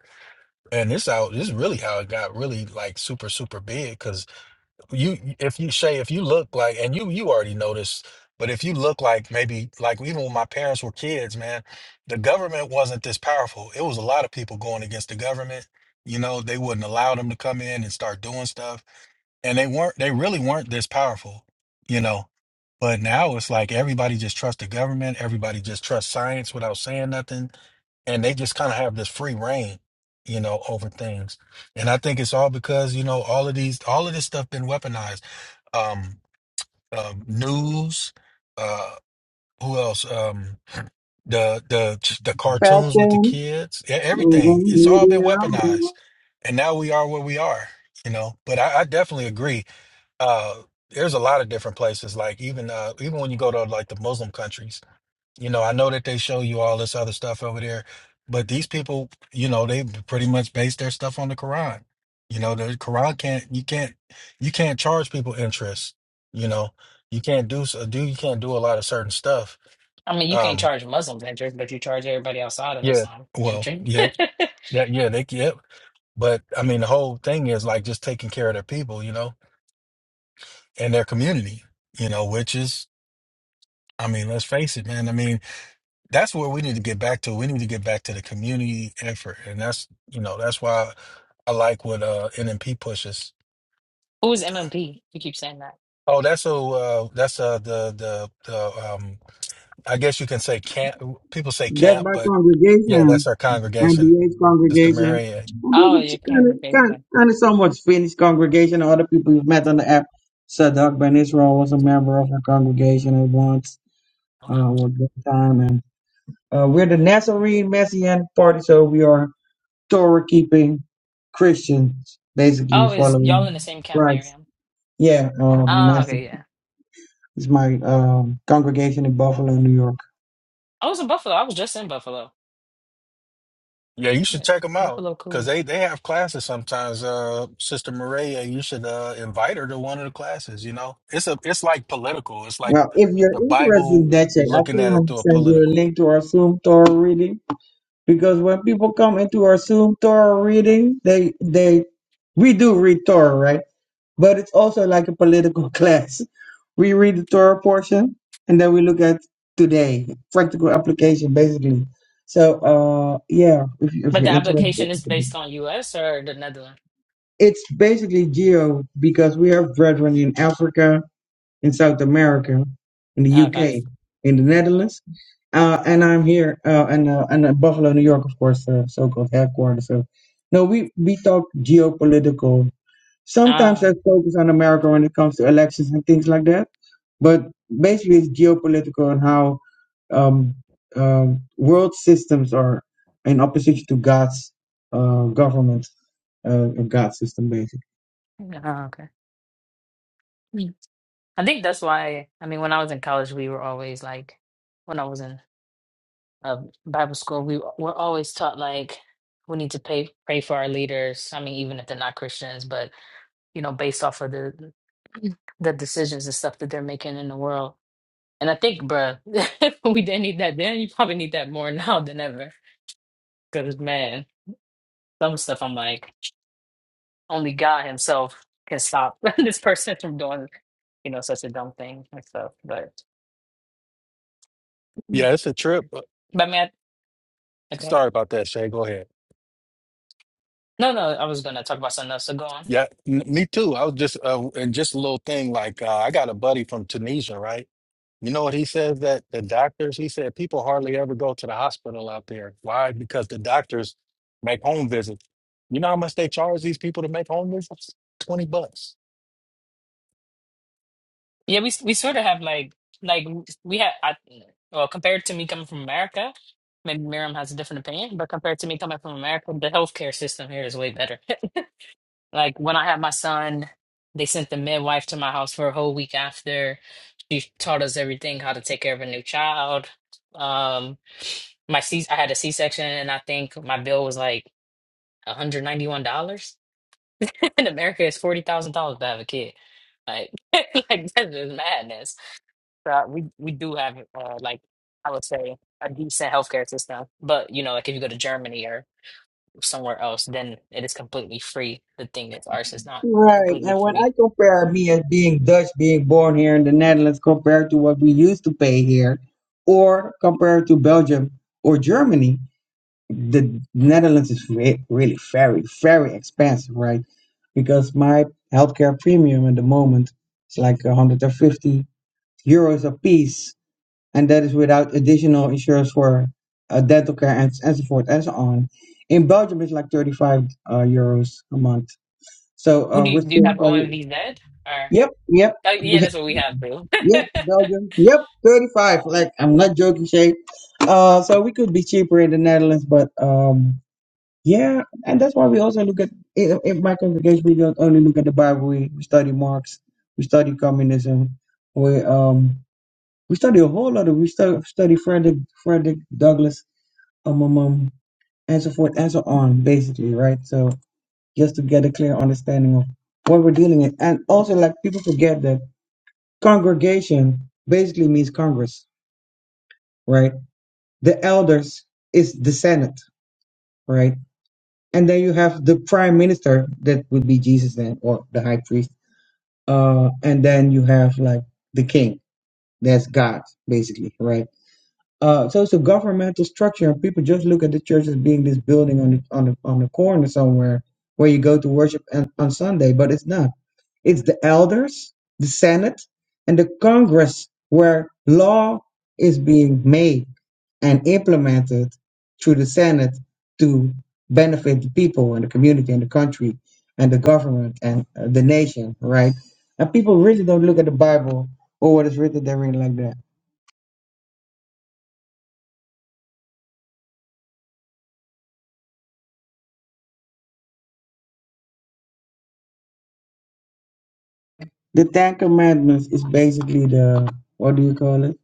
Speaker 9: And this out, this is really how it got really like super, super big you if you say if you look like and you you already know this but if you look like maybe like even when my parents were kids man the government wasn't this powerful it was a lot of people going against the government you know they wouldn't allow them to come in and start doing stuff and they weren't they really weren't this powerful you know but now it's like everybody just trusts the government everybody just trusts science without saying nothing and they just kind of have this free reign you know over things and i think it's all because you know all of these all of this stuff been weaponized um, um news uh who else um the the the cartoons with the
Speaker 4: fashion,
Speaker 9: kids e- everything
Speaker 4: mhm,
Speaker 9: it's all been
Speaker 4: media, mhm.
Speaker 9: weaponized and now we are where we are you know but i, I definitely agree uh there's a lot of different places like even uh even when you go to like the Muslim countries you know I know that they show you all this other stuff over there but these people you know they pretty much base their stuff on the Quran you know the Quran can't you can't you can't charge people interest you know you can't do so do you can't do a lot of certain stuff
Speaker 10: I mean, you can't
Speaker 9: um
Speaker 10: charge Muslims entry, but you charge everybody outside of
Speaker 9: yeah
Speaker 10: Islam
Speaker 9: well
Speaker 10: entry.
Speaker 9: yeah yeah yeah they yeah but I mean the whole thing is like just taking care of their people you know and their community you know which is I mean, let's face it, man. I mean, that's where we need to get back to. We need to get back to the community effort, and that's you know that's why I like what uh NMP pushes.
Speaker 10: Who is MMP? You keep saying that.
Speaker 9: Oh, that's so uh, that's uh the the the um I guess you can say camp. People say
Speaker 4: that
Speaker 9: camp,
Speaker 4: by
Speaker 9: but yeah,
Speaker 4: congregation
Speaker 9: that's our
Speaker 4: and
Speaker 9: congregation,
Speaker 4: BH
Speaker 9: Sister
Speaker 4: congregation.
Speaker 9: Maria.
Speaker 4: And
Speaker 10: Oh,
Speaker 4: kind
Speaker 10: your
Speaker 4: of kind
Speaker 10: congregation.
Speaker 4: kind of somewhat Finnish congregation. Other people you've met on the app. Sadak Ben Israel was a member of her congregation at once, uh, at
Speaker 10: Um,
Speaker 4: one time, Uh, we're the Nazarene Messianic Party, so we are Torah keeping Christians, basically
Speaker 10: oh, is y'all
Speaker 4: following
Speaker 10: in the same camp,
Speaker 4: Christ.
Speaker 10: Miriam?
Speaker 4: Yeah, um,
Speaker 10: Oh,
Speaker 4: Master
Speaker 10: okay, yeah.
Speaker 4: is my um, congregation in Buffalo, New York.
Speaker 10: I was in Buffalo. I was just in Buffalo.
Speaker 9: Yeah, you should
Speaker 10: Yeah,
Speaker 9: check them out
Speaker 10: Buffalo,
Speaker 9: because
Speaker 10: cool.
Speaker 9: they they have classes sometimes. Uh, Sister Maria, you should uh invite her to one of the classes. You know, it's a it's like political. It's like
Speaker 4: Well, if you're
Speaker 9: the
Speaker 4: interested
Speaker 9: Bible
Speaker 4: in that, check. I
Speaker 9: looking at it
Speaker 4: can
Speaker 9: through a
Speaker 4: send you a
Speaker 9: political.
Speaker 4: link to our Zoom Torah reading because when people come into our Zoom Torah reading, they they we do read Torah, right? But it's also like a political class. We read the Torah portion and then we look at today, practical application basically. So uh yeah, if, you, if
Speaker 10: But
Speaker 4: you're
Speaker 10: the
Speaker 4: interested.
Speaker 10: application is based on U.S. or the Netherlands?
Speaker 4: It's basically geo because we have brethren in Africa, in South America, in the UK,
Speaker 10: Okay.
Speaker 4: in the Netherlands. Uh, and I'm here, uh, and uh, and uh, Buffalo, New York, of course, uh, so-called headquarters. So, no, we we talk geopolitical Sometimes
Speaker 10: Oh,
Speaker 4: there's focus on America when it comes to elections and things like that. But basically, it's geopolitical and how um, um world systems are in opposition to God's uh, government, uh, or God's system, basically.
Speaker 10: yeah, oh, okay. Mm. I think that's why, I mean, when I was in college, we were always like, when I was in of Bible school, we we're always taught like we need to pay pray for our leaders. I mean, even if they're not Christians, but you know, based off of the the decisions and stuff that they're making in the world. And I think, bruh, we didn't need that then. You probably need that more now than ever. Because man, some stuff I'm like, only God Himself can stop this person from doing, you know, such a dumb thing and stuff. But,
Speaker 9: Yeah, it's a trip. but-
Speaker 10: but man, okay.
Speaker 9: Sorry about that, Shay. Go ahead.
Speaker 10: No, no, I was gonna talk about something else. So go on.
Speaker 9: Yeah, n- me too. I was just uh, and just a little thing like uh, I got a buddy from Tunisia, right? You know what he says that the doctors, he said people hardly ever go to the hospital out there. Why? Because the doctors make home visits. You know how much they charge these people to make home visits? 20 bucks.
Speaker 10: Yeah, we we sort of have like like we have. I, well, compared to me coming from America, maybe Miriam has a different opinion, but compared to me coming from America, the healthcare system here is way better. Like when I had my son, they sent the midwife to my house for a whole week after. She taught us everything, how to take care of a new child. Um, my C I had a C-section and I think my bill was like $191. In America, it's $40,000 to have a kid. Like, like that's just madness. So we we do have uh, like I would say a decent healthcare system, but you know, like if you go to Germany or somewhere else, then it is completely free. The thing is, ours is not
Speaker 4: Right.
Speaker 10: completely
Speaker 4: And when
Speaker 10: free.
Speaker 4: I compare me as being Dutch, being born here in the Netherlands, compared to what we used to pay here, or compared to Belgium or Germany, the Netherlands is re- really very, very expensive, right? Because my healthcare premium at the moment is like 150 euros a piece, and that is without additional insurance for uh, dental care and, and so forth and so on. In Belgium, it's like 35 uh, euros a month. So
Speaker 10: Who
Speaker 4: uh,
Speaker 10: do you
Speaker 4: we're
Speaker 10: do you
Speaker 4: still
Speaker 10: have
Speaker 4: very,
Speaker 10: OMVZ or
Speaker 4: yep, yep,
Speaker 10: oh yeah, that's what we have too.
Speaker 4: yep, Belgium, yep, 35. Like, I'm not joking, Shay. Uh, so we could be cheaper in the Netherlands, but. Um, yeah, and that's why we also look at in, in my congregation. We don't only look at the Bible. We, we study Marx. We study communism. We um we study a whole lot of we study, study Frederick Frederick Douglass um, um um and so forth and so on. Basically, right? So just to get a clear understanding of what we're dealing with, and also like people forget that congregation basically means Congress, right? The elders is the Senate, right? and then you have the prime minister that would be jesus then or the high priest uh and then you have like the king that's god basically right uh so it's a governmental structure and people just look at the church as being this building on the on the on the corner somewhere where you go to worship on, on sunday but it's not it's the elders, the Senate, and the Congress where law is being made and implemented through the Senate to benefit the people and the community and the country and the government and uh, the nation, right? And people really don't look at the Bible or what is written therein like that. The Ten Commandments is basically the, what do you call it?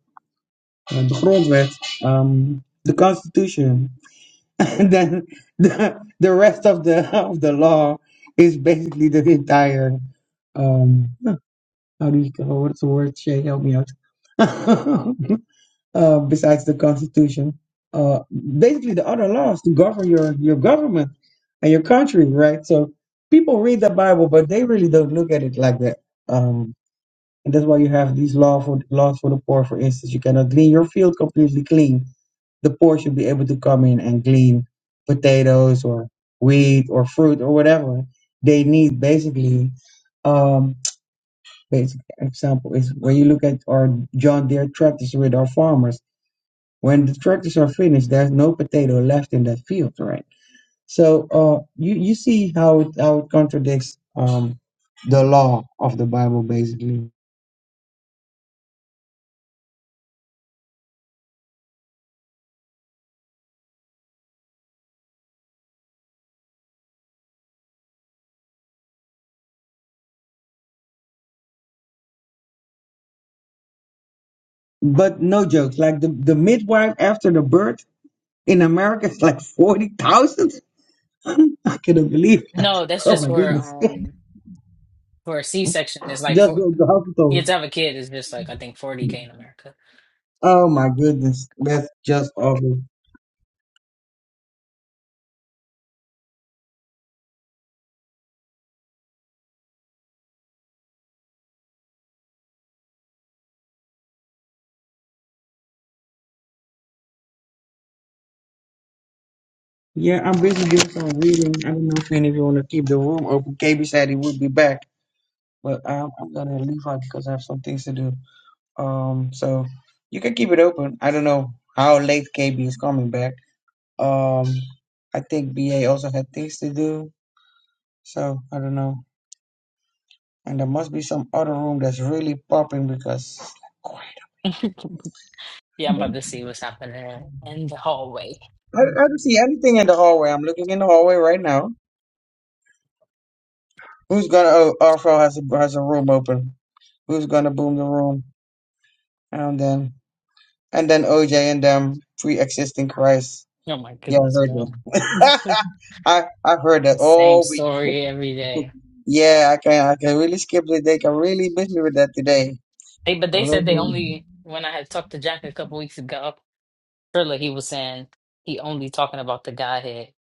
Speaker 4: Uh, the grondwet, um, the Constitution, And then the, the rest of the of the law is basically the entire um how do you call what's the word Shay help me out uh, besides the constitution uh basically the other laws to govern your your government and your country right so people read the bible but they really don't look at it like that Um, and that's why you have these law for laws for the poor, for instance. You cannot glean your field completely clean. The poor should be able to come in and glean potatoes or wheat or fruit or whatever they need basically um, basic example is when you look at our John Deere tractors with our farmers. When the tractors are finished, there's no potato left in that field, right? So uh, you you see how it how it contradicts um, the law of the Bible, basically. But no jokes. Like the, the midwife after the birth in America is like 40,000. I couldn't believe that.
Speaker 10: No, that's
Speaker 4: Oh
Speaker 10: just
Speaker 4: my
Speaker 10: for
Speaker 4: goodness.
Speaker 10: um for a C section. It's like
Speaker 4: Just
Speaker 10: for
Speaker 4: go to the hospital.
Speaker 10: you to have a kid is just like I think 40K in America.
Speaker 4: Oh my goodness. That's just awful. Yeah, I'm busy doing some reading. I don't know if any of you want to keep the room open. KB said he would be back, but um, I'm going to leave out because I have some things to do. Um, So you can keep it open. I don't know how late KB is coming back. Um, I think BA also had things to do. So I don't know. And there must be some other room that's really popping because I,
Speaker 10: Yeah, I'm about to see what's happening in the hallway.
Speaker 4: I don't see anything in the hallway. I'm looking in the hallway right now. Who's gonna? Oh, Arfo has a has a room open. Who's gonna boom the room? And then and then OJ and them pre-existing Christ.
Speaker 10: Oh my
Speaker 4: Yeah, I
Speaker 10: goodness,
Speaker 4: heard
Speaker 10: bro.
Speaker 4: that. I I heard that
Speaker 10: The same
Speaker 4: all week.
Speaker 10: story every day.
Speaker 4: Yeah, I can I can really skip the day. Can really miss me with that today.
Speaker 10: They but they said they only when I had talked to Jack a couple weeks ago, Trilla, he was saying he only talking about the Godhead.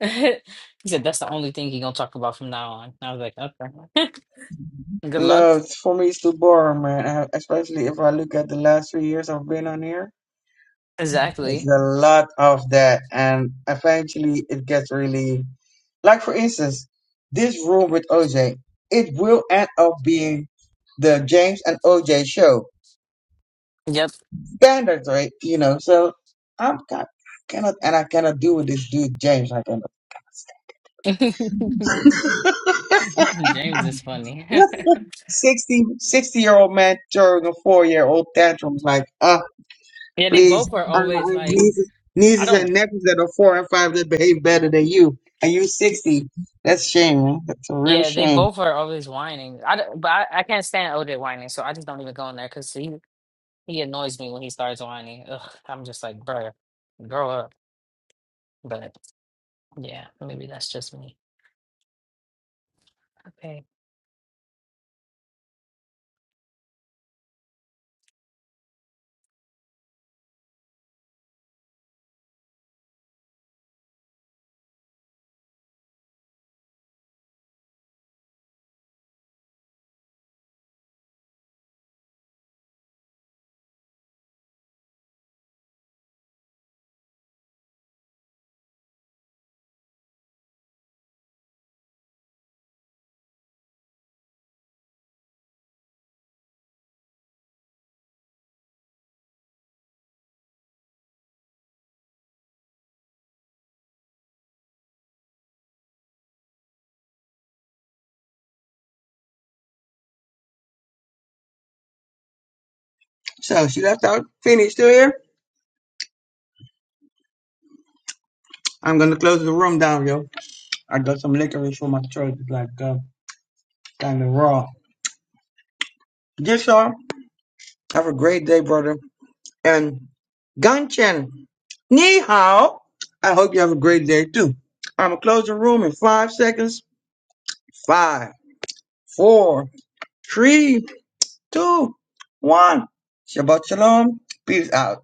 Speaker 10: He said that's the only thing he gonna talk about from now on. I was like, okay. Good luck.
Speaker 4: No, it's, for me, it's too boring, man. Uh, Especially if I look at the last three years I've been on here, it's
Speaker 10: Exactly.
Speaker 4: a lot of that, and eventually it gets really like, for instance, this room with OJ. It will end up being the James and OJ show
Speaker 10: Yep.
Speaker 4: standards, right? You know, so I'm I cannot and I cannot do with this dude James. I cannot.
Speaker 10: James is funny.
Speaker 4: 60, 60 year old man throwing a four year old tantrum like, ah.
Speaker 10: yeah, they
Speaker 4: Please,
Speaker 10: both are
Speaker 4: uh, I
Speaker 10: always like,
Speaker 4: nieces,
Speaker 10: I
Speaker 4: nieces and
Speaker 10: don't,
Speaker 4: nephews that are four and five that behave better than you, and you sixty. That's a shame, man. That's a real
Speaker 10: yeah, they
Speaker 4: shame.
Speaker 10: both are always whining. I, don't- but I, I can't stand OJ whining, so I just don't even go in there because he, he annoys me when he starts whining. Ugh, I'm just like, bruh, grow up. But yeah, maybe that's just me. Okay.
Speaker 4: So she left out. Phoenix still here? I'm gonna close the room down, yo. I got some licorice for my throat, it's like uh, kind of raw. Just you have a great day, brother. And Ganchen, ni hao. I hope you have a great day too. I'm gonna close the room in five seconds. Five, four, three, two, one. Shabbat shalom. Peace out.